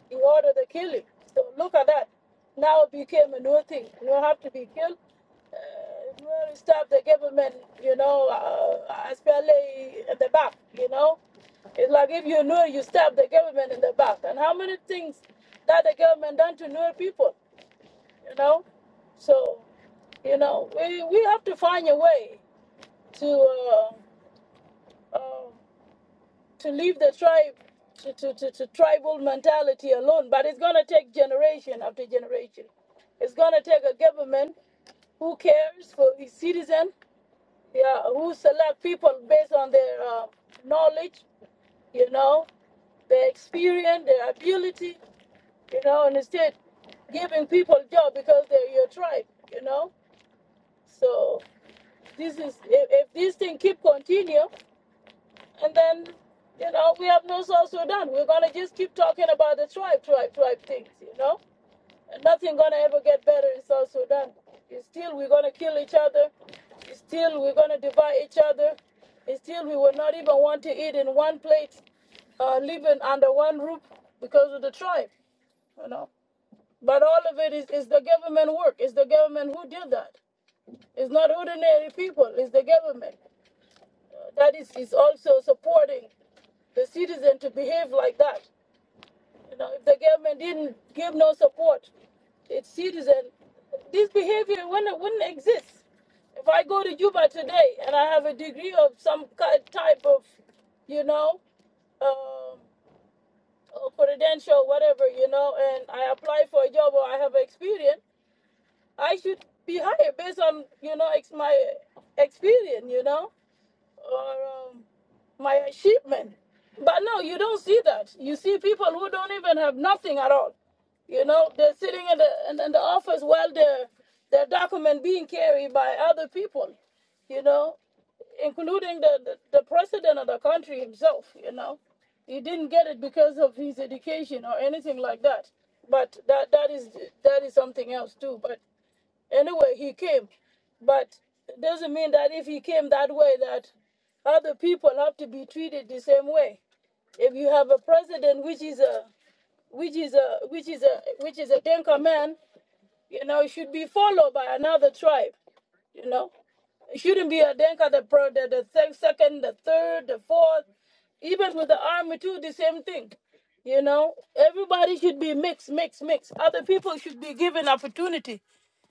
He ordered the killing. So look at that. Now it became a new thing. You don't have to be killed. Uh, well, stop the government, you know, uh, especially at the back, you know. It's like if you know you stab the government in the back. And how many things that the government done to Nuer people, you know? So you know, we, we have to find a way to uh, uh, to leave the tribe to, to, to, to tribal mentality alone. But it's gonna take generation after generation. It's gonna take a government who cares for his citizen, yeah, who select people based on their uh, knowledge, you know, their experience, their ability, you know, and instead giving people job because they're your tribe, you know. So this is if, if this thing keep continue and then you know we have no South Sudan. We're gonna just keep talking about the tribe, tribe, tribe things, you know? And nothing gonna ever get better in South Sudan. It's still we're gonna kill each other, it's still we're gonna divide each other, it's still we will not even want to eat in one plate, uh, living under one roof because of the tribe, you know. But all of it is, is the government work. It's the government who did that. It's not ordinary people, it's the government. That is, is also supporting the citizen to behave like that. You know, if the government didn't give no support, its citizen, this behavior wouldn't, wouldn't exist. If I go to Juba today and I have a degree of some ki- type of, you know, um, or credential, whatever, you know, and I apply for a job or I have experience, I should be hired based on, you know, ex- my experience, you know or um, my achievement. But no, you don't see that. You see people who don't even have nothing at all. You know, they're sitting in the in, in the office while their their document being carried by other people. You know, including the, the the president of the country himself. You know, he didn't get it because of his education or anything like that. But that that is that is something else too. But Anyway, he came. But it doesn't mean that if he came that way that other people have to be treated the same way. If you have a president which is a which is a which is a which is a Denka man, you know, it should be followed by another tribe. You know, it shouldn't be a Denka the pro the, the sec- second, the third, the fourth. Even with the army too, the same thing. You know, everybody should be mixed, mixed, mixed. Other people should be given opportunity.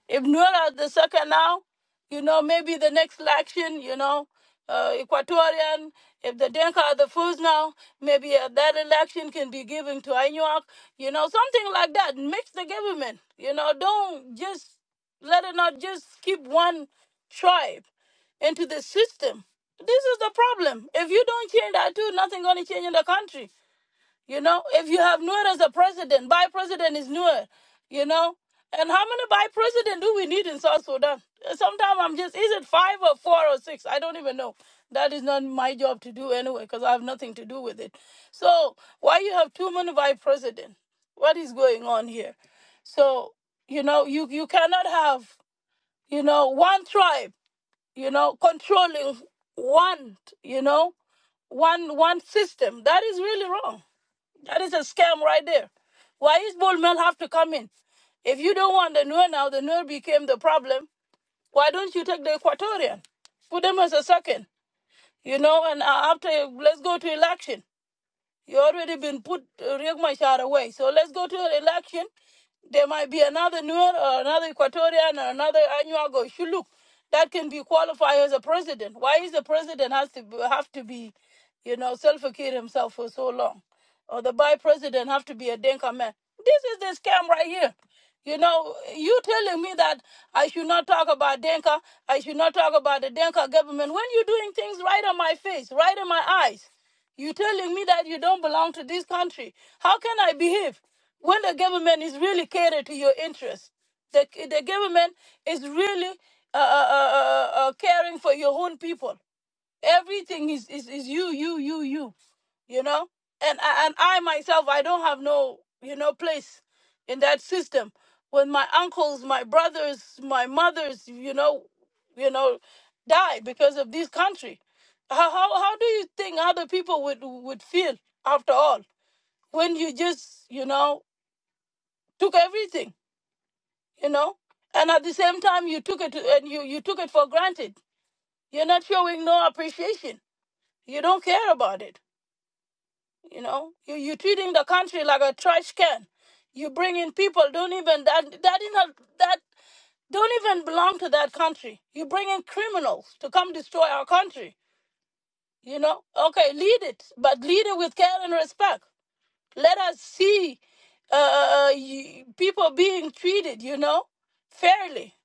If Nuera is the second now, you know, maybe the next election, you know, uh, Equatorian, if the Denka are the first now, maybe uh, that election can be given to Anuak, you know, something like that. Mix the government, you know, don't just let it not just keep one tribe into the system. This is the problem. If you don't change that too, nothing's gonna change in the country. You know, if you have Nuer as a president, by president is Nuer, you know. And how many by president do we need in South Sudan? Sometimes I'm just, is it five or four or six? I don't even know. That is not my job to do anyway, because I have nothing to do with it. So why you have too many by president? What is going on here? So, you know, you, you cannot have, you know, one tribe, you know, controlling one, you know, one one system. That is really wrong that is a scam right there. Why is Bullman have to come in? If you don't want the Nuer now, the Nuer became the problem. Why don't you take the Equatorian? Put them as a second, you know, and uh, after let's go to election. You already been put uh, Riek Machar away. So let's go to an election. There might be another Nuer or another Equatorian or another Anyuago Shuluk that can be qualified as a president. Why is the president has to be, have to be, you know, self-acute himself for so long? Or the by president have to be a Denka man? This is the scam right here. You know, you telling me that I should not talk about Denka, I should not talk about the Denka government when you're doing things right on my face, right in my eyes. You telling me that you don't belong to this country? How can I behave when the government is really catered to your interests? The the government is really uh, uh, uh, uh, uh, caring for your own people everything is is, is you you you you you know and and i myself i don't have no you know place in that system when my uncles my brothers my mothers you know you know die because of this country how how, how do you think other people would would feel after all when you just you know took everything you know and at the same time you took it and you you took it for granted you're not showing no appreciation you don't care about it You know, you you treating the country like a trash can. You bring in people don't even that that is not that don't even belong to that country. You bring in criminals to come destroy our country. You know, okay, lead it, but lead it with care and respect. Let us see uh, people being treated, you know, fairly.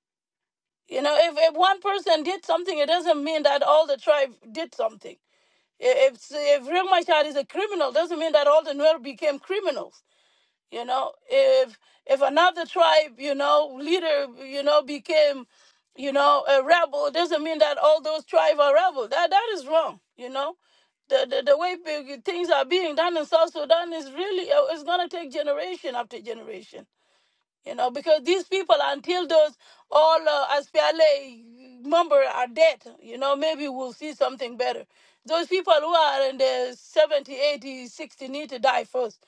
You know, if, if one person did something, it doesn't mean that all the tribe did something. If if Riek Machar is a criminal, doesn't mean that all the Nuer became criminals you know if if another tribe you know leader you know became you know a rebel it doesn't mean that all those tribes are rebel that that is wrong you know the, the, the way things are being done in South Sudan is really uh, it's gonna take generation after generation you know, because these people, until those all uh, SPLA member are dead, you know, maybe we'll see something better. Those people who are in the 70, 80, 60 need to die first.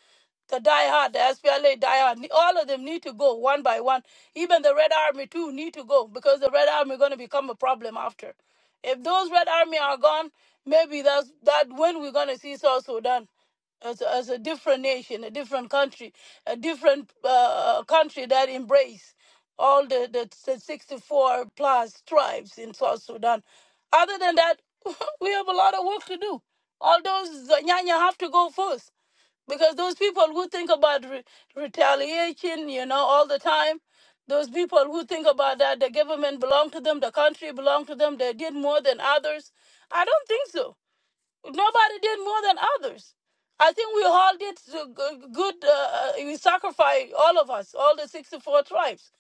The die hard, the SPLA die hard, all of them need to go one by one. Even the Red Army too need to go because the Red Army going to become a problem after. If those Red Army are gone, maybe that's that when we're going to see South Sudan as a, as a different nation, a different country, a different uh, country that embrace all the, the, the 64 plus tribes in South Sudan. Other than that, we have a lot of work to do. All those Nyanya have to go first because those people who think about re- retaliation, you know, all the time, those people who think about that the government belong to them, the country belong to them, they did more than others. I don't think so Nobody did more than others. I think we all did uh, good. Uh, uh, we sacrificed all of us, all the sixty-four tribes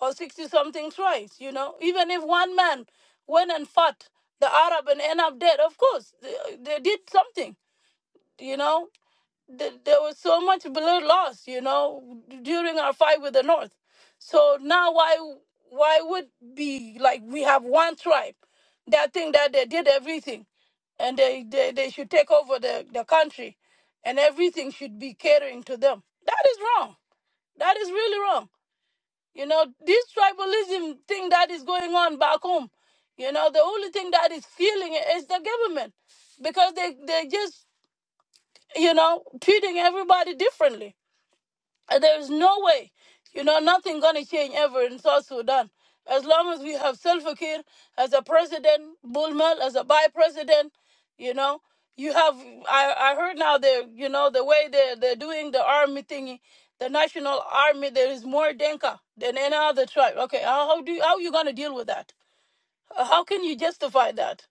or sixty-something tribes. You know, even if one man went and fought the Arab and end up dead, of course they, they did something. You know, th- there was so much blood lost, you know, during our fight with the North. So now why why would be like we have one tribe that think that they did everything and they, they, they should take over the, the country and everything should be catering to them. That is wrong. That is really wrong. You know, this tribalism thing that is going on back home, you know, the only thing that is feeling it is the government because they, they just, you know, treating everybody differently uh, There's no way, you know, nothing gonna change ever in South Sudan. As long as we have Salva Kiir as a president, Bulmel as a by president, you know, you have. I I heard now they, you know, the way they are they're doing the army thingy, the national army. There is more Denka than any other tribe. Okay, how, how do you, how are you gonna deal with that? Uh, How can you justify that?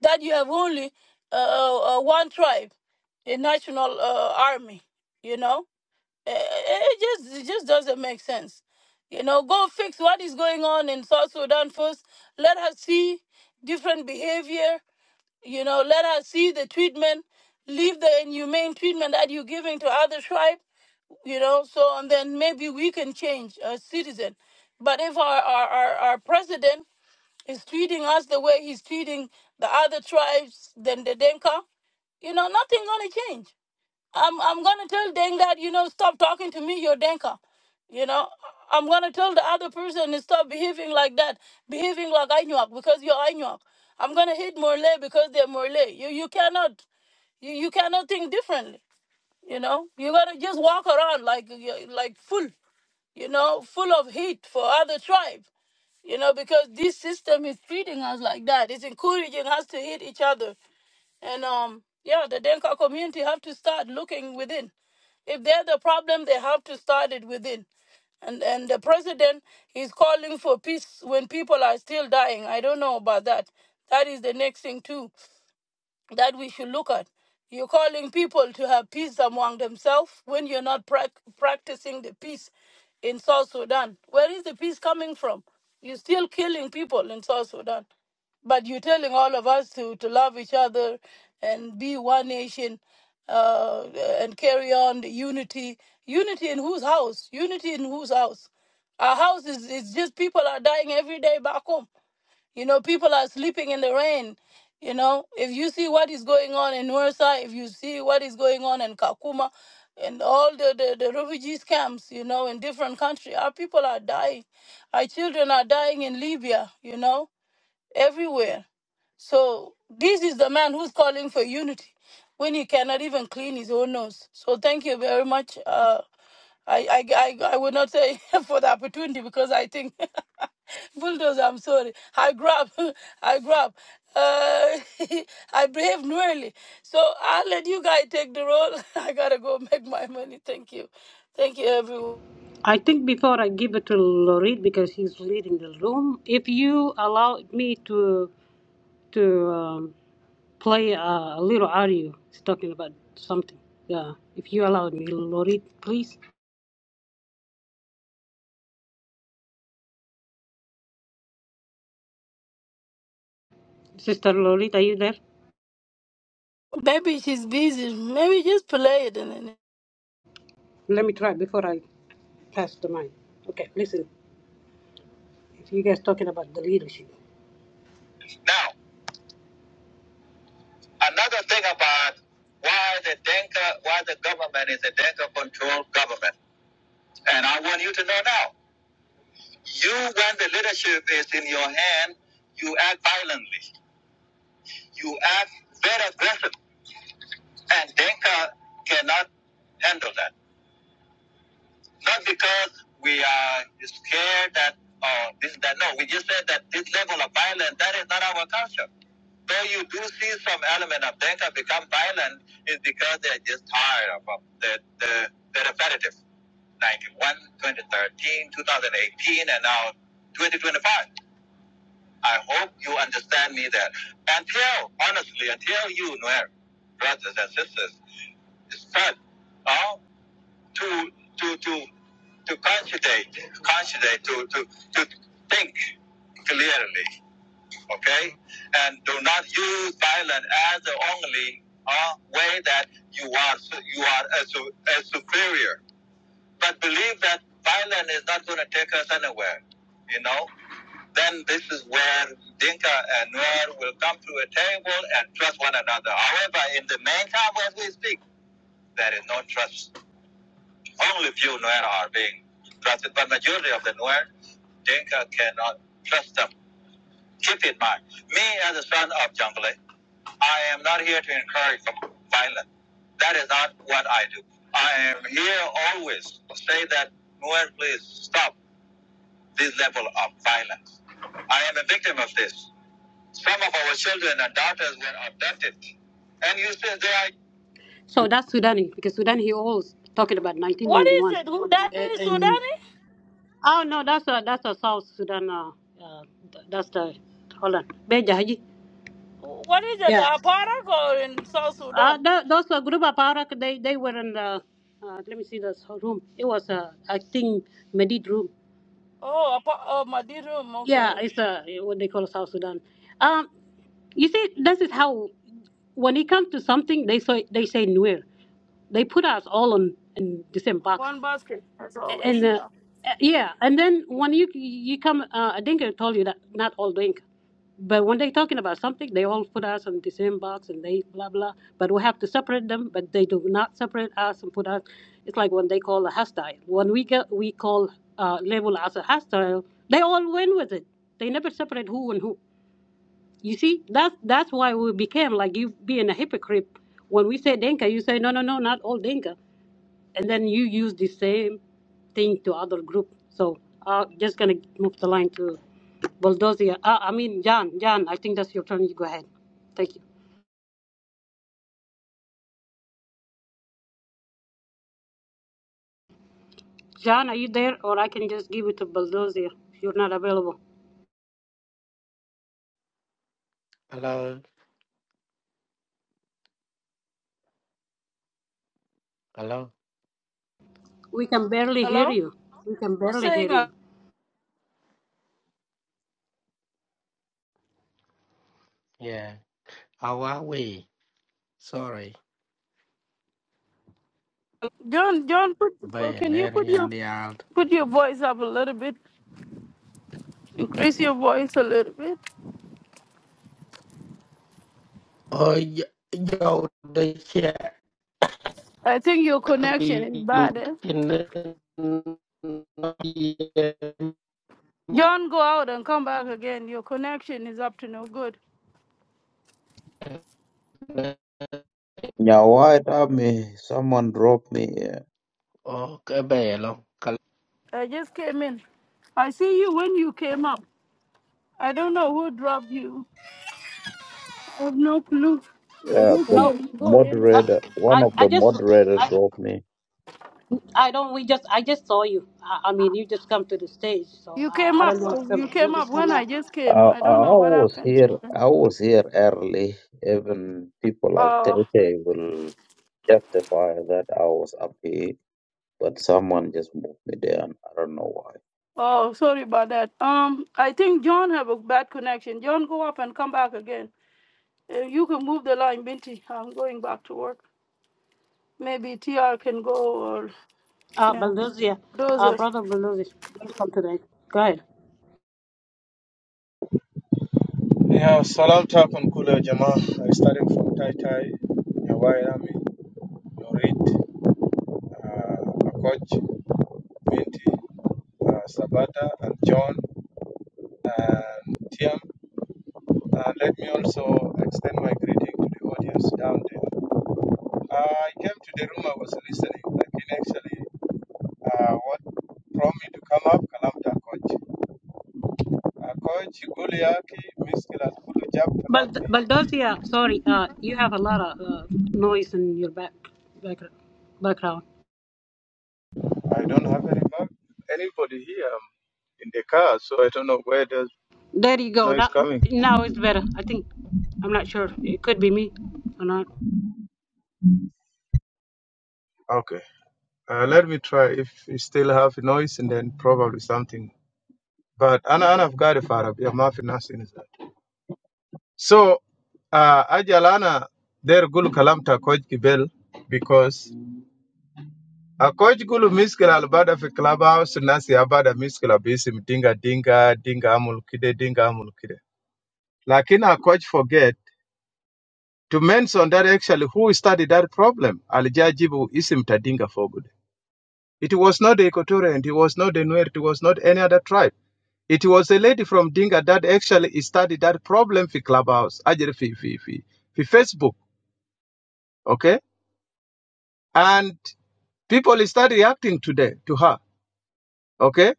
That you have only uh, uh, uh, one tribe, a national uh, army, you know it, it just it just doesn't make sense. You know, go fix what is going on in South Sudan first. Let us see different behavior. You know, let us see the treatment. Leave the inhumane treatment that you're giving to other tribe. You know, so and then maybe we can change as citizen. But if our our, our, our president is treating us the way he's treating the other tribes, then the Denka, you know, nothing gonna change. I'm I'm gonna tell Deng that you know stop talking to me, you're Denka. You know, I'm gonna tell the other person to stop behaving like that, behaving like Ainuak because you're Ainuak. I'm gonna hit Morley because they're Morley. You you cannot, you, you cannot think differently. You know, you gotta just walk around like like full, you know, full of hate for other tribe. You know, because this system is treating us like that. It's encouraging us to hate each other. And um, yeah, the Denka community have to start looking within. If they're the problem, they have to start it within. And and the president is calling for peace when people are still dying. I don't know about that. That is the next thing too that we should look at. You're calling people to have peace among themselves when you're not prac practicing the peace in South Sudan. Where is the peace coming from? You're still killing people in South Sudan. But you're telling all of us to, to love each other and be one nation uh, and carry on the unity. Unity in whose house? Unity in whose house? Our house is, is just people are dying every day back home. You know, people are sleeping in the rain. You know, if you see what is going on in Nursa, if you see what is going on in Kakuma, and all the, the, the refugees camps, you know, in different countries, our people are dying. Our children are dying in Libya, you know everywhere. So this is the man who's calling for unity when he cannot even clean his own nose. So thank you very much. Uh, I, I, I, I would not say for the opportunity because I think bulldozer. I'm sorry. I grab, I grab. Uh, I behave nearly. So I'll let you guys take the role. I gotta go make my money. Thank you, thank you, everyone. I think before I give it to Lorit because she's leading the room, if you allow me to. to um, play uh, a little audio. It's talking about something. Yeah, if you allow me, Lorit, please. Sister Lorit, are you there? Maybe she's busy. Maybe just play it and then. Let me try before I pass the mic. Okay, listen. If you guys talking about the leadership. Now, another thing about why the Denka, why the government is a Denka-controlled government, and I want you to know now. You, when the leadership is in your hand, you act violently. You act very aggressive. And Denka cannot handle that. Not because we are scared that or this that no, we just said that this level of violence that is not our culture. Though you do see some element of Denka become violent is because they're just tired of of the the, the repetitive. 91, 2013, 2018, and now 2025. I hope you understand me there. Until, honestly, until you, Nuer, brothers and sisters, start uh, to to to to concentrate, concentrate, to to to think clearly, okay, and do not use violence as the only uh, way that you are you are a, su- a superior. But believe that violence is not going to take us anywhere, you know. Then this is where Dinka and Nuer will come to a table and trust one another. However, in the meantime, as we speak, there is no trust Only few Nuer are being trusted, but majority of the Nuer, Dinka cannot trust them. Keep in mind, me as a son of Jungle, I am not here to encourage violence. That is not what I do. I am here always to say that Nuer, please stop this level of violence. I am a victim of this. Some of our children and daughters were abducted, and you say they are. So that's Sudani, because Sudani he always talking about What 1991, is it? Who that A- is Sudanese? and, Oh no, that's a that's a South Sudan. Uh, uh, th- that's the hold on, Beja Haji. Wh- What is it? Yeah. Aparak or in South Uh, Sudan? th- those a group of Arak. They they were in the. Uh, let me see this room. It was a I think Medid room. Oh, apa- oh, Madirum. Okay, Yeah, okay. it's a what they call South Sudan. Um, you see, this is how when it comes to something, they say they say nowhere. They put us all on in the same box. one basket as and always. uh, Yeah. uh, yeah, and then when you you come, uh, I think I told you that not all drink, but when they're talking about something, they all put us in the same box and they blah blah. But we have to separate them, but they do not separate us and put us. It's like when they call a hostile. When we get we call uh, label as a hostile, they all win with it. They never separate who and who. You see, that's that's why we became like you being a hypocrite. When we say Dinka, you say no, no, no, not all Dinka and then you use the same thing to other group. So I'm just gonna move the line to Bulldozer. Uh, I mean, John. John, I think that's your turn. You go ahead. Thank you. John, are you there, or I can just give it to Bulldozer? If you're not available, hello, hello. we can barely hear Hello. you. We can Who's barely saying? hear Uh, you. Yeah, how are we? Sorry, John, John, put, uh, can you put Bayaneri your and the alt. put your voice up a little bit? Increase your voice a little bit. Oh, yo, yo, the chair. I think your connection is You bad. Eh? can not hear me? John, go out and come back again. Your connection is up to no good. Yeah, why white me? Someone dropped me. Yeah, Okay, Bayalo. I just came in. I see you when you came up. I don't know who dropped you. I have no clue. I Yeah, just the No, came. Go in. I, moderator, one I, of I the just, moderator I, dropped me. I don't. We just, I just saw you. I, I mean, you just come to the stage, so You uh, came I don't up. know if You somebody. You came up just come when I out. just came. I, I I don't know I what was happened. here. I was here early. Even people like Oh, Tete will justify that I was up here, but someone just moved me down. I don't know why. oh, sorry about that. Um, I think John have a bad connection. John, go up and come back again. Uh, you can move the line, Binti. I'm going back to work. Maybe TR can go or Uh, yeah, Bulldozer, uh, those. brother Bulldozer, welcome today. Go ahead. Yeah, salam takum kula jama. I started from Tai Tai, Nyawai Army, Norit, uh, Akoch, Binti, uh, Sabata, and John, and Tiam. Uh, let me also extend my greeting to the audience down there. Uh, I came to the room, I was listening. I mean, actually, uh, what prompted me to come up, Kalamta Akoch. Akoch, Guliaki, Miskila, Kulu Jab, Bald- Kalamti. Baldosia, sorry, uh, you have a lot of uh, noise in your back, back background. I don't have any map, anybody here um, in the car, so I don't know where the There you go. noise Now, coming. now it's better. I think. I'm not sure. It could be me or not. Okay, uh, let me try. If you still have noise, and then probably something. But ana ana fgari farab ya mafi nas inza. So, uh, ajal ana der gulu kalam ta coach gibel because a coach gulu miskil albada fi clubhouse nasi abada miskil abisim dinga dinga dinga amul kide dinga amul kide. Lakin a coach forget. to mention that actually who studied that problem, Al Jajibu Isim Tadinga Fogud. It was not the Equatorian, it was not the Nuer, it was not any other tribe. It was a lady from Dinga that actually studied that problem for Clubhouse, Ajere fi, fi, fi, fi Facebook, okay? And people started reacting today to her, okay?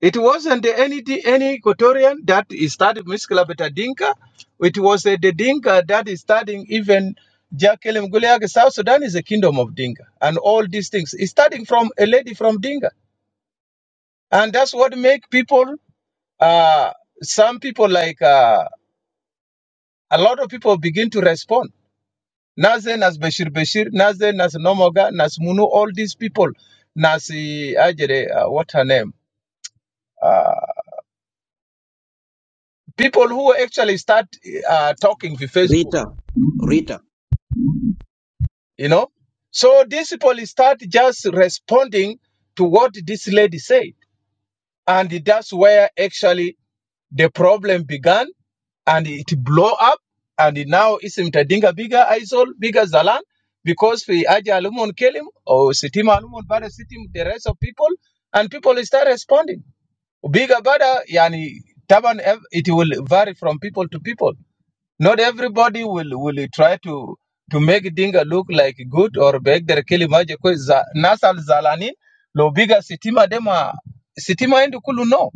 It wasn't any any Equatorian that started Miskela Dinka. It was uh, the Dinka that is starting even Jakelem Guleag. South Sudan is a kingdom of Dinka, and all these things is starting from a lady from Dinka, and that's what make people. Uh, some people like uh, a lot of people begin to respond. Nazen as Bashir Bashir, Nazen as Nomoga, Nas Munu, all these people, Nasi Ajere, uh, what her name? Uh, people who actually start uh, talking with Facebook you know. So these people start just responding to what this lady said, and that's where actually the problem began, and it blow up, and now it's mtadinga bigger isol bigger zalan because we aja alumon kill him or sitima alumon bada sitim the rest of people, and people start responding. Bigger bada yani taban it will vary from people to people. Not everybody will will try to to make Dinga look like good or beg their kilimaje kwa nasal zalanin lo bigger sitima dema sitima and kulu no.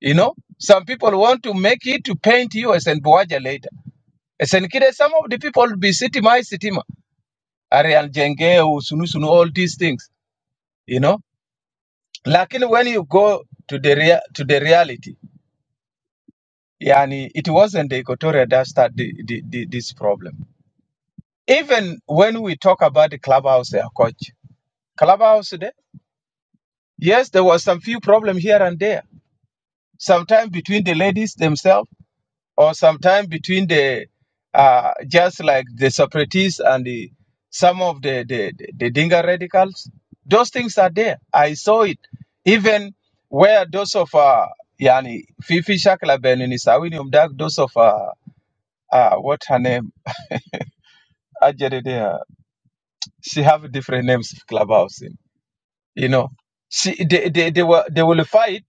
You know, some people want to make it to paint you as an buwaja later. As an kid, some of the people be sitima is sitima. Arial jenge, usunu sunu, all these things. You know, lakini when you go to the rea- to the reality, yani it wasn't the equatorial that started the, the, the, this problem. Even when we talk about the clubhouse there, coach, clubhouse there, yes, there was some few problem here and there. Sometimes between the ladies themselves, or sometimes between the uh, just like the separatists and the some of the the, the, the Dinga radicals. Those things are there. I saw it. Even where those of uh, yani Fifi Shakla Benini Sawini Umdak, those of uh, uh, what her name, Ajerede, uh, she have different names of clubhouse. you know see they, they, they were they will fight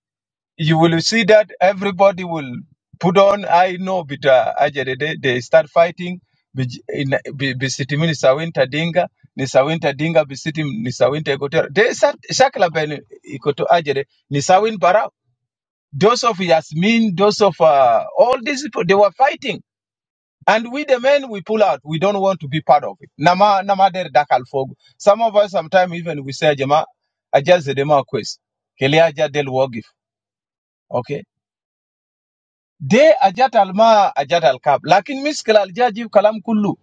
you will see that everybody will put on i know but uh, ajere, they, they start fighting bij- in bi- bisitimi ni sawinta dinga ni sawinta dinga bisitim ni sawinta ikotera they start shakla ben ikoto ajere ni sawin bara those of yasmin those of uh, all these people they were fighting and we the men we pull out. We don't want to be part of it. Nama nama der dakal fog. Some of us sometimes even we say Jama ajaz zedema quest. Kele aja del wagif. Okay. De ajat alma ajat al kab. Lakin miskala al kalam kullu.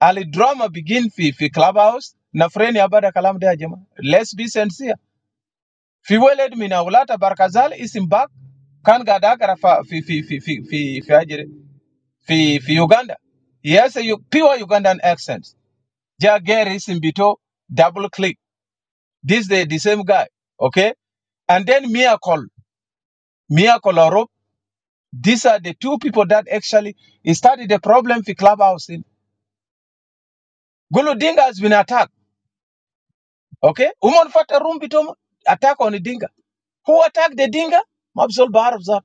Ali drama begin fi fi clubhouse na freni abada kalam de ajama. Let's be sincere. Fi weled mina ulata barkazal isim bak kan gada gara fa fi fi fi fi fi fi ajere fi fi Uganda. He has a u- pure Ugandan accent. Jagger is in Bito, double click. This they the same guy. Okay? And then Miracle, Miracle Orob. These are the two people that actually started the problem for Clubhouse. In Gulu Dinga has been attacked. Okay? Uman Fata Room Bito attack on the Dinga. Who attacked the Dinga? Mabsul Barabzat.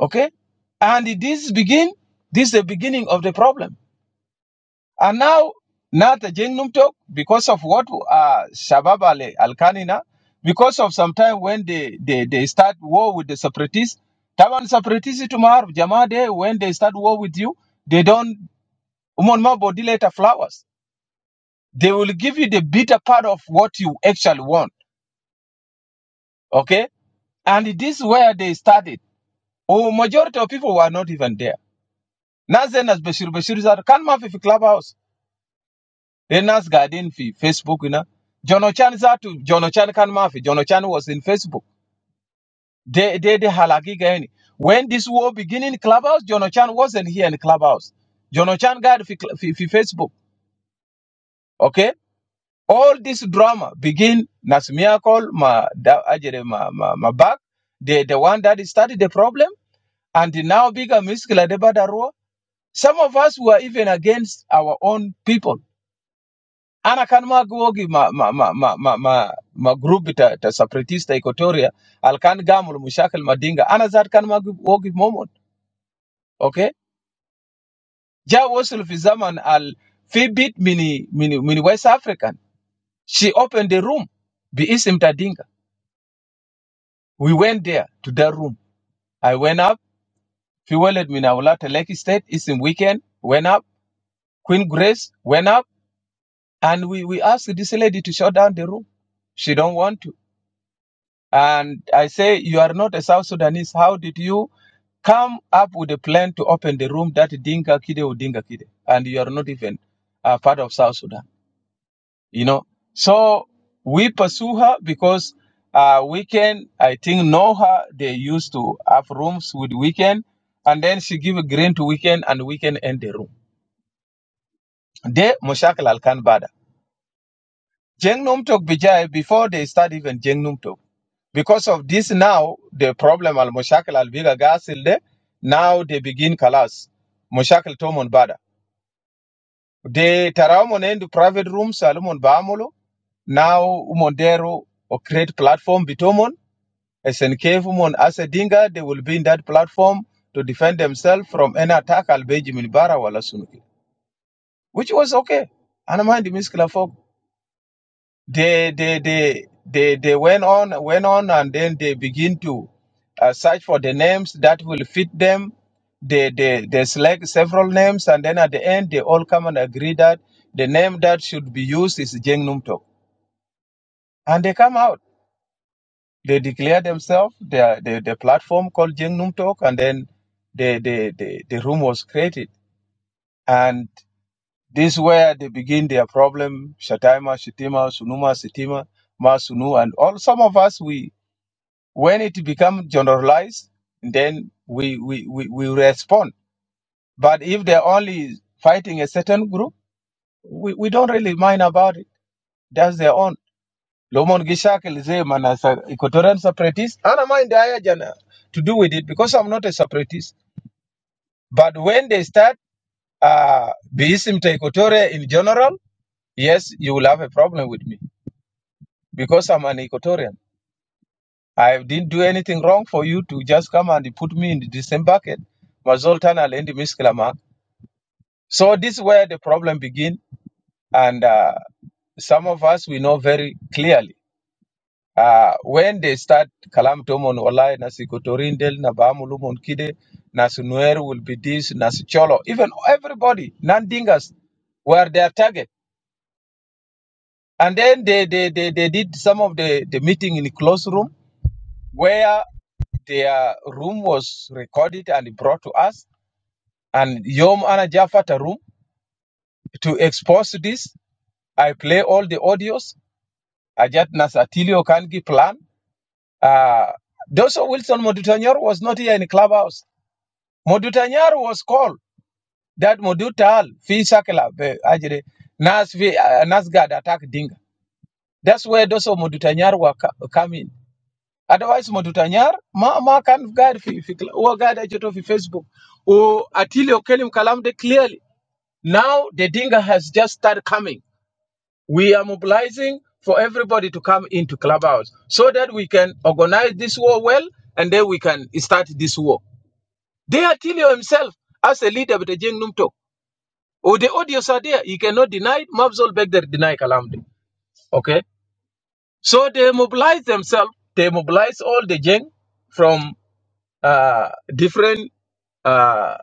Okay? And this begin, this is the beginning of the problem. And now, not a Jing Numtok, because of what uh, Shabab Al Kanina, because of sometime when they, they, they start war with the separatists, Taban separatists tomorrow, Jamade, when they start war with you, they don't umon ma body later flowers. They will give you the bitter part of what you actually want. Okay? And this is where they started. Oh, majority of people were not even there. Nazen as Bashir Bashir is at Kanma Clubhouse. Then garden fi Facebook ina. Jono Chan zatu, Jono Chan kan mafi. Jono Chan was in Facebook. de de de halagi gani. When this war begin in Clubhouse, Jono Chan wasn't here in Clubhouse. Jono Chan got fi, fi, fi Facebook. Okay? All this drama begin nas call ma da ajere ma ma, ma back. The the one that started the problem and the now bigger miskila de badarua. Some of us were even against our own people ana kan ma gwogi ma ma ma ma ma ma, ma group ta, ta separatista equatoria al kan gamul mushakil madinga ana zat kan ma gwogi momon okay ja wasul fi zaman al fi bit mini mini mini west african she opened the room bi isim tadinga we went there to that room i went up fi walad min awlata lake state isim weekend went up queen grace went up and we we asked this lady to shut down the room she don't want to And I say, you are not a South Sudanese. How did you come up with a plan to open the room that Dinka Kide or Dinka Kide? And you are not even uh, part of South Sudan, you know? So we pursue her because uh, Weekend, I think, know her. They used to have rooms with Weekend. And then she give a green to Weekend and Weekend end the room. De Moshakal Al Jeng Numtok Bijay before they start even Jeng Numtok. Because of this now, the problem al Moshakil al Biga Gasilde, now they begin Kalas. Moshakil Tomon Bada. They Taramon end private rooms, Salomon Bamolo, now Umondero or create platform Bitomon, SNK Umon Asedinga, they will be in that platform to defend themselves from any attack al Bejimin Bara wala Sunuki. Which was okay. Anamandi Miskila folk. they they they they they went on went on and then they begin to uh, search for the names that will fit them they, they they select several names and then at the end they all come and agree that the name that should be used is Jeng Num and they come out they declare themselves the the, the platform called Jeng Num and then the the, the the room was created and this is where they begin their problem Shatima Shitima Sunuma Sitima Masunu and all some of us we When it becomes generalized, then we, we, we, we respond. But if they're only fighting a certain group, we, we don't really mind about it. That's their own. Lomon Gishakil Zeman as an Equatorian separatist. I don't mind the Ayajana to do with it because I'm not a separatist. But when they start uh, Beisim to Equatoria in general, yes, you will have a problem with me because I'm an Equatorian. I didn't do anything wrong for you to just come and put me in the same bucket. Mazoltan alendi miskilama. So this is where the problem begin, and uh, some of us we know very clearly. Uh, when they start kalam tomon olai nasikotorindel nabamulumon kide nasunuer will be this nasucholo even everybody nandingas were their target and then they they, they, they did some of the, the meeting in the closed room where their room was recorded and brought to us. And Yom Ana Jafata room to expose this. I play all the audios. Ajat Nas Atilio Kangi plan. Uh, also, Wilson Modutanyar was not here in clubhouse. Modutanyar was called that Modutal fi sakela be ajere nas fi uh, nas gad attack dinga. That's where Doso Modutanyar were co- coming. otherwise madutanyar ma ma kan guide fi fi wa guide ajeto fi facebook o atilio kelim kalam de clearly now the dinga has just started coming we are mobilizing for everybody to come into clubhouse so that we can organize this war well and then we can start this war they atilio himself as a leader with the jeng numto or the audios are there you cannot deny it mabzol begder deny kalam de okay so they mobilize themselves they mobilize all the jeng from. uh, different uh,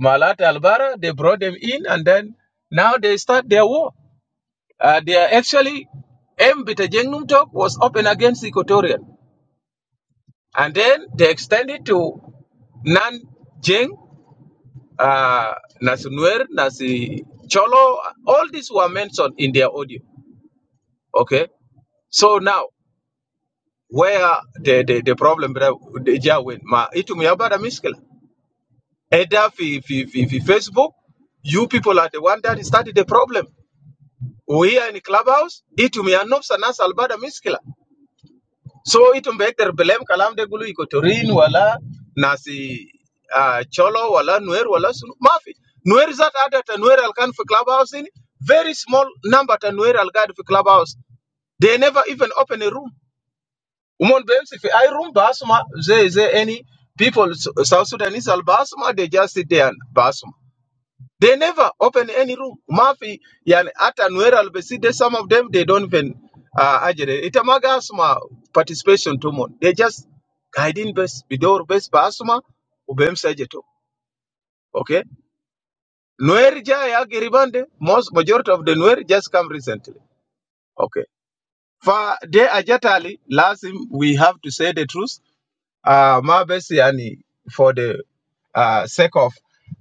Malat Albara. They brought them in, and then now they start their war. Uh, they are actually M. Bitajengnum talk was open against Equatorial, and then they extended to Nan Jeng, uh, Nasi Nuer, Nasi Cholo. All these were mentioned in their audio. Okay, so now where the the, the problem, brother, the Jawin, ma itu miyabada miskela. Either fi, fi, fi, fi Facebook, you people are the one that started the problem. We here in Clubhouse, it me anobs and nas albada miskila. So it me ekter belem kalam de gulu ikotorin wala nasi uh, cholo wala nuer wala sunu mafi. Nuer zat ada ta nuer alkan fi Clubhouse in very small number ta nuer algad fi Clubhouse. They never even open a room. Umon bems if I room basuma ze ze any people South Sudanese al basuma they just sit there and basuma. They never open any room. Mafi, yani hata Nuera Albeside, some of them, they don't even uh, ajere. Itamaga asuma participation to mon. They just guiding best, bidor best pa asuma, ubem sajeto. Okay? Nuer jaya geribande, most majority of the Nuer just come recently. Okay. For de ajatali, lazim, we have to say the truth. Uh, ma besi yani, for the uh, sake of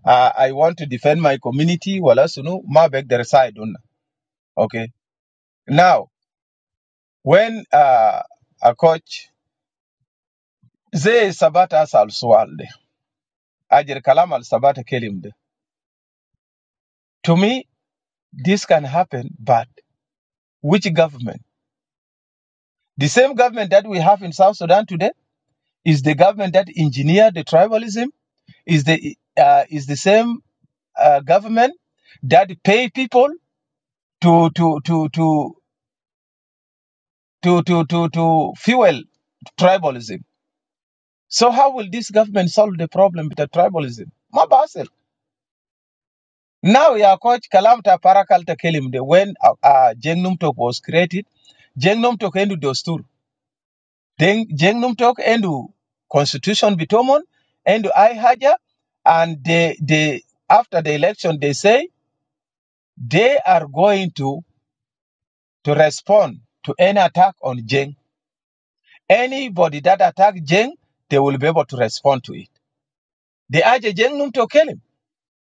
uh, I want to defend my community, wala sunu, ma beg their side Okay. Now, when uh, a coach zai sabata asal sual de, ajir kalam al sabata kelimde. To me, this can happen, but which government? The same government that we have in South Sudan today is the government that engineered the tribalism. Is the uh, is the same uh, government that pay people to to to to to to to, to fuel tribalism. So how will this government solve the problem with the tribalism? Mabasil. Now, yeah, coach, Kalamta Parakalta Kelim, the- when uh, uh, Jengnum Tok was created, Jengnum Tok endu Dostur, then Jengnum Tok endu Constitution Bitomon, endu I Haja, and they, they, after the election, they say they are going to, to respond to any attack on Jeng. Anybody that attack Jeng, they will be able to respond to it. They are the Jengnum Tok Kelim.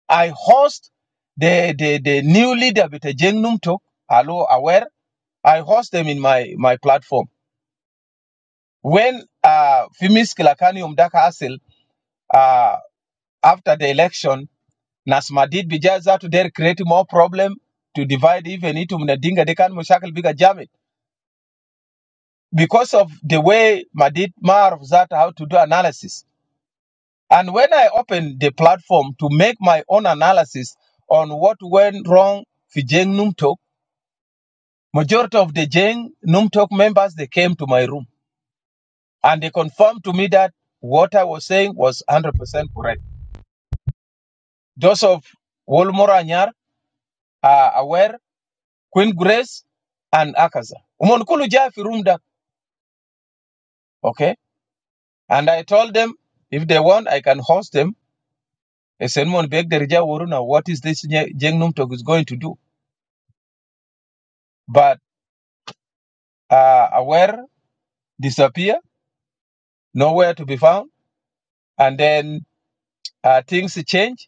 I host the, the, the new leader with the Jengnum Tok, Alo Awer, I host them in my my platform. When uh Fimis Kilakani Umdaka Asil uh after the election, Nasmadid Bijaza to there create more problem to divide even it Mnadinga they dekan mushakal biga jamit. Because of the way Madid Marv zat how to do analysis. And when I opened the platform to make my own analysis on what went wrong for Jeng Numtok, majority of the Jeng Numtok members they came to my room and they confirmed to me that what I was saying was 100% correct. Those of Wolmora Anyar are aware, Queen Grace and Akaza. Umonkulu Jai fi Okay. And I told them if they want, I can host them. I said, "Mon beg the Waruna, what is this Nye- Jengnum talk is going to do? But uh, aware disappear, nowhere to be found. And then uh, things change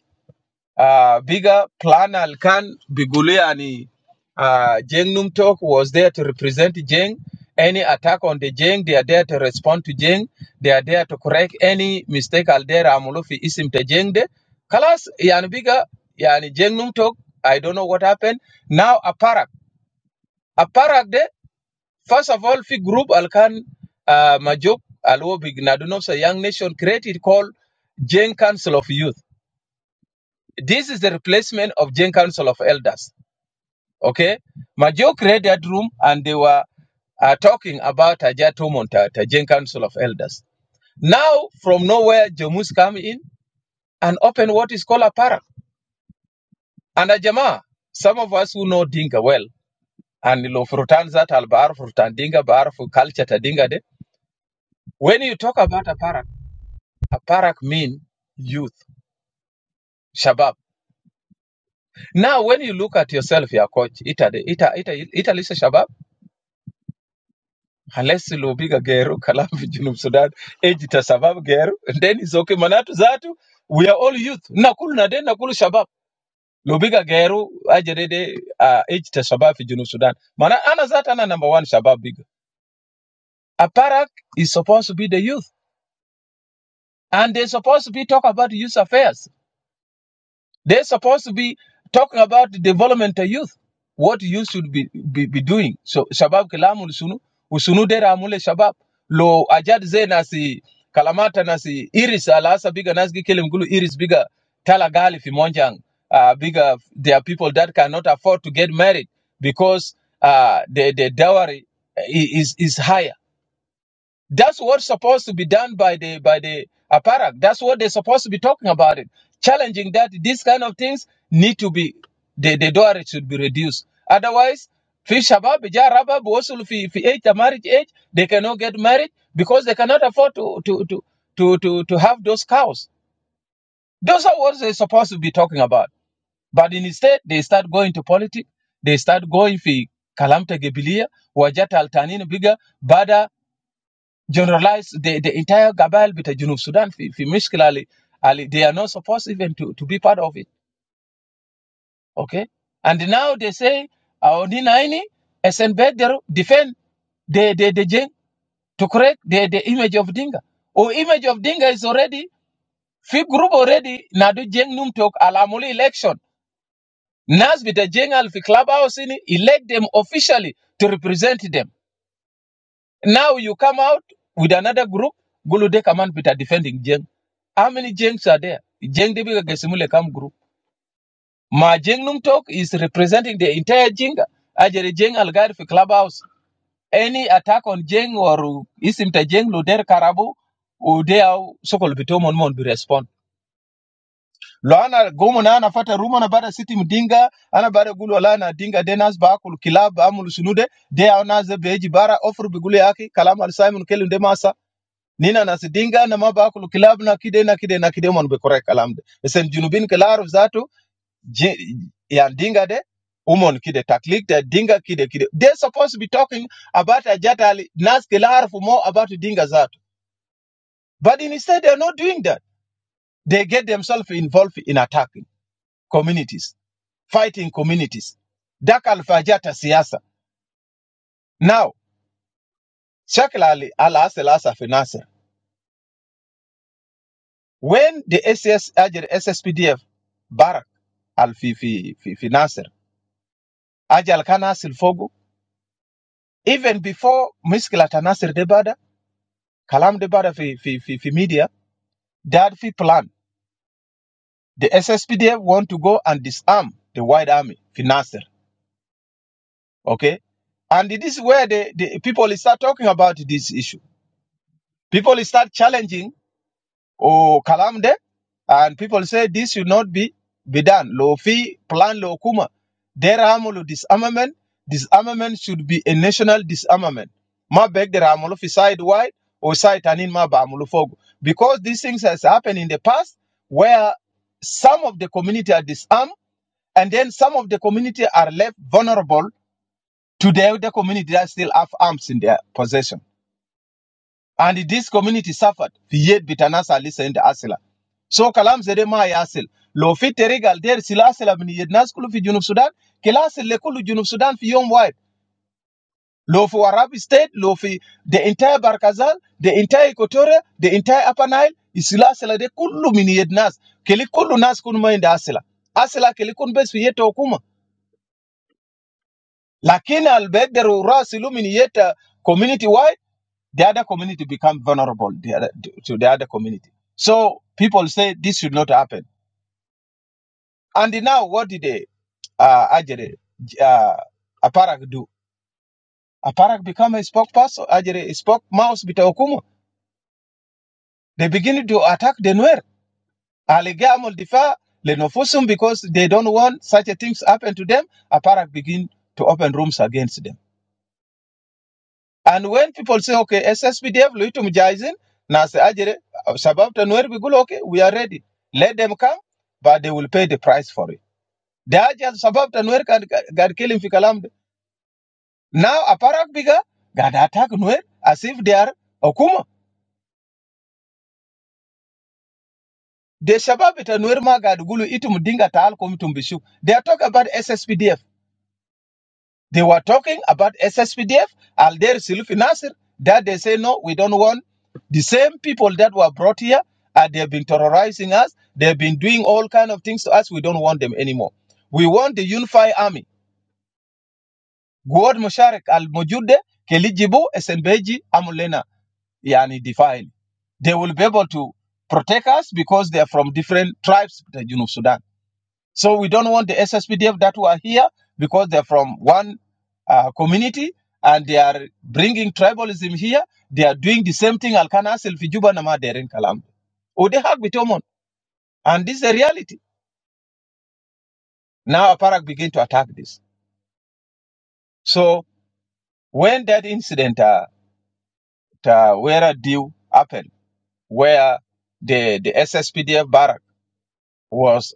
Uh, bigger plan Alkan Biguliani. Uh, Jeng Numtok was there to represent Jeng. Any attack on the Jeng, they are there to respond to Jeng. They are there to correct any mistake Aldera Amulufi isim te Jeng de. Kalas, yani bigger, yani Jeng Numtok, I don't know what happened. Now Aparak. Aparak de, first of all, fi group Alkan uh, Majuk, Alwo Big Nadunofsa Young Nation created called Jeng Council of Youth. This is the replacement of Gen Council of Elders. Okay, Majok read that room and they were uh, talking about Ajatumont at Gen Council of Elders. Now, from nowhere, Jomus come in and open what is called a parak. And a Jama, some of us who know Dinka well, and lo frutan zat al bar frutan Dinka bar for culture ta Dinka de. When you talk about a parak, a parak mean youth, shabab. Now, when you look at yourself, your coach, ita de, ita, ita, ita lisa shabab. unless Lubiga Geru, Kalafi Junub Sudan, Ejita Sabab Geru, and then it's okay. Manatu Zatu, we are all youth. Nakulu na den, Nakulu Shabab. Lobiga Geru, Ajerede, uh, Ejita Sabab fi Junub Sudan. Mana Ana Zatana number one Shabab big. Aparak is supposed to be the youth. And they're supposed to be talk about youth affairs. They're supposed to be talking about the development of youth, what youth should be, be, be doing. So, Shabab Kilamu Sunu, Usunu Dera Amule Shabab, Lo Ajad Ze Nasi, Kalamata Nasi, Iris Alasa Biga Nasgi Kilimgulu, Iris Biga, Talagali Fimonjang, uh, Biga, there are people that cannot afford to get married because uh, the, the dowry i- is, is higher that's what's supposed to be done by the by the apparat. That's what they're supposed to be talking about it. Challenging that these kind of things need to be the, the dowry should be reduced. Otherwise, fi shabab ja rabab wasul fi fi age the marriage age, they cannot get married because they cannot afford to to to to to, to have those cows. Those are what they're supposed to be talking about. But instead they start going to politics, they start going fi kalamta gebilia, wajata altanin biga, bada generalize the, the entire Gabal bit of Junub Sudan fi, fi Mishkil Ali, Ali. They are not supposed even to, to be part of it. Okay? And now they say our Ninaini SN Bedero defend the the, the jeng to correct the, the image of Dinga. Or image of Dinga is already fi group already Nadu Jeng Num Tok Alamuli election. Nas bita Jeng Al fi clubhouse ini elect them officially to represent them. Now you come out with another group, Gulude Command Peter defending Jeng. How many Jengs are there? Jeng Debiga Gesimule Kam group. Ma Jeng Num Talk is representing the entire Jenga. Ajere Jeng Algar for Clubhouse. Any attack on Jeng or Isimta Jeng Luder Karabu, Udea Sokol Bitomon Mon be respond. Loana Gomona ana fata rumor na bada city mdinga ana bada gulu ala na dinga denas ba akul kilab amul sunude de au naze beji bara offer bigule yake kalama al Simon Kelundemasa nina na na ma bakulu kilab na kide na kide na kide mon be korek kalam de sen junubin kelar zatu je- ya dinga de umon kide taklik de dinga kide kide they supposed to be talking about ajatali nas kelar for more about dinga zatu but instead they are not doing that they get themselves involved in attacking communities fighting communities dak alfajata siasa now shakla al asel when the SS اجى ال SSPDF بارك al في في في في ناصر اجى اللي كان ناصر فوقه even before مشكلة ناصر دي بدا كلام دي بدا في في في في media they had في plan the SSPDF want to go and disarm the white army في ناصر okay and this is where the, the people start talking about this issue people start challenging or kalamde and people say this should not be be done lo fi plan lo kuma deramolo disarmament disarmament should be a national disarmament ma beg deramolo fi side wide or side tanin ma baamulo fogo because these things has happened in the past where some of the community are disarmed and then some of the community are left vulnerable to the other community that still have arms in their possession and this community suffered. Yet Bitanasa listened Asila. So Kalam Zede Ma Yasil. Lo fi terigal der sila asila min yednas kulu fi Junub Sudan, kila asil le kulu Junub Sudan fi yom wide. Lo fi Warabi State, lo fi the entire Barkazal, the entire Equatoria, the entire Upper Nile, isila asila de kulu min yednas. Kili kulu nas kun ma inda asila. Asila kili kun bes fi yeta okuma. Lakini albegderu rasilu min yeta community wide the other community become vulnerable the other, to the other community. So people say this should not happen. And now what did they, uh, Ajere, uh, Aparak do? Aparak become a spokesperson, Ajere, a spokesmouse bitaokuma. They begin to attack the Nuer. Alegamul difa lenofusum because they don't want such a things happen to them. Aparak begin to open rooms against them. And when people say, okay, SSPDF, Luitum Jaisin, Nasa Ajere, Shabab Tanwer, we go, okay, we are ready. Let them come, but they will pay the price for it. The Ajaz Shabab Tanwer got killing Fikalam. Now, Aparak Biga, got attack Nwer as if they are Okuma. The Shabab Tanwer ma got Gulu Itum Dinga Tal Kum Tumbishu. They are talking about SSPDF. They were talking about SSPDF, Al Alder Silfi Nasir, that they say, no, we don't want the same people that were brought here, and they've been terrorizing us, they've been doing all kind of things to us, we don't want them anymore. We want the unified army. Guad Musharak al-Mujude, Kelijibu, Esenbeji, Amulena, Yani define. They will be able to protect us because they are from different tribes, of the Junub Sudan so we don't want the SSPDF that were here because they're from one uh, community and they are bringing tribalism here. They are doing the same thing Alkana Selfi Juba Nama Derin Kalam. Udehag Bitomon. And this is the reality. Now Aparak begin to attack this. So when that incident uh, uh, where a deal happened, where the, the SSPDF barrack was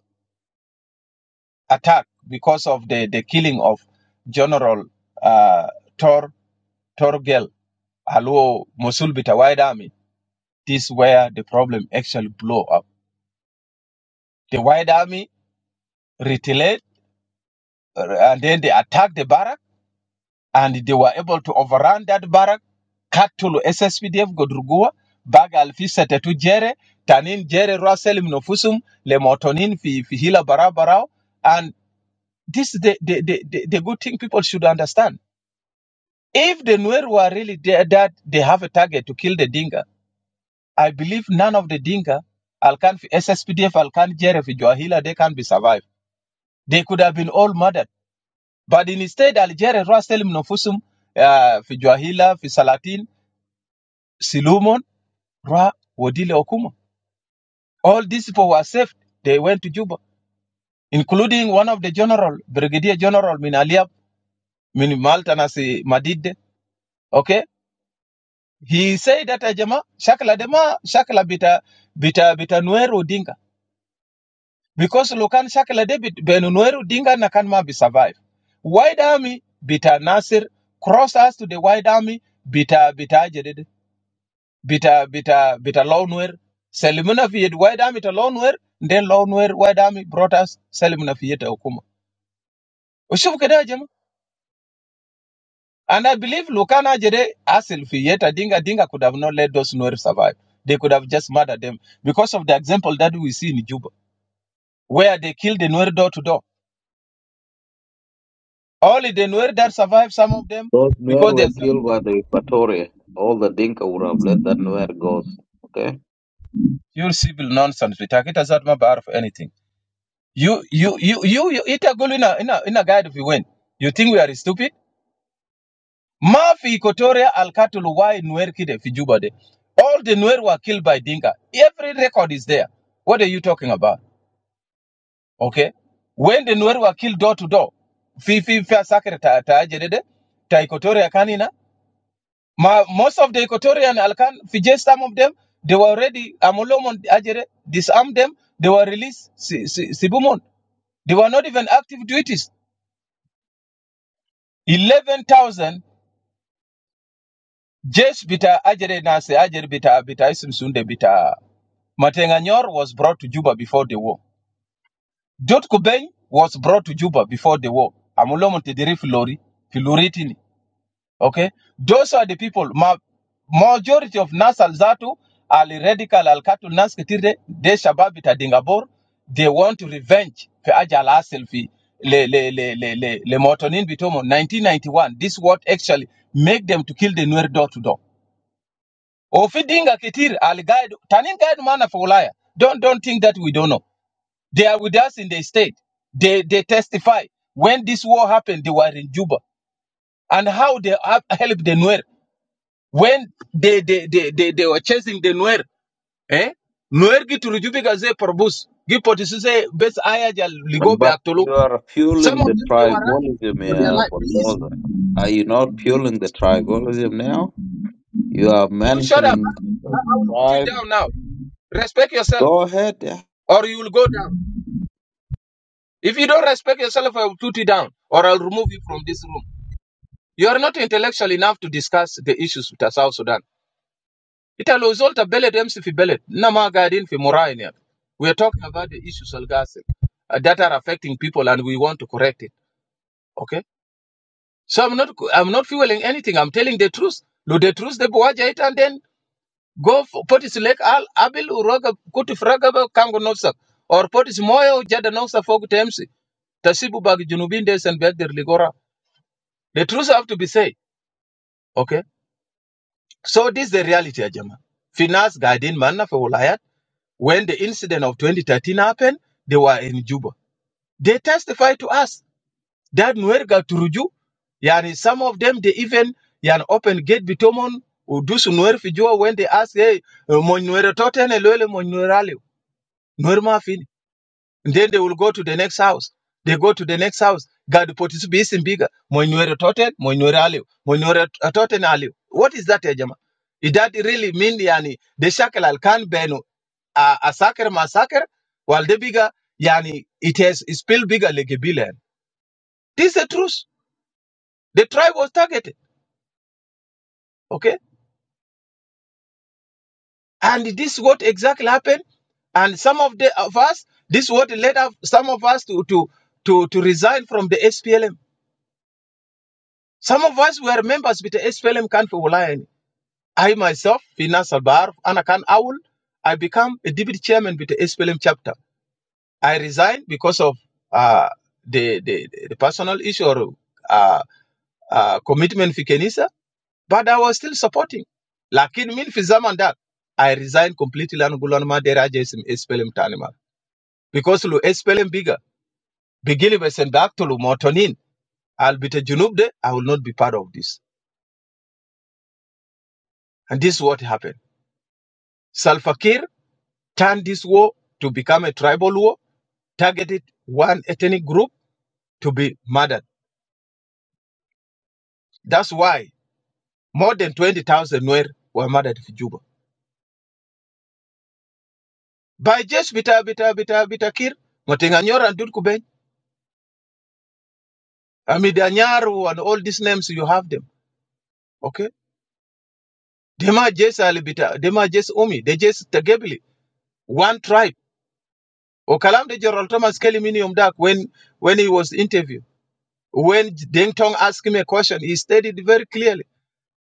attacked because of the, the killing of General uh, Tor, Torgel Hello, Mosul Bita White Army. This where the problem actually blow up. The White Army retaliate uh, and then they attack the barrack and they were able to overrun that barrack, Katulu SSPDF Godrugua, Baga Alfisa Tetu Jere, Tanin Jere Russell Mnofusum, Lemotonin Fi Fihila Barabarao. And this is the, the, the, the, the good thing people should understand. If the Nuer were really there that they have a target to kill the Dinka, I believe none of the Dinka, Alkan SSPDF, Alkan Jere, fi Juahila, they can be survived. They could have been all murdered. But instead, Algeria, Ra Selim Nofusum, uh, fi Juahila, fi Salatin, Silumon, Ra, Wodile Okuma. All these people were saved. They went to Juba, including one of the general, Brigadier General Minaliab, Min Malta Nasi Madide. Okay? He said that, Ajama, Shakla Dema, Shakla Bita, Bita, Bita Nuero Dinka. because Lukan Shakila David Benunueru Dinga Nakanma be survive. White Army bita Nasir cross us to the White Army bita bita jedid bita bita bita Lawnwer Selimuna Fiat White Army to Lawnwer then Lawnwer White Army brought us Selimuna Fiat Okuma. Ushufu keda jema. And I believe Lukana Jede Asil Fieta Dinga Dinga could have not let those Nuer survive. They could have just murdered them because of the example that we see in Juba, where they killed the Nuer door to door Only the Nuer that survived, some of them, Those Nuer because were there's some killed by the Equatoria. All the Dinka would have let that Nuer goes. Okay. pure civil nonsense. We take it as that matter of anything. You, you, you, you, you eat a goal in a, in a, in a guide if you win. You think we are stupid? Mafi Equatoria Alkatulu, why Nuer Kide Fijuba de? All the Nuer were killed by Dinka. Every record is there. What are you talking about? Okay? When the Nuer were killed door to door, Fifi Fair Sacre Ta Equatoria Canina, Ma, most of the Equatorian Alcan, Fiji, some of them, they were already, Amolomon Ajere, disarmed them, they were released, Si- Si- Sibumon. They were not even active duties. 11,000 Jesh Bita Ajere Nase, Ajere Bita, Bita Isim Sunde Bita. Matenganyor was brought to Juba before the war. Dot Kubeng was brought to Juba before the war. Amolomon Tediri Filori, Filoritini. Okay, those are the people. Ma- majority of Nas Al Zatu, Al Radical, Al Katul Nas Kitire, De Shababita Dingabor, they want to revenge for Ajal Asel fi Le Le Le Le Le Le Motonin Bitomo 1991. This what actually make them to kill the Nuer door to door. Ofi Dinga Kitir, Al Gaid, Tanin Gaid Mana for Ulaya. Don't don't think that we don't know. They are with us in the state. They they testify when this war happened. They were in Juba and how they have helped the Nuer when they they they they, they were chasing the Nuer, eh? Nuer gitu lujubi gaze perbus. Gipoti suse best aya jal ligo be But aktolo. you are Some fueling the of them they were running tribalism, for their uh, life. Please, bulldozer. Are you not fueling the tribalism now? You are you shut up. mentioning I, the I will put you tribe. down now. Respect yourself, Go ahead. yeah. or you will go down. If you don't respect yourself, I will put you down, or I'll remove you from this room. You are not intellectual enough to discuss the issues with South Sudan. Ita lo zol ta bellet emsi fi bellet. Na ma gadin fi morain ya. We are talking about the issues of gas uh, that are affecting people and we want to correct it. Okay? So I'm not I'm not fueling anything. I'm telling the truth. Lo the truth de buwaja it and then go for potis lek al abil uraga kutu fragaba kango nofsa. Or potis moyo jada nofsa fogu temsi. Tasibu bag junubin des and beg der ligora. The truth have to be said. Okay? So this is the reality ya jama. Finas gadin manna fe wulayat. When the incident of 2013 happened, they were in Juba. They testified to us that Nuerga Turuju, yani some of them, they even yani open gate bitomon udusu Nuer Fijua when they ask, hey, Moinuero Totene Lele Moy Nuerale, Nuerma fi. Then they will go to the next house. They go to the next house. God put puts beast in bigger. Moinuere toten, moinuere aliu. Moinuere toten aliu. What is that, Ejama? Is that really mean yani the shackle al can benu a a sucker massacre? While the bigger yani it has it's still bigger like a billion. This is the truth. The tribe was targeted. Okay? And this is what exactly happened. And some of the of us, this is what led up some of us to to to, to resign from the SPLM Some of us were members with the SPLM Kan for Ulayani. I myself, Finas Albar, Anakan Awul, I become a deputy chairman with the SPLM chapter. I resigned because of uh, the, the the personal issue or uh, uh, commitment for Kenisa, but I was still supporting. Lakin min fi zaman dat, I resigned completely and gulanma deraja isim SPLM tanima. Because lu SPLM bigger, begili besendak to lu motonin, I'll be the junub de, I will not be part of this. And this is what happened. Salva Kiir turn this war to become a tribal war, targeted one ethnic group to be murdered. That's why more than 20,000 were, were murdered in Juba. By just bita bita bita bita kir, Motenganyor and Durkuben, Amidanyaru and all these names you have them. Okay? Dema just alibita, dema just umi, they just tagebili, one tribe. Okalam de Gerald Thomas Kelly Minium Dak when when he was interviewed. When Deng Tong asked him a question, he stated very clearly.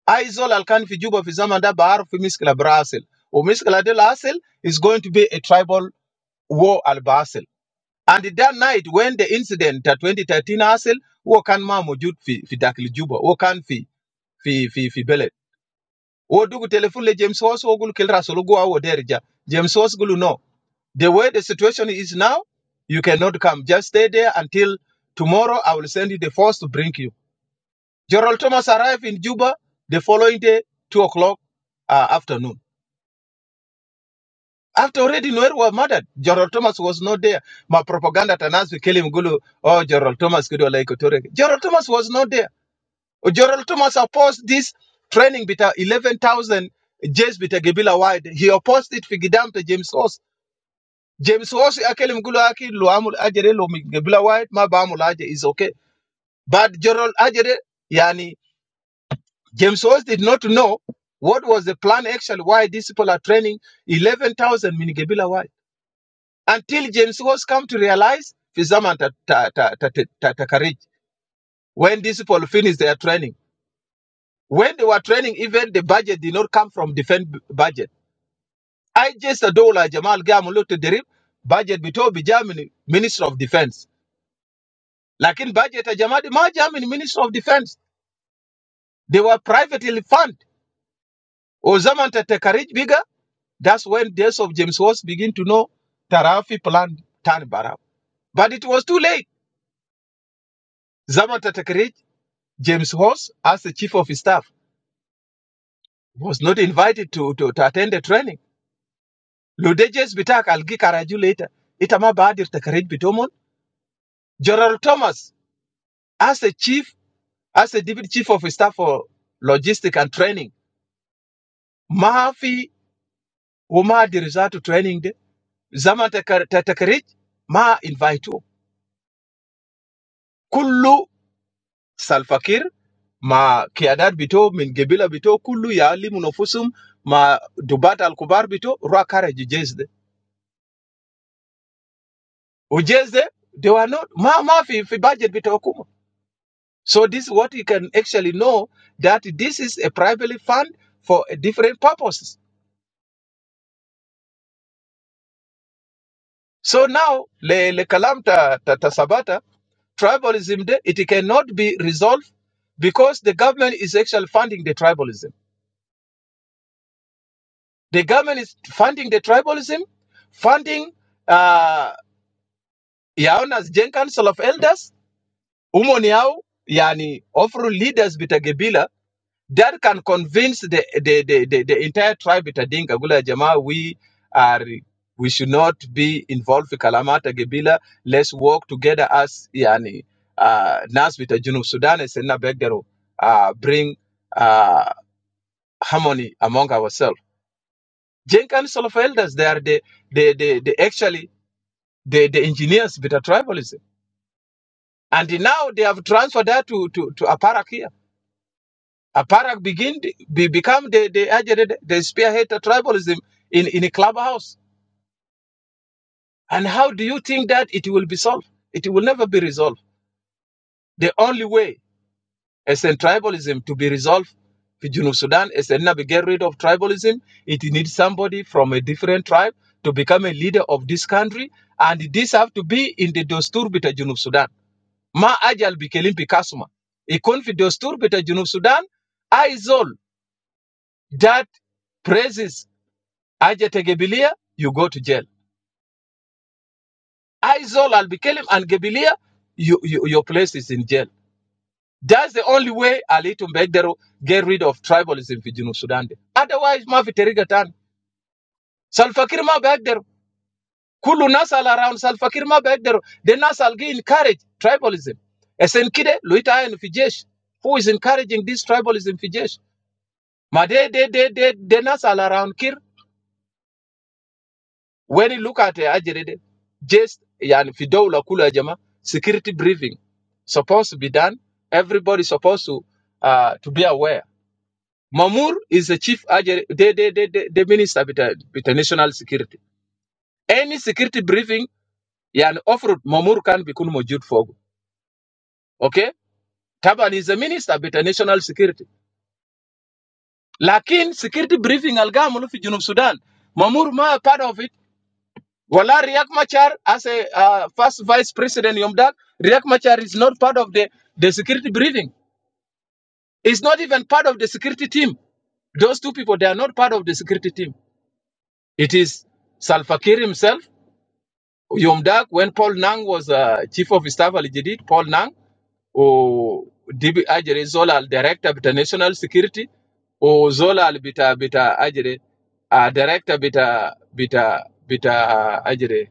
Aizol Alkan fi Juba fi Zaman da Bahar fi Miskila Brasil. Or Miskila del Asil is going to be a tribal war al Basel. And that night when the incident at 2013 Asil, wo kan ma fi, fi dakil Juba, wo kan fi, fi, fi, fi Belet. Wo dugu telephone le James Hoss wo gulu kelra awo derja. James Hoss gulu no. The way the situation is now, you cannot come. Just stay there until tomorrow I will send you the force to bring you. Gerald Thomas arrived in Juba the following day, 2 o'clock uh, afternoon. After already Noel was murdered, Gerald Thomas was not there. My propaganda tanasi Kelly Mgulu, oh, Gerald Thomas could like Torek. Gerald Thomas was not there. Oh, Gerald Thomas opposed this training bita 11,000 James bita Gebila wide. He opposed it figidam to James Ross. James Ross akeli Mgulu aki lo amul ajere lo Gebila wide ma ba amul is okay. But Gerald ajere yani James Ross did not know what was the plan actually why these people are training 11,000 mini Gebila wide. until James was come to realize Fizama ta, ta, ta, ta, ta, ta, Takarich, when these people finished their training. When they were training, even the budget did not come from defense b- budget. I just adola Jamal Gamulu to derib budget bito be Germany Minister of Defense. Lakin budget a Jamadi ma Germany Minister of Defense. They were privately funded. O Zaman ta Takarich bigger, that's when days of James was begin to know Tarafi plan Tan Barab. But it was too late. Zaman ta ta- Karij James Hoss, as the chief of his staff, was not invited to, to, to attend the training. Ludejes Bitak, I'll Karaju later. Itama Badir Takarit Bitomon. General Thomas, as the chief, as the deputy chief of his staff for logistics and training. Mahafi Uma Dirizatu training de. Zaman Takar- Ta- Takarit, Ma inviteo. Kullu Salfakir, Ma Kiadat Bito, Min Gebila Bito, Kullu Yali Munofusum, Ma Dubat Al Kubar Bito, Ruakara Ujeze, they were not ma ma fi fi budget bitokuma. So this is what you can actually know that this is a privately fund for different purposes. So now le le kalam ta ta, ta sabata tribalism de, it cannot be resolved because the government is actually funding the tribalism. The government is funding the tribalism, funding uh Yaona's Gen Council of Elders, Umoniao, Yani, offering leaders bitagebila that can convince the the, the, the, the entire tribe at Adinga Gula Jama we are we should not be involved with Kalamata Gebila. Let's work together as Yani uh Nas with the Junub Sudan and Senna Begdero uh bring uh harmony among ourselves. Jenkan Solof elders, they are the the the, the actually the, the engineers with a tribalism. And now they have transferred that to to, to Aparak here. Aparak begin be, become the the, agitated- the spearhead of tribalism in in a clubhouse. And how do you think that it will be solved? It will never be resolved. The only way as in tribalism to be resolved for Junub Sudan is to never get rid of tribalism. It needs somebody from a different tribe to become a leader of this country, and this have to be in the Dostur bita Junub Sudan. Ma ajal bikelim pikasuma. Ikon fi Dostur bita Junub Sudan. I that praises Ajete Gebilia, you go to jail. Izol Al Bikelim and Gebilia, you, you, your place is in jail. That's the only way Ali Tumbegdero get rid of tribalism in Junub Sudan. de. Otherwise, Mafi Terigatan. Salfakir ma Begdero. Kulu Nasal around Salfakir ma Begdero. The Nasal gi encourage tribalism. Esenkide, Luita and Fijesh. Who is encouraging this tribalism Fijesh? Ma de de de de, de Nasal around Kir. When you look at the agenda, just yani fidola kula jama security briefing supposed to be done. Everybody supposed to uh, to be aware. Mamur is the chief agent, the, the, the, the, the minister with the, with the national security. Any security briefing, yani offered Mamur can be kun mojud fogo. Okay? Taban is the minister with the national security. Lakin security briefing algamulu fi Junub Sudan. Mamur ma part of it. Wala Riak Machar as a uh, first vice president Yomdak, Riak Machar is not part of the, the security briefing. It's not even part of the security team. Those two people, they are not part of the security team. It is Salva Kiir himself, Yomdak, when Paul Nang was uh, chief of staff al Jadid, Paul Nang, or DB Ajere Zola, al director of national security, or Zola al Bita Bita Ajere, uh, director Bita Bita Bita Ajere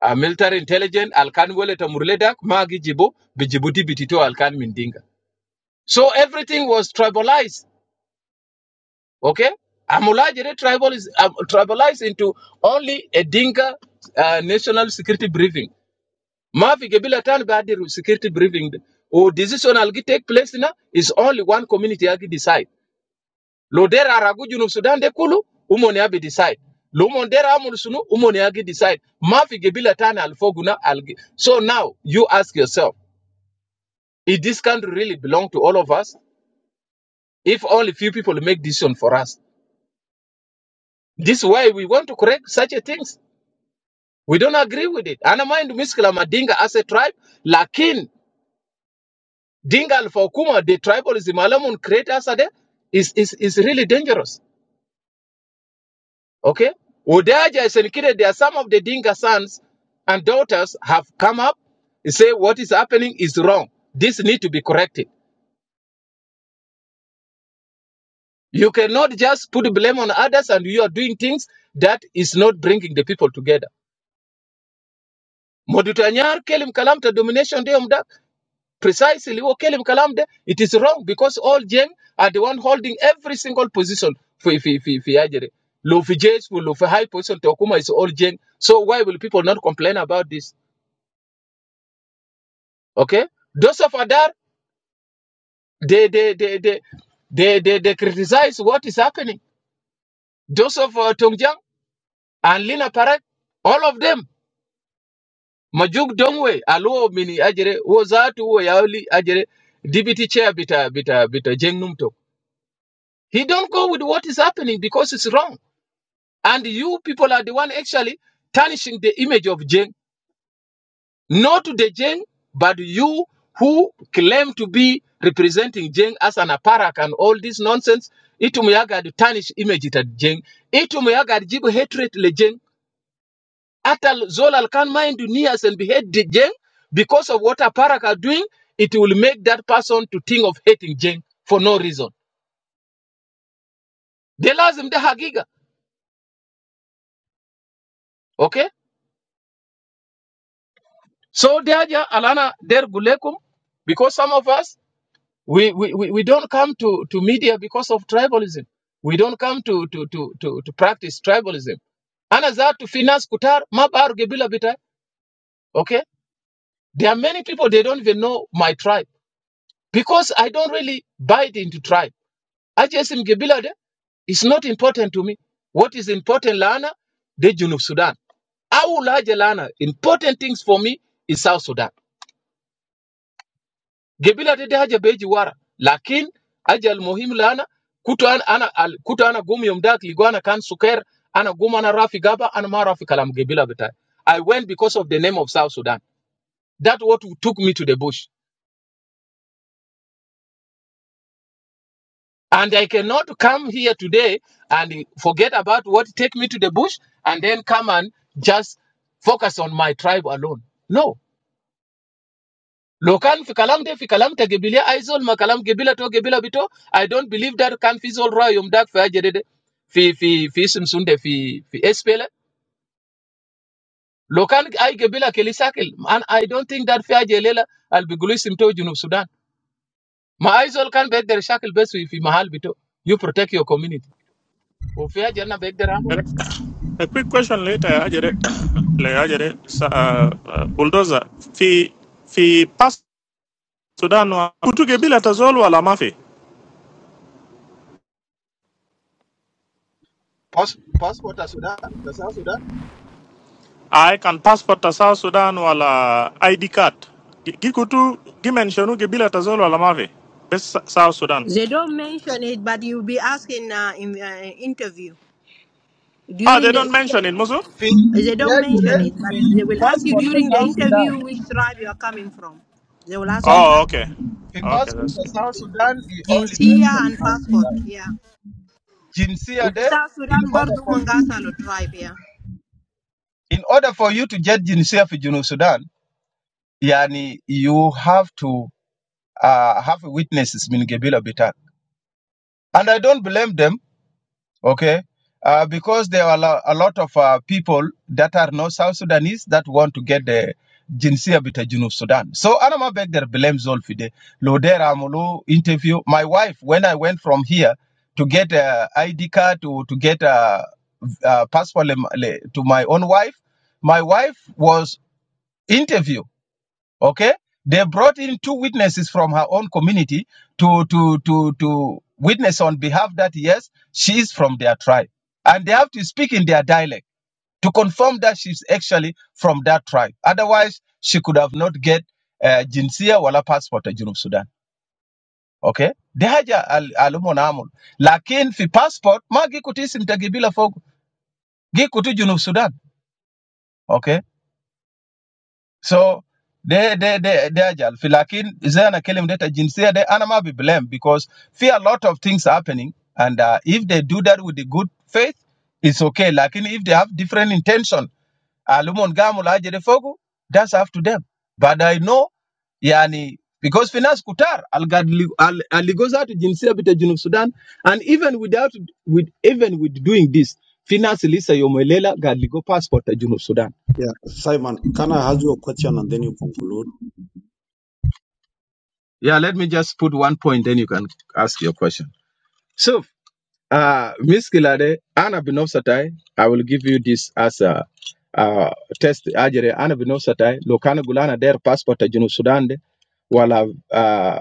A military intelligence alkan wele ta murledak magi jibo bijibuti bitito alkan mindinga so everything was tribalized okay amulajere tribal is um, tribalized into only a dinka uh, national security briefing mafi gebila tan badiru security briefing o decision algi take place na is only one community agi decide lo dera ragu junub sudan de kulu umone abi decide Lumon dera amul sunu umone agi decide mafi gebila tan alfoguna algi so now you ask yourself If this country really belong to all of us, if only few people make decision for us, this is why we want to correct such a things. We don't agree with it. Ana mind miskila madinga as a tribe, lakin dinga alfakuma the tribalism alamun create us ade is is is really dangerous. Okay, Udaja is indicated there are some of the dinga sons and daughters have come up and say what is happening is wrong. This need to be corrected. You cannot just put blame on others and you are doing things that is not bringing the people together. Modutanyar kelim kalamta domination de umda. Precisely, wo kelim kalamde. It is wrong because all gen are the one holding every single position fi fi fi fi ajere. Lo fi JS lo fi high position tokuma is all gen. So why will people not complain about this? Okay, those of Adar they they they they they they, they criticize what is happening. Those of uh, Tongjang and Lina Parek, all of them majuk dongwe alo mini ajere wo zatu wo yauli ajere deputy chair bita bita bita jengnum he don't go with what is happening because it's wrong and you people are the one actually tarnishing the image of jeng not to the jeng but you who claim to be representing jeng as an aparak and all this nonsense itum yaga tarnish image it at jeng itum yaga jibu hatred le jeng Atal Zolal can mind to Nias and be hate Jeng because of what Aparak are doing, it will make that person to think of hating Jeng for no reason. They lazim the Hagiga. Okay? So they are ja- Alana Der Gulekum, because some of us we, we, we we don't come to, to media because of tribalism. We don't come to to to to, to practice tribalism. Ana to finance kutar mabar gebila bita. Okay? There are many people they don't even know my tribe because I don't really bite into tribe. Ajesim Gebila de, it's not important to me. What is important, Lana? The Junub Sudan. Awulaje Lana, important things for me is South Sudan. Gebila de de haja beji wara. Lakin, aja al muhimu Lana, kutu ana, ana, al, kutu ana gumi yomdak, liguana kan suker, ana guma ana rafi gaba, ana ma rafi kalam Gebila betai. I went because of the name of South Sudan. That's what took me to the bush. And I cannot come here today and forget about what take me to the bush and then come and just focus on my tribe alone. No. Lokan fikalam de fikalam te gebilia aizol makalam gebila to gebila bito. I don't believe that kan fizol ra yom dak fa jerede fi fi fi simsunde fi fi espele. Lokan ay gebila kelisakel and I don't think that fa jelela al bigulu simto junub Sudan. Ma aizol kan be der shakel besu fi mahal bito. You protect your community. O fa jerna be der amul. A quick question later, Ajere. Le- Ajere, sa- uh, uh, bulldozer. Fi fi pas Sudan wa kutuge bila tazol wala mafi. Pas- passport ya Sudan, the South Sudan. I can passport ta South Sudan wala ID card. Gi- Gikutu gi mention gibila tazol wala mavi. Best South Sudan. They don't mention it, but you'll be asking uh, in uh, interview Ah, they during the don't interview. mention it, Musu? They don't Vilevile mention it, but they will ask you passport ya during the South Sudan. interview which tribe you are coming from. They will ask you. Pa- Oh, okay. The Okay, passport that's ya good. South Sudan it only Jinsia mentioned and South passport, Sudan. yeah. Jinsia وفي de South in Sudan order برضو for you منغاسلو tribe, yeah. in order for you to get jinsia for Junub Sudan, yani you have to uh, have witnesses min gebila bitak. And I don't blame them okay? Uh, because there are lo- a lot of uh, people that are not South Sudanese that want to get the jinsia bita junub Sudan. So Anama Begder blames Zolfide. Lodera Amulu interview. My wife, when I went from here to get a ID card, to, to get a, a passport for my own wife, my wife was interview. okay? They brought in two witnesses from her own community to, to, to, to witness on behalf that, yes, she is from their tribe and they have to speak in their dialect to confirm that she's actually from that tribe. Otherwise, she could have not get uh, jinsia wala passport ya Junub Sudan. Okay? De haja al, alumo na amul. Lakin fi passport, ma gi kuti isim tagi bila fogu. Gi Junub Sudan. Okay? So, de, de, de, de haja al. Fi lakin, zayana kelim deta jinsia de anama be blamed because fi a lot of things happening and uh, if they do that with the good faith, it's okay. Lakin if they have different intention, Uh, Gamu la Ajere Fogu, that's up to them. But I know, yani, because finance kutar algadli- al aligoza to jinsia bita junub Sudan, and even without with even with doing this, finance lisa yomelela gadligo passport to junub Sudan. Yeah, Simon, can I ask you a question and then you conclude? Yeah, let me just put one point, then you can ask your question. So, uh, Miss Kilade, Anna Binofsatai, I will give you this as a uh, test. Ajere Anna Binofsatai, Lokana Gulana der passport to junub Sudan, de, wala uh,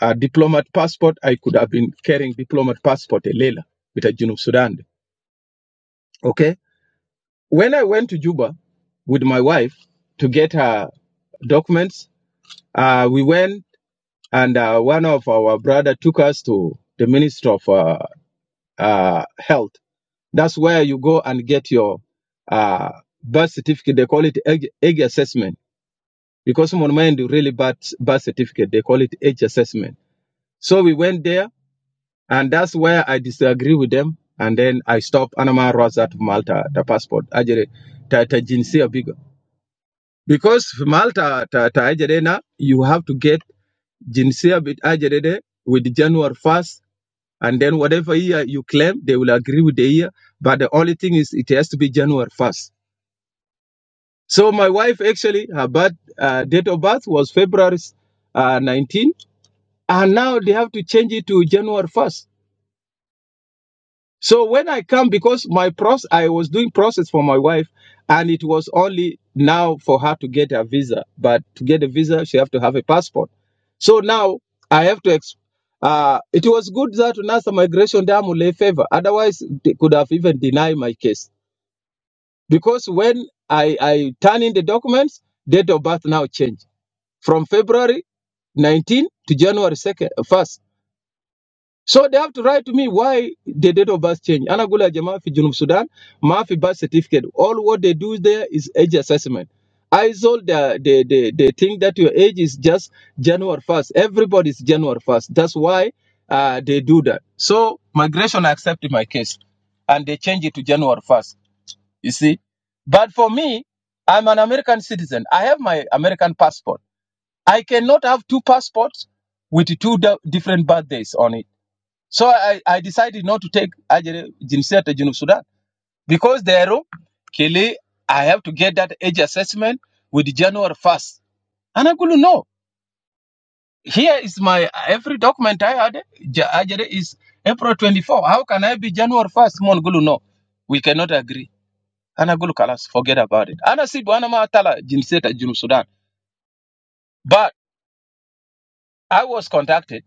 a diplomat passport. I could have been carrying diplomat passport, a Lela, with a Junub Sudan. Okay. When I went to Juba with my wife to get her documents, uh, we went and uh, one of our brother took us to the Minister of uh, uh, Health. That's where you go and get your uh, birth certificate. They call it age, age assessment because someone mind really bad birth certificate. They call it age assessment. So we went there And that's where I disagree with them. And then I stop Anama Rosat Malta, the passport. Ajere, ta, ta jinsia bigger. Because for Malta, ta, ta ajere na, you have to get jinsia bit ajere de with January 1st. And then whatever year you claim, they will agree with the year. But the only thing is it has to be January 1st. So my wife actually, her birth, uh, date of birth was February uh, 19. And now they have to change it to January 1st So when I come, because my process, I was doing process for my wife, and it was only now for her to get a visa. But to get a visa, she have to have a passport. So now I have to. Ex- uh, it was good that NASA migration dam lay favor. Otherwise, they could have even denied my case because when I I turn in the documents, date of birth now changed from February 19 to January 2nd, 1st. So they have to write to me why the date of birth changed. Anagula Jama fi Junub Sudan, Mafi birth certificate. All what they do there is age assessment. I told the they they they think that your age is just January first. Everybody's January first. That's why uh, they do that. So migration accepted my case, and they change it to January first. You see, but for me, I'm an American citizen. I have my American passport. I cannot have two passports with two di- different birthdays on it. So I, I decided not to take Algeria, Jinsia to Junub Sudan because there, Kili, I have to get that age assessment with January 1st. And I couldn't know. Here is my every document I had. Ja- is April 24. How can I be January 1st? Mon Gulu, no. We cannot agree. And I go, Kalas, forget about it. And I said, Wanama Tala, Jinsia to Junub Sudan. But I was contacted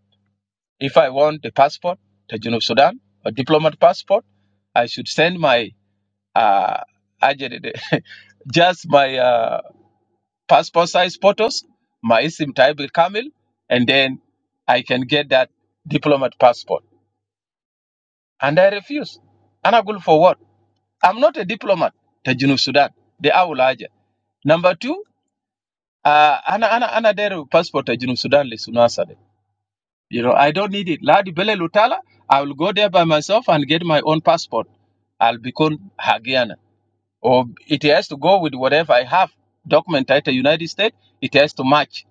if I want the passport to Junub Sudan, a diplomat passport, I should send my uh, aje dede. just my uh, passport size photos, my SIM type with Kamil, and then I can get that diplomat passport. And I refuse. And I go for what? I'm not a diplomat. to Junub Sudan. The Awulaja. Number two, uh, ana ana ana dere passport to Junub Sudan le sunasa de. You know, I don't need it. Ladi Bele Lutala, I will go there by myself and get my own passport. I'll become Hagiana. or it has to go with whatever I have documented in the United States, it has to match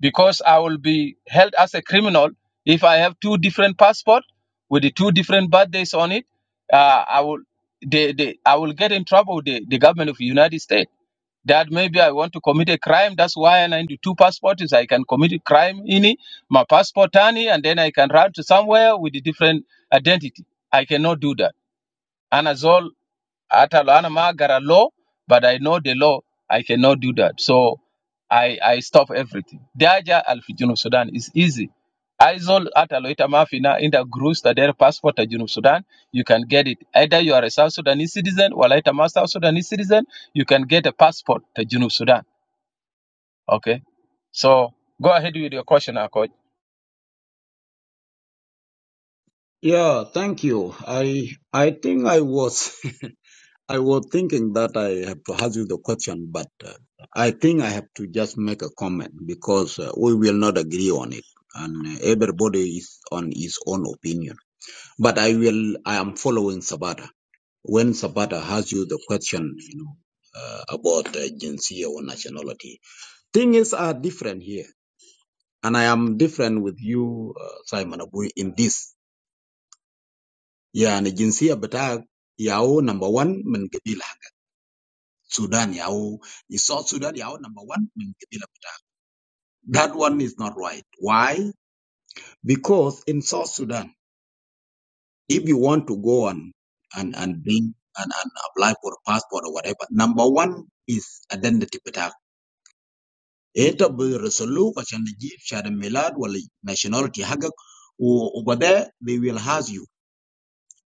because I will be held as a criminal if I have two different passports with the two different birthdays on it. Uh, I will they, they, I will get in trouble with the, the government of the United States that maybe I want to commit a crime. That's why I need two passports. I can commit a crime in it, my passport on and then I can run to somewhere with a different identity. I cannot do that. And as all. Ata lo ana law, but I know the law. I cannot do that. So I I stop everything. Daja al Sudan is easy. Aizol ata lo ita mafina inda grus ta der passport ta Junub Sudan, you can get it. Either you are a South Sudanese citizen, or ita ma South Sudanese citizen, you can get a passport ta Junub Sudan. Okay. So go ahead with your question, Akoj. Yeah, thank you. I I think I was. I was thinking that I have to ask you the question, but uh, I think I have to just make a comment because uh, we will not agree on it, and uh, everybody is on his own opinion. But I will. I am following Sabata. When Sabata has you the question, you know, uh, about uh, jinsia or nationality, things are different here, and I am different with you, uh, Simon Abu, in this. Yeah, and jinsia, but I, yao number one, من قبيلة. is number one. That's why. Why? big Sudan, Iban, and Ring, and, and applied Iban. The one is a data. Eta Busolu, Lad Wali, Nashagak, o- over there, they ask you,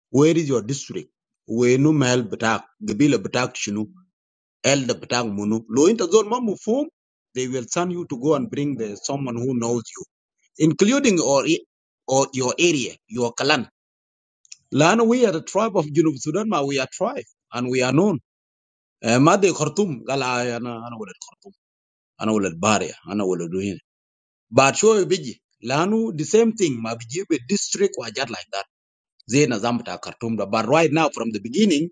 where is your district? Wenu Mel Batak, Gabila Batak Shinu, Elder Batak Munu, Lointa zone Mamu Fum, they will send you to go and bring the someone who knows you, including or or your area, your clan. Lana, we are the tribe of Junub Sudan, ma we are tribe, and we are known. Eh, Madi Khartoum, Gala, I know we'll do here, but show you. But the same thing, maybe the district was just like that. They're not going to cartomda. But right now, from the beginning,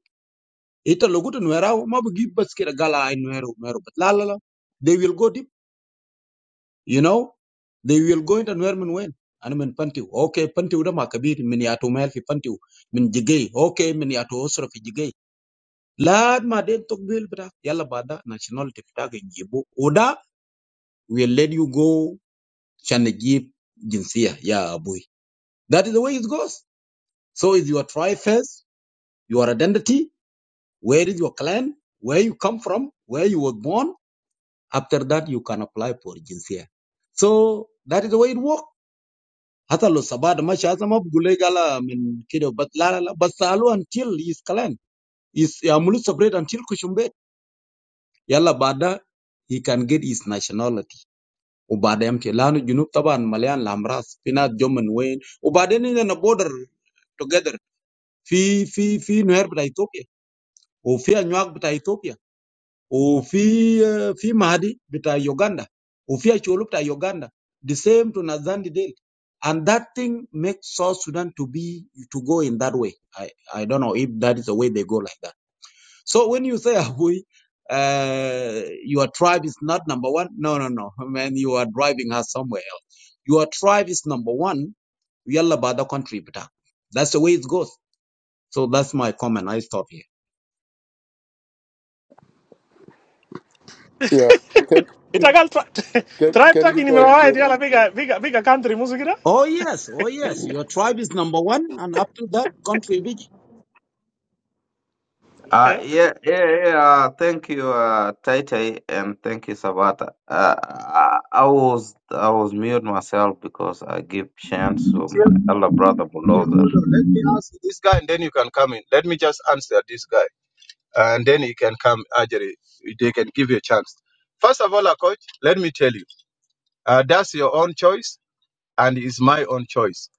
it's a good new era. Maybe just get a gala in new era, but la la la. They will go deep, you know. They will go into new era. I'm in Pantio. Okay, Pantio. We're making a big mini atumel for Pantio. In Jigay. Okay, we're going to Osoro for Jigay. Lad, my dear, don't feel bad. Y'all better national. Take it again. Give up. Order. We'll let you go. Shanajib Jinsia, yeah, Abui. That is the way it goes. So is your tribe first, your identity, where is your clan, where you come from, where you were born. After that, you can apply for Jinsia. So that is the way it works. حتى لو سباد ماشي هذا ما بقول لك على من كده بس لا لا لا بس سألوه until his clan is يعملوا separate until كشمبيت يلا بعدها he can get his nationality وبعدين يمكن لانه الجنوب طبعا مليان الامراض في ناس جو من وين وبعدين عندنا بودر توجذر في في في نهر بتاع اثيوبيا وفي انواع بتاع اثيوبيا وفي آه، في مهدي بتاع يوغندا وفي اشولو بتاع يوغندا the same to Nazandi Dale. And that thing makes South Sudan to be to go in that way. I, I don't know if that is the way they go like that. So when you say Abui, uh, your tribe is not number one, no, no, no. Man, you are driving us somewhere your tribe is number one. Yalla bada country bita. That's the way it goes. So that's my comment. I stop here. Yeah, can Itagal can tribe can taki you ni guys mewahid get yala biga biga biga country Musu kira. Oh yes, oh yes. Your tribe is number one, and up to that country big. Uh, Okay. yeah, yeah, yeah. Uh, thank you, uh, Tai Tai, and thank you, Sabata. Uh, I, I was I was mute myself because I give chance to my elder brother Dear Bulldozer. Mulder, Let me ask this guy and then you can come in. Let me just answer this guy. and then you can come Algeria. They can give you a chance. First of all, uh, coach, let me tell you, uh, that's your own choice and it's my own choice.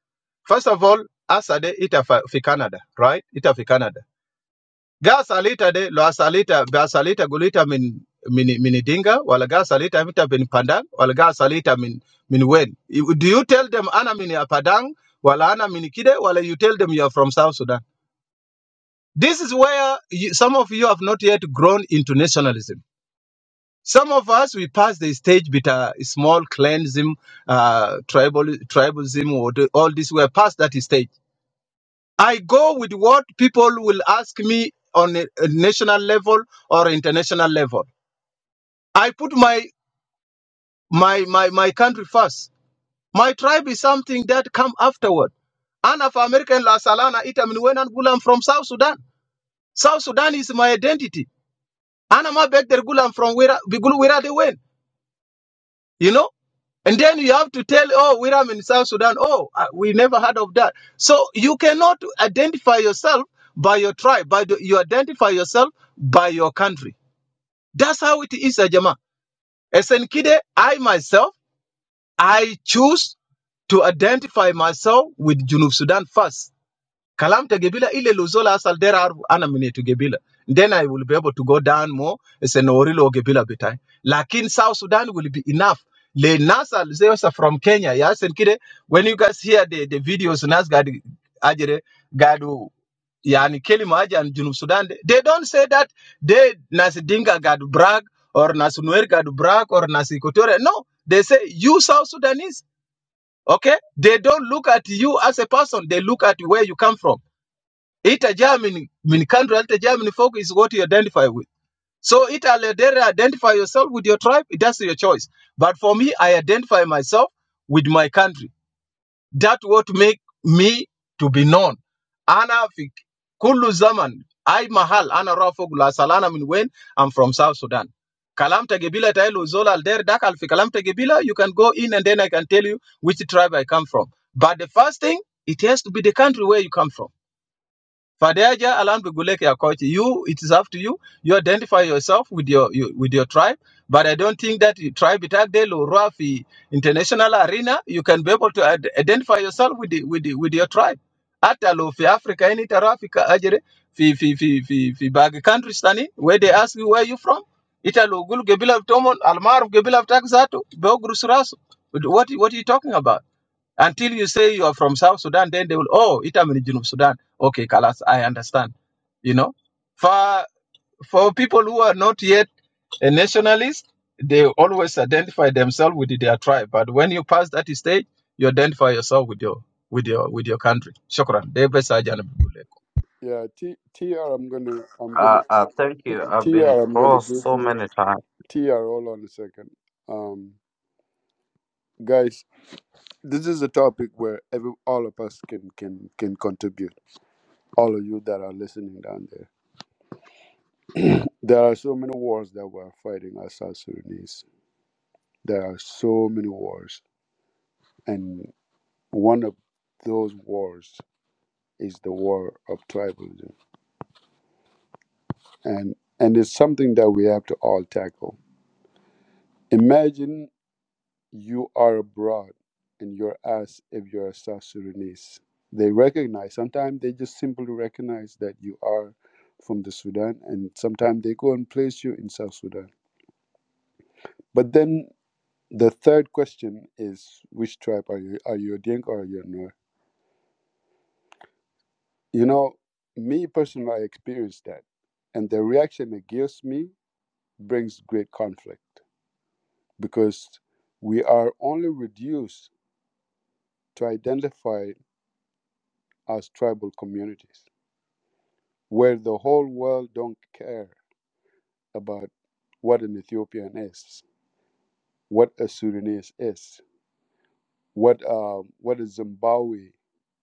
First of all, Asade ita fa- fi Canada, right? Ita fi Canada. Ga salita de lo asalita ba salita gulita min min min dinga wala ga salita mita bin pandang wala ga salita min min wen. You- Do you tell them ana min ya padang wala ana min kide wala you tell them you are from South Sudan? This is where you, some of you have not yet grown into nationalism Some of us, we pass the stage with a small clansism, uh, tribal, tribalism, or the, all this. We're past that stage. I go with what people will ask me on a, a national level or international level. I put my, my, my, my country first. My tribe is something that come afterward. And of American La Salana, Itamin Wenan Gulam from South Sudan. South Sudan is my identity. Anama Beg der Gulam from where, Bigul, where they went. You know? And then you have to tell, oh, we are in South Sudan. Oh, uh, we never heard of that. So you cannot identify yourself by your tribe. By the, you identify yourself by your country. That's how it is, Ajama. As Nkide, I myself, I choose to identify myself with Junub Sudan first Kalam to Gebila ile Luzola asal there are anamine to Gebila. Then I will be able to go down more. It's an orilo Gebila bitai. Lakin South Sudan will be enough. Le Nasal Zeosa from Kenya. Yes, and kide, when you guys hear the, the videos Nasgad Ajere Gadu yani Kelima Aja and Junub Sudan, they don't say that they Nas Dinga Gadu brag or Nas Nuer Gadu brag or Nas Equatorial. No, they say you South Sudanese. Okay, they don't look at you as a person. They look at where you come from. Itajaa mean, mean country, itajaa mean folk is what you identify with. So Italy, there identify yourself with your tribe, that's your choice. But for me, I identify myself with my country. That what make me to be known. Ana fi kullu zaman, I mahal, ana rafogula salana min when I'm from South Sudan. Kalam Tegebila Tailo Zola Alder Dakal fi Kalam Tegebila, you can go in and then I can tell you which tribe I come from. But the first thing, it has to be the country where you come from. Fadeja alam biguleke ya coach. You, it is up to you. You identify yourself with your you, with your tribe. But I don't think that you tribe itagde Rafi international arena. You can be able to ad- identify yourself with the, with the, with your tribe. Hata lo fi Africa ini tara Africa ajere fi fi fi fi fi bag countries tani where they ask you where you from. Ita lo gulu gebila tomon almaruf gebila tak zatu beogru surasu. What what are you talking about? Until you say you are from South Sudan, then they will, oh, itam in Junub Sudan. Okay, Kalas, I understand. You know, for for people who are not yet a nationalist, they always identify themselves with their tribe. But when you pass that stage, you identify yourself with your with your with your country. Shukran. Dai bai sa janibi gule. yeah T TR? I'm gonna I'm gonna Uh, uh, thank T- you. I've been TR. I'm gonna crossed give so you many times. TR. Hold on a second, um guys. this is a topic where every all of us can can can contribute. All of you that are listening down there, there are so many wars that we're fighting as South Sudanese. There are so many wars, and one of those wars is the war of tribalism, and and it's something that we have to all tackle. Imagine you are abroad and you're asked if you're a South Sudanese. They recognize, sometimes they just simply recognize that you are from the Sudan, and sometimes they go and place you in South Sudan. But then the third question is which tribe are you? Are you a Dinka or are you a Nuer? You know, me personally, I experienced that. And the reaction it gives me brings great conflict because we are only reduced to identify as tribal communities where the whole world don't care about what an Ethiopian is, what a Sudanese is, what uh, what a Zimbabwe,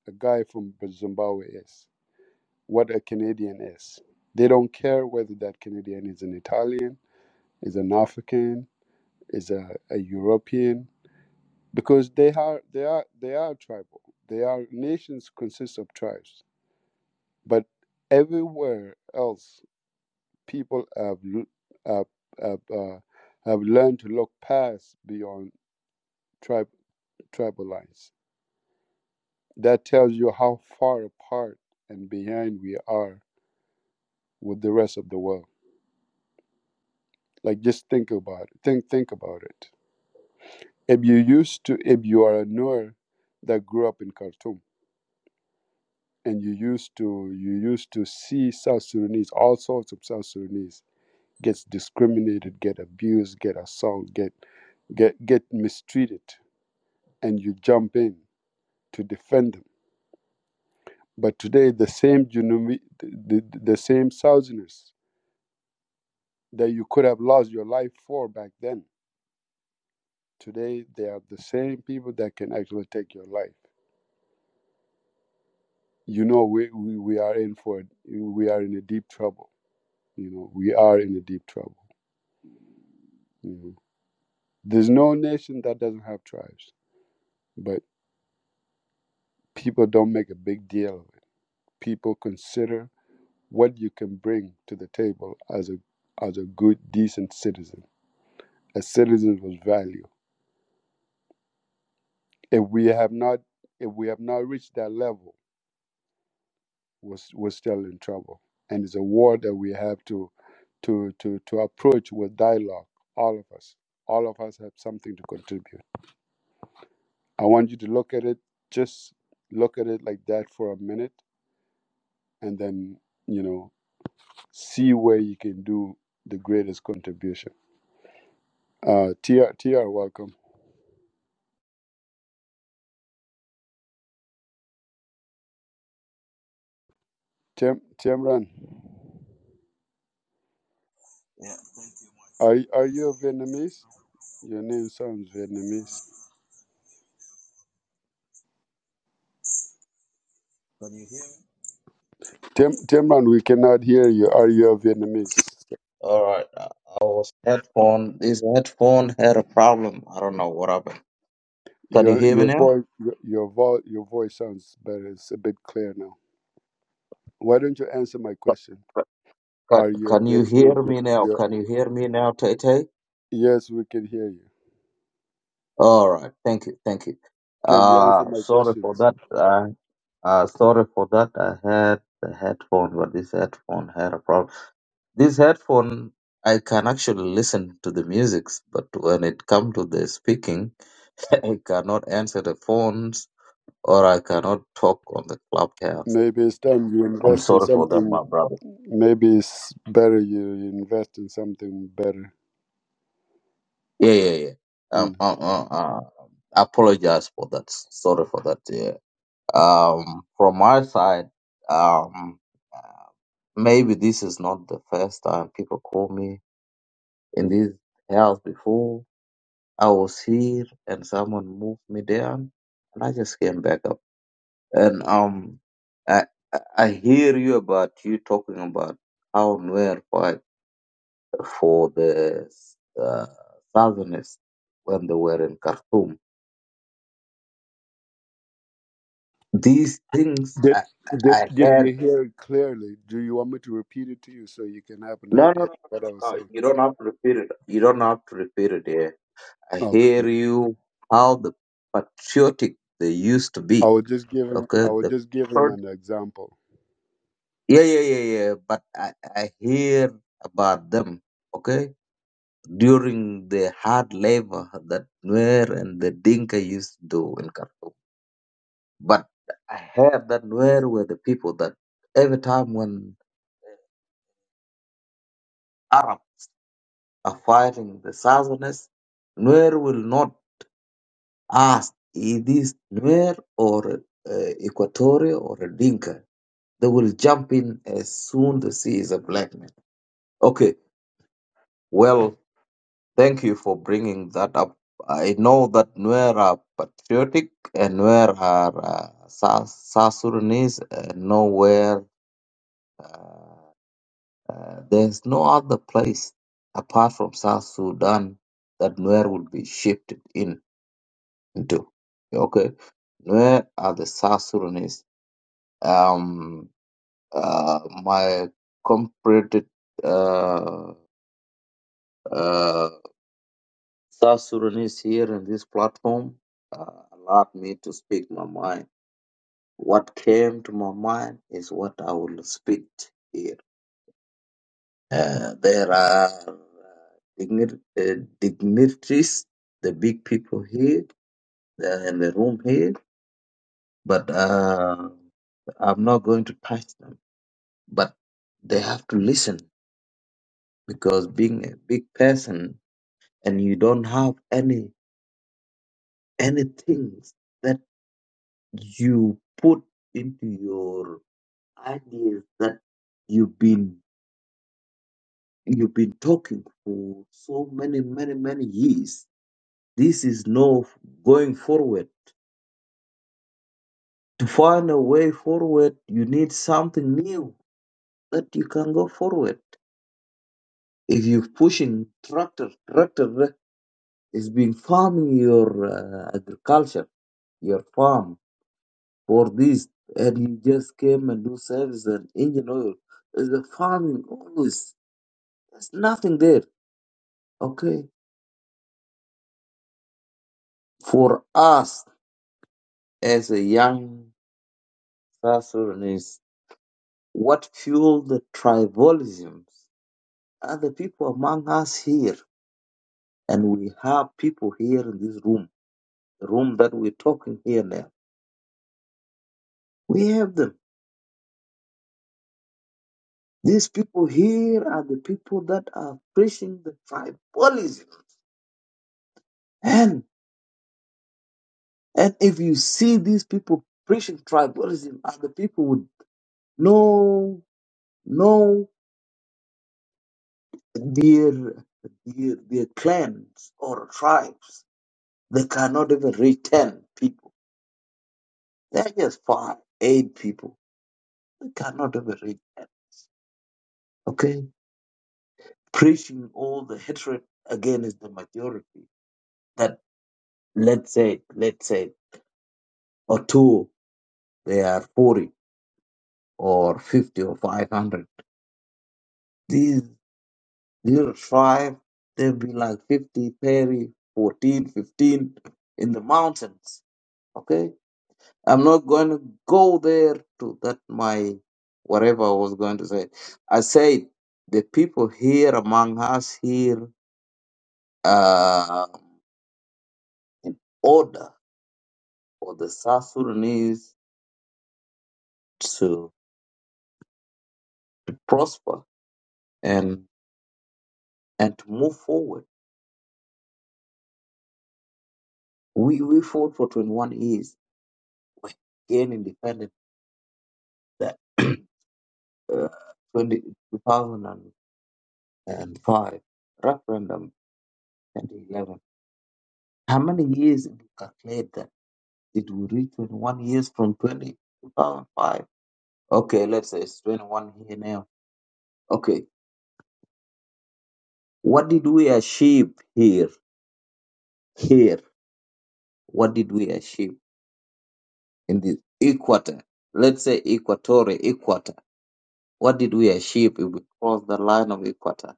a guy from Zimbabwe is, what a Canadian is. They don't care whether that Canadian is an Italian, is an African, is a, a European, because they are they are they are tribal. They are nations consist of tribes, but everywhere else people have have have, uh, have learned to look past beyond tri- tribal lines. That tells you how far apart and behind we are with the rest of the world. Like just think about it. Think think about it. If you used to, if you are a Nuer that grew up in Khartoum and you used to you used to see South Sudanese, all sorts of South Sudanese gets discriminated, get abused, get assaulted, get get get mistreated, and you jump in to defend them. But today, the same Junumi, the, the, the same Southerners that you could have lost your life for back then, today they are the same people that can actually take your life. You know, we, we, we are in for we are in a deep trouble. You know, we are in a deep trouble. You know. There's no nation that doesn't have tribes, but people don't make a big deal of it. People consider what you can bring to the table as a as a good, decent citizen, a citizen with value if we have not if we have not reached that level we're, we're still in trouble and it's a war that we have to to to to approach with dialogue all of us all of us have something to contribute i want you to look at it just look at it like that for a minute and then you know see where you can do the greatest contribution uh tr welcome tim Tim, timran Yeah, thank you. are y- are you vietnamese your name sounds vietnamese Can you hear me? Tim, Timran, we cannot hear you. Are you a Vietnamese? All right. I I was headphone. This headphone had a problem. I don't know what happened. Can you Your hear me your now? voice your your, vo- your voice sounds better. It's a bit clear now. Why don't you answer my question? Can Are you a Can you hear Vietnamese? me now? you Can you hear me now, Tay Tay? yes, we can hear you. All right. Thank you. Thank you. Can you answer Uh my sorry for questions? that. Uh, uh sorry for that. I had the headphone, but this headphone had a problem. This headphone, I can actually listen to the music, but when it comes to the speaking, I cannot answer the phones or I cannot talk on the clubhouse. Maybe it's time you I'm invest in sorry for that, my something. brother. Maybe it's better you invest in something better. Yeah, yeah, yeah. Um, Mm. um, uh, uh, I apologize for that. Sorry for that. Yeah. Um, from my side, um, uh, maybe this is not the first time people call me in this house before. I was here and someone moved me down, and I just came back up. And um, I I I hear you about you talking about how Nuer fight. for the uh, Southerners when they were in Khartoum. These things Did I, did I did heard. you hear it clearly? Do you want me to repeat it to you so you can have an No, idea no, no, of what no, I was no. saying? You don't have to repeat it. You don't have to repeat it here. I Okay. hear you how the patriotic they used to I be. was just giving Okay, I was the just giving Sure. an example. yeah, yeah, yeah, yeah. But I, I hear about them. Okay, during the hard labor that Nuer and the Dinka used to do in Khartoum. But I heard that Nuer were the people that every time when Arab are fighting the Southerners, Nuer will not ask is this Nuer or uh, Equatorial or a Dinka. They will jump in as soon as see is a black man. Okay, well, thank you for bringing that up. I know that Nuer are patriotic and Nuer are uh, South South Sudanese and nowhere There is no other place apart from South Sudan that Nuer will be shifted in into. Okay, Nuer are the South Sudanese. Um, uh, my compared uh, uh, South Sudanese here in this platform uh, allowed me to speak my mind. What came to my mind is what I will speak here. Uh, there are digni- uh, dignitaries, the big people here, they're in the room here, but uh, I'm not going to touch them. But they have to listen because being a big person and you don't have any any things that you put into your ideas that you've been you've been talking for so many many many years. This is no going forward to find a way forward, you need something new that you can go forward. If you're pushing tractor, tractor is being farming your uh, agriculture, your farm for this, and you just came and do service and engine oil. Is the farming always? There's nothing there. Okay, for us as a young South Sudanese, what fueled the tribalisms are the people among us here And we have people here in this room, the room that we're talking here now. We have them. These people here are the people that are preaching the tribalism. And and if you see these people preaching tribalism are the people with no no their their, their clans or tribes. They cannot even reach ten people. They're just five, eight people. They cannot even reach ten. Okay? preaching all the hatred against the majority that let's say let's say or two they are 40 or 50 or 500 these little tribe they'll be like 50, 30, 14, 15 in the mountains okay i'm not going to go there to that my whatever i was going to say i said the people here among us here uh in order for the south sudanese to prosper and and to move forward. We we fought for 21 years. We gained independence that uh, 20, two thousand and five referendum 2011. How many years did we calculate that? Did we reach 21 years from 20 2005? Okay, let's say it's 21 here now. Okay, what did we achieve here? Here, what did we achieve in this equator? Let's say equatorial equator. What did we achieve if we cross the line of equator?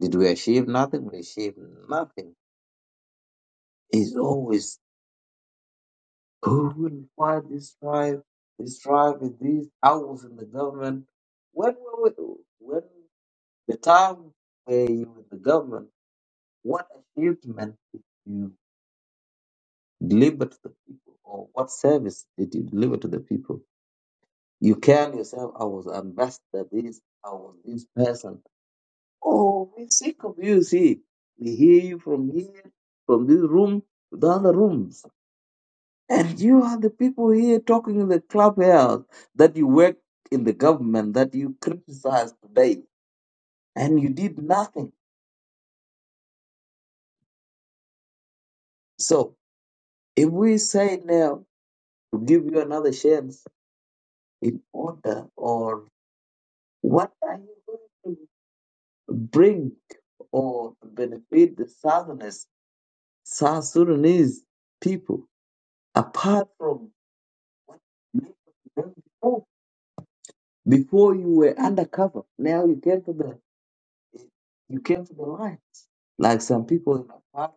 Did we achieve nothing? We achieved nothing. It's always who will fight this tribe, this tribe is this, I was in the government. When were we, when the time where you were in the government, what achievement did you deliver to the people or what service did you deliver to the people? You can yourself, I was ambassador this, I was this person. Oh, we sick of you, see. We hear you from here, from this room to the other rooms. And you are the people here talking in the clubhouse that you work in the government that you criticize today. And you did nothing. So if we say now to give you another chance in order or what are you going to bring or benefit the Southerners, South Sudanese people apart from? Before before you were undercover, now you came to the you came to the light. Like some people in the paradise,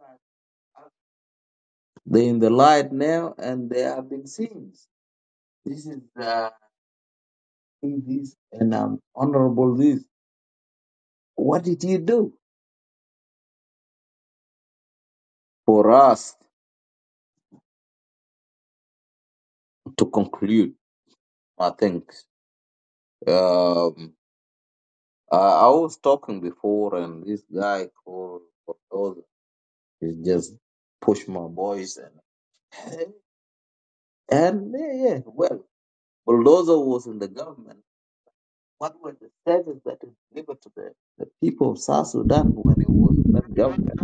they're in the light now and they have been seen. This is uh, this and um, honorable this. What did you do for us to conclude? I think um, I, I was talking before, and this guy called Cordoza, he just pushed my voice and and yeah, yeah. well. Bulldozer was in the government, what were the services that it delivered to the, the people of South Sudan when he was in that government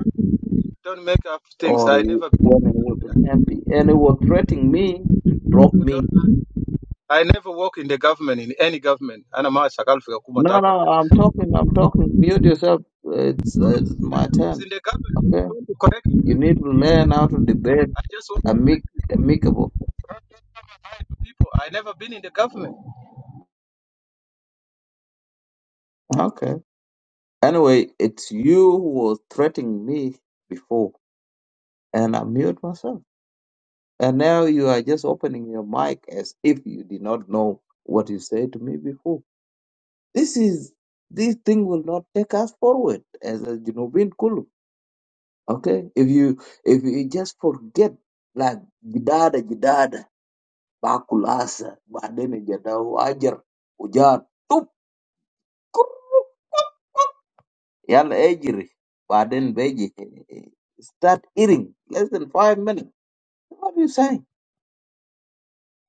Don't make up things. or I he, never when he was an I MP? And he was threatening me to drop me. don't- I never work in the government, in any government. And I'm a shakal for Kuma No, no, I'm talking, I'm talking. Mute yourself. It's, it's my It's turn. in the government. Okay? I You need to learn how to debate just want to amic- amicable. people. I never been in the government. Okay. Anyway, it's you who was threatening me before, and I mute myself. And now you are just opening your mic as if you did not know what you said to me before. This is this thing will not take us forward as a Junubin Kulu. Okay? If you if you just forget like jidada jidada bakulasa badene jadau ajar ujar tup kuruk, yal ejiri baden beji start eating less than five minutes. What are you saying?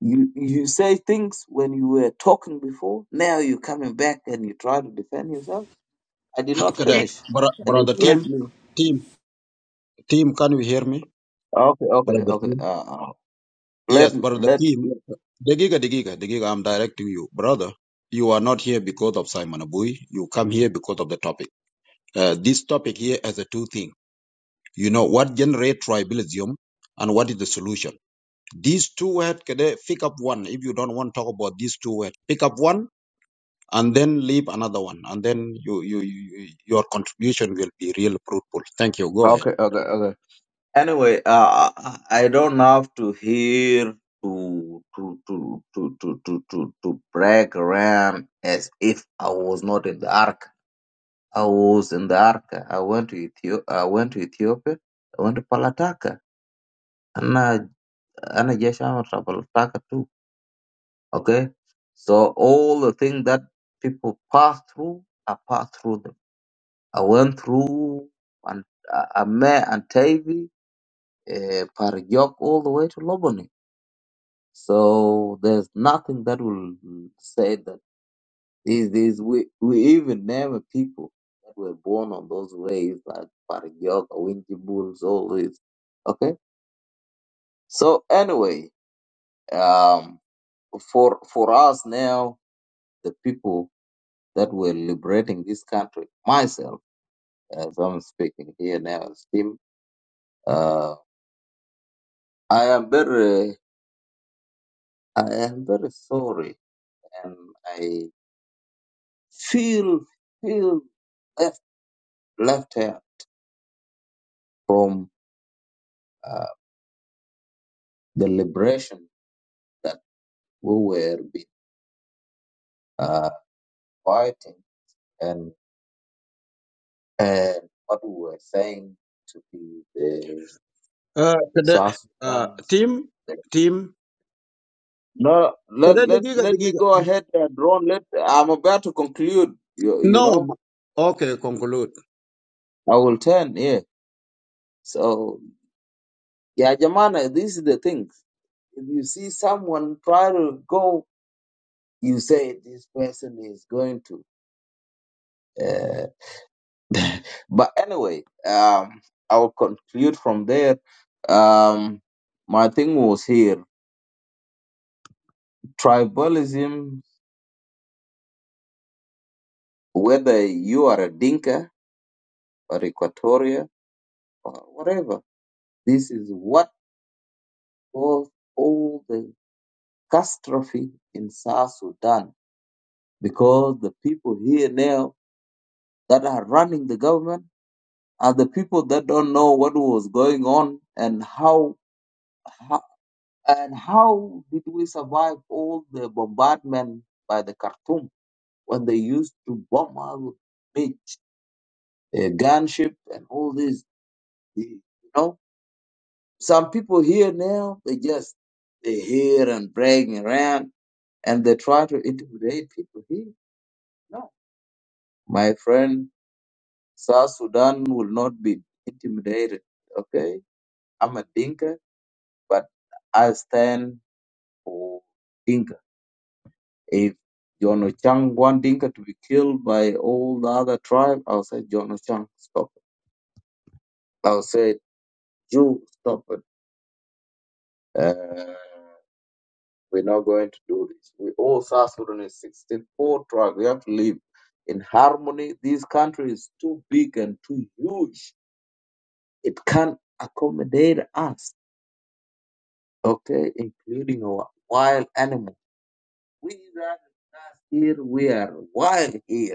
You you say things when you were talking before. Now you're coming back and you try to defend yourself. I did not Kada, Okay. finish, and you Brother Yeah. threat team, me. team, team. Can you hear me, Okay, okay, brother okay. team? Uh, uh, let Yes, me- brother let. team. The the giga, the giga, the giga. I'm directing you, brother. You are not here because of Simon Abui. You come here because of the topic. Uh, this topic here has a two thing. You know what generate tribalism and what is the solution. These two words, pick up one if you don't want to talk about these two words. Pick up one and then leave another one, and then you, you, you your contribution will be real fruitful. Thank you. Go ahead. Okay, okay, okay. Anyway, uh, I I don't have to hear to to to to to to to, to brag around as if I was not in the ark. I was in the ark. I went to Ethiopia. I went to Ethiopia. I went to Palataka. and I Jesh Amar Tabal Taka too. Okay? So all the things that people pass through, I passed through them. I went through and uh, I met Antavi, uh, Paragyok, all the way to Lobony. So there's nothing that will say that these these we we even name a people that were born on those ways like Paragyok, Winji Bulls, all this. Okay? So anyway, um for for us now the people that were liberating this country. Myself, as I'm speaking here now, as Tim, uh, I am very, I am very sorry, and I feel feel left left out from uh, the liberation that we were be, uh, fighting and and what we were saying to be the Uh, kada, South uh, Sudan's team, team. no, let Kada let degiga let me degiga. go ahead, uh, Drone. Let I'm about to conclude. You you No. know. Okay, conclude. I will turn here. So, yeah, Jamana, these are the things. If you see someone try to go, you say this person is going to. Uh, but anyway, um, I will conclude from there. Um, my thing was here tribalism, whether you are a Dinka or Equatoria or whatever, this is what caused all the catastrophe in South Sudan because the people here now that are running the government are the people that don't know what was going on and how, how and how did we survive all the bombardment by the Khartoum when they used to bomb our beach, uh, gunship, and all this. You know, some people here now they just they hear and bragging around and they try to intimidate people here. No, my friend, South Sudan will not be intimidated. Okay, I'm a dinka. but I stand for Dinka. If John Ochang want Dinka to be killed by all the other tribe, I'll say John Ochang, stop it. I'll say you stop it. Uh, we're not going to do this. We all South Sudanese, 64 tribes. We have to live in harmony. This country is too big and too huge. It can't accommodate us, okay, including our wild animals. We are not here. We are wild here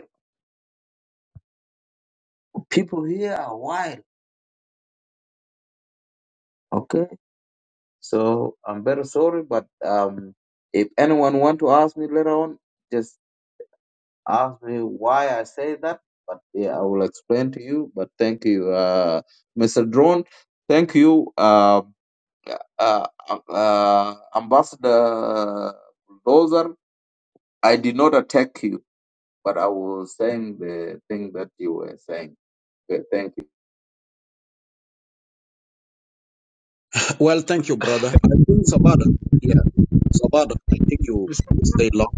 people here are wild. Okay, so I'm very sorry, but um, if anyone want to ask me later on, just ask me why I say that. But yeah, I will explain to you. But thank you, uh, Mr. Drone. Thank you, um, uh, uh, uh, Ambassador Bulldozer. I did not attack you, but I was saying the thing that you were saying. Okay, Thank Well, thank you, brother. I think Sabada. Yeah, Sabada. I think you will stay long.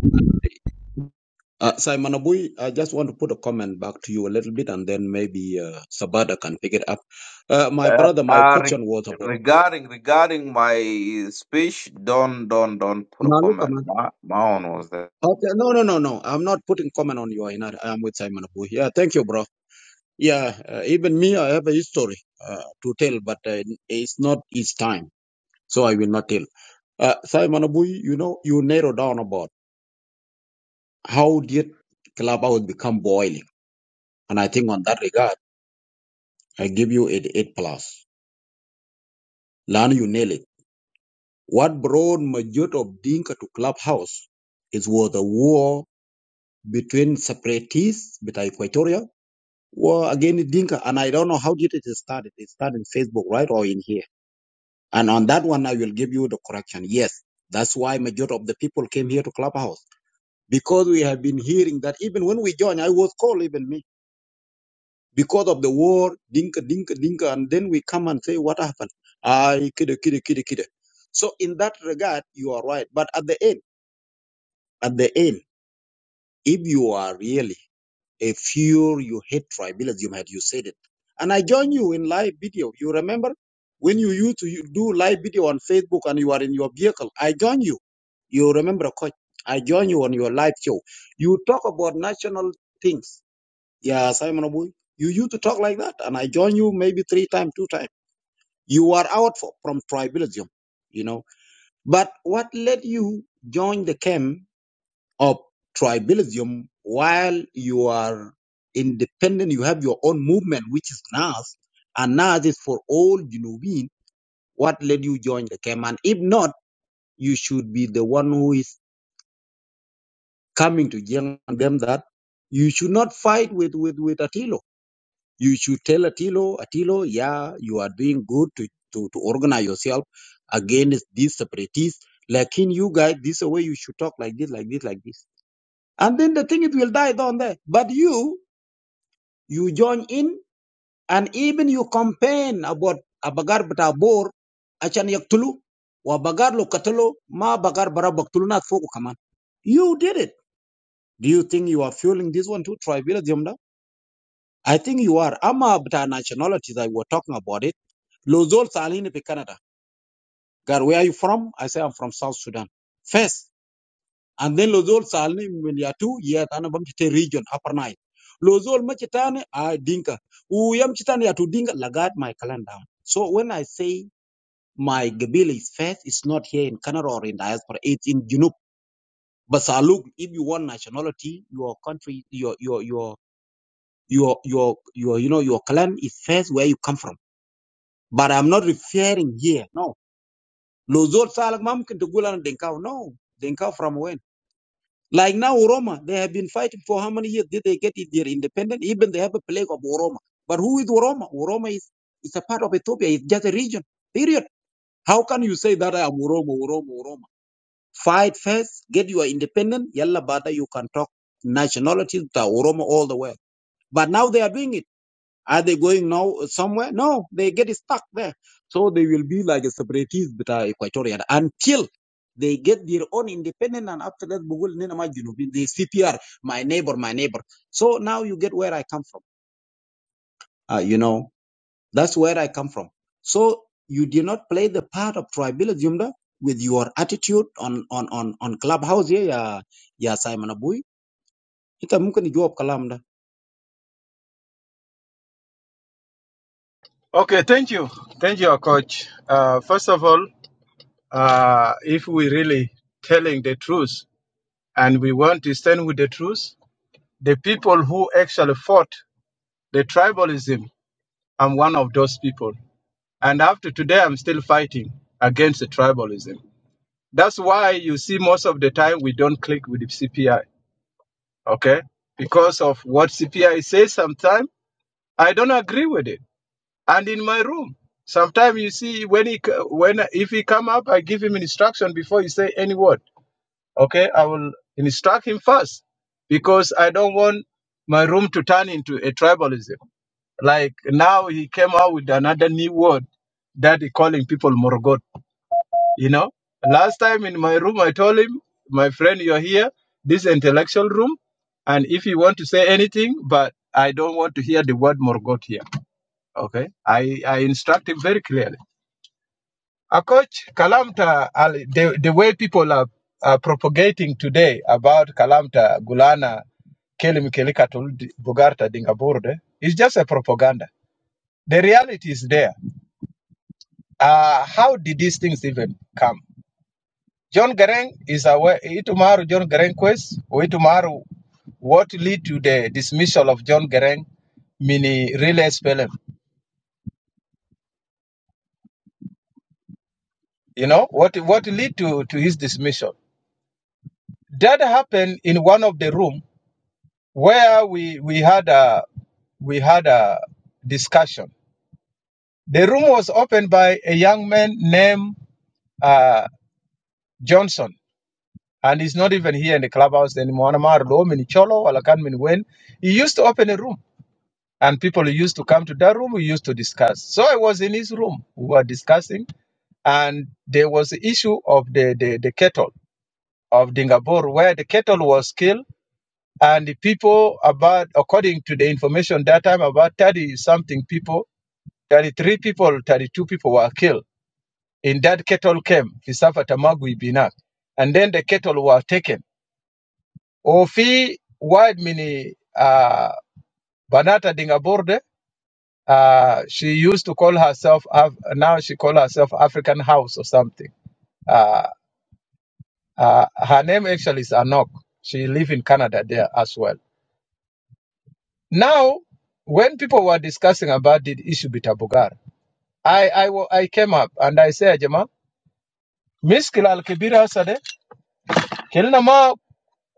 Uh, Simon Abui, I just want to put a comment back to you a little bit, and then maybe uh, Sabada can pick it up. Uh, my Uh, brother, my uh, re- question was about. regarding regarding my speech, don't don't don't put a Now look, comment. man. Ma- Maon was there. Okay, no, no, no, no. I'm not putting comment on you, Ainar. I'm with Simon Abu. Yeah, thank you, bro. Yeah, uh, even me, I have a history uh, to tell, but uh, it's not his time, so I will not tell. Uh, Simon Abu, you know, you narrow down about how did Clubhouse become boiling, and I think on that regard, I give you eight eight plus. Learn you nail it. What brought majority of Dinka to Clubhouse is was the war between separatists, between Equatoria, Well, again, it Dinka, and I don't know how did it start. It started in Facebook, right, or in here. And on that one, I will give you the correction. Yes, that's why majority of the people came here to Clubhouse because we have been hearing that even when we joined, I was called even me because of the war, Dinka, Dinka, Dinka, and then we come and say what happened. I kidda, kidda, kidda, kidda. So in that regard, you are right. But at the end, at the end, if you are really a fear you hate tribalism had you said it. And I join you in live video. You remember when you used to do live video on Facebook and you are in your vehicle? I join you. You remember, coach? I join you on your live show. You talk about national things. Yeah, Simon Abu, you used to talk like that, and I join you maybe three times, two times. You are out for, from tribalism, you know. But what led you join the camp? of tribalism while you are independent, you have your own movement, which is NAS, and NAS is for all Junubin. What led you join the camp? And if not, you should be the one who is coming to young them that you should not fight with, with, with Attilo. You should tell Attilo, Attilo, yeah, you are doing good to, to, to organize yourself against these separatists. Like in you guys, this is the way you should talk like this, like this, like this. And then the thing it will die down there. But you You join in and even you campaign about abagar bata bor achan yaktulu wa bagar lo katalo ma bagar bara baktulu na foku kaman. You did it. Do you think you are fueling this one too, tribalism da? I think you are. Ama bata nationalities I were talking about it. Lozol salini pe Canada. God, where are you from? I say I'm from South Sudan. First, And then Lozol salni min ya tu ya tana region upper Nile. Lozol machitane I dinka. Uyam chitane ya tu dinka lagat my clan down. So when I say my Gabila is first, it's not here in Canada or in diaspora. It's in Junub. Basaluk, if you want nationality, your country, your your your your your your you know your clan is first where you come from. But I'm not referring here. No. Lozol salak mam kintugulan denkau. No. Denkau from when? Like now, Oroma, they have been fighting for how many years did they get their independence? Even they have a plague of Oroma. But who is Oroma? Oroma is, is a part of Ethiopia. It's just a region, period. How can you say that I'm Oromo? Oromo? Oromo? Fight first, get your independence. Yalla bada, you can talk nationalities to Oroma all the way. But now they are doing it. Are they going now somewhere? No, they get stuck there. So they will be like a separatist but uh, Equatorial until they get their own independent and after that Bugul Nina ma Junubi, the CPR, my neighbor, my neighbor. So now you get where I come from. Uh, you know, that's where I come from. So you did not play the part of tribalism da with your attitude on on on on clubhouse here, yeah, yeah, Simon Abui. Ita mungkin jawab kalam da. Okay, thank you, thank you, coach. Uh, first of all, uh, if we really telling the truth and we want to stand with the truth, the people who actually fought the tribalism, I'm one of those people, and after today, I'm still fighting against the tribalism. That's why you see most of the time we don't click with the CPI, okay? Because of what CPI says sometimes, I don't agree with it and in my room. Sometimes you see when he when if he come up, I give him instruction before he say any word. Okay, I will instruct him first because I don't want my room to turn into a tribalism. Like now he came out with another new word that he calling people morogot. You know, last time in my room I told him, my friend, you're here, this intellectual room, and if you want to say anything, but I don't want to hear the word morogot here. Okay, I I instruct him very clearly A coach, Kalamta, uh, the, the way people are, are propagating today about Kalamta, Gulana, Kelim Kelikatul, Bugarta, Dingaburde, is just a propaganda. The reality is there. Uh, how did these things even come? John Garang is aware, Itumaru John Garang quest, or Itumaru, what lead to the dismissal of John Garang, mini relay spelling? You know, what, what lead to, to his dismissal? That happened in one of the room where we we had a we had a discussion. The room was opened by a young man named uh, Johnson, and he's not even here in the clubhouse anymore. He used to open a room, and people used to come to that room. We used to discuss. So I was in his room. We were discussing, and there was the issue of the the, the kettle of Dingabur, where the kettle was killed and the people about according to the information that time about 30 something people 33 people 32 people were killed in that cattle camp fisafa tamagui binak and then the cattle were taken ofi wide mini uh, banata dingaborde uh, she used to call herself Af- now she call herself african house or something uh, uh, her name actually is anok she live in canada there as well Now, when people were discussing about the issue with bitabugar, I, I, wa- I came up and I said, Jama, miskil al kibira sade, kelina ma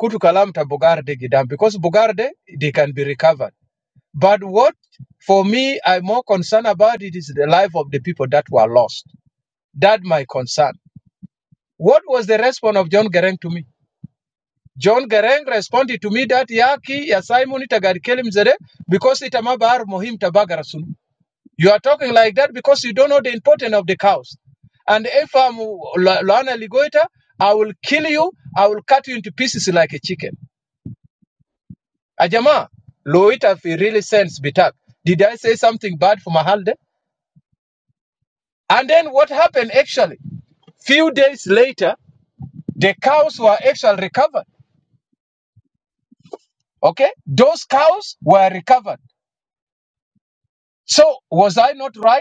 kutu kalam ta bugar gidam, because bugar they can be recovered. But what, for me, I'm more concerned about it is the life of the people that were lost. That my concern. What was the response of John Gereng to me? John Gereng responded to me that yaki ya Simon itagari kelim zede because itamabar mohim tabagara sunu. You are talking like that because you don't know the importance of the cows. And if I'm Lo- Loana Ligoita, I will kill you. I will cut you into pieces like a chicken. Ajama, Loita, if really sense bitak. Did I say something bad for Mahalde? And then what happened actually? Few days later, the cows were actually recovered. Okay? Those cows were recovered. So was I not right?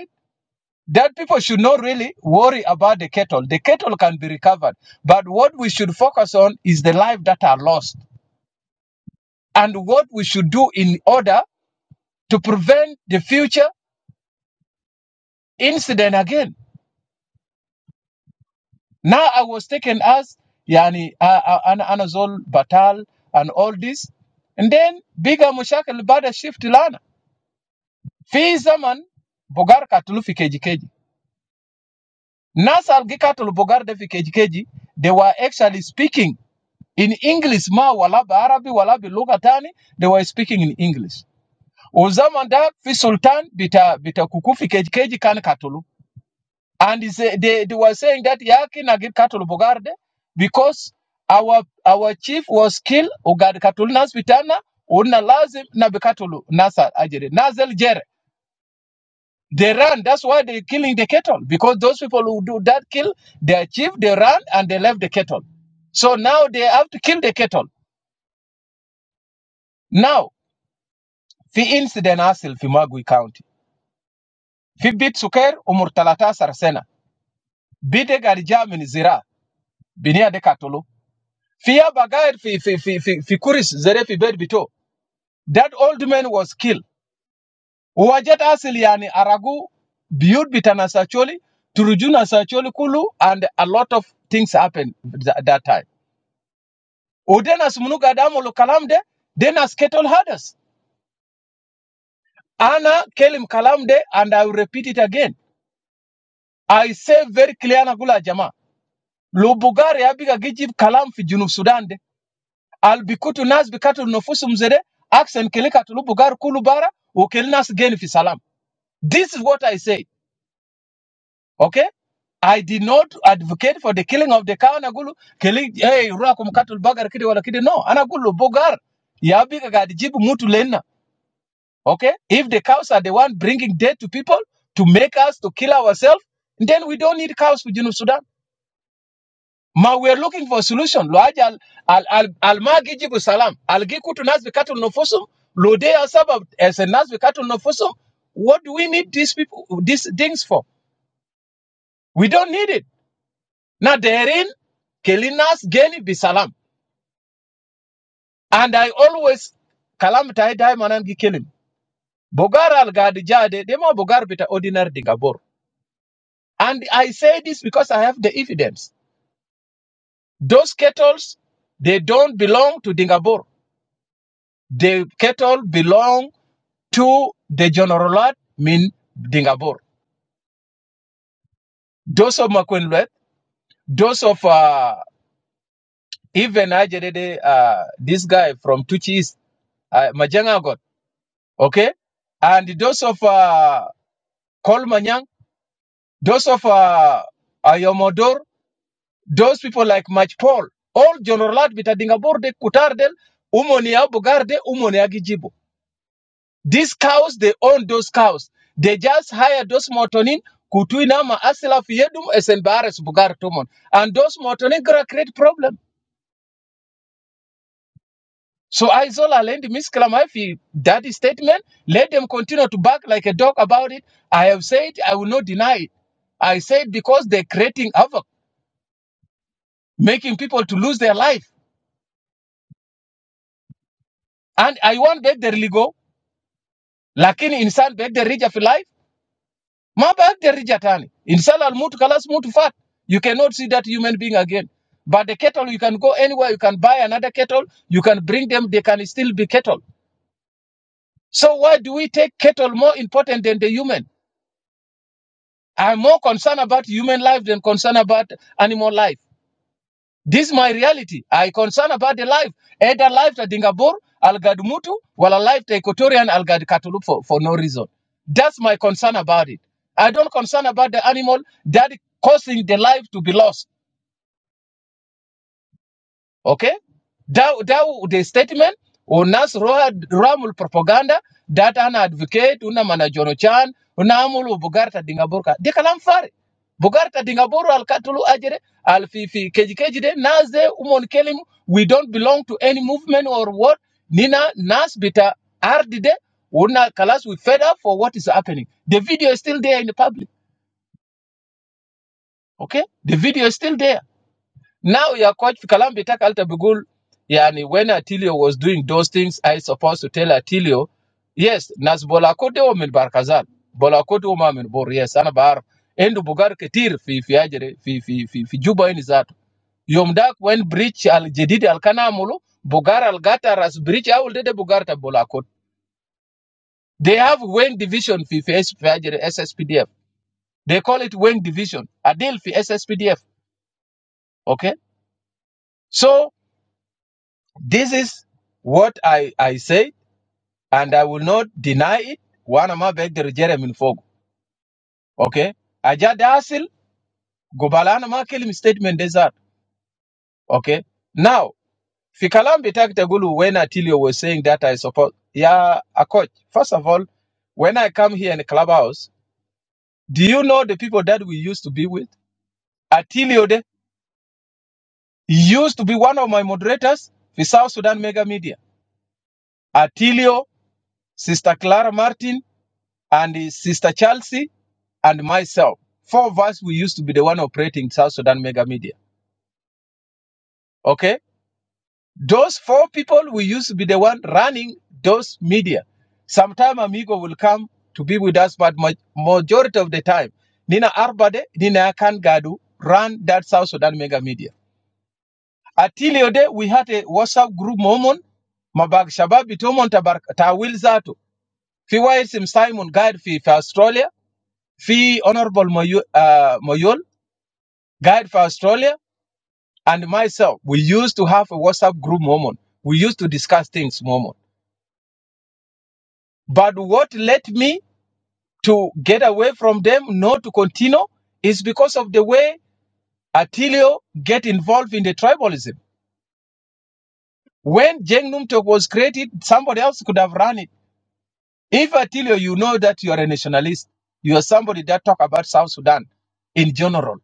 that people should not really worry about the cattle. The cattle can be recovered. But what we should focus on is the life that are lost and what we should do in order to prevent the future incident again. Now I was taken as Yani uh, uh, Anazol Batal and all this. And then bigger mushakil bada shift lana. Fi zaman Bogar katulu fi keji keji. Nasal Gikatul Bogarde fi keji keji, they were actually speaking in English ma wala ba Arabi wala bi lugha tani, they were speaking in English. Uzamanda fi sultan bita bita kuku fi keji keji kan katulu. And he say, they, they were saying that yaki nagir katulu Bogarde because our our chief was killed ugad katulu nas bitana una lazim na bikatulu nasa ajere. Nazal jere. They run. That's why they're killing the cattle because those people who do that kill, they achieve, they run, and they left the cattle. So now they have to kill the cattle. Now, في incident حاصل في ماغوي County. في بيت سكر عمر 13 سنة بيدك أرجع من زراعة بنية دي قتلوا fi أبا fi في في fi في في كوريس زري في بيت that old man was killed وجد أصل yani aragu بيوت بتاع ساتشولي ترجو ناساتشولي كله and a lot of things happened at that time Udenas munugadamu kalamde, denas ketol hadas. Ana kelim kalamde, and I will repeat it again. I say very clear na gula jama. Lo Bulgaria abiga gijib kalam fi junub Sudan de. Al bikutu nas bikatu nofusum zede, aksen kelika tulu Bulgar kulu bara, ukel nas gen fi salam. This is what I say, okay? I did not advocate for the killing of the cow. Anagulu, killing, hey, rua kumkatul bagar kidi wala kidi. No, anagulu bogar. Yabi kagadi jibu mutu lena. Okay? If the cows are the one bringing death to people to make us to kill ourselves, then we don't need cows for Junub Sudan. Ma we are looking for a solution. Lo aje al al al alma gijibu salam. Algikutu nas bikatul nofusum. Lo de asaba as a nas bikatul nofusum. What do we need these people these things for? We don't need it. Now therein kelinas geni bisalam. And I always kalam tai dai manan gi kelim. Bogar al gadijade dema bogar bita ordinary dingabor. And I say this because I have the evidence. Those kettles, they don't belong to Dingabur. The kettle belong to the General mean Dingabur. Those of Makunlwet, those of uh, even Ajerede, uh, this guy from Tuchi East, uh, Majangagot, okay? And those of uh, Kolmanyang, those of uh, Ayomodor, those people like Mach Paul, all Jonorat Bitadingaborde, Kutardel, Umonia Bugarde, Umonia Gijibo. These cows, they own those cows. They just hire those motonin, Kutuinama Asila Fiedum, Esenbares Bugar Tumon. And those motonin gonna create problem. So I Zola lend Misklamayfi Daddy statement. Let them continue to bark like a dog about it. I have said I will not deny it. I said because they're creating havoc, making people to lose their life. And I want that there lakini insan beg the يرجع في life ما the يرجع تاني insan الموت kalas موت fat. you cannot see that human being again but the cattle you can go anywhere you can buy another cattle you can bring them they can still be cattle so why do we take cattle more important than the human I'm more concerned about human life than concerned about animal life This is my reality. I concern about the life. Either life to Dingabur, Algad Mutu, while a life to Equatorian Algad Katulup for, for no reason. That's my concern about it. I don't concern about the animal that causing the life to be lost okay da da the statement unas roha ramul propaganda that an advocate una manajono chan una amulu bugarta dingaburka de kalam fare bugarta dingaburu al katulu ajere al fi fi keji keji de nas de umon kelim we don't belong to any movement or what nina nas bita ardi de una kalas we fed up for what is happening the video is still there in the public okay the video is still there now your coach Kalam Bitaka Alta Bugul, yani when Atilio was doing those things, I supposed to tell Atilio, yes, Nas bola kote Bolakode Omin Barkazal, Bolakode Omamin Bor, yes, ana bar Endu Bugar Ketir fi fi ajere fi fi fi fi Juba in Zato. Yomdak when breach al Jedid al Kanamulu, Bugar al Gatar as breach I will de Bugarta kote. They have wing division fi fi S- fi ajere SSPDF. They call it wing division. Adil fi SSPDF. Okay. So This is what I, I say, and I will not deny it. Wana ma begder Jeremy Fogo. Okay? Aja dasil, gubalana ma kelim statement desert. Okay? Now, Fikalam Bitakitagulu, when Atilio was saying that, I support, yeah, a coach. First of all, when I come here in the clubhouse, do you know the people that we used to be with? Atilio de, he used to be one of my moderators for South Sudan Mega Media. Atilio, Sister Clara Martin, and sister Chelsea and myself. Four of us, we used to be the one operating South Sudan Mega Media. Okay? Those four people, we used to be the one running those media. Sometime Amigo will come to be with us, but ma- majority of the time, Nina Arbade, Nina Akan Gadu ran that South Sudan Mega Media. Until your we had a WhatsApp group moment. Mabag Shababi Tomon Tabar Tawil Zato. Fi Sim Simon Guide fi, fi Australia. Fi Honorable Moyo- uh, Moyol. Guide for Australia and myself, we used to have a WhatsApp group moment. We used to discuss things moment. But what led me to get away from them, not to continue, is because of the way Attilio get involved in the tribalism. When Jeng Numtok was created, somebody else could have run it. If Attilio, you know that you are a nationalist, you are somebody that talk about South Sudan in general.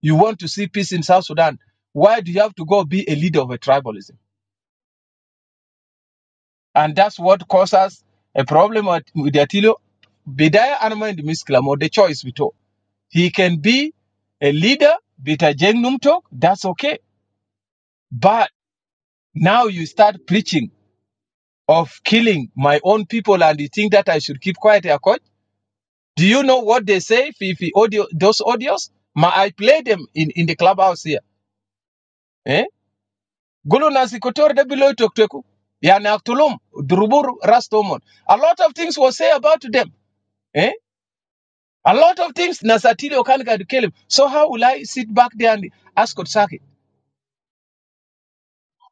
You want to see peace in South Sudan. Why do you have to go be a leader of a tribalism? And that's what causes a problem at, with Attilo. Bidaya Anama the the choice we talk. He can be a leader, Bita Jengnum talk, that's okay. But now you start preaching of killing my own people and you think that I should keep quiet, Akoj. Do you know what they say, Fifi, audio, those audios? Ma, I play them in, in the clubhouse here. Eh? Gulu nasikotor de below tokteku. Yani aktulum, durubur rastomon. A lot of things were said about them. Eh? A lot of things Nasatili Okanka to kill him. So how will I sit back there and ask Kotsaki?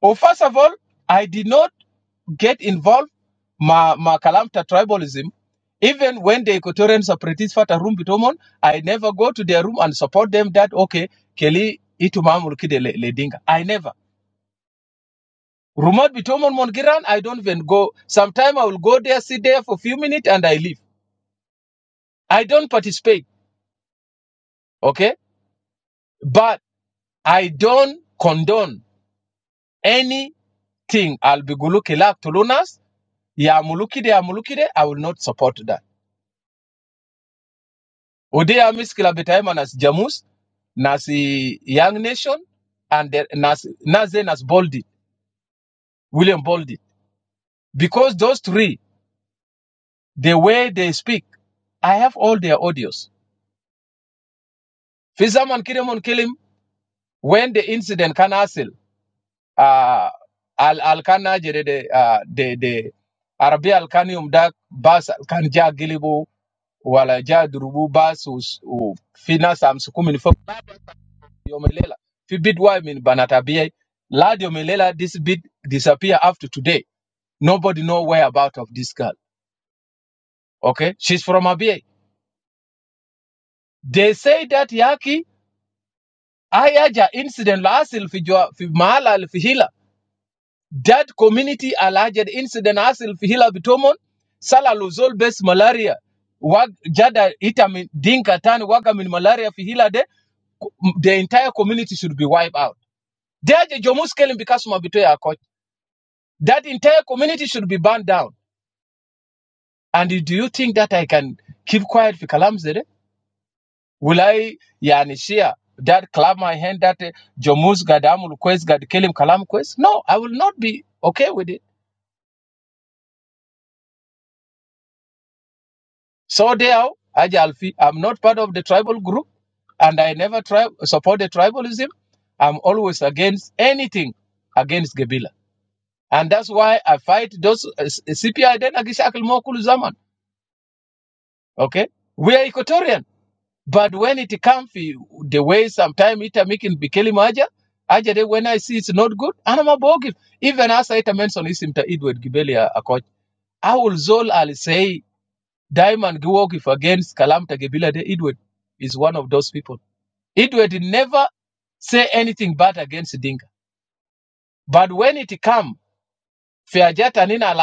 Oh, first of all, I did not get involved ma ma Kalamta tribalism. Even when the Equatorian separatists fought a room bitomon, I never go to their room and support them that okay, Kelly itumamul kide le- ledinga. I never. Rumot bitomon mongiran, I don't even go. Sometime I will go there, sit there for a few minutes and I leave. I don't participate. Okay? But I don't condone any thing I'll be gulukila tulunas, ya mulukide ya mulukide, I will not support that. Udia miskila betaima nas jamus, nasi Young Nation, and the, nas Naze nas Boldy, William Boldy. Because those three, the way they speak, I have all their audios. Fizaman Kiremon Kilim, when the incident can hasil, uh, al al kana jere de uh, de de Arabi al kanium dak bas al kan ja gilibu Wala جاء ضربوا باس وس- وفي ناس امسكوه من فوق يوم الليله في بيت yomelela this bid disappear after today nobody know where about of this girl okay she's from abia they say that yaki ayaja incident lasil في جو في mahala في hila that community alleged incident asil في hila bitomon sala luzol base malaria wag jada ita min dinka tani waga min malaria fi hila de the entire community should be wiped out Deje Jomus Kelim Bikasuma Bitoya Akot. That entire community should be burned down. And do you think that I can keep quiet for Kalamzere? Will I Yanishia that clap my hand that uh, Jomus Gadamul Quest Gad Kelim Kalam Quest? No, I will not be okay with it. So they are Aja Alfi, I'm not part of the tribal group and I never tri- support the tribalism. I'm always against anything against Gabila. And that's why I fight those uh, CPI then Agishakil Mokulu Zaman. Okay? We are Equatorian. But when it comes the way sometime it making Bikeli Maja, Aja de when I see it's not good, and I'm a bogey. Even as I mentioned Isim ta Edward Gibeli a a coach. I will zol I'll say Diamond Giwok if against Kalamta Gebila de Edward is one of those people. Edward never say anything bad against Dinka. But when it come, Fiajata Nina Al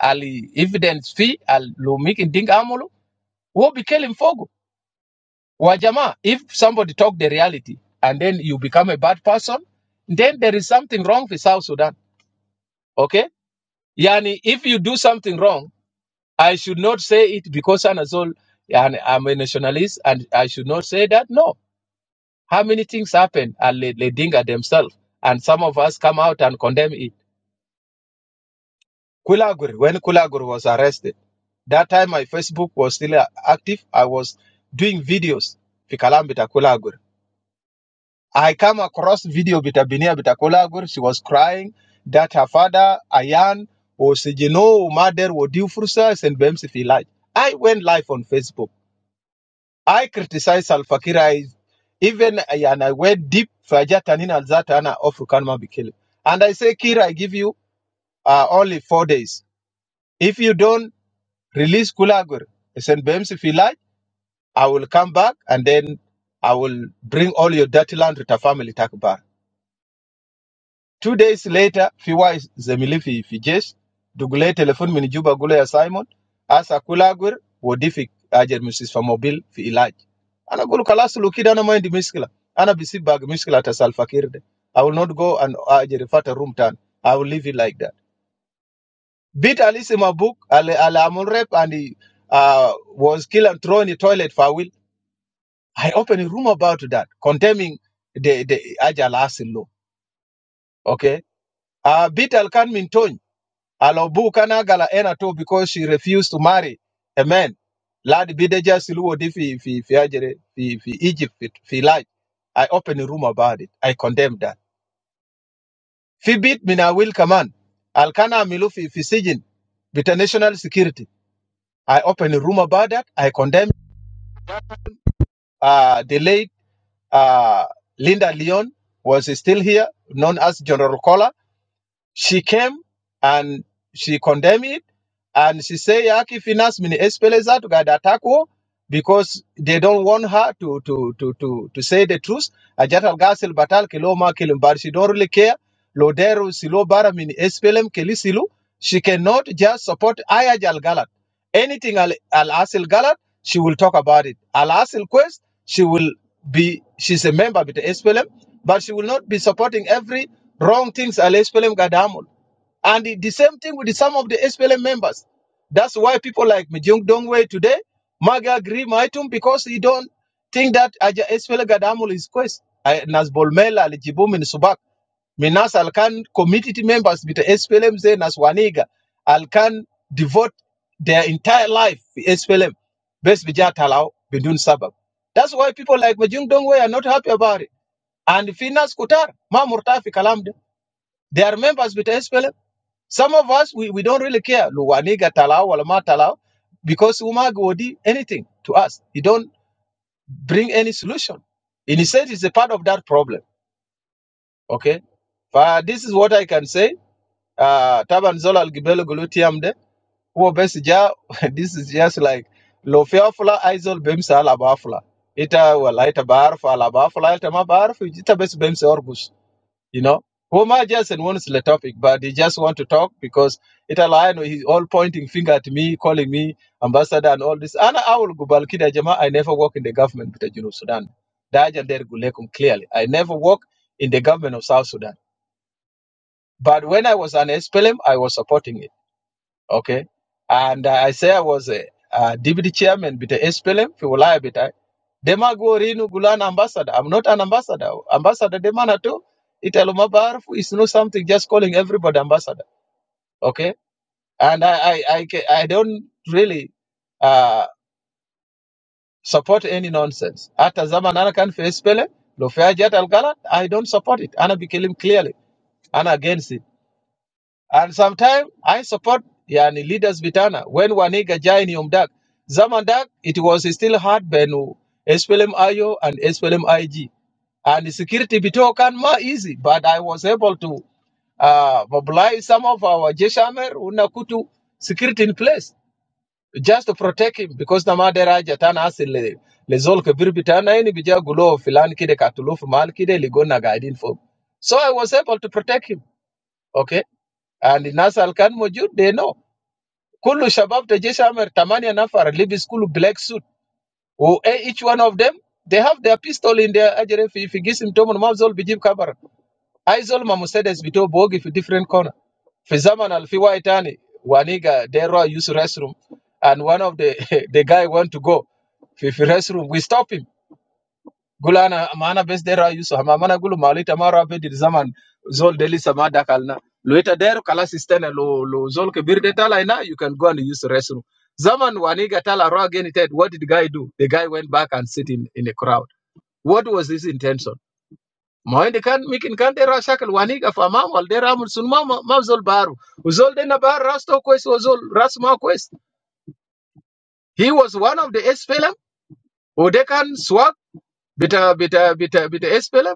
Ali evidence fee, Al Lumik in Dinka Amolo, wo Bikeli Mfogo. Wajama, if somebody talk the reality and then you become a bad person, then there is something wrong with South Sudan. Okay? Yani, if you do something wrong, I should not say it because Anazol, and I'm a nationalist and I should not say that. No. How many things happen and Le- Ledinga themselves? And some of us come out and condemn it. Kulaguri, when Kulaguri was arrested, that time my Facebook was still uh, active. I was doing videos. Fikalambita Kulaguri. I come across video bitabinia bitakolagur. She was crying that her father Ayan was you know mother would do fursa and BMC live. I went live on Facebook. I criticized Al Fakir. I even and I went deep Fajatanin Al Zatana of Rukanma Bikil. And I say, Kira, I give you uh, only four days. If you don't release Kulagur, send BMC Filaj, I will come back and then I will bring all your dirty land to the family Takbar. Two days later, Fiwa Zemili fi Fijesh, Dugule telefon min Juba Gule ya Simon, Asa Kulagwir, Wodifi Ajer Mrs. Famobil fi Ilaj. Ana Gulu Kalasulu kid ana mind miskila. Ana bisi bag miskila ta I will not go and Ajer Fata room tan. I will leave it like that. Bit Alice in book, Ale Ale Amun Rep and he uh, was killed and thrown in the toilet for a will. I opened a room about that, condemning the, the Ajal Asil law. Okay. Uh, bit Alkan Minton. Alobu kana gala ena too because she refused to marry a man. Lad bideja siluo di fi fi fi ajere fi fi Egypt fi, fi life. I opened a room about it. I condemned that. Fi bit mina will command. Alkana milu fi fi sijin with the national security. I opened a room about that. I condemned uh, the late uh, Linda Leon was still here, known as General Kola She came and she condemned it and she said, Yaki finance mini espeleza to gada attack because they don't want her to to to to to say the truth. Ajatal gasil batal kiloma kilim she don't really care. Loderu silo bara mini espelem kelisilu. She cannot just support Ayajal Galat. Anything Al Al Asil Galat, she will talk about it. Al Asil Quest, she will be she's a member of the SPLM, but she will not be supporting every wrong things Al SPLM Gadamul. And the, the same thing with some of the SPLM members. That's why people like Mijung Dongwei today, Maga agree Maitum, because he don't think that Aja SPLM Gadamul is quest. Nas Bolmela, Lijibum in Subak. Minas Alcan community members with SPLM say Naswaniga Alcan devote their entire life to SPLM. Best bija talao bidun sabab. That's why people like Majung Dongwe are not happy about it. And Finas Kutar, Ma Murtafi Kalamde, they are members with SPLM. Some of us, we, we don't really care. Luwaniga talao, walama talao, because Umag Wodi, anything to us. He don't bring any solution. In a sense, it's a part of that problem. Okay? But this is what I can say uh taban zola algibelo glutiam de wo bes ja this is just like lo fiafla aizol bemsa ala bafla ita wala ita barf ala bafla ita ma barf ita bes bemsa orbus. you know who ma just and wants the topic but they just want to talk because it align with he's all pointing finger at me calling me ambassador and all this And I ana awul gubal kida jama i never work in the government of the know sudan daja der gulekum clearly i never work in the government of south sudan but when i was an SPLM, i was supporting it Okay. And uh, I say I was a uh, deputy chairman with the SPLM في ولاية بتاعي. Dema go rinu gulan ambassador. I'm not an ambassador. Ambassador demana too. Italo mabarfu is no something just calling everybody ambassador. Okay. And I I I, ca- I don't really uh, support any nonsense. Ata zaman ana kan fi SPLM. Lo fi hajat al galat, I don't support it. Ana bikelim clearly. I'm against it. And sometimes I support yani leaders bitana when Waniga joined Yomdak. Zamandak, it was still hard benu SPLM IO and SPLM IG. And security bitokan ma easy, but I was able to uh, mobilize some of our Jeshamer unakutu security in place just to protect him because namadera jatana asile lezol kabir bitana yani bija gulo filan kide katuluf mal kide ligona guiding for. So I was able to protect him. Okay and الناس اللي كان موجود they know كل شباب تجيش عمر ثمانية نفر لبس كله black suit و each one of them they have their pistol in their أجري في في جسم تومن ما زول بيجيب كبر أي زول ما مسدس بتوع بوقي في different corner في زمن اللي في واي تاني وانيجا they raw use restroom and one of the the guy want to go في في restroom we stop him gula ana maana bes dera yusu hama mana gulu malita mara bedir zaman zol deli sama dakalna luita der kala sistene lo lo zol ke birde tala ina you can go and use the restroom zaman waniga tala ro again ted what did the guy do the guy went back and sit in in a crowd what was his intention moende kan mikin kan dera shakal waniga fa mam wal dera mun sun mam mam zol baru uzol de na bar rasto kwes o zol ras ma kwes he was one of the SPLM o de swag bita bita bita bita SPLM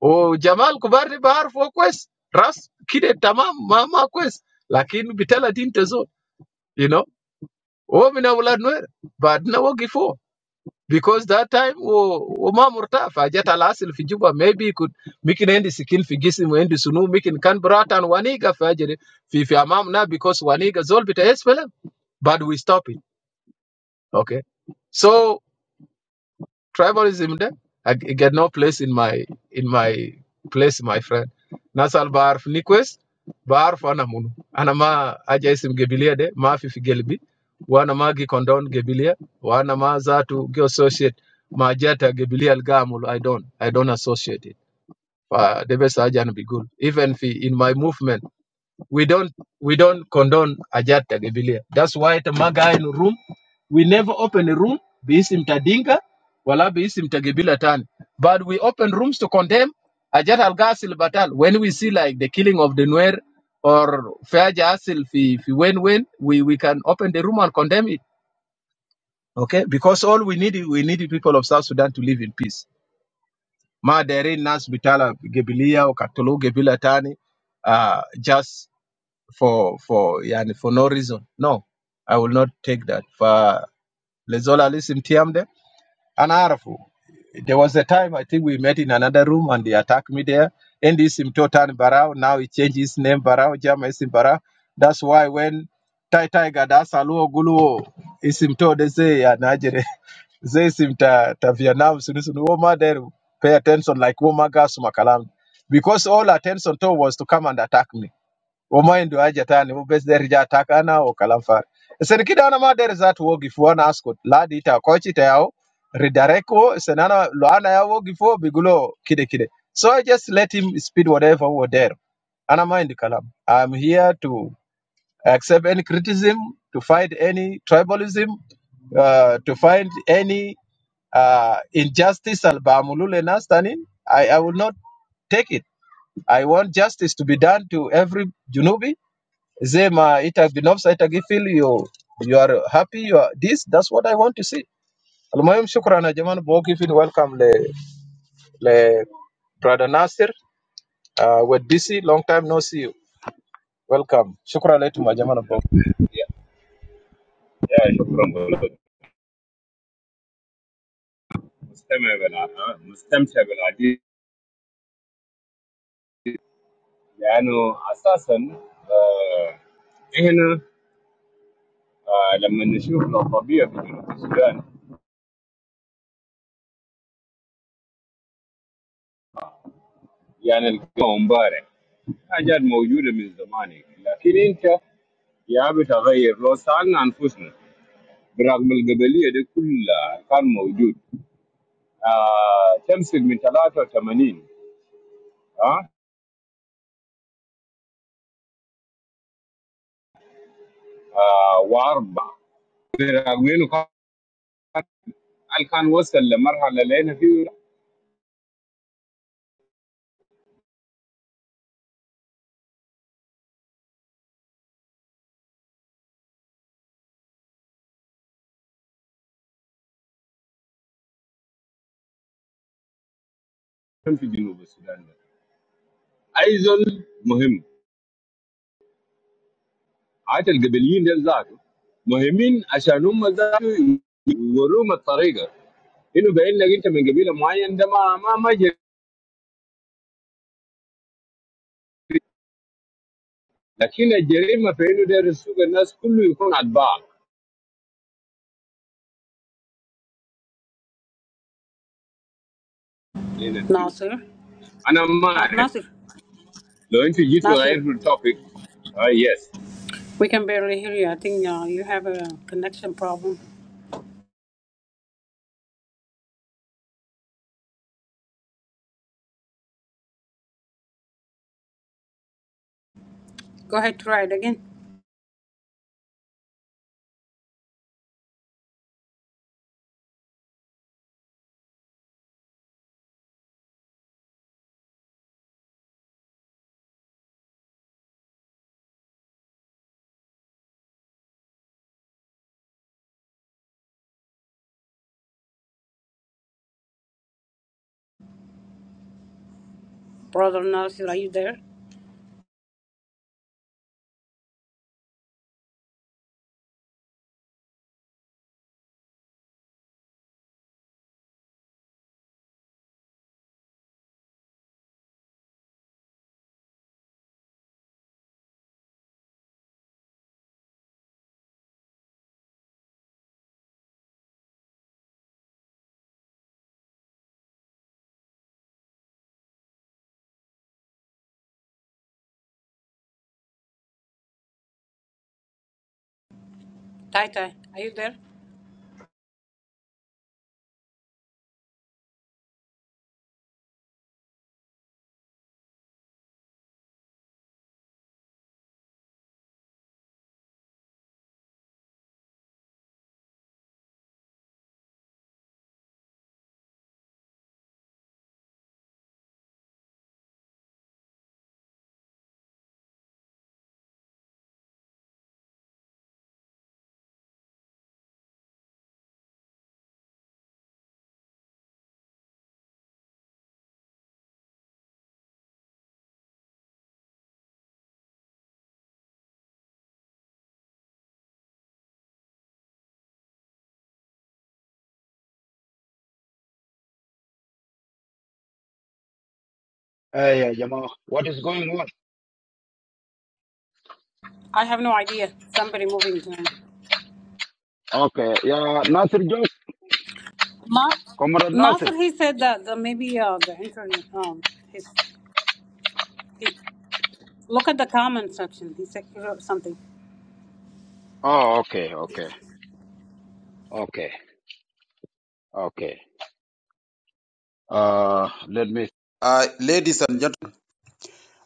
Oh Jamal, go back to Bahar for questions. Trust, kine tamam ma ma questions. But we tell the team to do. You know, we are not allowed to. But now we give out because that time we we are more tough. I just allow the Fijuba maybe could make the end the second Fiji, the end the Sunu, make the can brought and oneiga. I just if your mom now because oneiga, so we tell us well, but we stopping. Okay, so. Tribalism de, I get no place in my in my place, my friend. Nasal barf, niquest, barf, anamunu. Anama, ajay sim gebiliye de, maafi figelbi. Wana ma gi condone gebiliye, wana ma zatu geassociate. Maajeta gebiliyal gamu, I don't, I don't associate it. Pa debe sa ajan bigu. Even fi in my movement we don't we don't condone ajat tagebilia. That's why the maga in room we never open a room biisim tadinga wala biisim tagebila tan. But we open rooms to condemn ajat al gasil batal when we see like the killing of the Nuer or Faja Asil fi fi wen wen we we can open the room and condemn it. Okay, because all we need is- we need the people of South Sudan to live in peace. Ma derin nas bitala gebilia or katolo gebila tani. Uh, just for for yani for no reason. No, I will not take that. For Lezola listen Tiamde and Arafu. There was a time I think we met in another room and they attacked me there. And this Mtotan Barao, now he changed his name Barao, Jama Isim Barao. That's why when Tai Tai Gadas Aluo Guluo isimto To they say Anajere they Isim Ta Ta Vietnam Sunusun Woma there pay attention like Woma Gas Makalam. Because all attention to was to come and attack me. I'm not into that. I'm not into that. I'm not into that. I'm not into that. I'm here to accept any criticism, to fight any tribalism, uh, to find any uh, injustice. Al-Ba'amulul Nas Tanin. I, I will not into that zema ita binafsa ita you you you are happy you are this that's what i want to see المهم شكرا يا جماعه بوقي في welcome le le brother Nasir uh, we're DC long time no see you welcome شكرا لكم يا جماعه يا شكرا مستمع بالع... مستمتع بالعديد لانه اساسا احنا آه لما نشوف الطبيعه في جنوب السودان يعني القوة مبارك حاجات موجوده من زمان يعني. لكن انت يا بتغير لو سالنا انفسنا برغم القبليه دي كلها كان موجود آه تمسك من 83 اه, آه واربعه برغم انه كان كان وصل لمرحله لقينا فيه في جنوب السودان ده. ايزول مهم حتى القبليين ديل ذاته مهمين عشان هم ذاته يوروهم الطريقه انه باين لك انت من قبيله معين ده ما ما ما جريمة. لكن الجريمه في انه داير يسوق الناس كله يكون اتباع هنا فيه Nasir. انا ما Uh, Nasir. اعرف لو انت جيت Nasir. وغيرت التوبيك اه يس We can barely hear you. I think uh, you have a connection problem. Go ahead, try it again. Brother Nasir, are you there? Tai Tai, are you there? Hey, yeah, Jamal, what is going on? I have no idea. Somebody moving to him. Okay, yeah, Nasir Ma- Comrade Nasir. Nasir, he said that, that maybe uh, the internet, um, his He- Look at the comment section. He said he wrote something. Oh, okay, okay, okay, okay. Uh, let me. Uh, ladies and gentlemen,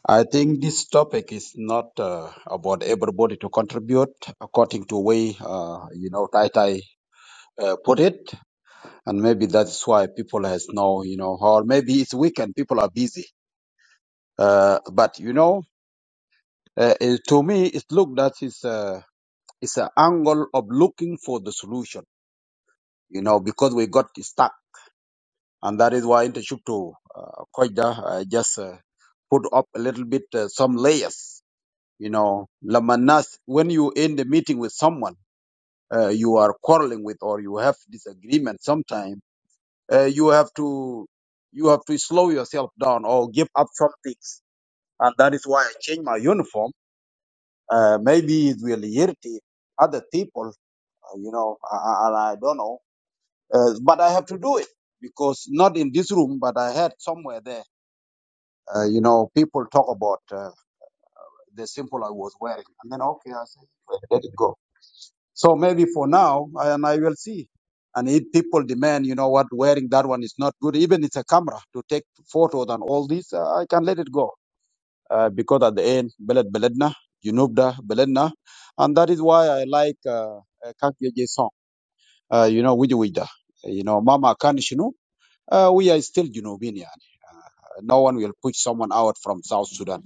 I think this topic is not uh, about everybody to contribute according to way uh, you know Tai Tai uh, put it, and maybe that's why people has no you know, or maybe it's weekend people are busy. Uh, but you know, uh, it- to me, it look that is uh, it's an angle of looking for the solution. You know, because we got stuck and that is why internship to uh, Koida uh, just uh, put up a little bit uh, some layers. You know, lamanas. When you end the meeting with someone uh, you are quarreling with or you have disagreement, sometime uh, you have to you have to slow yourself down or give up some things, and that is why I changed my uniform. Uh, maybe it will irritate other people, uh, you know, and I, I don't know, uh, but I have to do it because not in this room, but I had somewhere there Uh, you know, people talk about uh, the symbol I was wearing, and then okay, I said, "Well, let it go. So maybe for now, I, and I will see. And if people demand, you know what, wearing that one is not good, even it's a camera to take photos and all this, uh, I can let it go. Uh, because at the end, Beled Beledna, Junubda Beledna. And that is why I like uh, uh, Kak Yeje song, uh, you know, Wiji Wida. You know, Mama Kanishinu, uh, we are still Junubian. yani. No one will push someone out from South Sudan.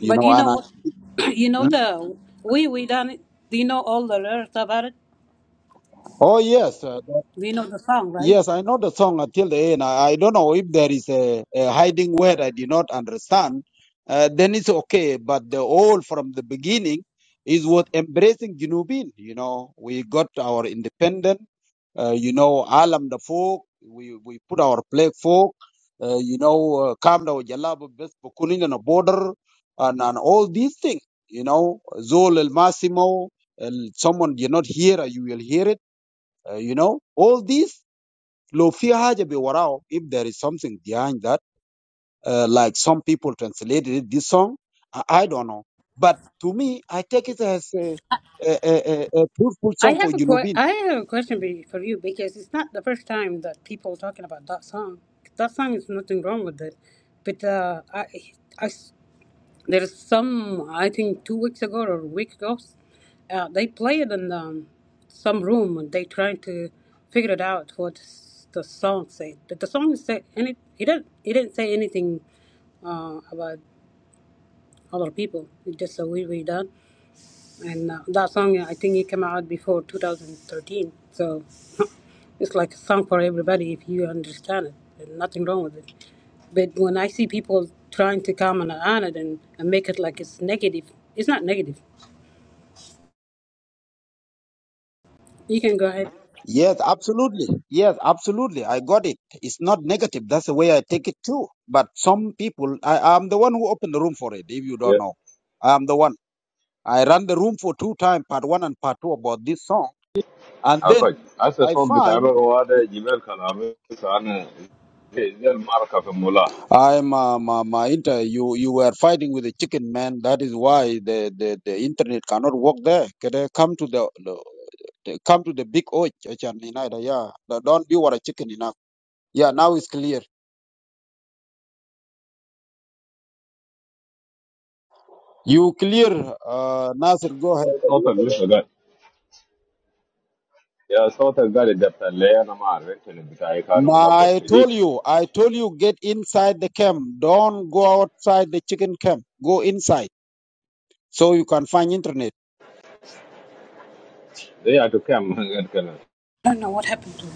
You But know, you and know, I what- you know the we we done it. Do you know all the lyrics about it? Oh yes, uh, that- Do you know the song, right? yes, I know the song until the end. I, I don't know if there is a, a hiding word I did not understand. Uh, then it's okay, but the whole from the beginning is what embracing Junubin. You know, we got our independent. Uh, you know, Alam the folk. We we put our flag folk. Uh, you know, Kamda uh, Jalabu Best Bukunin on a border and and all these things. You know, Zol El Massimo. El, someone you're not here, you will hear it uh, you know, all these لو في حاجة بوراه if there is something behind that uh, like some people translated it, this song I, I don't know but to me I take it as a, a, a, a a fruitful I song for have a que- Junubin I have a question be- for you because it's not the first time that people are talking about that song. That song is nothing wrong with it, but uh, I I There's some, I think, two weeks ago or a week ago, uh, they play it in um, some room and they trying to figure it out what s- the song said. But the song said any, it it didn't, it didn't say anything uh, about other people. It's just a wee wee done and uh, that song uh, I think it came out before 2013. So it's like a song for everybody if you understand it. There's nothing wrong with it. But when I see people trying to comment on it and, and make it like it's negative, it's not negative. You can go ahead. yes absolutely yes absolutely I got it it's not negative that's the way I take it too but some people I, I'm the one who opened the room for it if you don't know I'm the one I ran the room for two times part one and part two about this song and يا then كويس هسه I الصوت بتاع find هو هذا جبال كلامي انا زي المعركه في مولاه I ma ma ma inter you you were fighting with the chicken man. That is why the the, the internet cannot work there. Can they come to the, the the- come to the big oak and United, yeah. But Don't be what a chicken enough. Yeah, now it's clear. You clear, uh, Nasir. Go ahead. صوتك لسه قاعد يا صوتك قاعد يدبت لي انا ما اعرف يمكن بتاعي كان Ma, ملخبط I شديد told you, I told you, get inside the camp. Don't go outside the chicken camp. Go inside so you can find internet. They are to come Yeah. I don't know what happened to them.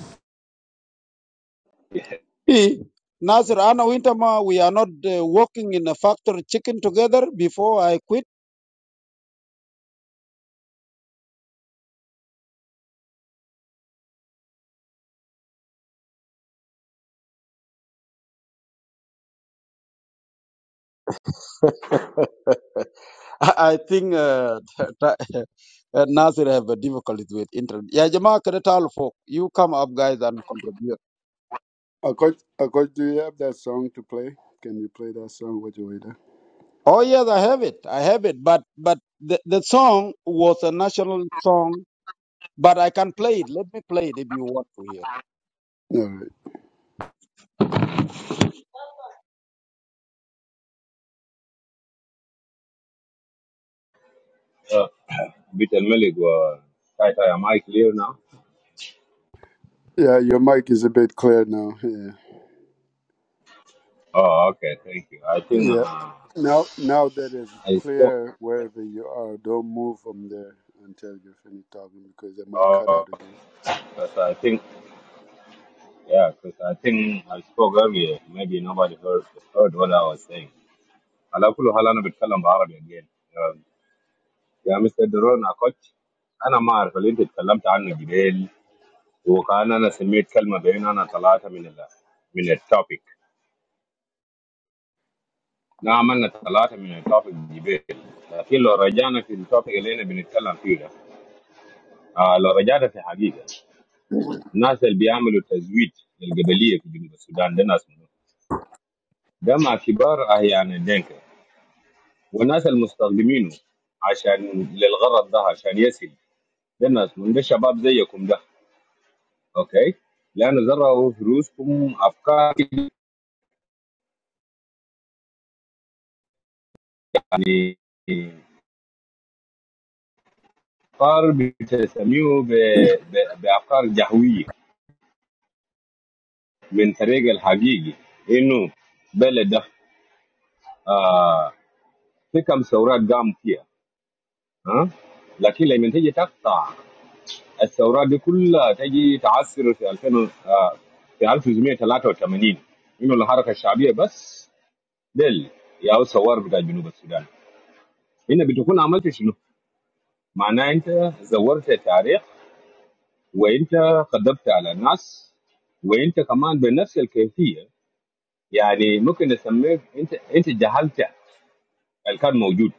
Eh, Nasir, Anna Winterma, we are not uh, working in a factory chicken together before I quit. I, I think uh, that- uh, Nasir have a difficulty with internet. Yeah, Jamaa Keretal folk, you come up, guys, and contribute. Uh, coach, uh, coach, do you have that song to play? Can you play that song with you later? Oh yes, I have it. I have it. But but the, the song was a national song. But I can play it. Let me play it if you want to hear. All right. uh, Bit and Malik were tight. Am I clear now? Yeah, your mic is a bit clear now. Yeah. Oh, okay. Thank you. I think Yeah. uh, Now now that it's I spoke. clear wherever you are, don't move from there until you're finished talking because it might cut Oh, out again. because I think yeah, because I think I spoke earlier. Maybe nobody heard heard what I was saying. على كل حال أنا بتكلم بعربي again. Uh, يا مستر درون أكوتش أنا ما أعرف اللي أنت تكلمت عنه جبال وكان أنا سميت كلمة بين أنا ثلاثة من ال من التوبيك ده عملنا ثلاثة من التوبيك جبال لكن لو رجعنا في التوبيك اللي احنا بنتكلم فيه ده آه لو رجعنا في حقيقة الناس اللي بيعملوا تزويد للقبلية في جنوب السودان ده ناس منهم ده مع كبار أحيان الدنكة والناس المستخدمينه عشان للغرض ده عشان يسل ده ناس منهم ده شباب زيكم ده أوكي لأن زرعوا في رؤوسكم أفكار يعني أفكار بتسميه ب- ب- بأفكار جهوية من فريق الحقيقي انه بلد ده آه في كم ثورات قام فيها ها آه؟ لكن لما تيجي تقطع الثورات دي كلها تجي تعثر في 2000 آه في 1983 انه الحركه الشعبيه بس دل يا ثوار بتاع جنوب السودان هنا بتكون عملت شنو؟ معناه انت زورت التاريخ وانت قدمت على الناس وانت كمان بنفس الكيفيه يعني ممكن نسميك انت انت جهلت اللي كان موجود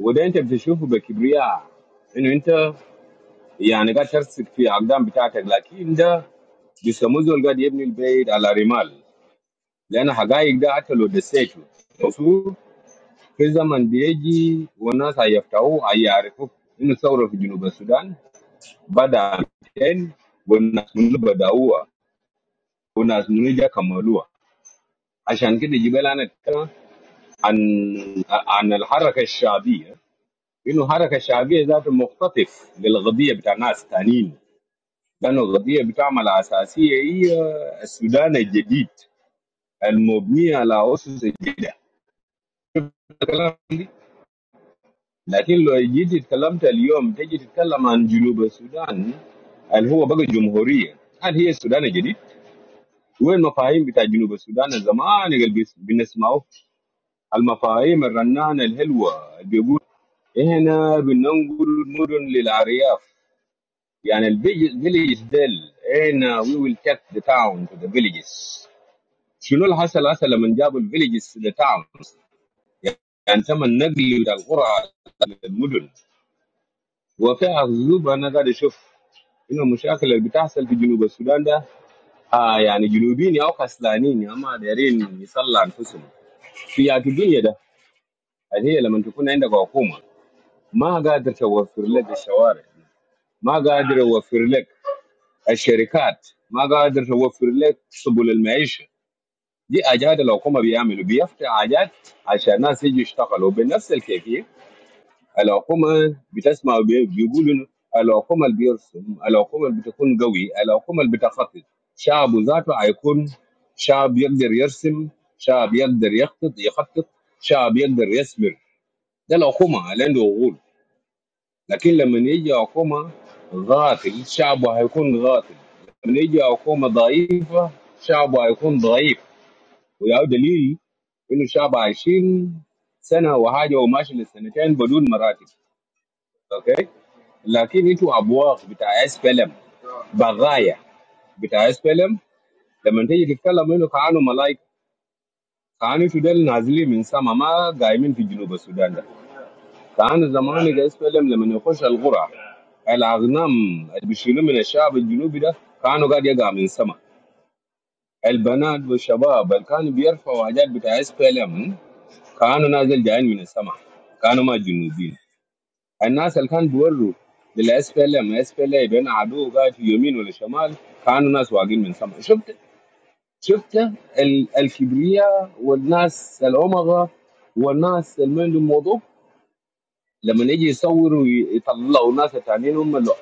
وده انت بتشوفه بكبرياء انه انت يعني قاعد ترسك في اقدام بتاعتك لكن ده بيسموه زول قاعد يبني البيت على رمال لان حقائق ده حتى لو دسيته المفروض في زمن بيجي والناس هيفتحوه هيعرفوا انه الثوره في جنوب السودان بدا فين والناس منو بداوها والناس منو جا كملوها عشان كده جبال انا اتكلم عن عن الحركه الشعبيه انه الحركه الشعبيه ذات مختطف للقضيه بتاع ناس تانيين لأن القضية بتعمل أساسية هي السودان الجديد المبني على أسس جديدة لكن لو جيت اتكلمت اليوم تجي تتكلم عن جنوب السودان اللي هو بقى جمهورية هل هي السودان الجديد؟ وين المفاهيم بتاع جنوب السودان زمان اللي بس- بنسمعه المفاهيم الرنانة الحلوة اللي بيقول هنا بننقل المدن للأرياف يعني الفيليج ديل هنا we will take the town to the villages شنو اللي حصل هسه لما جابوا الفيليجز للتاونز يعني تم النقل بتاع القرى للمدن وفي أغزوب أنا قاعد أشوف إنه المشاكل اللي بتحصل في جنوب السودان ده آه يعني جنوبيين أو كسلانين هم دايرين يصلوا أنفسهم في يا الدنيا ده اللي هي لما تكون عندك حكومة ما قادر توفر لك الشوارع ما قادر يوفر لك الشركات ما قادر توفر لك سبل المعيشة دي حاجات الحكومه بيعملوا بيفتح حاجات عشان الناس يجوا يشتغلوا بنفس الكيفيه الحكومه بتسمع وبي- بيقولوا إنه الحكومه اللي بيرسم الحكومه اللي بتكون قوي الحكومه اللي بتخطط شعبه ذاته هيكون شعب يقدر يرسم شعب يقدر يخطط يخطط شعب يقدر يثمر ده الحكومه اللي عنده عقول لكن لما يجي حكومه غافل شعبه هيكون غافل لما يجي حكومه ضعيف شعبه هيكون ضعيف وياو دليل انه الشعب عايشين سنه وحاجه وماشي لسنتين بدون مراتب اوكي لكن انتوا ابواق بتاع اس بي ال بغايا بتاع اس بي ال لما تيجي تتكلم انه كانوا ملايكه كانوا انتوا دول نازلين من سما ما قايمين في جنوب السودان ده كانوا زمان اس بي ال لما يخش القرى الاغنام اللي بيشيلوا من الشعب الجنوبي ده كانوا قاعد يقع من سما البنات والشباب اللي كانوا بيرفعوا حاجات بتاع اس بي ال كانوا نازل جايين من السماء كانوا ما جنوبين الناس اللي كانوا بيوروا للاس بي ال ام اس بي ال اي بين عدو قاعد في يمين ولا شمال كانوا ناس واقفين من السماء شفت شفت ال- الكبرياء والناس الأمغة والناس اللي ما عندهم موضوع لما يجي يصوروا يطلعوا ناس تانيين هم اللي-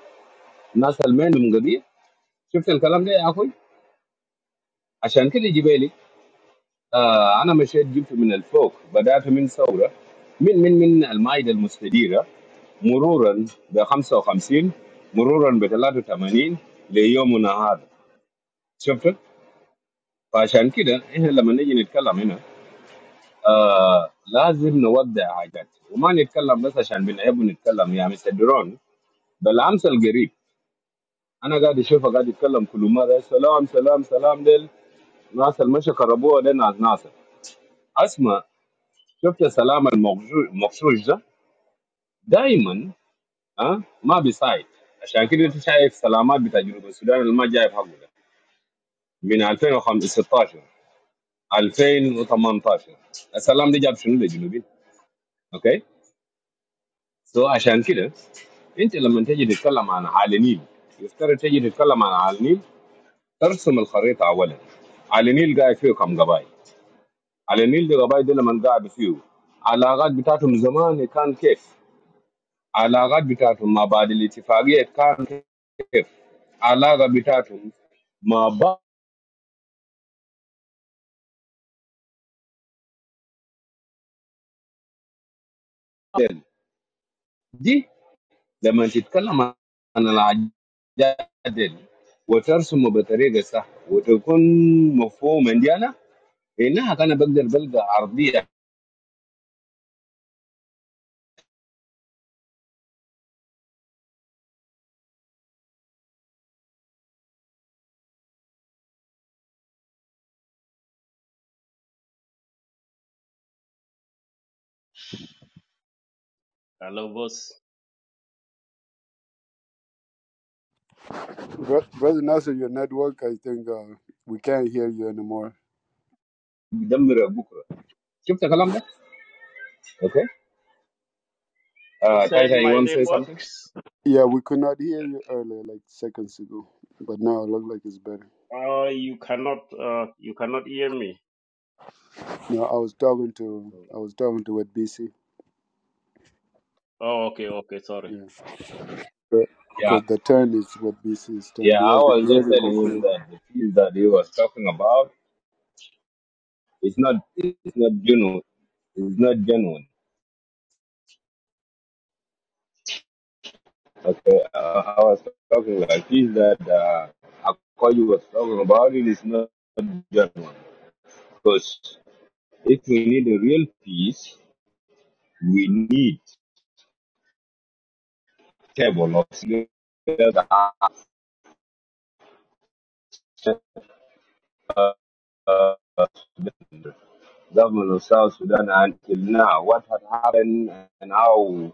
الناس اللي ما عندهم قضية شفت الكلام ده يا اخوي عشان كده جبالي آه انا مشيت جبت من الفوق بدات من ثوره من من من المائده المستديره مرورا ب 55 مرورا ب 83 ليومنا هذا شفت فعشان كده احنا لما نيجي نتكلم هنا آه لازم نودع حاجات وما نتكلم بس عشان بنحب نتكلم يا مستر درون بالامس القريب انا قاعد اشوفه قاعد يتكلم كل مره سلام سلام سلام ديل ناس المشي قربوها ديل ناس ناصر اسمع شفت السلام المغشوش ده دائما أه ما بيساعد عشان كده انت شايف سلامات بتاع جنوب السودان اللي ما جايب حقه ده من 2016 2018 السلام ده جاب شنو للجنوبين اوكي سو عشان كده انت لما تجي تتكلم عن على النيل يفترض تجي تتكلم عن على النيل ترسم الخريطه اولا على النيل قاعد فيه كم قبائل على النيل دي قبائل دي لما قاعد فيه علاقات بتاعتهم زمان كان كيف علاقات بتاعتهم ما بعد الاتفاقيه كان كيف علاقه بتاعتهم ما بعد دي لما تتكلم عن العجائب وترسمه بطريقة صح وتكون مفهوما دي أنا إنها كان بقدر بلقى عرضية hello boss Bro- Brother Nasser, your network, I think uh, we can't hear you anymore. بدمر بكرة شفت الكلام ده؟ أوكي؟ you آه تاي said تاي you my want to say something? networks Yeah, we could not hear you earlier, like seconds ago, but now it looks like it's better. uh you cannot uh you cannot hear me No, I was talking to I was talking to what BC. oh okay okay sorry Yeah, Yeah, because the turn is what BC's turn. yeah, He I hasn't, was he just hasn't telling him concluded. that the field that he was talking about is not, it's not genuine. It's not genuine. Okay, uh, I was talking like this that uh, what you was talking about it is not genuine. because If we need a real peace, we need table of leaders uh, government of South Sudan until now. What had happened and how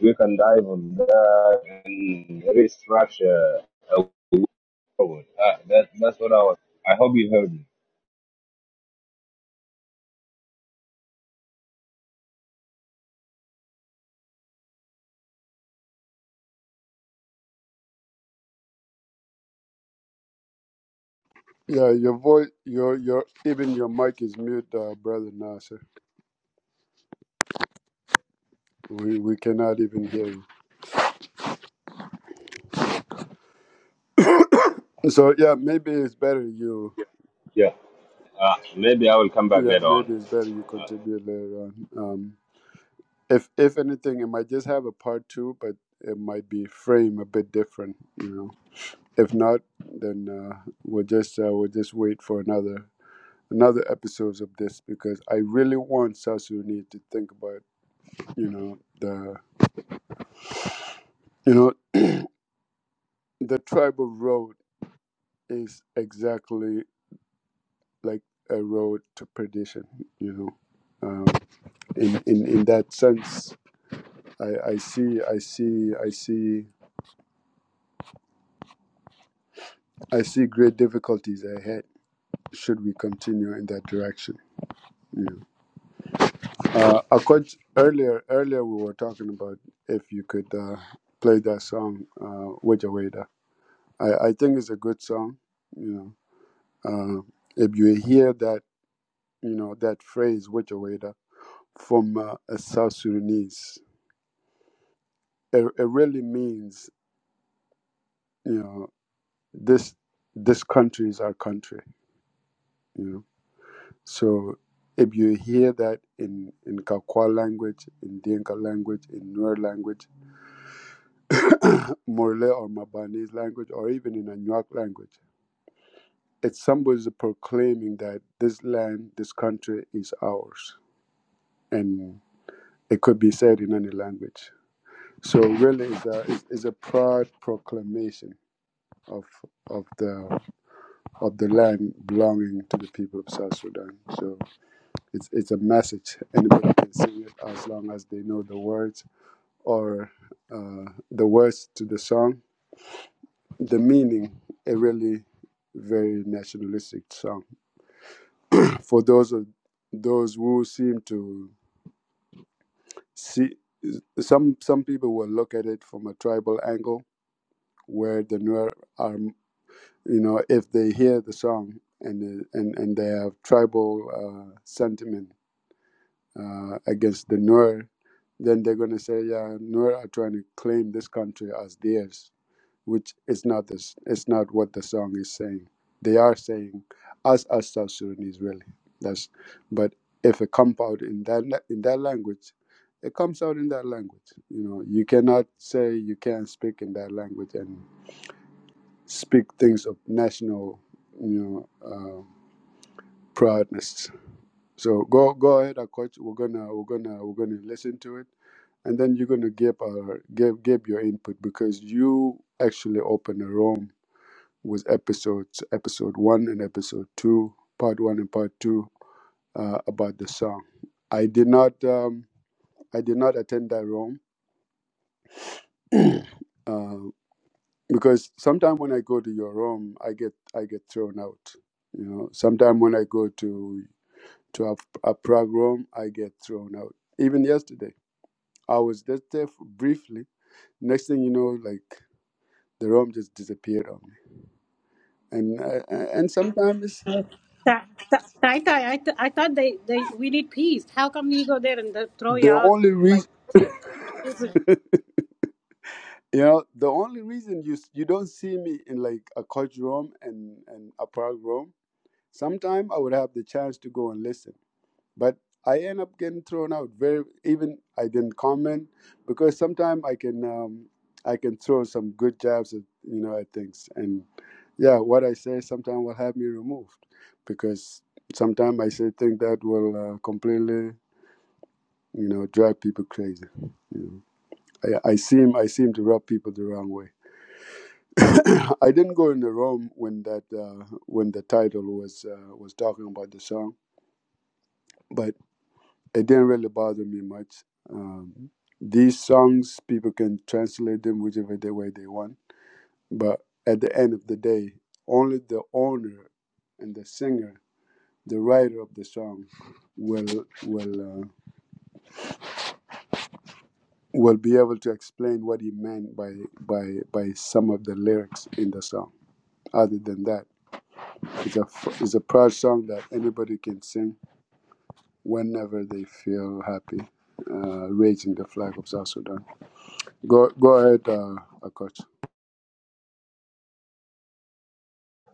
we can dive on that and restructure a way forward. Uh, that, that's what I was. I hope you heard me. Yeah, your voice, your your even your mic is mute, uh, brother Nasser. We we cannot even hear you. So yeah, maybe it's better you. Yeah. Uh, maybe I will come back Yeah, later on. maybe it's better you contribute later on. Um, if if anything, it might just have a part two, but it might be frame a bit different. You know, if not, then uh, we'll just uh, we'll just wait for another another episodes of this because I really want South Sudanese to think about you know the you know the tribal road is exactly like a road to perdition you know um, in, in in that sense I, I see i see i see i see great difficulties ahead should we continue in that direction you know. uh a coach earlier earlier we were talking about if you could uh play that song uh Weda Weda. i i think it's a good song you know uh if you hear that you know, that phrase, Wajaweda, from uh, a South Sudanese. It, it really means, you know, this this country is our country, you know. So if you hear that in, in Kakwa language, in Dinka language, in Nuer language, Morle or Mabanese language, or even in Anuak language, it's somebody proclaiming that this land, this country is ours. And it could be said in any language. So really, it's a, it's it's a proud proclamation of of the of the land belonging to the people of South Sudan. So it's it's a message. Anybody can sing it as long as they know the words or uh, the words to the song. The meaning, a really very nationalistic song. For those of those who seem to see some some people will look at it from a tribal angle, where the Nuer are. you know, if they hear the song and and and they have tribal uh, sentiment uh, against the Nuer, then they're gonna say, yeah, Nuer are trying to claim this country as theirs, which is not this. It's not what the song is saying. They are saying us as South Sudanese, really. That's but if it comes out in that in that language. It comes out in that language. You know, you cannot say you can't speak in that language, and speak things of national, you know, uh, proudness. So go go ahead, uh, coach. We're gonna we're gonna we're gonna listen to it, and then you're gonna give our give give your input because you actually open a room with episodes episode one and episode two, part one and part two uh, about the song. I did not um, I did not attend that room. uh, because sometimes when I go to your room, I get I get thrown out. You know, sometimes when I go to to a, a Prague room, I get thrown out. Even yesterday, I was just there for briefly. Next thing you know, like the room just disappeared on me. And uh, and sometimes That, that, I, thought, I, th- I thought they, they we need peace. How come you go there and they throw you the out only like? reason. to- You know, the only reason you you don't see me in like a coach room and, and a park room, sometime I would have the chance to go and listen. but I end up getting thrown out. Very even I didn't comment because sometimes I can um, I can throw some good jabs at you know at things, and yeah, what I say sometimes will have me removed because sometimes I say things that will uh, completely you know drive people crazy. You know? I, I seem I seem to rub people the wrong way. I didn't go in the room when that uh, when the title was uh, was talking about the song, but it didn't really bother me much. Um, these songs, people can translate them whichever the way they want. But at the end of the day, only the owner and the singer, the writer of the song, will will uh, will be able to explain what he meant by by by some of the lyrics in the song. Other than that, it's a it's a proud song that anybody can sing whenever they feel happy, uh, raising the flag of South Sudan. Go go ahead, uh, Akot.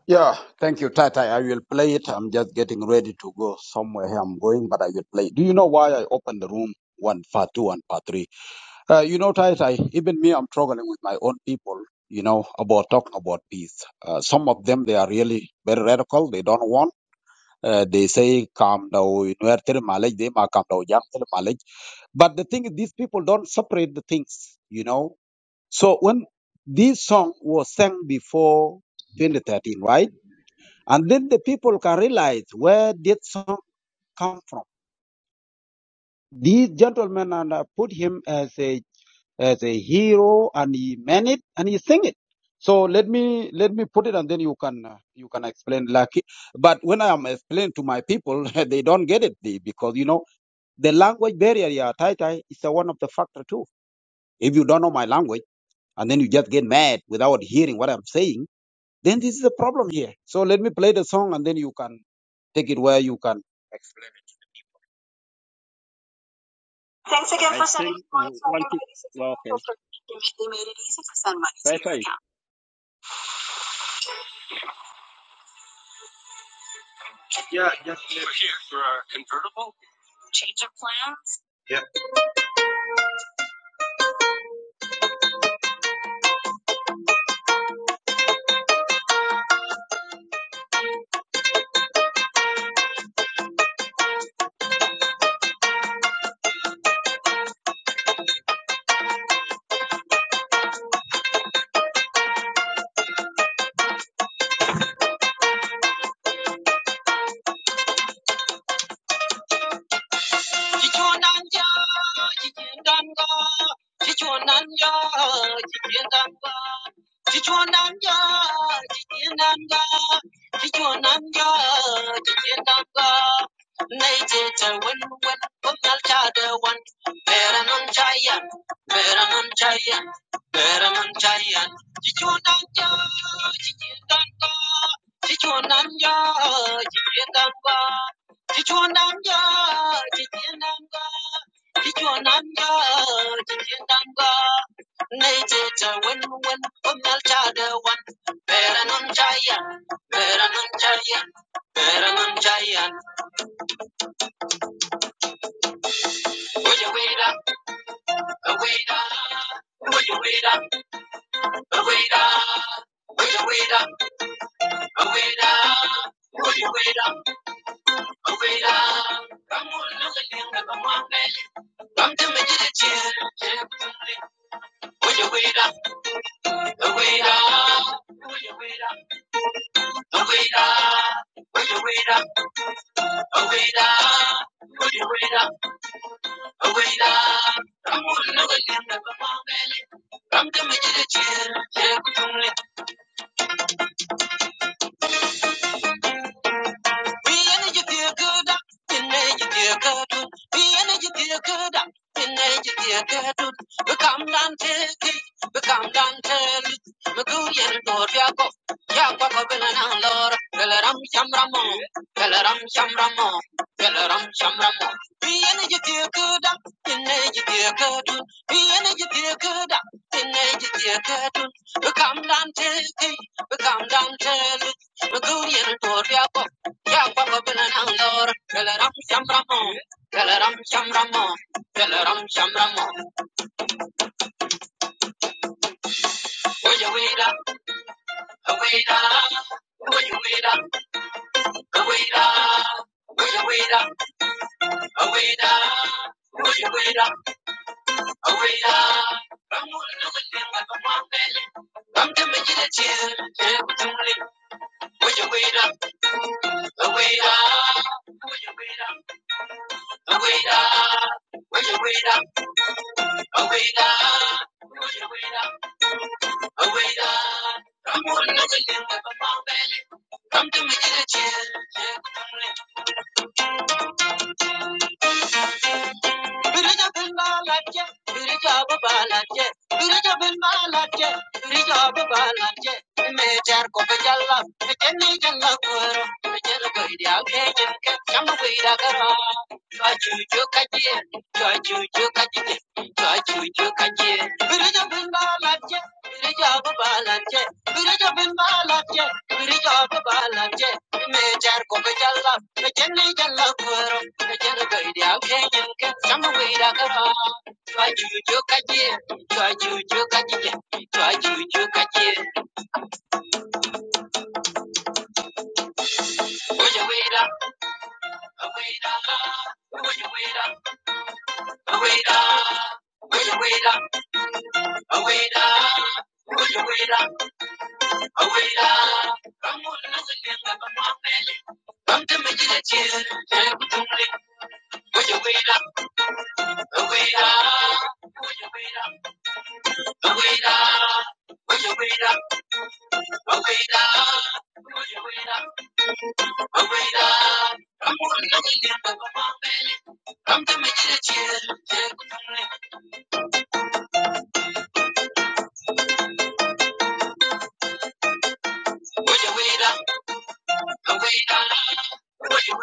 Yeah, thank you, Tata. I will play it. I'm just getting ready to go somewhere. I'm going, but I will play. it. Do you know why I opened the room one part two and part three? Uh, you know, Tai Tai, even me, I'm struggling with my own people, you know, about talking about peace. Uh, some of them, they are really very radical. They don't want. Uh, they say, calm down, nuer tere malaj, they ma calm down, yang tere malaj. But the thing is, these people don't separate the things, you know. So when this song was sang before 2013, right? And then the people can realize where did song come from. These gentlemen and I put him as a as a hero and he meant it and he sing it. So let me let me put it and then you can uh, you can explain. Like, but when I am explaining to my people, they don't get it they- because you know the language barrier. Yeah, Tai Tai is a one of the factor too. If you don't know my language and then you just get mad without hearing what I'm saying, then this is a problem here. So let me play the song and then you can take it where you can. i think uh, one thing well, okay tai tai 지존한자 지진단가 지존한자 지진단가 Kichwananga, kichwananga, kichwananga, kichwananga. Nejeta wen wen omal chada wan. Bera non jaya, bera non jaya, bera non jaya. Oye wera, wera, oye wera, wera. Oye wera, wera, oye wera, wera. Kamu lunga linga kamu ambele. Kamte mejere chere, chere Thank you. Become down, tell it, become down, tell it, Begurian Toria, Wait up, wait up, wait up. Aweda, aweda, aweda. Come on, no killing with a bomb belly. Come to me, get a chill. Birija bin Malaje, Birija Babalaje, Birija bin Malaje, Birija Babalaje. Mejar ko bejalla, ke jamu koi kara. Chua chu chu kaje, chua chu Birija bin balatje, birija bu balatje, birija bin birija bu Me jar ko be jalla, me jenne jalla kuro, me jenne be dia kenyen ken samu be da kara. Chwa juju kaje, chwa juju kaje, chwa juju kaje. Oja we da, we da, oja we da, oja we da, oja we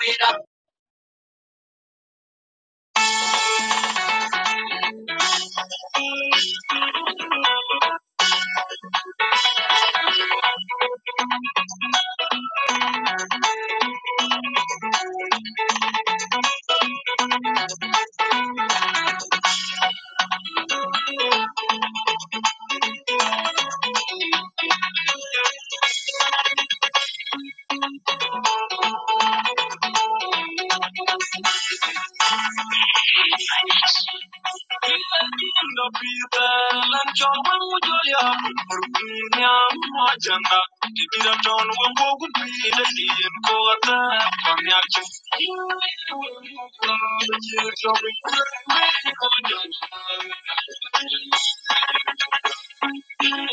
Wait up, wait up. Thank you. Thank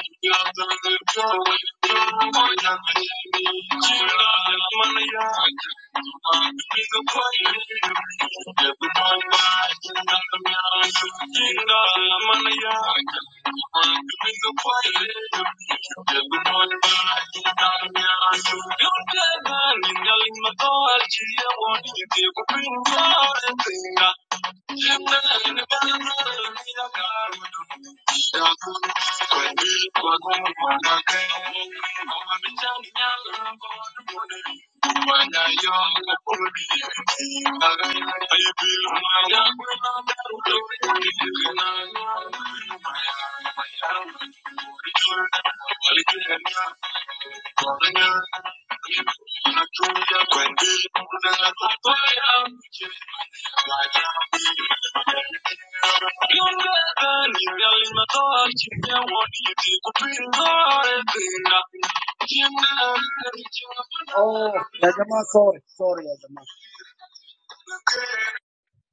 you. Thank you. Thank you. Oh,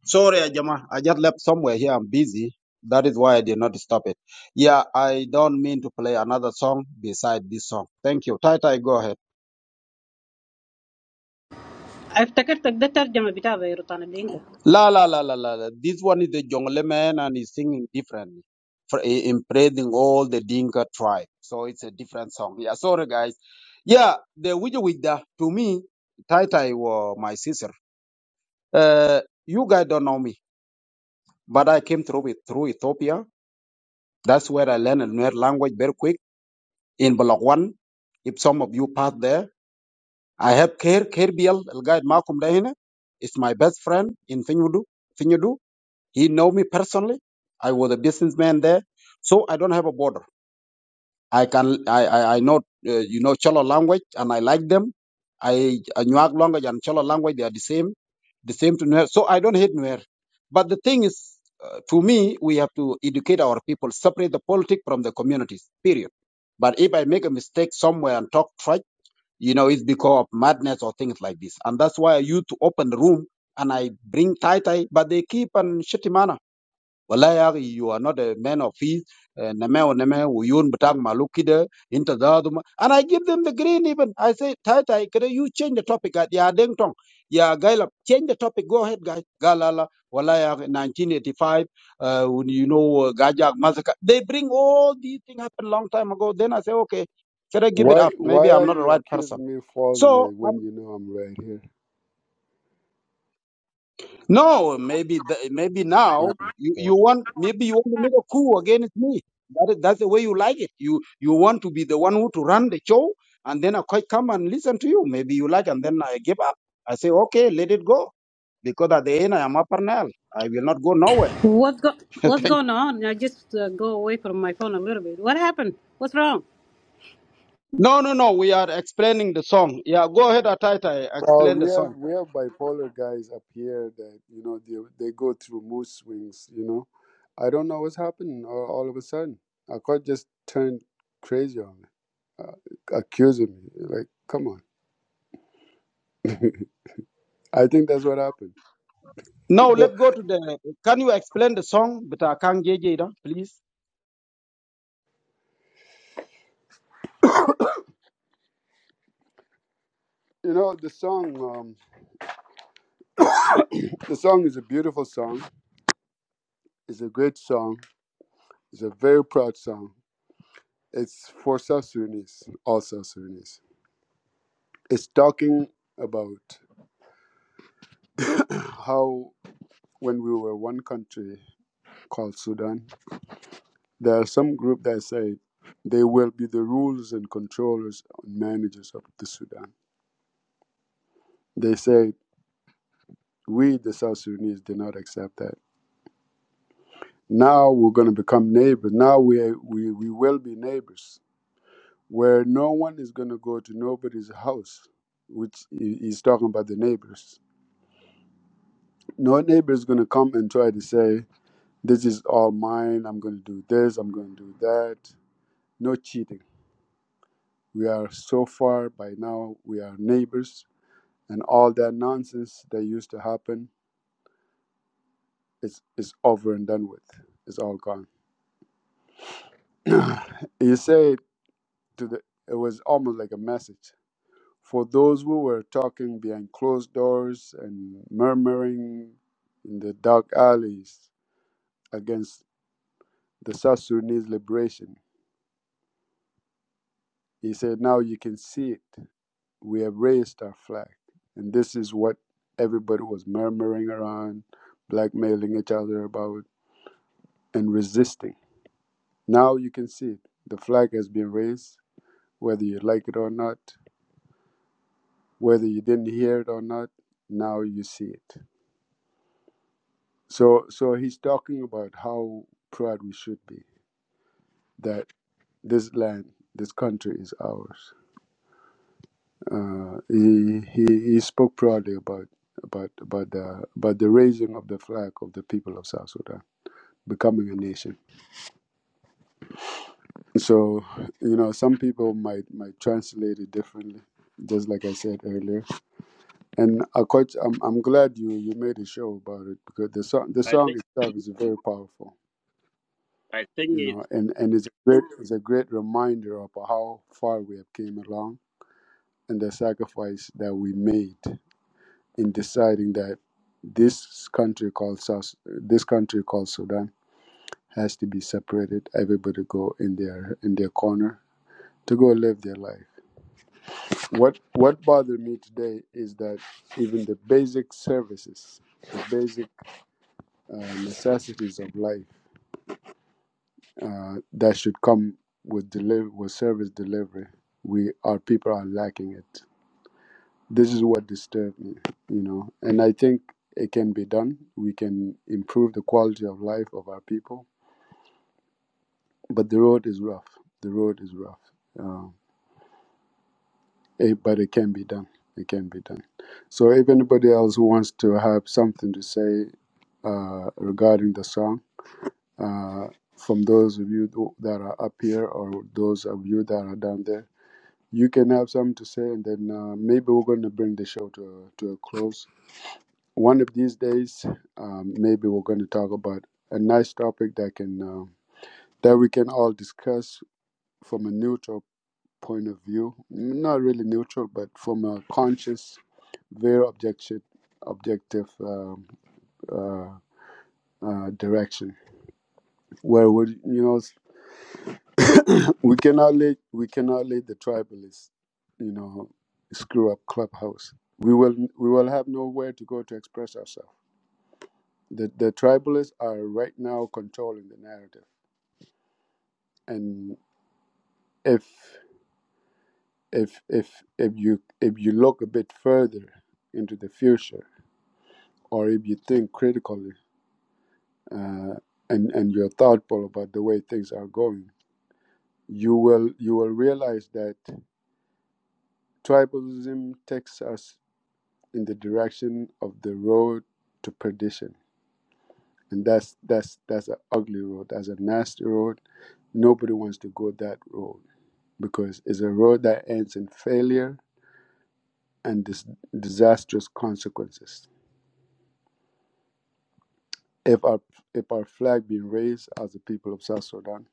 sorry, Ajama. I just left somewhere here. I'm busy. That is why I did not stop it. Yeah, I don't mean to play another song beside this song. Thank you. Tai Tai, go ahead. افتكرتك ده ترجمة بتاع بيروت أنا La la la la la. la. This one is the Jongle man and he's singing differently, for, in praising all the Dinka tribe. So it's a different song. Yeah, sorry guys. Yeah, the Wija Wija to me, Tai Tai were my sister. Uh, you guys don't know me, but I came through it through Ethiopia. That's where I learned a language very quick in Block One. If some of you pass there, I have Ker Kerbiel, El Guide Malcolm Dahine. It's my best friend in Finyudu. Finyudu. He know me personally. I was a businessman there, so I don't have a border. I can I I, I know uh, you know Cholo language and I like them. I uh, Nuak language and Cholo language they are the same, the same to Nuer. So I don't hate Nuer. But the thing is, uh, to me, we have to educate our people, separate the politic from the communities. Period. But if I make a mistake somewhere and talk trash, you know, it's because of madness or things like this. And that's why I used to open the room and I bring tie tie, but they keep on shitty manner wallahi ya akhi, you are not a man of peace Eh, neme o neme uyun batak maluk kide inta zaduma and i give them the green even i say tai tai kede you change the topic at ya deng tong ya gailap change the topic go ahead guys galala wallahi ya akhi, 1985 uh, when you know uh, gajak massacre they bring all these things happened long time ago then i say okay kede give it Why up maybe why i'm are not the you right person accusing me so falsely when you know I'm right here? No, maybe th- maybe Oh now my you, God. you want maybe you want to make a coup against me. That is, that's the way you like it. You you want to be the one who to run the show, and then I quite come and listen to you. Maybe you like, and then I give up. I say okay, let it go because at the end I am a nail. I will not go nowhere. What's go What's Thank- going on? I just uh, go away from my phone a little bit. What happened? What's wrong? no, no, no. We are explaining the song. Yeah, go ahead, Atita. Well, Explain the we have song. we have bipolar guys up here that you know they they go through mood swings. You know, I don't know what's happening all, all of a sudden. Akot just turned crazy on me, uh, accusing me. Like, come on. I think that's what happened. No, Go, let's go to the. Can you explain the song? But I can't get it, please. you know, the song. Um, the song is a beautiful song. It's a great song. It's a very proud song. It's for South Sudanese, all South Sudanese. It's talking about how when we were one country called Sudan, there are some group that say they will be the rulers and controllers and managers of the Sudan. They say we, the South Sudanese, did not accept that. Now we're going to become neighbors. Now we, are, we, we will be neighbors where no one is going to go to nobody's house, which he's talking about the neighbors. No neighbor is going to come and try to say, This is all mine. I'm going to do this. I'm going to do that. No cheating. We are so far by now. We are neighbors, and all that nonsense that used to happen is is over and done with. It's all gone. you say to the. It was almost like a message for those who were talking behind closed doors and murmuring in the dark alleys against the South Sudanese liberation. He said, "Now you can see it. we have raised our flag. And this is what everybody was murmuring around, blackmailing each other about, and resisting. Now you can see it. The flag has been raised, whether you like it or not, whether you didn't hear it or not, now you see it. So, so he's talking about how proud we should be that this land, this country is ours. Uh, he, he, he spoke proudly about, about, about, the, about the raising of the flag of the people of South Sudan becoming a nation. So, you know, some people might might translate it differently, just like I said earlier. And I quite, I'm I'm glad you you made a show about it because the song the i song think itself is very powerful, i think you know, it's and and it's a great it's a great reminder of how far we have came along and the sacrifice that we made in deciding that this country called South this country called Sudan has to be separated. Everybody go in their in their corner to go live their life What what bothered me today is that even the basic services, the basic uh, necessities of life uh, that should come with deliver with service delivery, we our people are lacking it. This is what disturbed me, you know. And I think it can be done. We can improve the quality of life of our people, but the road is rough. The road is rough. Uh, Eh, but it can be done. It can be done. So if anybody else who wants to have something to say uh, regarding the song, uh, from those of you tho- that are up here or those of you that are down there, you can have something to say, and then uh, maybe we're going to bring the show to a, to a close. One of these days, um, maybe we're going to talk about a nice topic that can uh, that we can all discuss from a neutral point of view, not really neutral, but from a conscious, very objective, objective um, uh, uh, direction, where we, you know, we cannot let we cannot let the tribalists, you know, screw up clubhouse. We will we will have nowhere to go to express ourselves. The the tribalists are right now controlling the narrative, and if if if if you if you look a bit further into the future or if you think critically uh, and and you're thoughtful about the way things are going, you will you will realize that tribalism takes us in the direction of the road to perdition, and that's that's that's an ugly road. That's a nasty road. Nobody wants to go that road because it's a road that ends in failure and dis- disastrous consequences. If our if our flag being raised as the people of South Sudan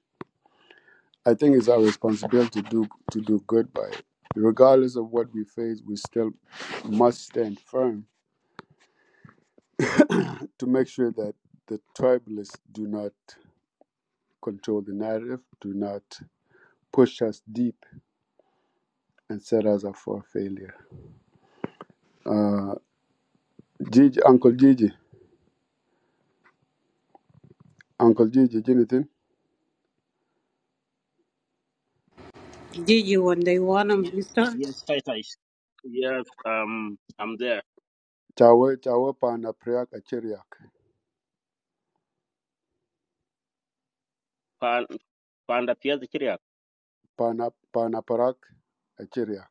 I think it's our responsibility to do to do good by it. Regardless of what we face, we still must stand firm to make sure that the tribalists do not control the narrative, do not push us deep and set us up for failure. Uh, Gigi, Uncle Gigi, Uncle Gigi, Jonathan, جيجي when they want them this time. yes tai tai yes um i'm there chawe chawe pana priak achiriak, pan panda pia pana pana parak achiriak.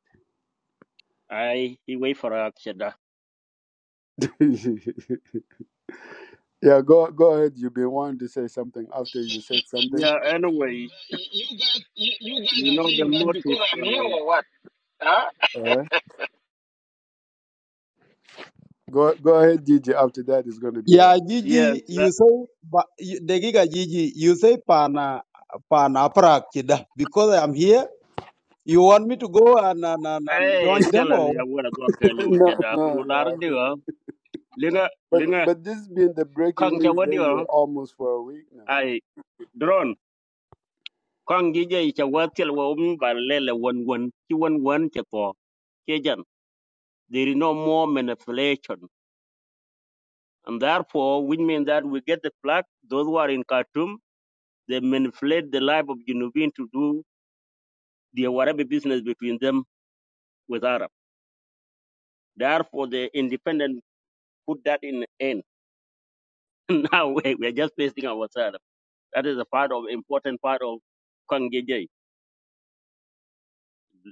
i he wait for a kida yeah, go go ahead. You've been wanting to say something after you said something. yeah anyway You guys, you, you you guys are know the saying that because I'm motive here or what? Huh? All right. Go go ahead, Gigi. After that, it's going to be Yeah, Rad. Yes, Gigi, uh, you say, but you- Degiga Gigi, you say pana pana aparak kida because I'm here. You want me to go and, and, and, and eh, join them tell her or ya what? wara gor ka liu no, ke da no, kular no. I think- diwa. Linga, But linga, but this has been the breaking kong ke news lately, wadiwa, almost for a week now. ai, drone, kong gije ke watil wa umi ba lele wan wan, ki wan wan ke po, ke jan. There is no more manipulation. And therefore, which means that we get the flag, those who are in Khartoum, they manipulate the life of Junubin to do their whatever business between them with Arab. Therefore, the independent put that in end. now we we are just facing ourselves. That is a part of important part of Kwangjeje.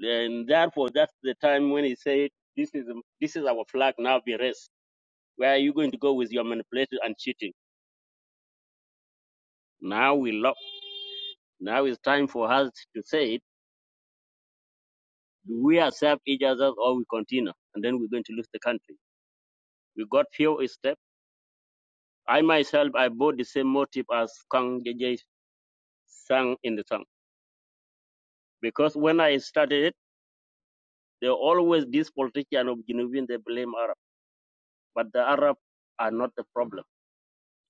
And therefore, that's the time when he said, "This is this is our flag now. Be raised. Where are you going to go with your manipulation and cheating? Now we lock. Now it's time for us to say, it. do we accept each other or we continue? And then we're going to lose the country. We got few steps. I myself, I bought the same motive as Kang Kwangjeje sang in the song because when I started it, they always this politician of Genevieve they blame Arab, but the Arab are not the problem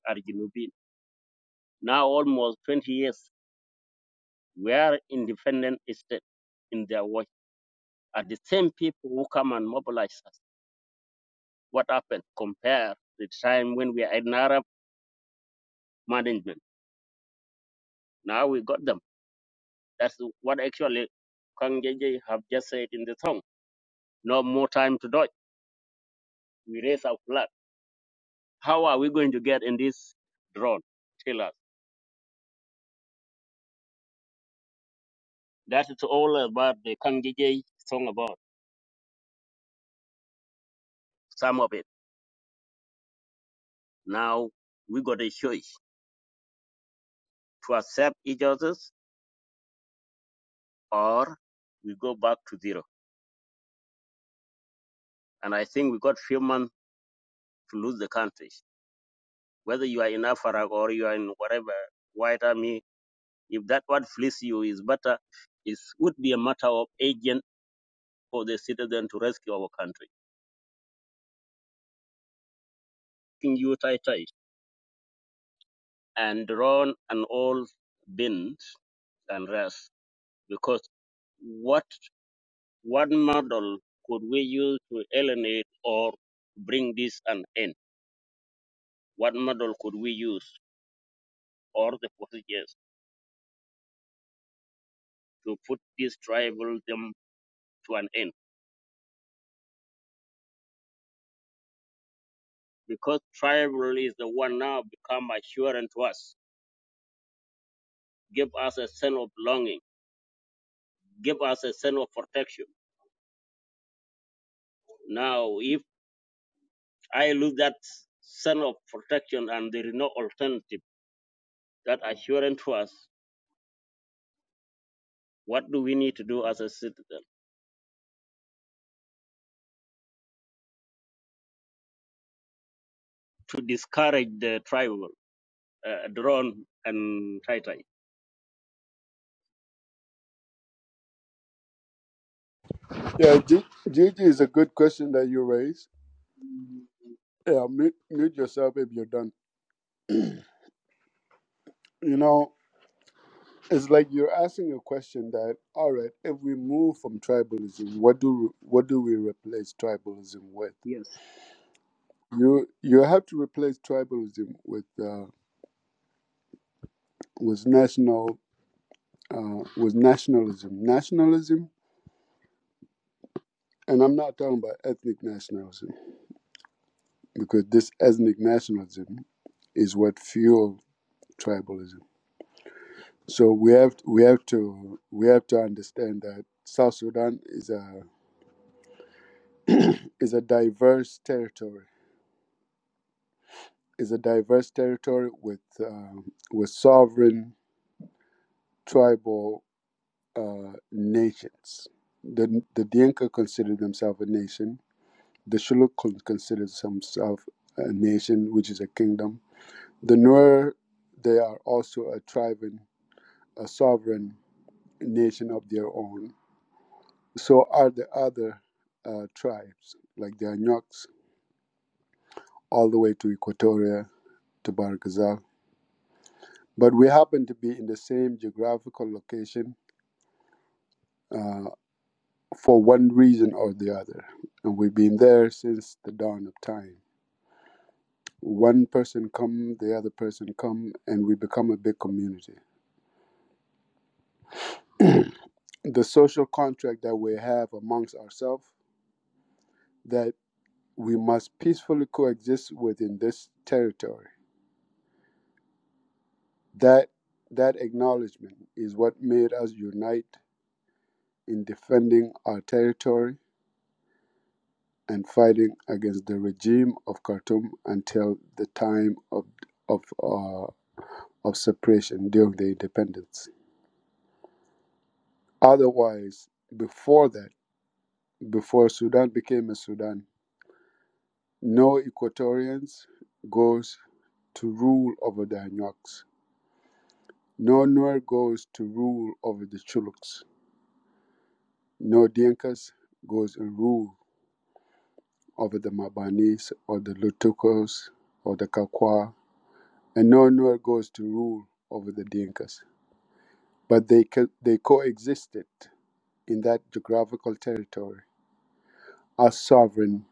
are Junubin. Now almost 20 years, we are independent state in their watch. Are the same people who come and mobilize us. What happened? Compare the time when we are in Arab management. Now we got them. That's what actually Kang JJ have just said in the song. No more time to dodge. We raise our flag. How are we going to get in this drone? Tell us. That is all about the Kang JJ song about some of it. Now we got a choice to accept each other or we go back to zero. And I think we got few months to lose the country. Whether you are in Afara or you are in whatever white army, if that what flees you is better, it would be a matter of agent for the citizen to rescue our country. King you tai tai and Ron and all bins and rest because what what model could we use to alienate or bring this an end? What model could we use or the procedures? to put this tribalism to an end because tribal is the one now become assurance to us give us a sense of belonging give us a sense of protection now if i lose that sense of protection and there is no alternative that assurance to us what do we need to do as a citizen to discourage the tribal uh, drone and tai tai Yeah, G- Gigi is a good question that you raised. Yeah, mute, mute yourself if you're done. You know, it's like you're asking a question that, all right, if we move from tribalism, what do what do we replace tribalism with? yes You you have to replace tribalism with uh, with national uh, with nationalism. Nationalism And I'm not talking about ethnic nationalism because this ethnic nationalism is what fueled tribalism. So we have we have to we have to understand that South Sudan is a is a diverse territory. Is a diverse territory with um, with sovereign tribal uh, nations. The the Dinka consider themselves a nation. The Shilluk con- considers themselves a nation, which is a kingdom The Nuer, they are also a tribe and a sovereign nation of their own. So are the other uh, tribes, like the Anyoks, all the way to Equatoria, to Barkazal. But we happen to be in the same geographical location uh, for one reason or the other. And we've been there since the dawn of time. One person come, the other person come, and we become a big community. the social contract that we have amongst ourselves that. we must peacefully coexist within this territory. That that acknowledgement is what made us unite in defending our territory and fighting against the regime of Khartoum until the time of of uh, of separation during the independence. Otherwise, before that, before Sudan became a Sudan, no Equatorians goes to rule over the Anyaks No Nuer goes to rule over the Chuluks. No Dinkas goes and rule over the Mabanis or the Lutukos or the Kakwa. And no Nuer goes to rule over the Dinkas. But they, co- they coexisted in that geographical territory as sovereign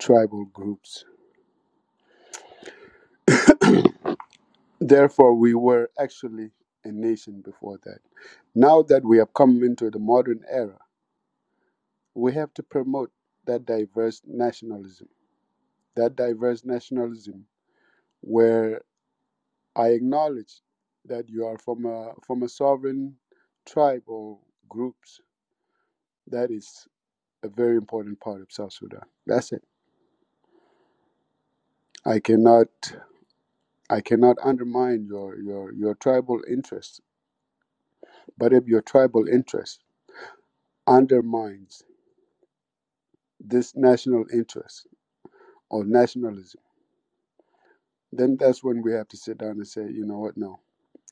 tribal groups. Therefore, we were actually a nation before that. Now that we have come into the modern era, we have to promote that diverse nationalism that diverse nationalism, where I acknowledge that you are from a from a sovereign tribe or groups. That is a very important part of South Sudan. That's it. I cannot I cannot undermine your your your tribal interests. But if your tribal interest undermines this national interest or nationalism, then that's when we have to sit down and say, you know what, no,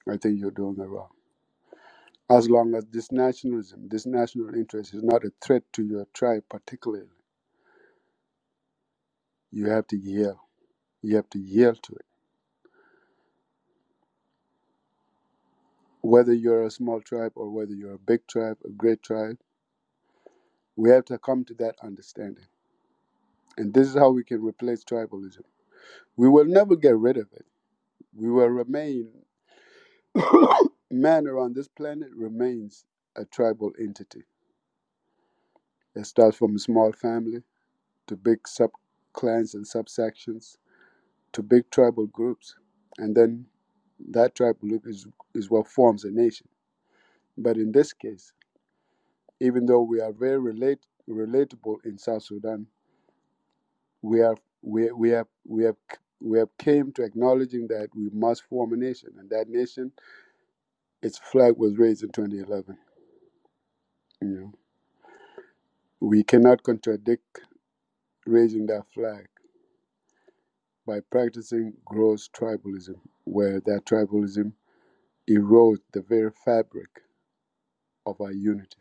I think you're doing it wrong. as long as this nationalism, this national interest is not a threat to your tribe particularly, you have to yield. You have to yield to it. Whether you're a small tribe or whether you're a big tribe, a great tribe, we have to come to that understanding. And this is how we can replace tribalism. We will never get rid of it. We will remain, man around this planet remains a tribal entity. It starts from a small family to big sub clans and subsections to big tribal groups. And then That tribe group is, is what forms a nation. But in this case, even though we are very relate, relatable in South Sudan, we have we, we have we have we have came to acknowledging that we must form a nation, and that nation, its flag was raised in 2011. You know, we cannot contradict raising that flag by practicing gross tribalism, where that tribalism erodes the very fabric of our unity.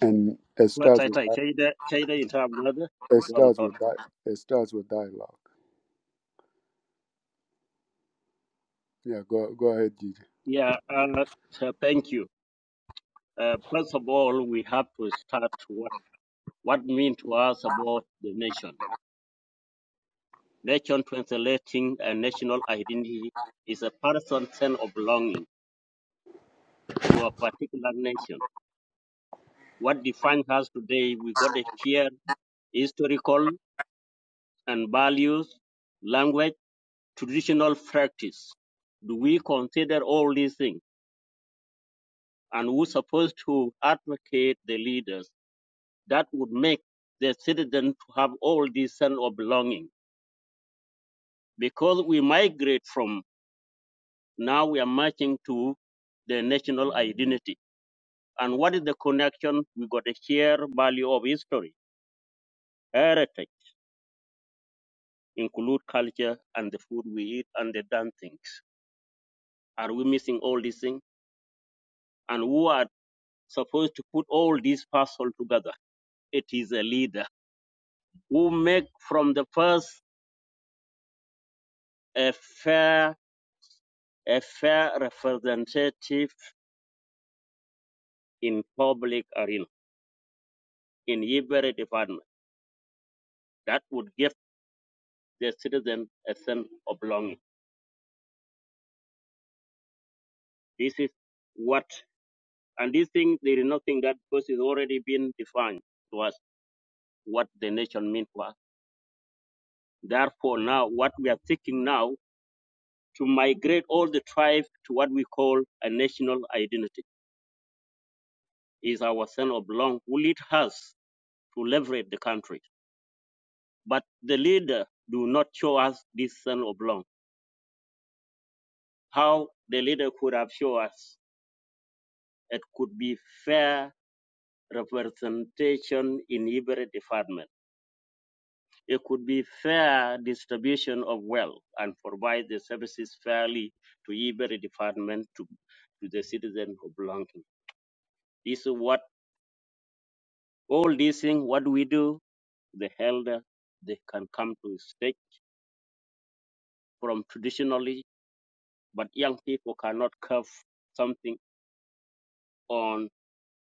And it what starts tai with tai Shaida- Shaida in term brother It Go on, starts thought. with di- it starts with dialogue. Yeah, go go ahead, Gigi. yeah uh, thank you Uh, first of all, we have to start what what mean to us about the nation. Nation translating a national identity is a person's sense of belonging to a particular nation. What defines us today, we got a shared historical and values, language, traditional practice. Do we consider all these things? And who's supposed to advocate the leaders that would make the citizen to have all this sense of belonging? because we migrate from now we are marching to the national identity. And what is the connection? We got a shared value of history, heritage, include culture and the food we eat and the done things. Are we missing all these things? And who are supposed to put all these puzzle together? It is a leader who make from the first a fair, a fair representative in public arena in every department. That would give their citizen a sense of belonging. This is what, and these things, there is nothing that because it's already been defined to us what the nation means to us. Therefore, now what we are seeking now to migrate all the tribes to what we call a national identity is our sense of belonging who lead us to liberate the country. But the leader do not show us this sense of belonging. How the leader could have shown us it could be fair representation in every department It could be fair distribution of wealth and provide the services fairly to every department to, to the citizen who belong to. This is what all these things what we do, the elder they can come to stake from traditionally, but young people cannot curve something on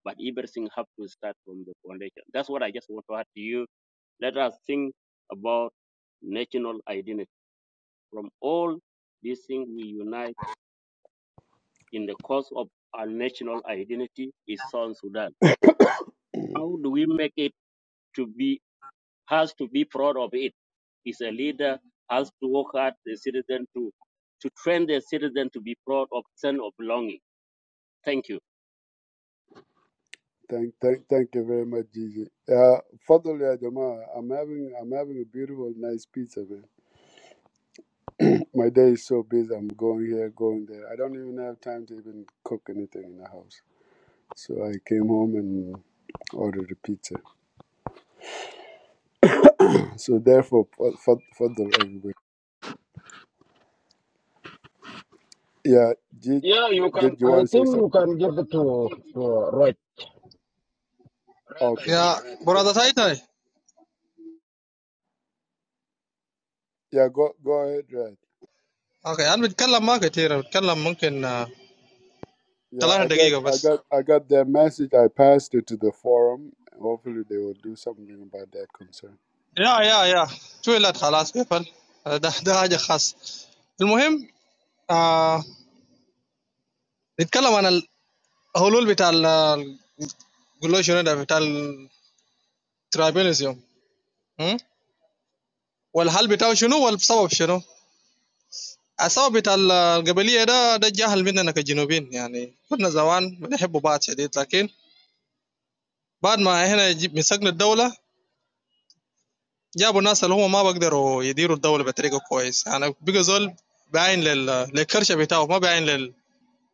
but everything have to start from the foundation. That's what I just want to add to you. Let us think about national identity. From all these things we unite in the cause of our national identity is South Sudan. How do we make it to be has to be proud of it? Is a leader has to work hard the citizen to to train the citizen to be proud of sense of belonging. Thank you. Thank thank thank you very much, Gigi. Uh, Fadl ya Jamaa, I'm having I'm having a beautiful, nice pizza, man. My day is so busy. I'm going here, going there. I don't even have time to even cook anything in the house. So I came home and ordered a pizza. So therefore, Fa- Fa- Fadl, everybody. Yeah, Gigi, Yeah, you did can. you I want to say think something? you can give it to to Rod. Red, I Okay. mean يا red. okay. برادة تايتاي Yeah, go go ahead, Raj. اوكي انا بتكلم ما كتير بتكلم ممكن آه، Yeah, ثلاثة I got, دقيقة I بس got, I got their message. I passed it to the forum. Hopefully, they will do something about that concern. يا يا يا تويلت خلاص قفل آه، ده ده حاجة خاصة المهم آه نتكلم عن الحلول بتاع قول شنو ده بتاع الترابينيزيوم والحل بتاعه شنو والسبب شنو السبب بتاع ال- القبلية ده ده جهل مننا كجنوبين يعني كنا زمان بنحب بعض شديد لكن بعد ما هنا جي- مسكنا الدولة جابوا ناس اللي هم ما بقدروا يديروا الدوله بطريقه كويس يعني بقى زول باين لل... للكرشه بتاعه ما باين لل...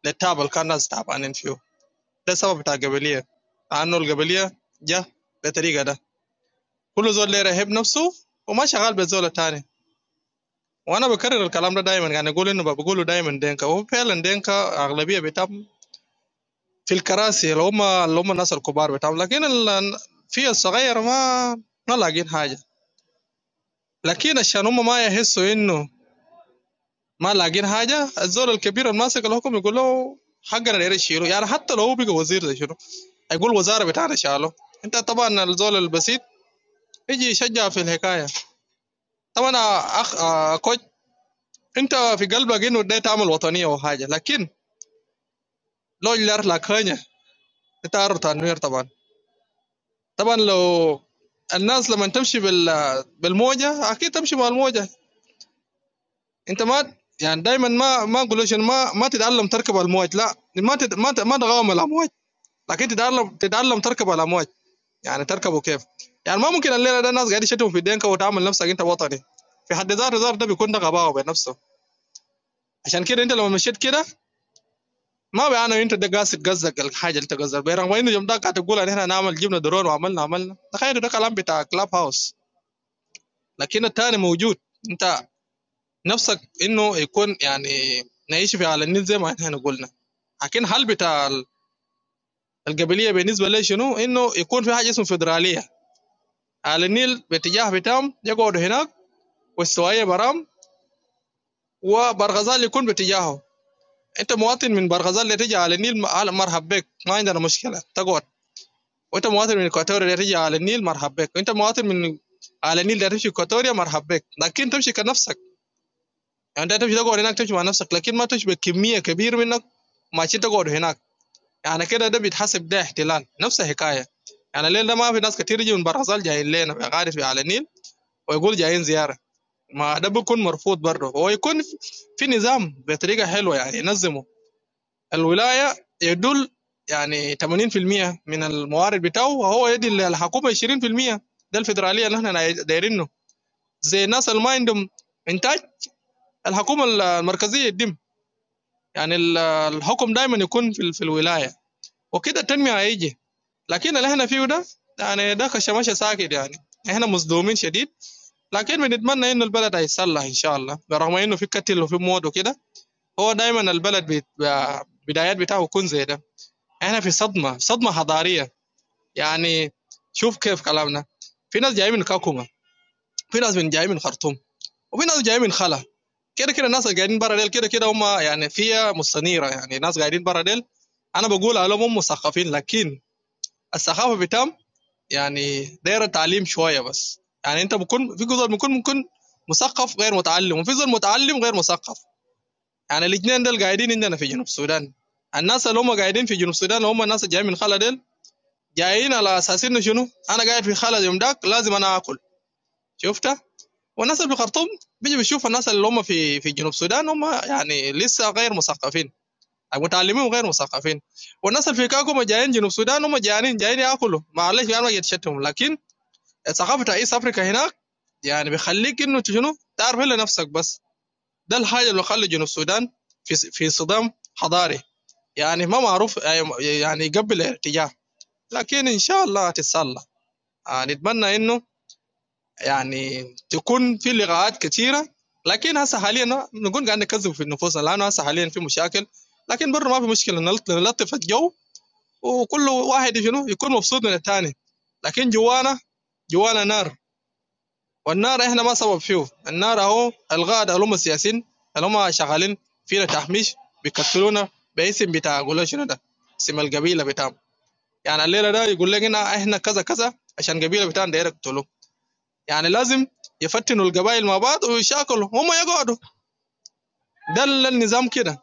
للتعب اللي كان الناس تعبانين فيه ده السبب بتاع القبليه لانه القبليه جا بالطريقه ده كل زول ليه رهيب نفسه وما شغال بالزول الثاني وانا بكرر الكلام ده دايما يعني اقول انه بقوله دايما دينكا وهو فعلا دينكا اغلبيه بتاعهم في الكراسي اللي هم اللي هم الناس الكبار بتاعهم لكن ال... في الصغير ما ما لاقين حاجه لكن عشان هم ما يحسوا انه ما لاقين حاجه الزول الكبير الماسك الحكم يقول له حقنا داير تشيله يعني حتى لو هو بقى وزير ده شنو يقول الوزاره بتاعنا شالوه انت طبعا الزول البسيط يجي يشجع في الحكايه طبعا اخ آه، كوتش انت في قلبك انه ده تعمل وطنيه وحاجه لكن لو جلار لك هنيا انت عارف تنوير طبعا طبعا لو الناس لما تمشي بال بالموجه اكيد تمشي مع الموجه انت ما يعني دايما ما ما اقول ما ما تتعلم تركب الموج لا ما تت ما ت- ما تغامر الامواج لكن تتعلم تتعلم تركب الامواج يعني تركبه كيف يعني ما ممكن الليله ده الناس قاعد يشتموا في الدنكا وتعمل نفسك انت وطني في حد ذاته ذاته ده بيكون ده غباوه بنفسه عشان كده انت لما مشيت كده ما بيعني انت ده قاصد قصدك الحاجه اللي انت قصدك بيها رغم انه يوم ده قاعد تقول ان احنا نعمل جبنا درون وعملنا عملنا تخيل ده كلام بتاع كلاب هاوس لكن الثاني موجود انت نفسك انه يكون يعني نعيش في على النيل زي ما احنا قلنا لكن هل بتاع القبليه بالنسبه لي شنو انه يكون في حاجه اسمه فدراليه على النيل باتجاه بتام يقعدوا هناك والسوايع برام وبرغزال يكون باتجاهه انت مواطن من برغزال اللي تجي على النيل م- أهلا مرحب بك ما عندنا مشكله تقعد وانت مواطن من اكواتوريا اللي تجي على النيل مرحب بك وانت مواطن من على النيل اللي تمشي اكواتوريا مرحب بك لكن تمشي كنفسك يعني انت تمشي تقعد هناك تمشي مع نفسك لكن ما تمشي بكميه كبيره منك ماشي تقعد هناك يعني كده ده بيتحسب ده احتلال نفس الحكايه يعني الليل ده ما في ناس كتير يجي من برغزال جايين لنا عارف على النيل ويقول جايين زياره ما ده بيكون مرفوض برضه هو يكون في- في نظام بطريقه حلوه يعني ينظمه الولايه يدل يعني 80% من الموارد بتاعه وهو يدي الحكومه 20% ده الفدراليه اللي احنا ناي- دايرينه زي الناس اللي ما عندهم انتاج الحكومه المركزيه يدم يعني ال- الحكم دايما يكون في, ال- في الولايه وكده التنميه هيجي لكن اللي احنا فيه ده يعني ده كشماشه ساكت يعني احنا مصدومين شديد لكن بنتمنى انه البلد هيتصلح ان شاء الله برغم انه في قتل وفي موت وكده هو دايما البلد بيبقى بدايات بتاعه يكون زي ده احنا في صدمه صدمه حضاريه يعني شوف كيف كلامنا في ناس جايين من كاكوما في ناس من جايين من خرطوم وفي ناس جايين من خلا كده كده الناس اللي قاعدين برا ديل كده كده هم يعني فيها مستنيره يعني ناس قاعدين برا ديل انا بقول عليهم هم مثقفين لكن الثقافه بتاعهم يعني دايره تعليم شويه بس يعني انت بكون في جزء بيكون ممكن مثقف غير متعلم وفي جزء متعلم غير مثقف يعني الاثنين دول قاعدين عندنا في جنوب السودان الناس اللي هم قاعدين في جنوب السودان اللي هم الناس اللي جايين من خلا ديل جايين على اساس انه شنو انا قاعد في خلا يوم داك لازم انا اكل شفتها والناس اللي في خرطوم بيجي بيشوف الناس اللي هم في في جنوب السودان هم يعني لسه غير مثقفين متعلمين وغير مثقفين والناس اللي في كاكو جايين جنوب السودان هم جايين جايين ياكلوا معلش يعني ما يتشتم لكن ثقافه رئيس افريقيا هناك يعني بيخليك انه شنو تعرف الا نفسك بس ده الحاجه اللي خلى جنوب السودان في في صدام حضاري يعني ما معروف أي- يعني قبل الارتجاع لكن ان شاء الله هتتصلح آه، نتمنى انه يعني تكون في لقاءات كثيره لكن هسه حاليا نقول قاعد نكذب في نفوسنا لانه هسه حاليا في مشاكل لكن برضه ما في مشكله نلط- نلطف الجو وكل واحد شنو يكون مبسوط من الثاني لكن جوانا جوانا نار والنار احنا ما سبب فيه النار اهو الغاد اللي هم السياسيين اللي هم شغالين فينا تحميش بيكتلونا باسم بتاع قولوا شنو ده اسم القبيله بتاعهم يعني الليله ده يقول لك هنا احنا كذا كذا عشان قبيله بتاعنا داير يقتلوه يعني لازم يفتنوا القبائل مع بعض ويشاكلوا هم يقعدوا ده ال- النظام كده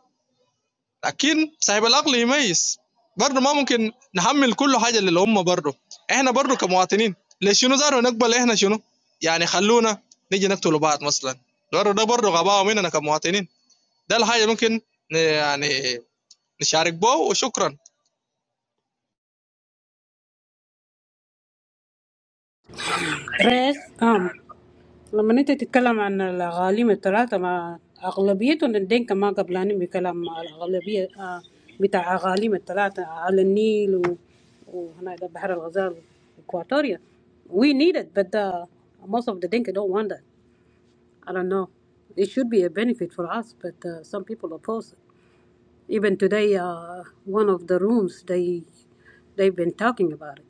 لكن صاحب العقل يميز برضه ما ممكن نحمل كل حاجه اللي هم برضه احنا برضه كمواطنين ليش شنو زاروا نقبل احنا شنو يعني خلونا نيجي نقتل بعض مثلا برضه ده برضه غباء مننا كمواطنين ده الحاجه ممكن ن- يعني نشارك به وشكرا رئيس um لما انت تتكلم عن الاغاليم الثلاثة ما اغلبيتهم الدين ما قبلانين بكلام الاغلبية آه بتاع اغاليم الثلاثة على النيل و... وهنا ده بحر الغزال اكواتوريا. We need it but uh, most of the Dinka don't want that. I don't know. It should be a benefit for us but uh, some people oppose it. Even today, uh, one of the rooms they they've been talking about it.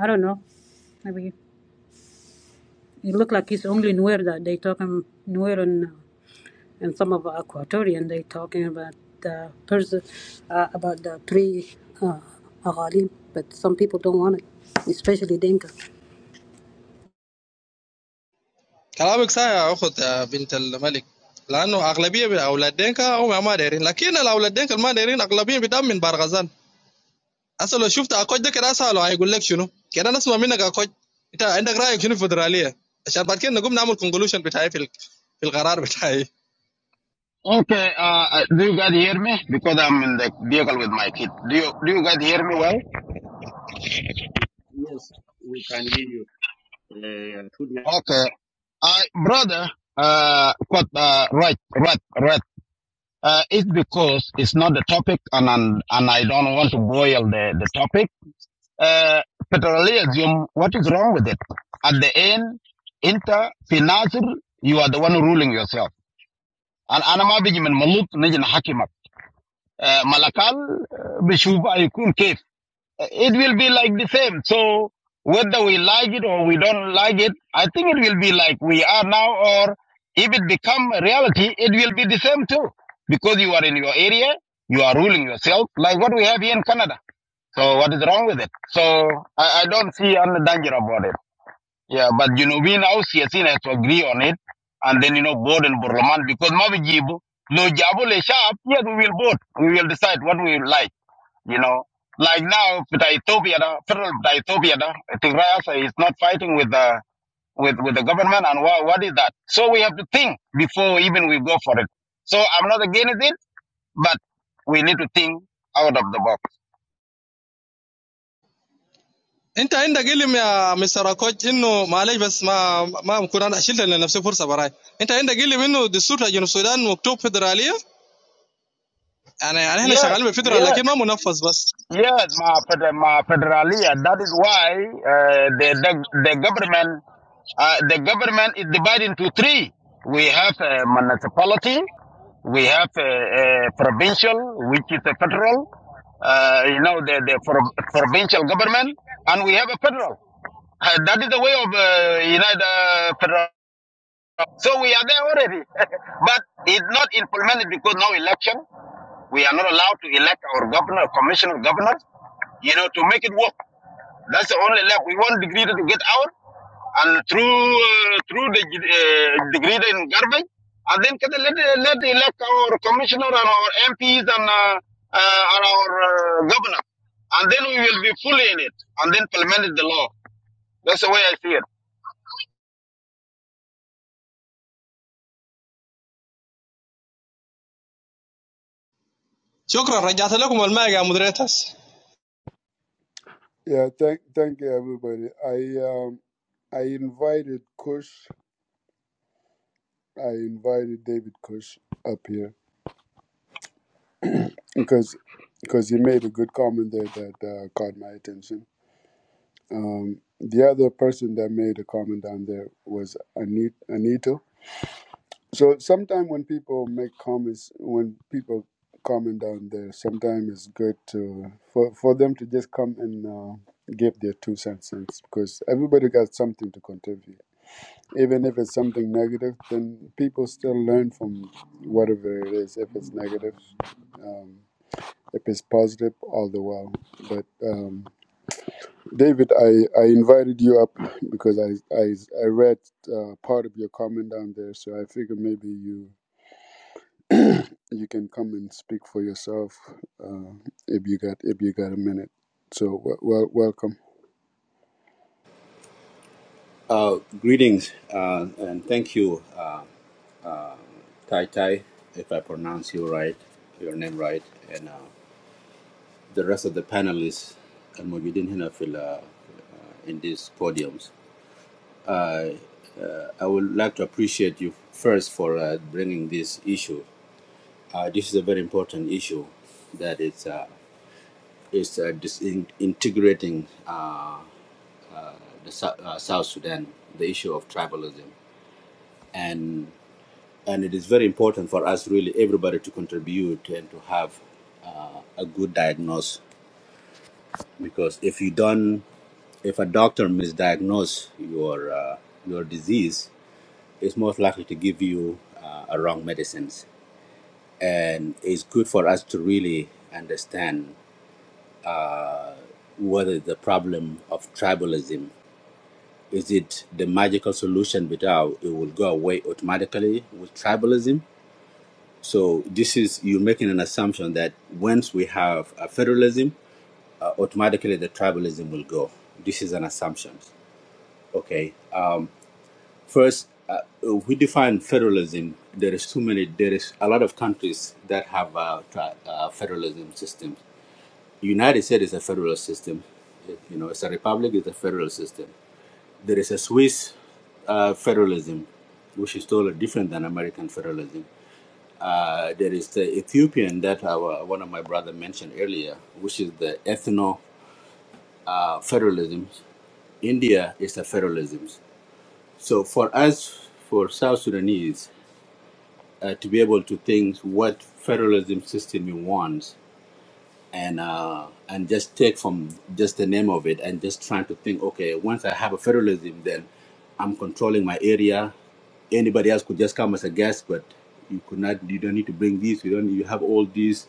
I don't know. Maybe it looked like it's only Nuer that they talking Nuer and uh, and some of Equatorian they talking about the person uh, about the three uh, Aghalim, but some people don't want it, especially Dinka. كلامك صحيح يا اخت يا بنت الملك لانه اغلبيه من اولاد دينكا هم ما دايرين لكن الاولاد دينكا اللي ما دايرين اغلبيه بدم من بارغزال اصل لو شفت اكوج ده كده اساله هيقول لك شنو كده نسمع منك اكوج انت عندك رايك شنو في الفدراليه عشان بعد كده نقوم نعمل كونكلوشن بتاعي في ال- في القرار بتاعي Okay. Uh, uh, do you guys hear me? Because I'm in the vehicle with my kid. Do you do you guys hear me well? Yes, we can hear you. Uh, Okay. I brother. Uh, got uh, right, right, right. Uh, it's because it's not the topic, and and, and I don't want to boil the the topic. Uh, petroleum, what is wrong with it? At the end, inter financier, you are the one ruling yourself. And أنا ما بيجي من ملوك نجي نحكمك. Uh, ملكال uh, بشوف هيكون كيف it will be like the same. So whether we like it or we don't like it, I think it will be like we are now, or if it become a reality, it will be the same too, because you are in your area, you are ruling yourself, like what we have here in Canada. So what is wrong with it? So I, I don't see any danger about it. Yeah, but you know, we now see has to agree on it, and then you know, board and Burlaman because Mavijibu, no Jabu le sharp, yes, we will vote, we will decide what we like you know. Like now, with Ethiopia, the federal with Ethiopia, the Tigray also is not fighting with the with, with the government, and what, what is that? So we have to think before even we go for it. So I'm not against it, but we need to think out of the box. انت عندك علم يا مستر اكوج انه معلش بس ما ما بكون انا شلت لنفسي فرصه براي انت عندك علم انه دستور بتاع جنوب السودان مكتوب فدراليه يعني يعني احنا Yeah, شغالين بالفدرال yeah. لكن ما منفذ بس Yes, my, feder- my federalia. That is why uh, the, the the government uh, the government is divided into three. We have a municipality, we have a, a provincial, which is a federal, uh, you know, the, the pro- provincial government, and we have a federal. Uh, that is the way of uh, United uh, Federal. So we are there already, but it's not implemented because no election. We are not allowed to elect our governor, commissioner, governors, you know, to make it work. That's the only left. We want degree to get out and through uh, through the uh, degree in garbage, and then can they let let elect our commissioner and our MPs and uh, uh, and our uh, governor, and then we will be fully in it, and then implement the law. That's the way I see it. Chocra recientemente como el mega mudreitas. Yeah, thank, thank you, everybody. I, um, I invited Kush. I invited David Kush up here because, because he made a good comment there that uh, caught my attention. Um, the other person that made a comment down there was Anit, Anito. So sometimes when people make comments, when people comment down there, sometimes it's good to for for them to just come and uh, give their two cents in, because everybody got something to contribute. Even if it's something negative, then people still learn from whatever it is. If it's negative, um, if it's positive, all the while. But um, David, I, I invited you up because I I, I read uh, part of your comment down there, so I figured maybe you you can come and speak for yourself uh, if you got if you got a minute. So well, well welcome. Uh, greetings uh, and thank you, uh, Tai Tai, if I pronounce you right, your name right, and uh, the rest of the panelists and Mujidin Hinafil uh, in these podiums. I would like to appreciate you first for uh, bringing this issue. Uh, this is a very important issue that it's uh, it's uh, disintegrating uh, the Sou- uh, South Sudan, the issue of tribalism, and and it is very important for us really everybody to contribute and to have uh, a good diagnosis because if you don't if a doctor misdiagnose your uh, your disease it's most likely to give you uh, a wrong medicines and it's good for us to really understand whether the problem of tribalism is it the magical solution without it will go away automatically with tribalism So this is you're making an assumption that once we have a federalism, uh, automatically the tribalism will go. This is an assumption. Okay. First, uh, we define federalism. There is too many. There is a lot of countries that have uh, tri- uh, federalism systems. United States is a federal system. You know, it's a republic. It's a federal system. There is a Swiss uh, federalism, which is totally different than American federalism. Uh, there is the Ethiopian that our, one of my brother mentioned earlier, which is the ethno uh, federalism. India is a federalism. So for us, for South Sudanese, uh, to be able to think what federalism system we want, and uh, and just take from just the name of it, and just trying to think, okay, once I have a federalism, then I'm controlling my area. Anybody else could just come as a guest, but you could not. You don't need to bring these. You don't. You have all these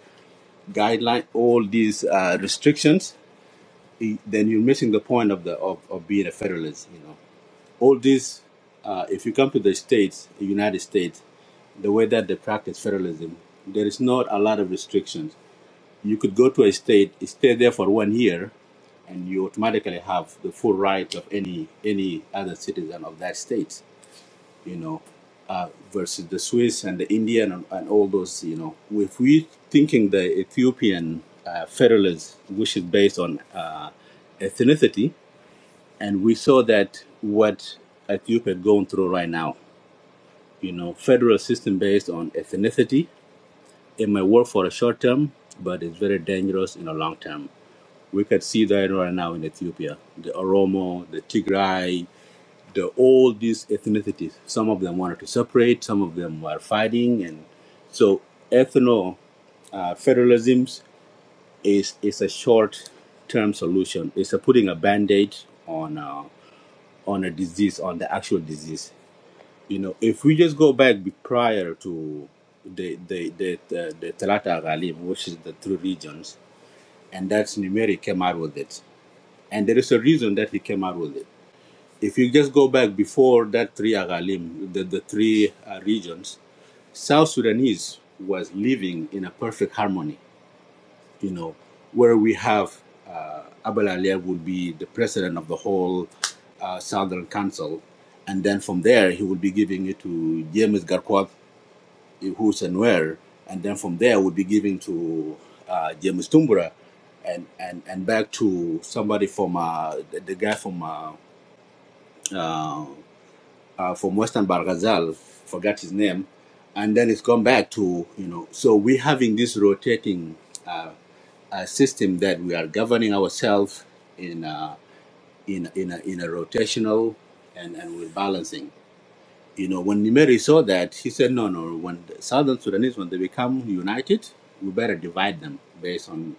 guideline, all these uh, restrictions, i- then you're missing the point of the of, of being a federalist. You know, all these. Uh, if you come to the states, the United States, the way that they practice federalism, there is not a lot of restrictions. You could go to a state, stay there for one year, and you automatically have the full rights of any any other citizen of that state you know, uh, versus the Swiss and the Indian and, and all those, you know, if we are thinking the Ethiopian uh, federalism, which is based on uh, ethnicity, and we saw that what Ethiopia is going through right now, you know, federal system based on ethnicity, it may work for a short term, but it's very dangerous in a long term. We could see that right now in Ethiopia, the Oromo, the Tigray, the, all these ethnicities. Some of them wanted to separate, some of them were fighting, and so ethno uh, federalism is is a short term solution. It's a putting a band aid on uh, on a disease, on the actual disease. You know, if we just go back prior to the the the the, the Talata Ghalib, which is the three regions, and that's Numeri came out with it, and there is a reason that he came out with it If you just go back before that three Agalim, the, the three uh, regions, South Sudanese was living in a perfect harmony, you know, where we have uh, Abel Ali would be the president of the whole uh, Southern Council. And then from there, he would be giving it to James Garquat, who's and where. And then from there, would be giving to uh, James Tumbura and, and, and back to somebody from uh, the, the guy from uh, uh, uh, from Western Bargazal, forgot his name, and then it's gone back to you know. So we're having this rotating uh, uh, system that we are governing ourselves in uh, in in a, in a rotational and and we're balancing. You know, when Nimeri saw that, he said, no, no, when the Southern Sudanese, when they become united, we better divide them based on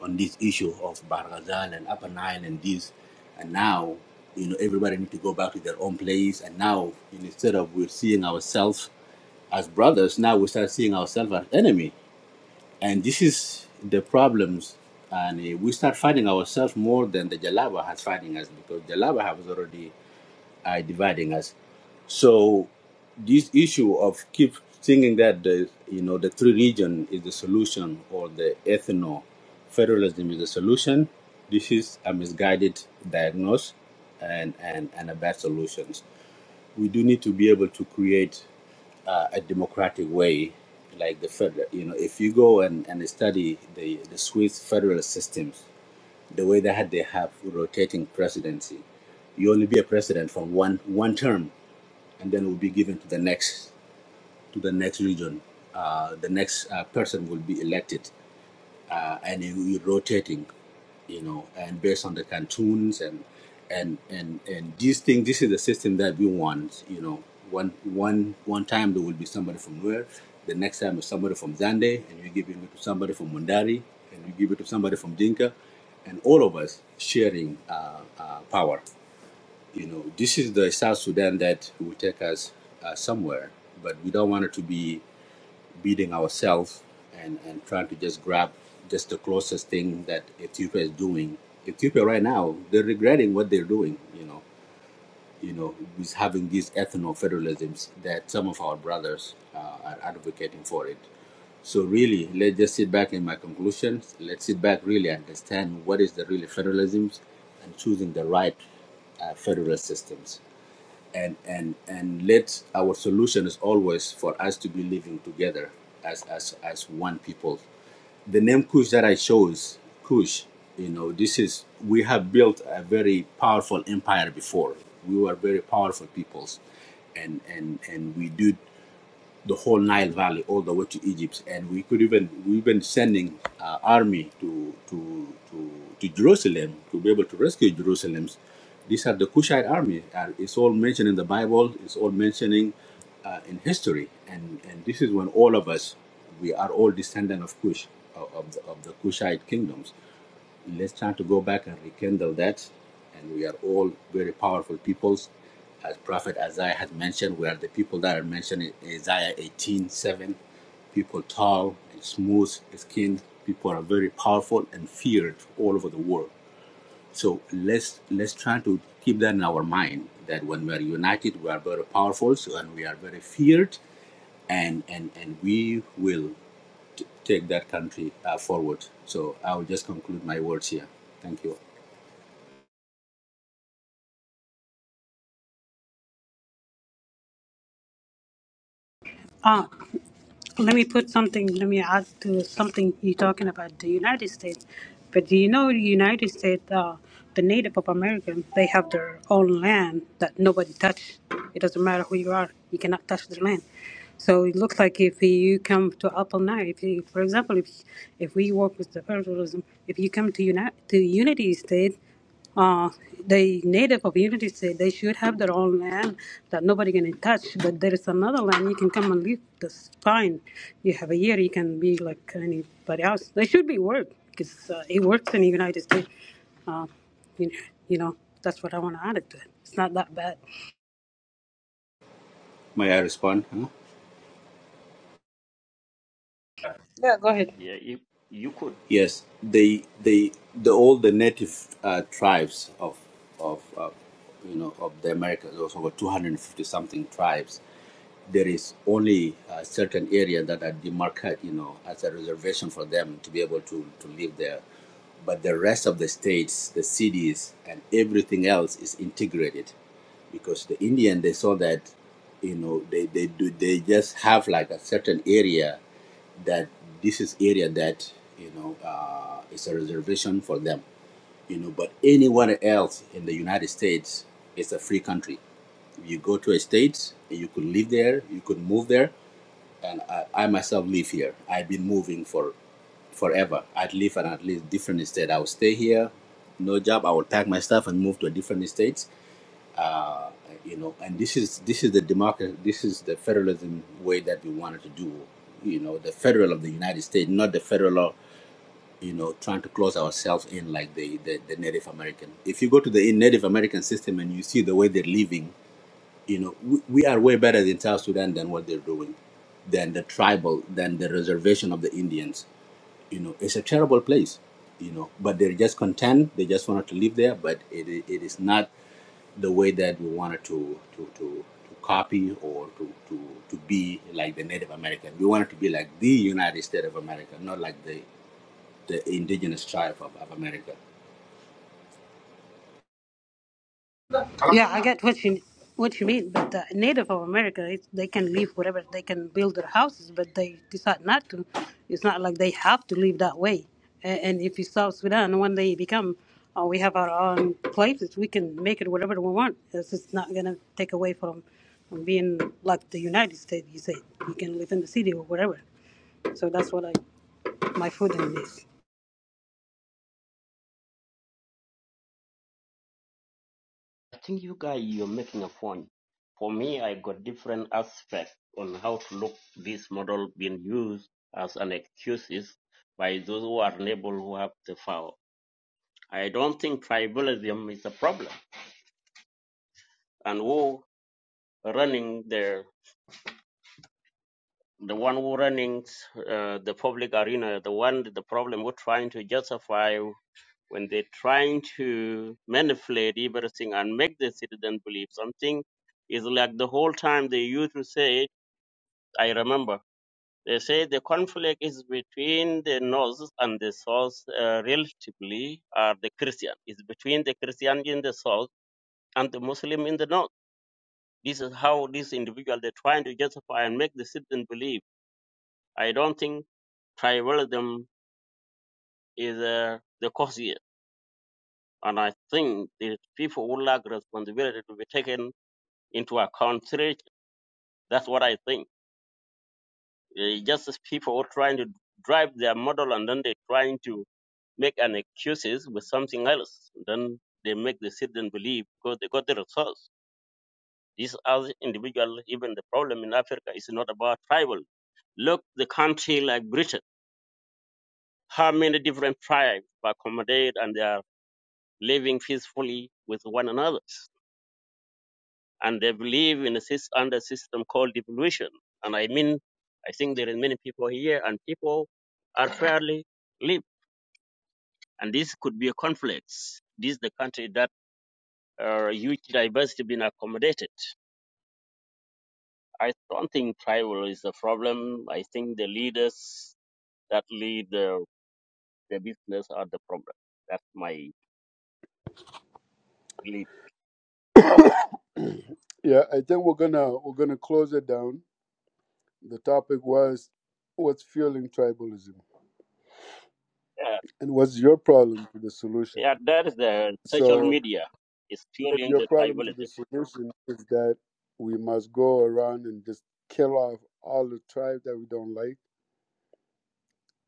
on this issue of Barghazal and Upper Nile and this. And now, you know, everybody need to go back to their own place. And now, instead of we're seeing ourselves as brothers, now we start seeing ourselves as enemy. And this is the problems. And uh, we start fighting ourselves more than the Jalaba has fighting us because Jalaba has already are dividing us. So this issue of keep thinking that the you know the three region is the solution or the ethno federalism is the solution, this is a misguided diagnosis and, and, and a bad solution. We do need to be able to create uh, a democratic way like the federal you know if you go and, and study the, the Swiss federal systems, the way they had they have rotating presidency, you only be a president for one one term and then will be given to the next to the next region. Uh, the next uh, person will be elected, uh, and it will be rotating, you know, and based on the cantons and and and and these things. This is the system that we want, you know. One one one time there will be somebody from Nuer. the next time is somebody from Zande, and you give it to somebody from Mundari, and you give it to somebody from Dinka, and all of us sharing uh, uh, power. You know, this is the South Sudan that will take us uh, somewhere, but we don't want it to be beating ourselves and, and trying to just grab just the closest thing that Ethiopia is doing. Ethiopia right now, they're regretting what they're doing, you know, you know, with having these ethno-federalisms that some of our brothers uh, are advocating for it. So really, let's just sit back in my conclusions. Let's sit back, really understand what is the real federalisms and choosing the right uh, federal systems and and and let our solution is always for us to be living together as as as one people the name kush that i chose kush you know this is we have built a very powerful empire before we were very powerful peoples and and and we do the whole Nile Valley all the way to Egypt, and we could even we even sending uh, army to to to to Jerusalem to be able to rescue Jerusalem. These are the Cushite army. Uh, it's all mentioned in the Bible. It's all mentioning uh, in history, and and this is when all of us we are all descendant of Cush, of, of the, of the Kushite kingdoms Let's try to go back and rekindle that. And we are all very powerful peoples. As Prophet Isaiah had mentioned, we are the people that are mentioned in Isaiah 18:7. People tall and smooth skinned. People are very powerful and feared all over the world. So let's let's try to keep that in our mind that when we are united, we are very powerful so, and we are very feared, and and and we will take that country uh, forward. So I will just conclude my words here. Thank you. Ah, Let me put something, let me add to something you're talking about the United States. But do you know the United States, uh, the Native of Americans, they have their own land that nobody touch. It doesn't matter who you are, you cannot touch their land. So it looks like if you come to Apple now, if you, for example, if if we work with the federalism, if you come to United to Unity State, uh, the native community said they should have their own land that nobody can touch. But there is another land you can come and live. That's fine. You have a year. You can be like anybody else. They should be work because uh, it works in the United States. Uh, you, you know that's what I want to add it to it. It's not that bad. May I respond? Huh? Yeah, go ahead. yeah, if you, could. Yes, they they the all the native uh, tribes of of uh, you know of the Americas, those over two hundred and fifty something tribes. There is only a certain area that are demarcated, you know, as a reservation for them to be able to to live there. But the rest of the states, the cities, and everything else is integrated because the Indian they saw that you know they they do they just have like a certain area that this is area that you know uh, is a reservation for them you know but anywhere else in the united states it's a free country you go to a state you could live there you could move there and i, I myself live here i've been moving for forever i'd live in at least different state i would stay here no job i would pack my stuff and move to a different state uh, you know, and this is this is the democracy, this is the federalism way that we wanted to do, you know, the federal of the United States, not the federal, of, you know, trying to close ourselves in like the, the the Native American. If you go to the Native American system and you see the way they're living, you know, we, we are way better in South Sudan than what they're doing, than the tribal, than the reservation of the Indians. You know, it's a terrible place, you know, but they're just content. They just wanted to live there, but it it is not the way that we wanted to to to, to copy or to, to to be like the Native American. We wanted to be like the United States of America, not like the the indigenous tribe of, of America. Yeah, I get what you what you mean, but the native of America, it, they can leave whatever they can build their houses, but they decide not to. It's not like they have to live that way. And, and if you South Sudan, when they become, uh, we have our own places, we can make it whatever we want. It's just not gonna take away from, from being like the United States. You say you can live in the city or whatever. So that's what I my food in this. I think you guys you're making a point. For me, I got different aspects on how to look this model being used as an excuse by those who are unable who have the power. I don't think tribalism is a problem, and who running the the one who running uh, the public arena, the one the problem who trying to justify when they're trying to manipulate everything and make the citizen believe something is like the whole time they used to say I remember. They say the conflict is between the North and the South, uh, relatively, are the Christian. It's between the Christian in the South and the Muslim in the North. This is how these individuals they're trying to justify and make the citizen believe. I don't think tribalism is uh, the cause here. And I think the people would like responsibility to be taken into account. That's what I think. Uh, just as people who are trying to drive their model and then they're trying to make an excuses with something else. Then they make the citizen believe because they got the resource. These other individuals, even the problem in Africa is not about tribal. Look, the country like Britain, how many different tribes accommodate and they are living peacefully with one another, and they believe in a under system called devolution. And I mean, I think there are many people here, and people are fairly live, and this could be a conflict. This is the country that uh, huge diversity being accommodated. I don't think tribal is the problem. I think the leaders that lead the, the business are the problem. That's my belief. yeah, I think we're gonna we're gonna close it down. The topic was what's fueling tribalism Uh, and what's your problem to the solution. yeah, that is the social So media is if fueling your the problem to the tribalism. solution is that we must go around and just kill off all the tribes that we don't like.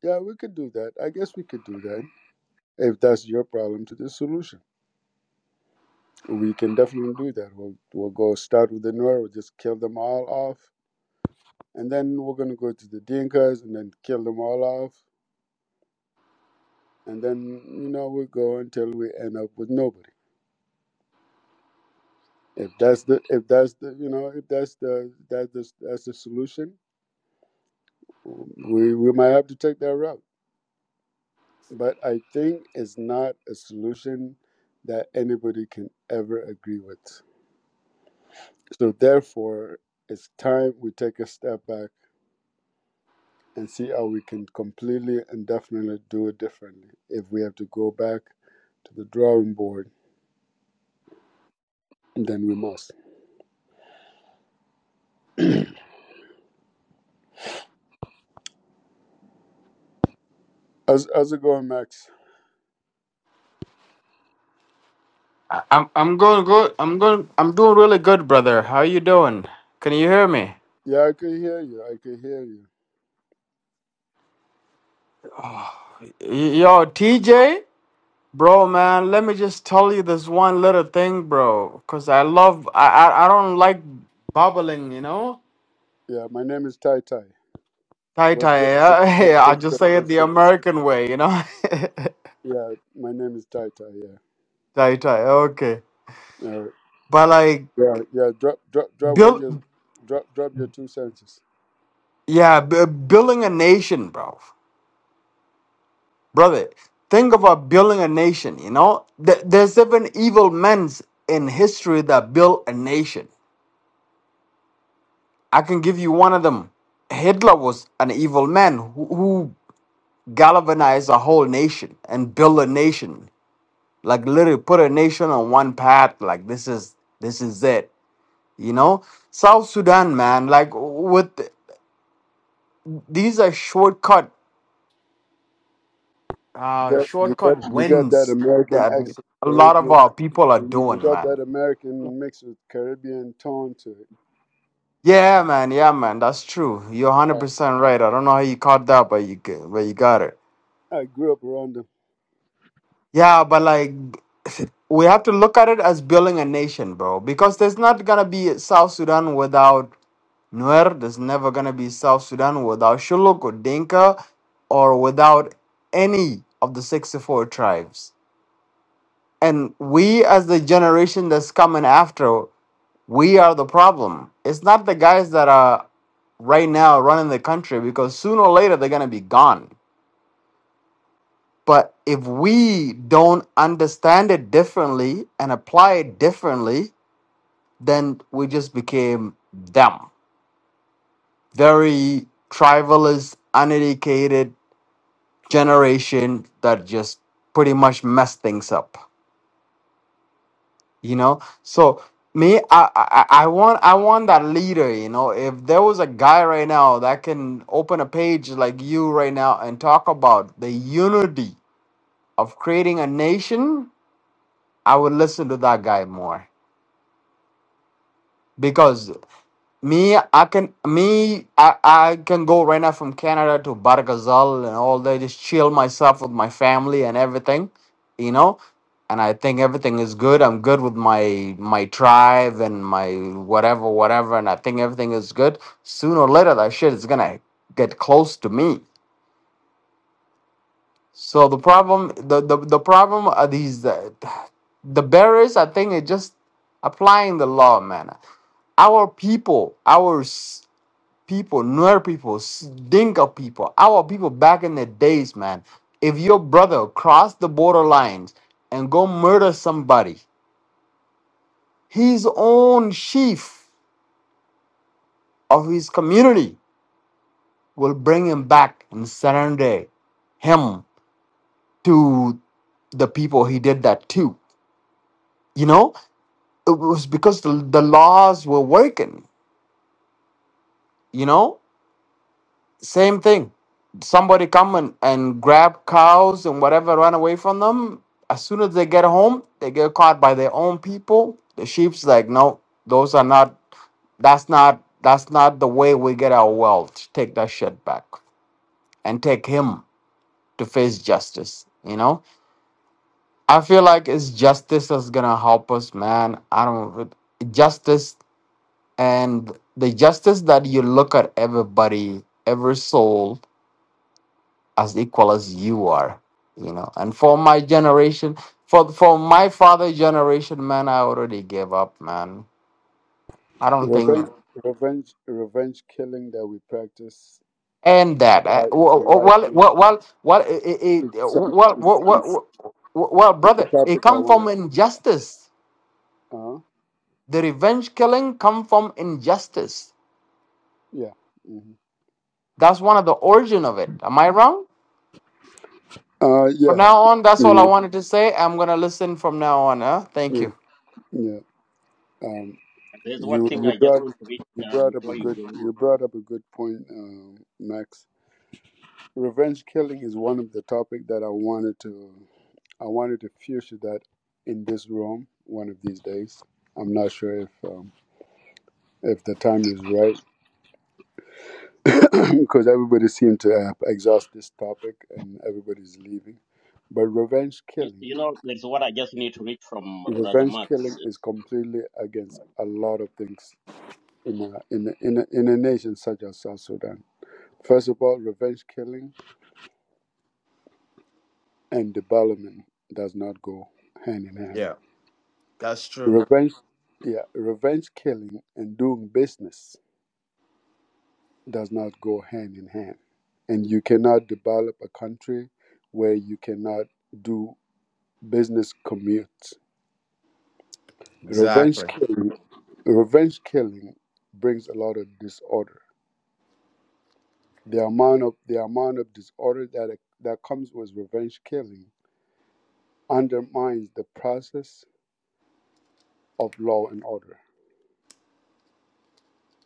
Yeah, we could do that. I guess we could do that if that's your problem to the solution. we can definitely do that. We'll we'll go start with the Nuer. We'll just kill them all off, and then we're gonna go to the Dinkas and then kill them all off, and then you know we go until we end up with nobody. If that's the if that's the you know if that's the that's the, that's the solution, we we might have to take that route. But I think it's not a solution that anybody can ever agree with. So therefore, it's time we take a step back and see how we can completely and definitely do it differently. If we have to go back to the drawing board, then we must. How's, how's it going, Max? I- I'm I'm going good. I'm going. I'm doing really good, brother. How you doing? Can you hear me? Yeah, I can hear you. I can hear you. Y- Yo, TJ, bro, man. Let me just tell you this one little thing, bro. Cause I love. I I, I don't like bubbling, you know. Yeah, my name is Tai Tai. Tai What's tai. good? What, what, eh? I what's just good? say it What's the good? American way, you know. Yeah, my name is Tai Tai. Yeah. tai tai. Okay. All right. But like Yeah, yeah. Drop, drop, drop. What build, your, drop, drop your two senses. yeah, b- building a nation, bro. brother think about building a nation you know Th- there's seven evil men in history that built a nation i can give you one of them hitler was an evil man who, who galvanized a whole nation and built a nation like literally put a nation on one path like this is this is it you know south sudan man like with these are shortcut You uh got, you shortcut got, you got that wins American that accent, a lot of Caribbean. our people are You doing got man that American mix with Caribbean tone to it. Yeah, man. Yeah, man. That's true. You're one hundred percent right. I don't know how you caught that, but you g- but you got it. I, I grew up around Yeah, but like we have to look at it as building a nation, bro. Because there's not gonna be South Sudan without Nuer. There's never gonna be South Sudan without Shuluk or Dinka, or without any of the sixty-four tribes. And we, as the generation that's coming after, we are the problem. It's not the guys that are right now running the country because sooner or later they're going to be gone. But if we don't understand it differently and apply it differently, then we just became them. Very tribalist, uneducated generation that just pretty much messed things up. You know? So me, I, I I want I want that leader, you know. If there was a guy right now that can open a page like you right now and talk about the unity of creating a nation, I would listen to that guy more because me, I can me, I, I can go right now from Canada to Bargazal and all that, just chill myself with my family and everything, you know. And I think everything is good. I'm good with my my tribe and my whatever, whatever. And I think everything is good. Sooner or later, that shit is gonna get close to me. So the problem, the the, the problem are these uh, the barriers. I think it just applying the law, man. Our people, our s- people, Nuer people, S- Dinka people, our people back in the days, man. If your brother crossed the border lines and go murder somebody, his own chief of his community will bring him back and surrender him to the people he did that to. You know it was because the, the laws were working you know same thing somebody come and, and grab cows and whatever run away from them as soon as they get home they get caught by their own people the sheep's like no those are not that's not that's not the way we get our wealth take that shit back and take him to face justice you know i feel like it's justice that's gonna help us man i don't justice and the justice that you look at everybody, every soul as equal as you are, you know. And for my generation, for for my father generation, man, I already gave up, man. I don't think Revenge, revenge, revenge killing that we practice and that uh, wi- well, well, widely. well, well, well, it, it, it- It's, some, well, it's, well, it's, well, well, well, it's a brother, it topic I come want from to. injustice. Uh, The revenge killing come from injustice. yeah. hmm That's one of the origin of it. Am I wrong? Uh, From yeah. now on, that's all I Mhm. wanted to say. I'm gonna listen from now on. Huh? Thank you. mm Yeah. Um, There's one you thing you I just brought want to read you uh, brought up a before you good go. you brought up a good point, um, Max. Revenge killing is one of the topic that I wanted to I wanted to feature that in this room one of these days. I'm not sure if um, if the time is right because everybody seemed to have exhaust this topic and everybody's leaving. But revenge You, killing, you know, there's what I just need to read from Brother revenge Marx. killing is completely against a lot of things in a, in a, in a, in a nation such as South Sudan. First of all, revenge killing and development does not go hand in hand. Yeah, that's true. Revenge, yeah, revenge killing and doing business does not go hand in hand. And you cannot develop a country where you cannot do business commutes Revenge Exactly. killing, revenge killing brings a lot of disorder. The amount of the amount of disorder that it- that comes with revenge killing undermines the process of law and order.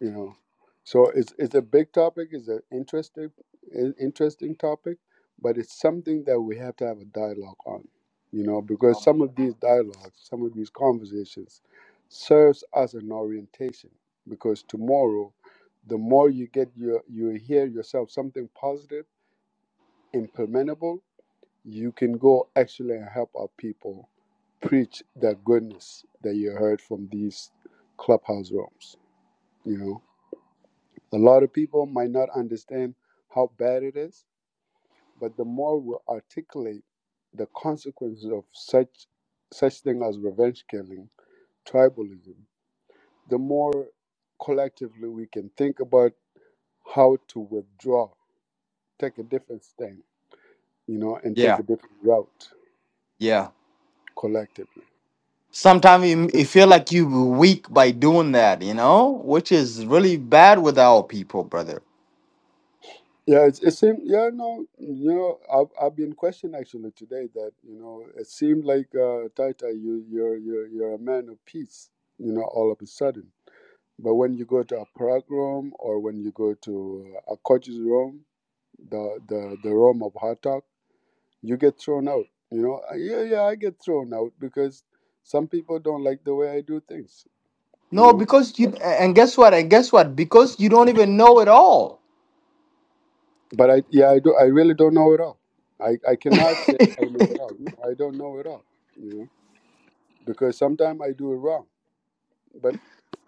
you know so it's it's a big topic it's an interesting in- interesting topic but it's something that we have to have a dialogue on you know because some of these dialogues some of these conversations serves as an orientation because tomorrow the more you get your you hear yourself something positive implementable you can go actually and help our people preach that goodness that you heard from these clubhouse rooms you know a lot of people might not understand how bad it is, but the more we articulate the consequences of such such thing as revenge killing, tribalism, the more collectively we can think about how to withdraw, take a different stand, you know, and take Yeah, a different route yeah. collectively. Sometimes you, you feel like you weak by doing that, you know, which is really bad with our people, brother. Yeah, it's, it seemed. Yeah, no, you know, I've I've been questioned actually today that you know it seemed like uh, Tata, you you're you're you're a man of peace, you know, all of a sudden. But when you go to a Prague room or when you go to uh, a coach's room, the the the room of hot talk, you get thrown out. You know, Uh, yeah, yeah, I get thrown out because some people don't like the way I do things. You No, know, because you and guess what? And guess what? Because you don't even know it all. but I yeah, I do. I really don't know it all. I I cannot say I A know it all. No, I don't know it all. You know. because sometimes I do it wrong. But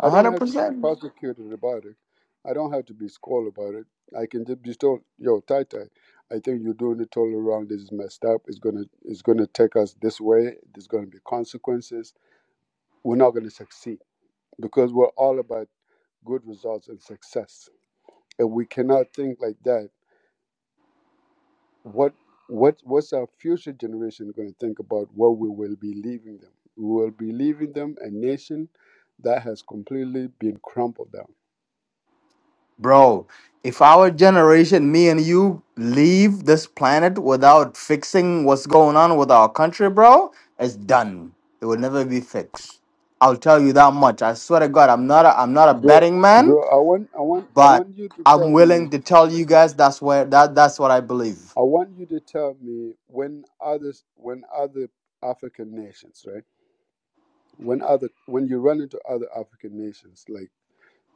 I don't hundred have to be percent. prosecuted about it. I don't have to be scolded about it. I can just be told, "Yo, Tai Tai, I think you're doing it totally wrong. This is messed up. It's gonna, it's gonna take us this way. There's gonna be consequences. We're not gonna succeed because we're all about good results and success. And we cannot think like that what what what's our future generation going to think about what we will be leaving them we will be leaving them a nation that has completely been crumpled down Bro, if our generation, me and you, leave this planet without fixing what's going on with our country, bro, it's done. It will never be fixed. I'll tell you that much. I swear to God, I'm not a, I'm not a bro, betting man, bro i want i want i but want you to I'm tell me willing to tell you guys that's where that that's what I believe. i want you to tell me when others when other african nations right when other when you run into other african nations like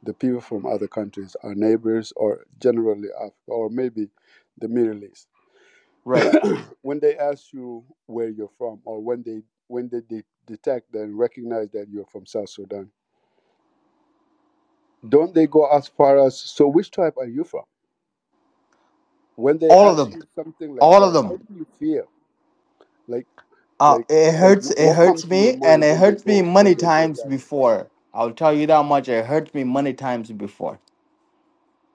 the people from other countries our neighbors or generally africa or maybe the middle east Right. when they ask you where you're from or when they when they de- detect and recognize that you're from south sudan don't they go as far as so which tribe are you from when they All of ask them. you something like All of that how them. do you feel like Uh, like it like hurts. wh- It what comes hurts to your me, and mind it when they hurts me go when many they go times that before. I'll tell you that much. It hurts me many times before.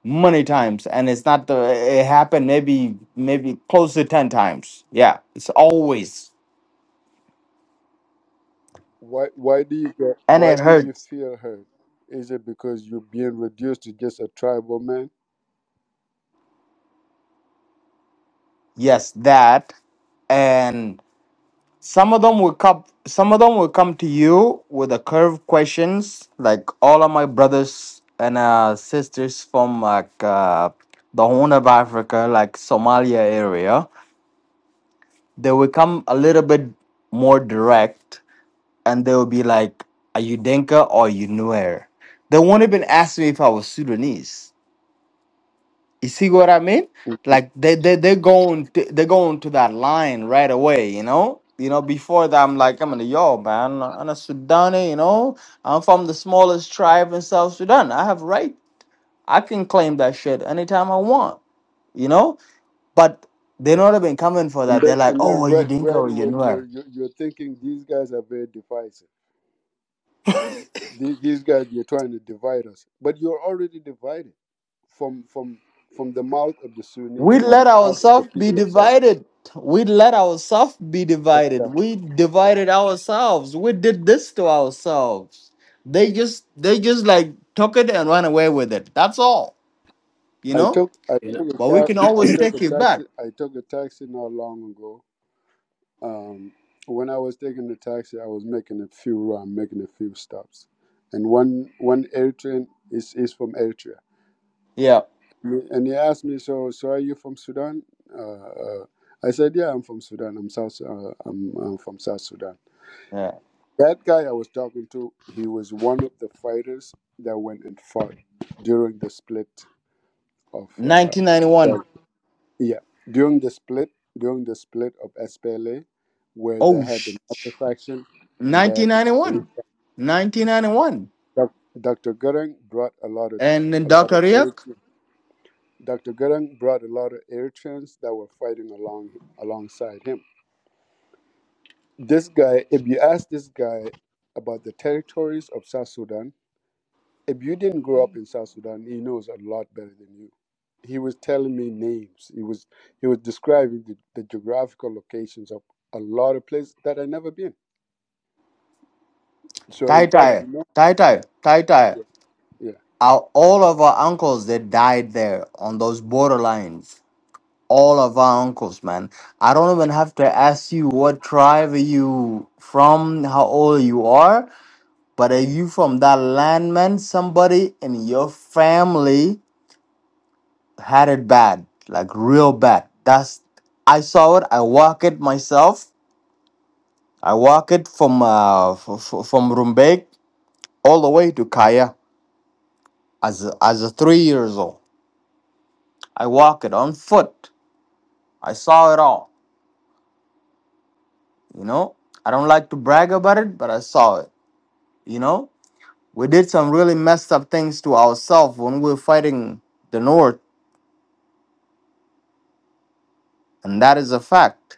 many times and it's not the it happened maybe maybe close to 10 times yeah it's always why why do you get and why it do you hurts feel hurt is it because you're being reduced to just a tribal man yes that and some of them will come some of them will come to you with a curve questions like all of my brothers and uh, sisters from like uh, the horn of africa like somalia area they will come a little bit more direct and they'll be like, Are you Denka or you Nuer? They won't even ask me if I was Sudanese. You see what I mean? Like they they they're going to, they're going to that line right away, you know? You know, before that I'm like, I'm in the yo, man, I'm a Sudani, you know. I'm from the smallest tribe in South Sudan. I have right. I can claim that shit anytime I want, you know? But they're not even coming for and that. They're then like, and Oh, then are you right Dinka right or you away Nuer? you're you're, you're thinking these guys are very divisive the- these guys you're trying to divide us but you're already divided from from from the mouth of the sunnis We or let the mouth of the ourselves be people of south divided. We let ourselves be divided. Exactly, We yeah. divided ourselves. We did this to ourselves. They just they just like took it and ran away with it. That's all. You i know? took i You know. took a But we cab can i always took take a it back. taxi i took a taxi not long ago um when i was taking the taxi i was making a few run making a few stops and one one eritrean is is from eritrea Yeah. and he asked me so so are you from sudan uh, uh i said yeah i'm from sudan i'm south uh, I'm, I'm from south sudan Yeah. That guy I was talking to, he was one of the fighters that went and fought during the split of uh, 1991. that- yeah, during the split during the split of SPLA, where they Oh had the sh. master faction and they had the, 1991. 1991. Doc- Dr. Goering brought a lot of And then a lot Dr. of air, Riak, Dr. Goering brought a lot of air that were fighting along alongside him. This guy, if you ask this guy about the territories of South Sudan if you didn't grow up in South Sudan, he knows a lot better than you. He was telling me names. He was he was describing the, the geographical locations of a lot of places that I never been. So Tai in fact, Tai, you know, Tai Tai, Tai Tai. yeah, yeah, Our, all of our uncles, they died there on those borderlines all of our uncles, man. I don't even have to ask you what tribe are you from, how old you are, but are you from that land, man? Somebody in your family had it bad, like real bad. That's I saw it. I walk it myself. I walk it from uh, f- f- from Rumbek all the way to Kaya as a, as a three years old. I walk it on foot. I saw it all. You know, I don't like to brag about it, but I saw it. You know, We did some really messed up things to ourselves when we were fighting the North, and that is a fact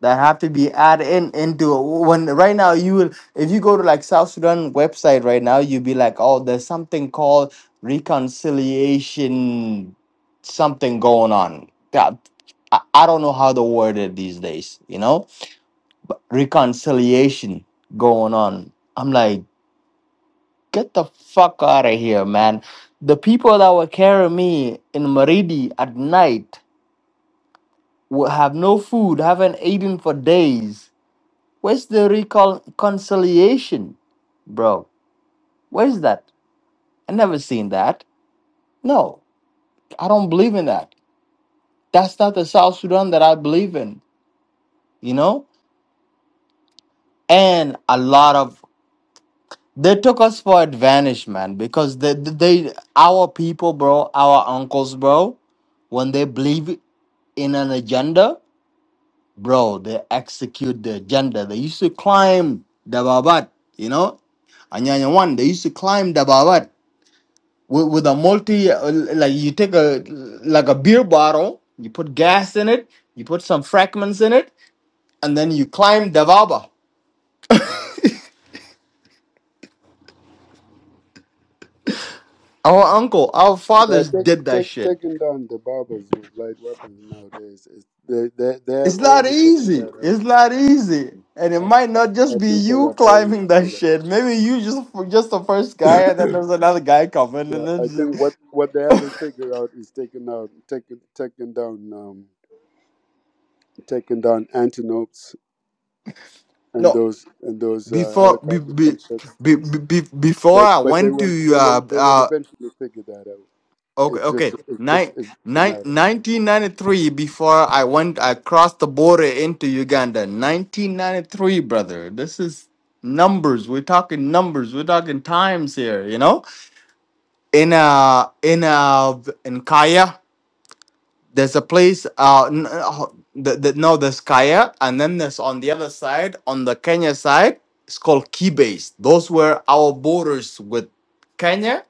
that have to be added in into when right now you will if you go to like South Sudan website right now you'll be like oh there's something called reconciliation something going on yeah I, I don't know how to word it these days you know reconciliation going on I'm like Get the fuck out of here, man. The people that were carrying me in Maridi at night will have no food, haven't eaten for days. Where's the reconciliation, bro? Where's that? I never seen that. No, I don't believe in that. That's not the South Sudan that I believe in, you know? And a lot of they took us for advantage, man, because they, they our people, bro, our uncles, bro, when they believe in an agenda, bro, they execute the agenda. They used to climb the Babat, you know, Anyanya one. They used to climb the Babat with, with a multi, uh, like you take a like a beer bottle, you put gas in it, you put some fragments in it, and then you climb the Baba. Our uncle, our yeah fathers take, did that take, shit. taking down the barbers with light weapons nowadays. Is, they they they have It's not already figured easy. that out. It's not easy. And it Our, might not just our be people you have already climbing that figured out. shit. Maybe you just just the first guy, and then there's another guy coming, Yeah, and then I think what, just what they haven't figured out is taking out taking taking down um taking down antelopes and no. those and those uh, Before be, helicopter be, gunshots. be, be, be- before But I but they went to will they uh will they will uh eventually figure that out. okay It's just okay it's just nine, it's a nine, matter of time. nineteen ninety three. before I went I crossed the border into Uganda 1993 brother this is numbers we're talking numbers we're talking times here you know in uh in uh in Kaya there's a place uh n- uh, the, the, no there's Kaya and then there's on the other side on the Kenya side it's called Kibase those were our borders with Kenya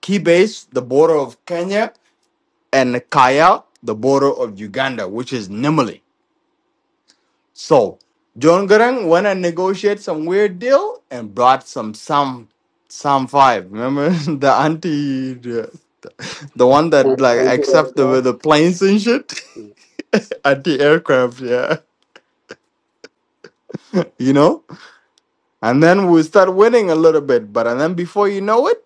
Kibase the border of Kenya and Kaya the border of Uganda which is Nimali so John Garang went and negotiated some weird deal and brought some some some five remember the anti The one that like And anti accept the aircraft. the planes and shit Yeah. at the aircraft, yeah. You know? And then we start winning a little bit, but and then before you know it,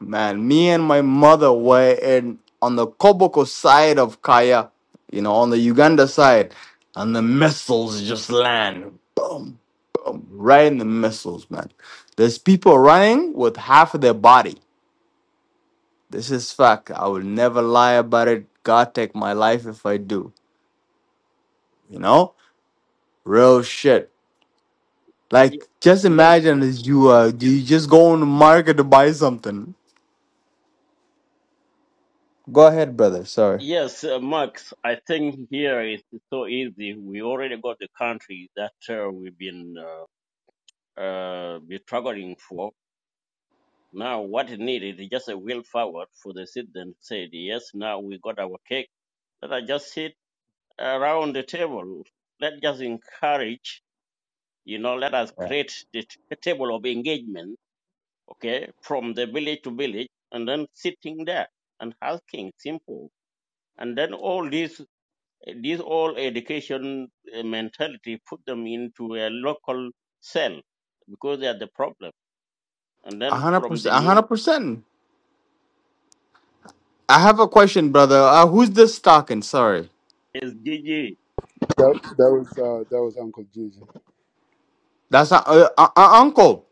man, me and my mother were in on the Koboko side of Kaya, you know, on the Uganda side, and the missiles just land. Boom, boom, right in the missiles, man. There's people running with half of their body. This is fact. I will never lie about it. God take my life if I do, you know? Real shit. Ye- Like, just Yes, imagine as you uh, you just go on the market to buy something. Go ahead, brother. Sorry. yes, uh, Marx. I think here it's so easy. We already got the country that uh, we've been. uh, uh, be struggling for. Now, what is needed is just a will forward for the citizens. Said yes, now we got our cake. Let us just sit around the table. Let just encourage. You know, let us Yeah. create the t- a table of engagement. Okay, from the village to village, and then sitting there and asking simple. And then all this, this all education uh, mentality put them into a local cell because they are the problem. And A then hundred from the percent. A new hundred percent. I have a question, brother. Uh, who's this talking? Sorry, Yes, Gigi. That that was uh, that was Uncle Gigi. that's not, uh, uh, uh, uncle.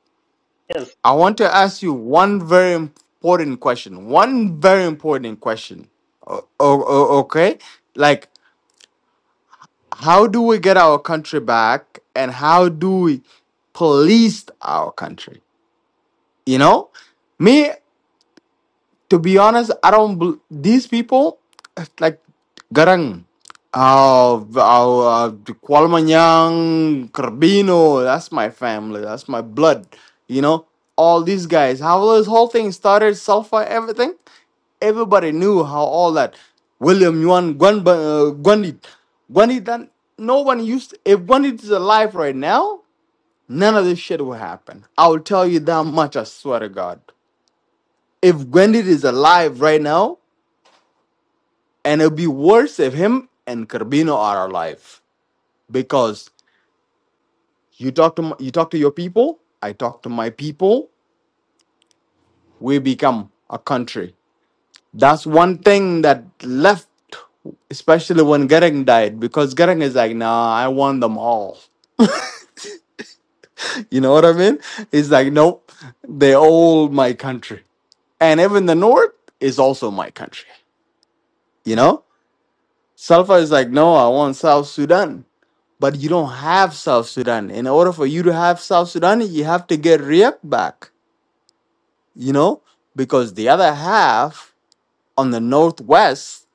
Yes, I want to ask you one very important question. One very important question. O- o- o- okay, like how do we get our country back, and how do we police our country? You know, me. to be honest, I don't. bel these people, like Garang, uh, uh, Kualmanyang, Carbino, that's my family, that's my blood, you know. All these guys, how this whole thing started, sulfur, everything. Everybody knew how all that. William Yuan, Gwan, uh, Gwandit, Gwandit, that no one used. If Gwandit is alive right now, none of this shit will happen. I will tell you that much. I swear to God if Gwendid is alive right now, and it'll be worse if him and Carbino are alive because you talk to my, you talk to your people, I talk to my people, we become a country. That's one thing that left, especially when Gereng died, because Gereng is like, nah, I want them all. You know what I mean? He's like, nope, they all my country, and even the North is also my country. You know, Salva is like, no, I want South Sudan But you don't have South Sudan. In order for you to have South Sudan, you have to get Riek back, you know, because the other half on the northwest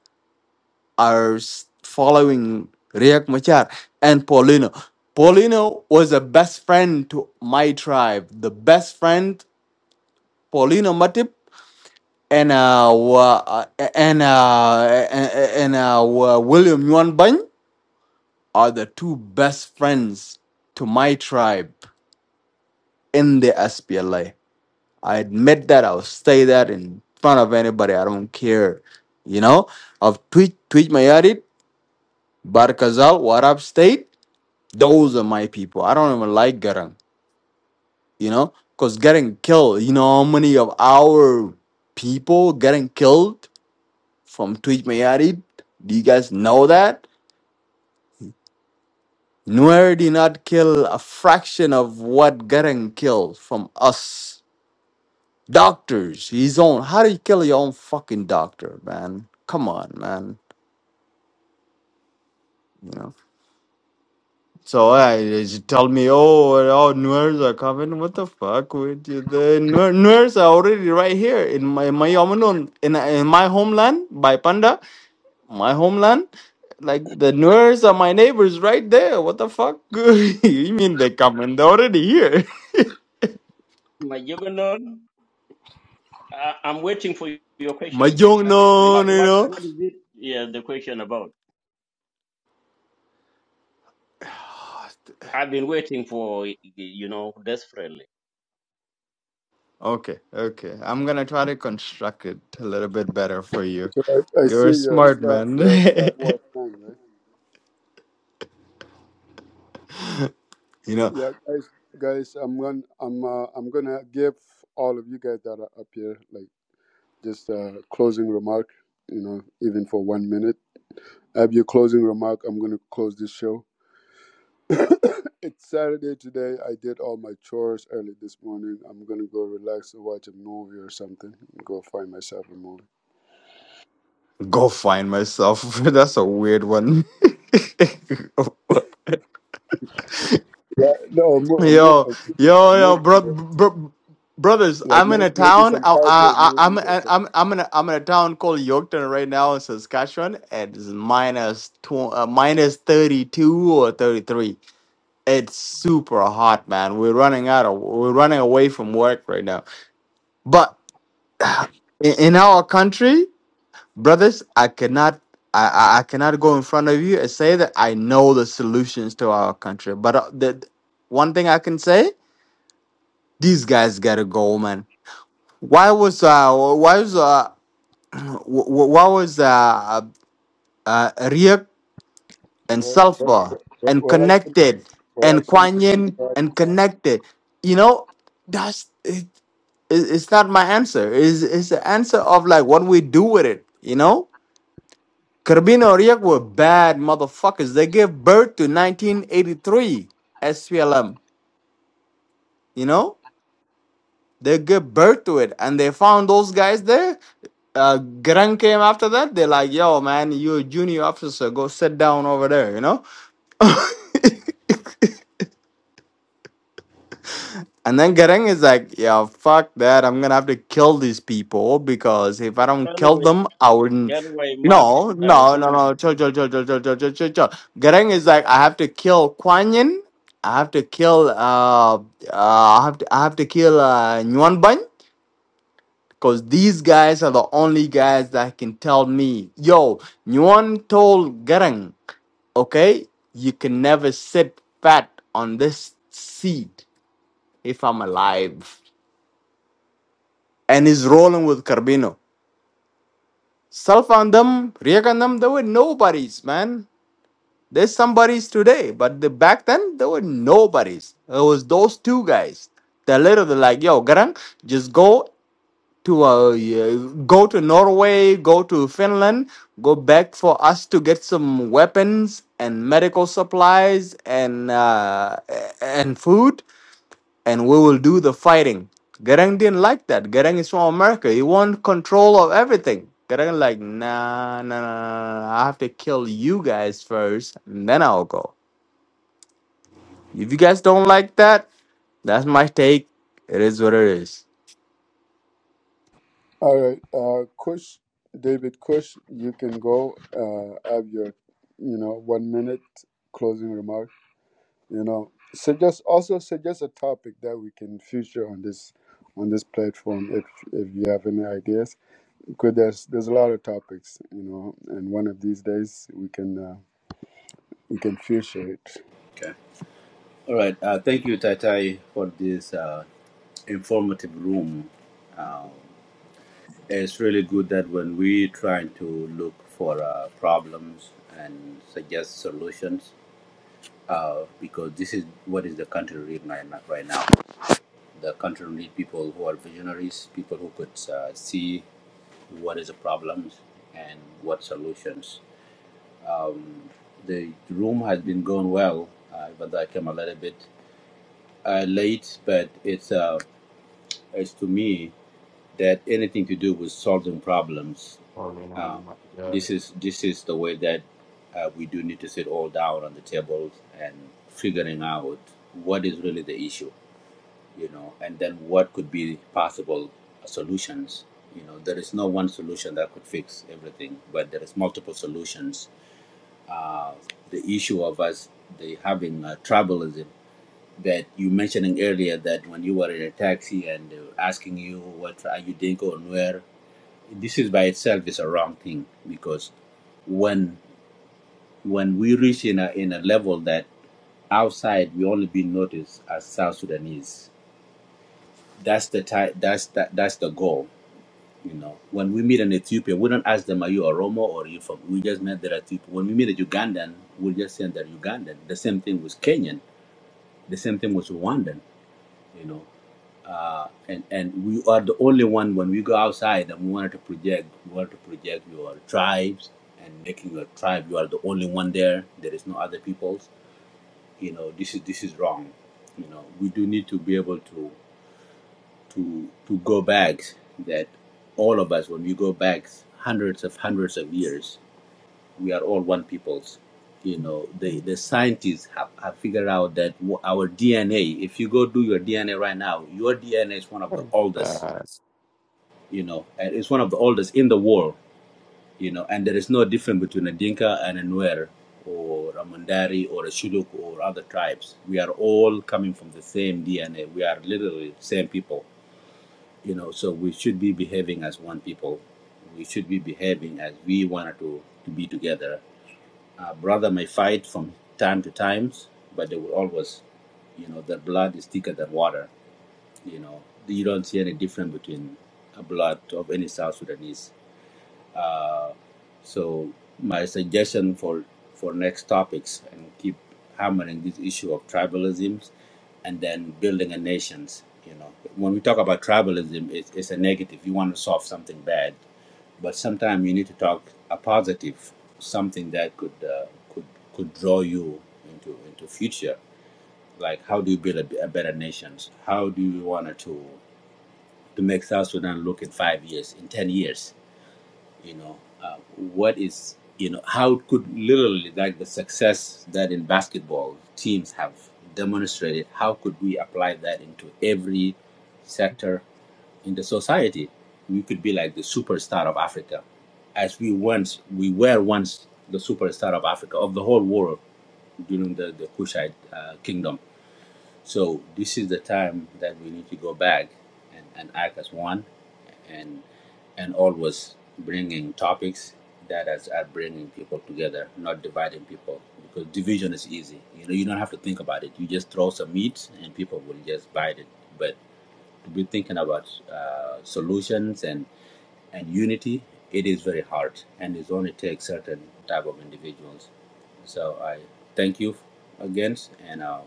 are s- following Riek Machar and Paulino. Paulino was a best friend to my tribe, the best friend, Paulino Matip, and uh, wa- uh, and uh, and uh, wa- William Yuan Bany are the two best friends to my tribe in the SPLA. I admit that. I'll say that in front of anybody. I don't care. You know, of tweet tweet my edit, Barkazal, Warab State. Those are my people. I don't even like Garang. You know, because getting killed. You know how many of our people getting killed from tweet my Do you guys know that? Nuer did not kill a fraction of what Garang killed from us. Doctors, his own. How do you kill your own fucking doctor, man? Come on, man You know. So I she told me, oh, well, oh, Nuers are coming. What the fuck with you? The Nuer- Nuers are already right here in my my Yamanon, in, in my homeland by Panda, my homeland. Like the Nuers are my neighbors right there. What the fuck? you mean they coming? They're already here. my juggernaut. I, I'm waiting for your my question. young Uh, what, non, you what, know. what is it? Yeah, the question about. I've been waiting for you know desperately. Okay, okay. I'm gonna try to construct it a little bit better for you. So I, I You're see a you're a smart Star man. you're a Star Wars fan, right? you know. Yeah, guys, guys, I'm gonna I'm uh, I'm gonna give all of you guys that are up here like just a closing remark. You know, even for one minute. have your closing remark. I'm gonna close this show it's Saturday today. I did all my chores early this morning. I'm gonna go relax and watch a movie or something. Go find myself a movie. Go find myself. That's a weird one. Yeah, no, a, mo- a, mo- yo, a yo, movie, a yo, movie, bro, yeah. bro, brothers. like I'm in may- a maybe town. some I, I, cowboy I- I'm, movies or uh, something. I'm, I'm in, a, I'm in a town called Yorkton right now in Saskatchewan. It's minus two, uh, minus thirty two or thirty three. It's super hot, man. We're running out of, we're running away from work right now. But in, in our country. brothers, I cannot I, I I cannot go in front of you and say that I know the solutions to our country. But uh, the one thing I can say, these guys got to go, man. Why was uh why was uh wh- wh- why was uh uh uh, Riek and Where, where, Sulfur where, and where I can, connected where I and should Kuan be Yin and parties. connected? You know, that's it, it, it's not my answer. Is it's it's the answer of like what we do with it, you know? Carbino Oriak were bad motherfuckers. They gave birth to 1983 SPLM. You know, they gave birth to it, and they found those guys there. Uh, Gran came after that. They're like, "Yo, man, you're a junior officer. Go sit down over there." You know. And then Garang is like, yeah, fuck that. I'm gonna have to kill these people because if I don't kill Anyway, them, I wouldn't. anyway, Mark. No, I no, no, think. no. Chill, chill, chill, chill, chill, chill, chill, chill. chill. Garang is like, I have to kill Kuan Yin. I have to kill. Uh, uh, I have to. I have to kill uh, Nguyen Banh because these guys are the only guys that can tell me, yo, Nguyen told Garang, okay, you can never sit fat on this seat if I'm alive. and is rolling with Carbino. Self and them, Riek and them, they were nobodies, man. There's somebodies today, but the, back then they were nobodies. It was those two guys. They're literally like, yo, Garang, just go to uh, yeah, go to Norway, go to Finland, go back for us to get some weapons and medical supplies and uh, and food and we will do the fighting. Garang didn't like that. Garang is from America. He want control of everything. Garang like, nah, nah, nah, nah, nah. I have to kill you guys first, and then I'll go. If you guys don't like that, that's my take. It is what it is. All right, uh, Kush, David Kush, you can go. Uh, have your, you know, one minute closing remarks. you know suggest also suggest a topic that we can feature on this on this platform if if you have any ideas because there's there's a lot of topics you know and one of these days we can uh, we can feature it Okay. All right. Uh, thank you, Tai Tai, for this uh, informative room. Uh, it's really good that when we try to look for uh, problems and suggest solutions, uh, because this is what is the country right now. Right now. The country needs people who are visionaries, people who could uh, see what is the problems and what solutions. The room has been going well, uh, but I came a little bit uh, late. But it's uh, it's to me that anything to do with solving problems, Oh, you uh, know, my this God. is this is the way that uh, we do need to sit all down on the tables and figuring out what is really the issue you know, and then what could be possible solutions. You know, there is no one solution that could fix everything, but there is multiple solutions. Uh, the issue of us the having uh, tribalism that you mentioning earlier that when you were in a taxi and they were asking you what are you Dinko and where this is by itself is a wrong thing because when when we reach in a in a level that outside we only be noticed as South Sudanese that's the ti- that's that, that's the goal You know, when we meet an Ethiopian, we don't ask them, "Are you Oromo or are you from?" We just met that Ethiopian. When we meet a Ugandan, we just say they're Ugandan. The same thing with Kenyan. The same thing with Rwandan. You know, uh, and and we are the only one when we go outside and we wanted to project, we want to project your tribes and making your tribe. You are the only one there. There is no other peoples. You know, this is this is wrong. You know, we do need to be able to to to go back that all of us when we go back hundreds of hundreds of years we are all one peoples you know the the scientists have, have figured out that our dna if you go do your dna right now your dna is one of the oldest Uh, you know and it's one of the oldest in the world you know and there is no difference between a dinka and a nuer or a Mundari or a shuluk or other tribes we are all coming from the same dna we are literally the same people you know so we should be behaving as one people we should be behaving as we wanted to, to be together uh, brother may fight from time to times but they will always you know the blood is thicker than water you know you don't see any difference between a blood of any south sudanese uh, so my suggestion for for next topics and keep hammering this issue of tribalisms, and then building a nations. You know, when we talk about tribalism, it's, it's a negative. You want to solve something bad, but sometimes you need to talk a positive, something that could uh, could could draw you into into future. Like how do you build a, a better nations? How do you want to to make South Sudan look in five years, in ten years? you know uh, what is you know how could literally like the success that in basketball teams have demonstrated how could we apply that into every sector in the society we could be like the superstar of africa as we once we were once the superstar of africa of the whole world during the, the kushite uh, kingdom so this is the time that we need to go back and, and act as one, and and always bringing topics that is, are bringing people together, not dividing people. Because division is easy. You know, you don't have to think about it. You just throw some meat, and people will just bite it. But to be thinking about uh, solutions and and unity, it is very hard, and it only takes certain type of individuals. So I thank you again, and I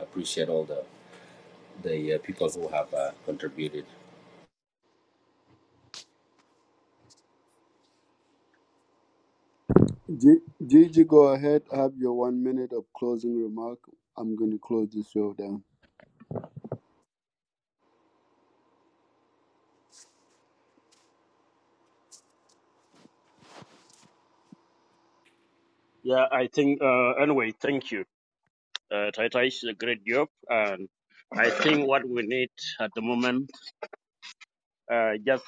appreciate all the the uh, people who have uh, contributed. G- gigi go ahead have your one minute of closing remark i'm going to close the show down Yeah, I think. Uh, anyway, thank you. Uh, Tata is a great job, and I think what we need at the moment uh, just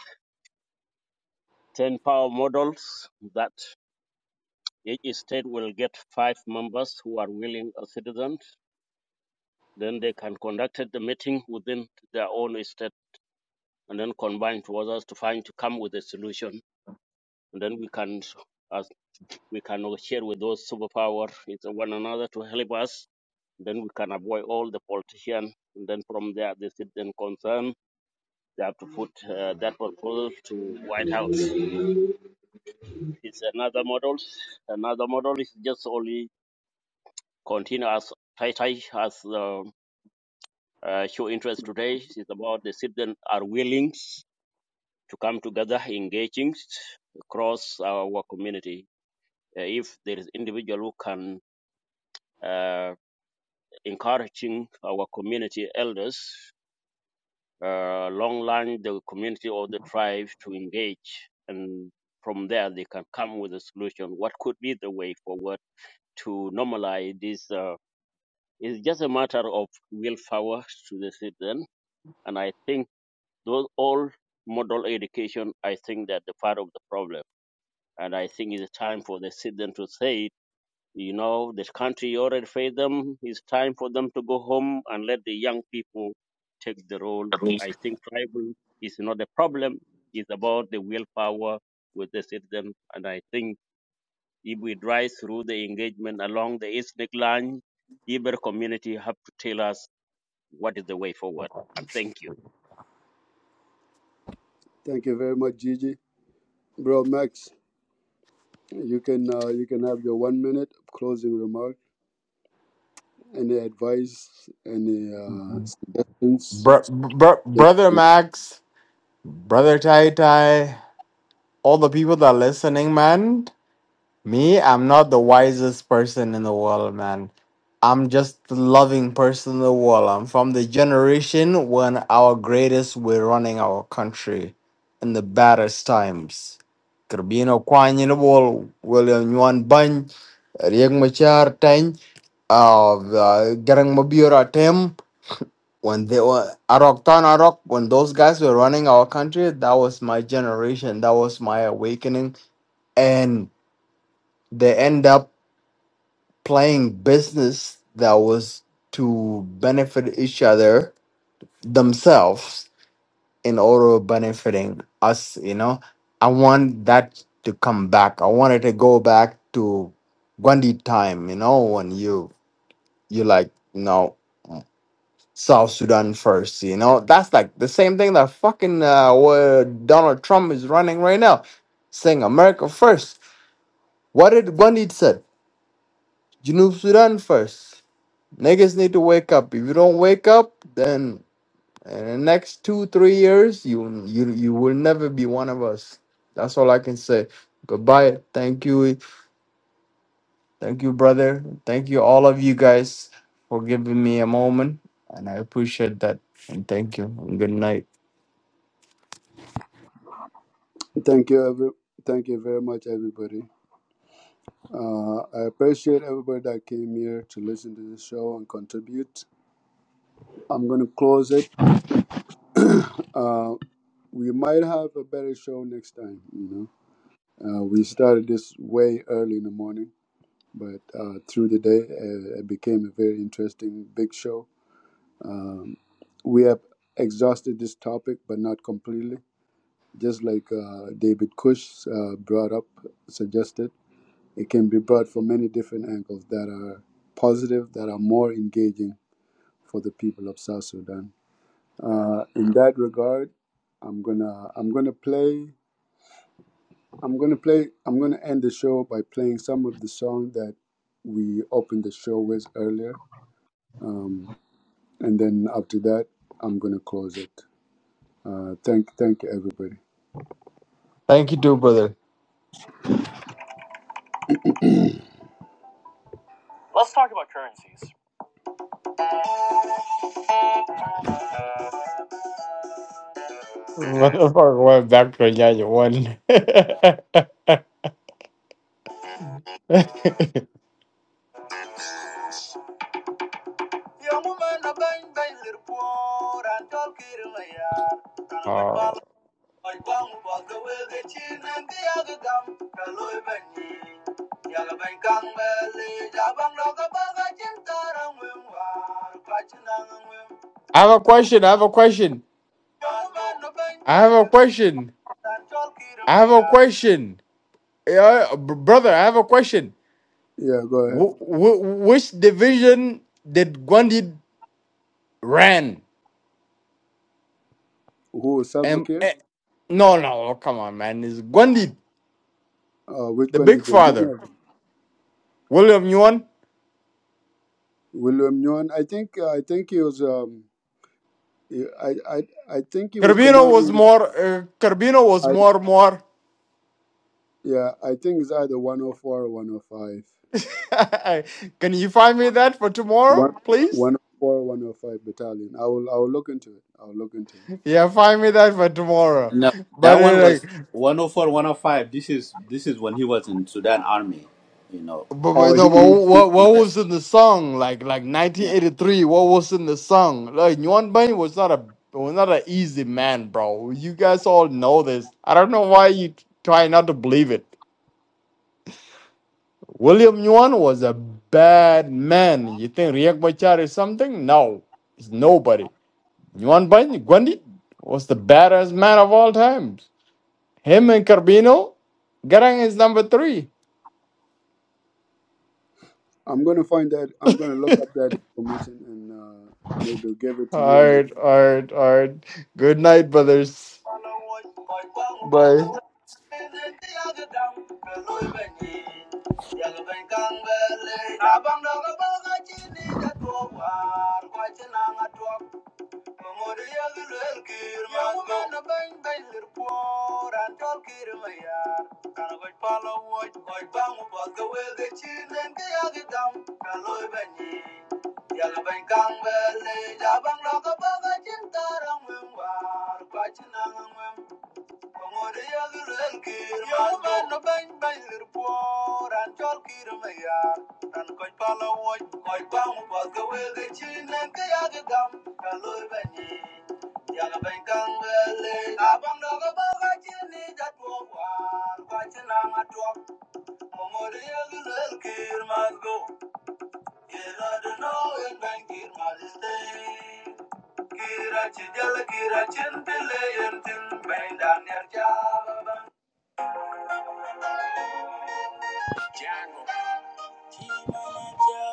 ten power models that each state will get five members who are willing uh, citizens Then they can conduct the meeting within their own state and then combine towards us to find to come with a solution. And then we can as we can share with those superpower with one another to help us. Then we can avoid all the politician. And then from there, the citizen concern, they have to put uh, that proposal to White House. It's another model. Another model is just only continue as tight as uh, uh, show interest today. It's about the citizen are willing to come together, engaging across our community. Uh, If there is individual who can uh, encouraging our community elders uh, along line the community or the tribe to engage, and from there they can come with a solution. What could be the way forward to normalize this? Uh, it's just a matter of willpower to the citizen, and I think those all model education. I think that the part of the problem And I think it's time for the citizen to say, you know, this country already failed them. It's time for them to go home and let the young people take the role. I think tribal is not a problem. It's about the willpower with the citizen. And I think if we drive through the engagement along the ethnic line, Iber community have to tell us what is the way forward. And thank you. thank you very much gigi bro max you can uh, you can have your one minute of closing remark any advice any uh, suggestions br- br- brother Max, brother Tai Tai, all the people that are listening, man. Me, I'm not the wisest person in the world, man. I'm just the loving person in the world. I'm from the generation when our greatest were running our country in the baddest times. Kirbino Kwan in the wall, William Yuan Bun, Riek Machar Tang, uh, Garang Mabura Tem, when they were Arok Tan Arok, when those guys were running our country, that was my generation. That was my awakening. And they end up playing business that was to benefit each other themselves in order of benefiting us you know i want that to come back i wanted to go back to gandhi time you know when you you like you know south sudan first you know that's like the same thing that fucking uh where donald trump is running right now saying america first what did gandhi said Junub sudan first Niggas need to wake up. If you don't wake up, then in the next two, three years, you you you will never be one of us. That's all I can say. Goodbye. Thank you. Thank you, brother. Thank you, all of you guys, for giving me a moment. And I appreciate that. And thank you. And good night. Thank you, every, thank you very much, everybody. Uh, I appreciate everybody that came here to listen to the show and contribute. I'm gonna close it. uh, we might have a better show next time. You know, uh, we started this way early in the morning, but uh, through the day, uh, it became a very interesting big show. Um, we have exhausted this topic, but not completely. Just like uh, David Cush uh, brought up, suggested. It can be brought from many different angles that are positive, that are more engaging for the people of South Sudan. Uh, in that regard, I'm gonna I'm gonna play I'm gonna play I'm gonna end the show by playing some of the song that we opened the show with earlier, um, and then after that I'm gonna close it. Uh, thank thank everybody. Thank you, too, brother. Let's talk about currencies. Motherfucker went back to Yaya one. Uh, Yeah, Bang for the way the chin and the other gum, Kaloy Bani, Yalaban Kangmeli, Jabang Lokabaga Jintara Wimwa, Pachinang Wim, I have a question. I have a question. I have a question. I have a question. Yeah, br- brother, I have a question. Yeah, go ahead. W- w- which division did Gwandid ran? Who is self And care? eh, no, no, oh, come on, man, it's Gwandid, Uh, which the one big did there's many father, of them? William Yuan. William Nguyen, I think uh, I think he was um I I I think he was Carbino was commanding more. Uh, Carbino was I more, more. yeah, I think it's either one oh four or one oh five. Can you find me that for tomorrow, One, please? 104, 105 battalion. I will, I will look into it. I'll look into it. Yeah, find me that for tomorrow. No, But that uh, one was like, 104, 105. This is this is when he was in Sudan Army. You know. But, Oh, but he, no, but he, he- what what Yes, was in the song? Like like Yeah. 1983, what was in the song? Like Yuan Bunny was not a was not an easy man, bro. You guys all know this. I don't know why you try not to believe it. William Yuan was a bad man. You think Riek Machar is something? No, it's nobody. Yuan Bunny Gwandi was the baddest man of all times. Him and Carbino, Garang is number three. I'm gonna find that. I'm gonna look up that information and uh, maybe I'll give it to All you next. right, all right, all right. Good night, brothers. But Amor y el kir ma yo mena ben ben lir por antol kir ma yar kan go palo wo go bangu ba go we de chinen ke ya de dam kan lo ben ni ya la ben kan be ya bang lo go ba ga chin tarang wen war pa chin must go. You don't know in Bangkir must stay. Kira chijal kira chin pile yentin Jano. Chimamacha.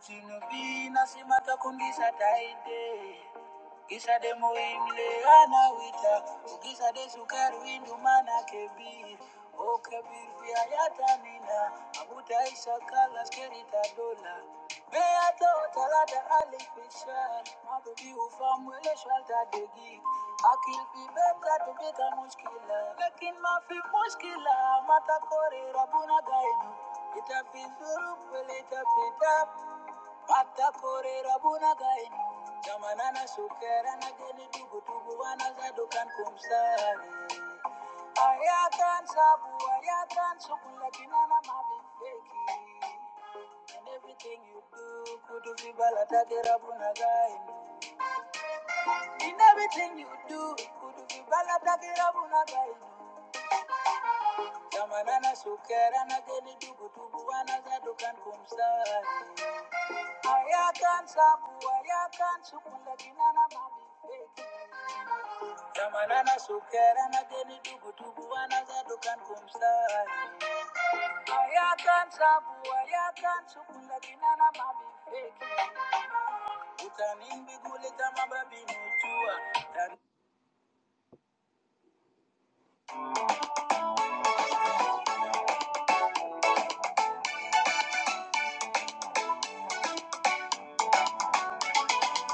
Chino vina simu gisa taide. Gisa demo imle. wita ukisade sukari windu mana kebiri okebiri vyayatanina abutaisha kala skerita dola beato talata alifishal mabebi ufamwele shwalta degi akil fi beta tubika mushkila lakin mafi mushkila matakore rabuna gainu itafizuru pelitapita Ataporera bunagainu Jamana na sukera na geni dugu dugu wana zadukan kumsari Ayatan sabu ayatan sukula kinana mabifeki In everything you do kudu vibala takera bunagainu In everything you do kudu vibala takera bunagainu Jamana na sukera na geni dugu dugu wana zadukan kumsari Zamanana sukera na deni dubu dubu wana za dukan kumsa. Aya kan sabu aya kan sukula kinana mabi fake. Utanin bigule kama minujua.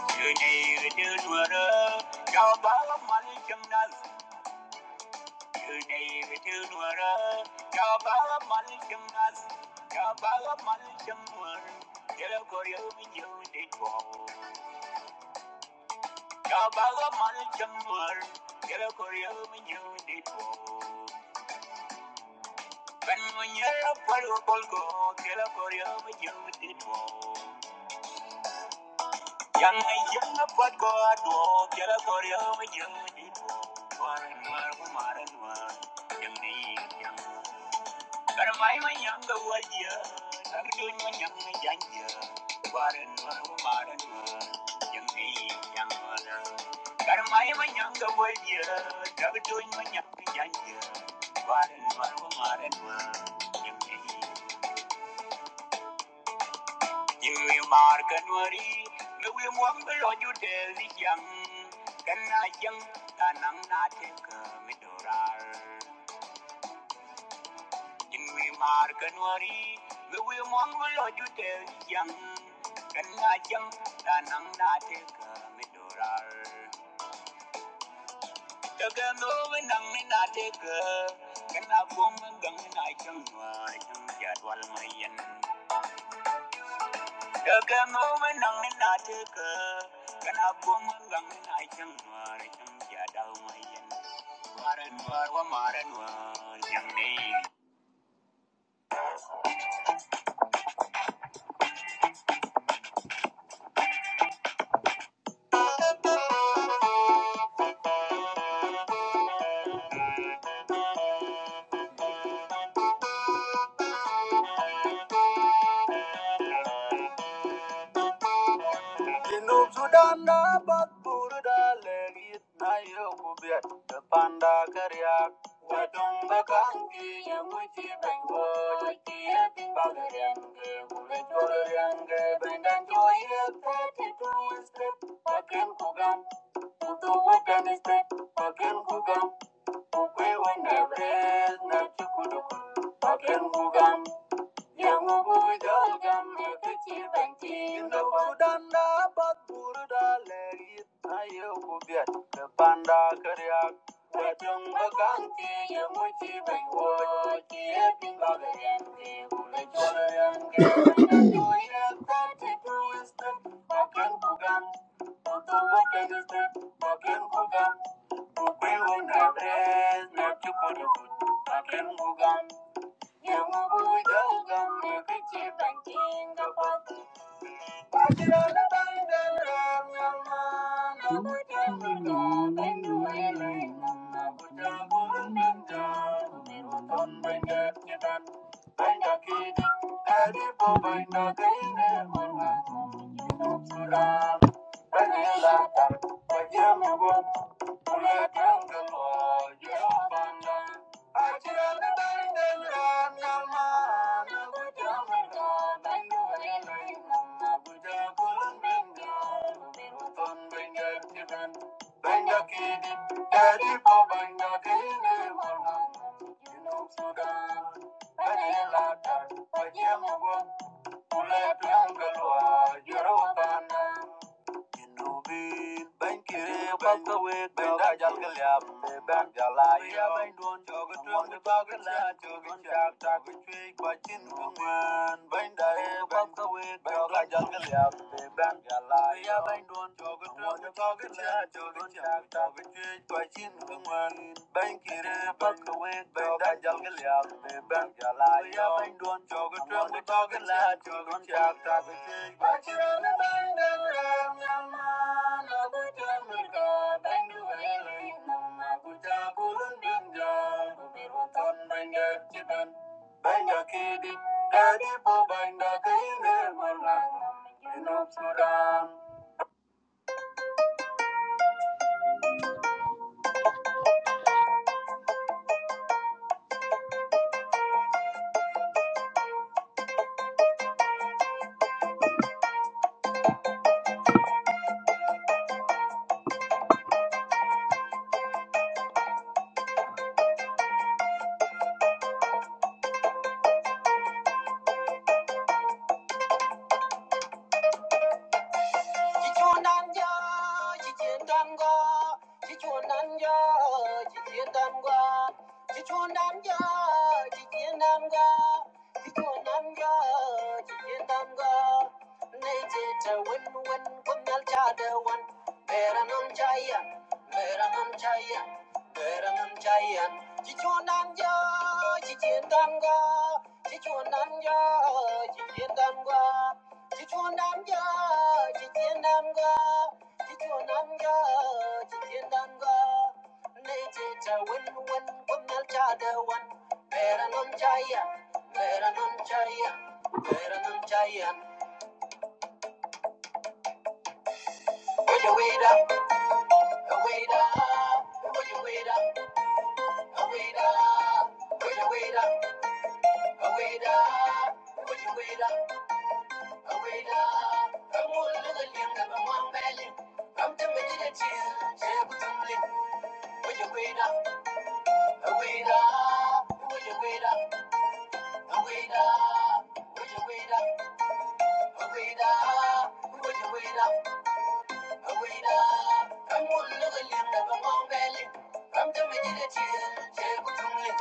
Today we do dwara, jabala malikim nas. Today we do dwara, jabala malikim nas. Jabala malikim nas. Jere Kabaga man chamar, kera korya manyo de to. Manyo to kera korya man. Tunyi mai mai tunyi manya janje. Waran waru maran wa. Yemi yemi mar kanwari, lewi mwambelo jude ziyang. Kana jang tanang na teka midorar. In we mark and worry, we will mongrel or you tell young. Can I jump? Then I'm not take a midorar. Take a no and I'm not take a. Can I bomb and gun and I jump? I jump at one my yen. Take a no and I'm not take a. Can I bomb and gun and I jump? I jump at all my yen. War and war, war, war and war, young lady. Jinub Sudan da Bakbur da Legit na Yokubiat, the Panda Kariak, Wadong Bakangi, Yamuchi Bango, Kiat Bagarian, Kuliturian, Bendan Joya, thirty two step, Pakin Kugan, Utu Wakan step, Pakin Kugan, Ukwe Wendabre, Nachukuduku, Pakin Kugan. Thank you. Thank you. Thank you. Junubin bañ kiri bañ ka wéeg bañ daajal ka liyaab ne bañ jalaay ya bañ doon jooga tuyaam ne baaga laa jooga caag taaga cuy ba cin ka ngeen bañ daye bañ ka wéeg bañ daajal ka liyaab ne bañ jalaay ya bañ doon jooga tuyaam ne baaga man ben kire pak ke we ben da jal ge ya be ben ja la ya jog tro mo dog la jog cha ta be ke ba chi ra na ben da ra na ma na bu ja mi ga ben du we le na ma bu ja bu run ben ja bu bi ro ton ben ge chi ben ben ja ki di da di bo ben da Sudan Chi chuan nam Chichuan Chichundamga, chichindamga, chichundamga, chichindamga. Nejita win win kumnal chada wan. Mera non chaya, mera non chaya, mera non chaya. Will you wait up, a wait up? Will you wait up, a wait up? Will you wait up, a wait up? Will you wait up, a wait up? Come on, little young, I'm on belly. I'm the magic, I'm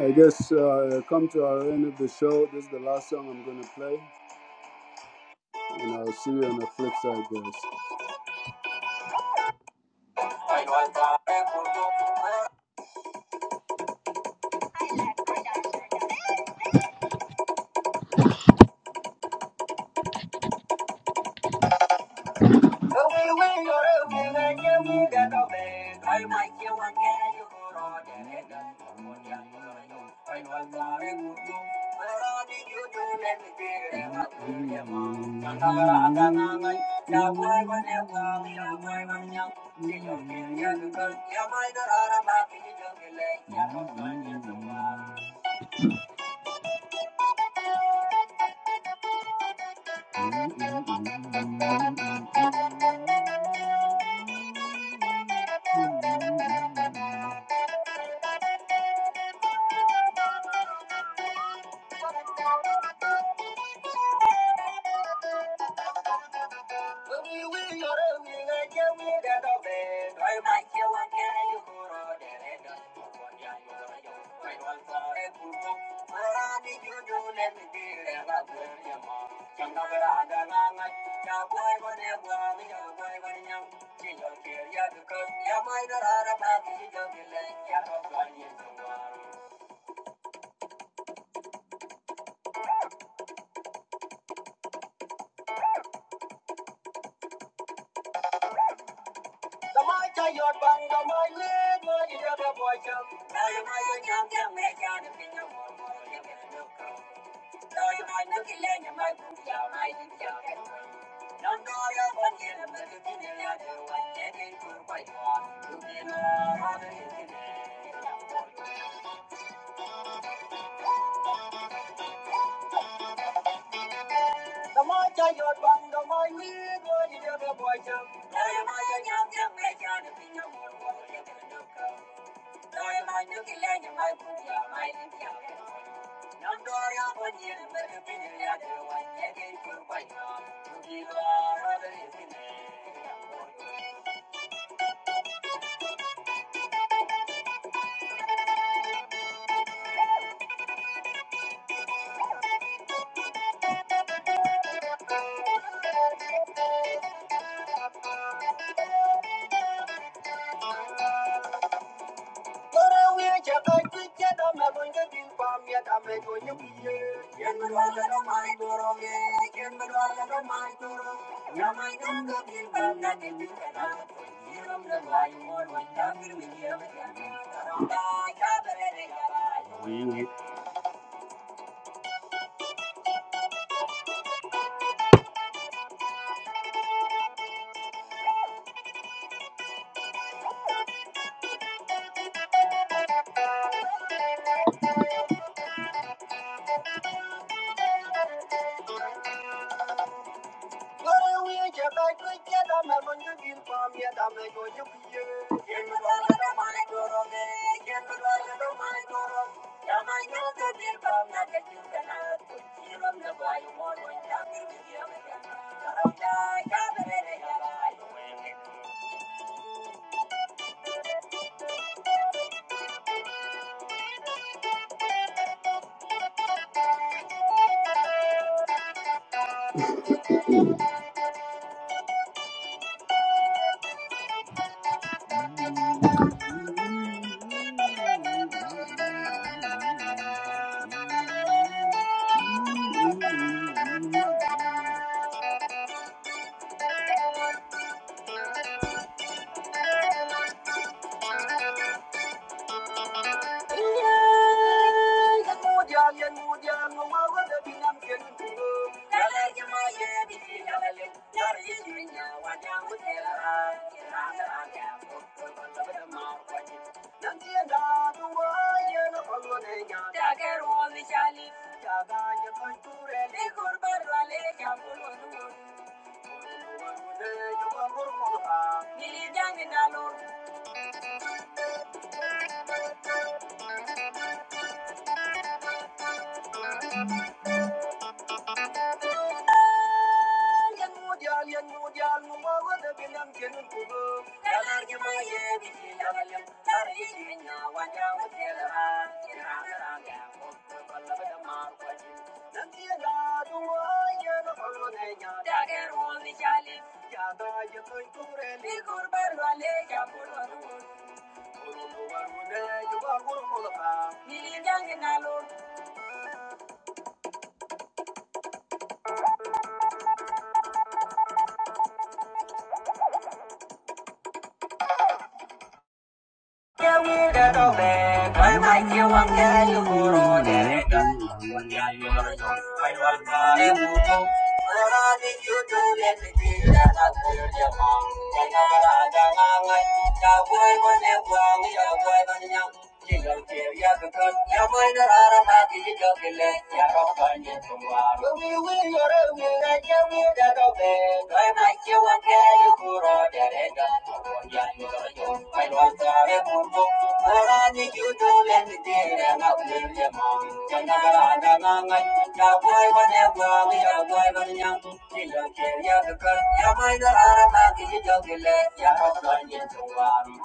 I guess uh, come to our end of the show. This is the last song I'm gonna play, and I'll see you on the flip side, guys. Thank you. Thank you. Tôi muốn nước kia nhà mày cũng giàu mày, giàu kẻo. Nón guốc yêu quân nghĩa, mơ mộng tình yêu yêu quân nghĩa tình quân bội thu. Tôi muốn những chiếc bè cho nên chiếc buồm của tôi. Tôi muốn nước kia nhà mày cũng giàu mày, giàu kẻo. Tôi yêu những chiếc bè cho nên chiếc buồm của tôi. Tôi yêu những chiếc bè cho nên chiếc buồm của tôi. Thank you. Thank you. Thank you. Thank you.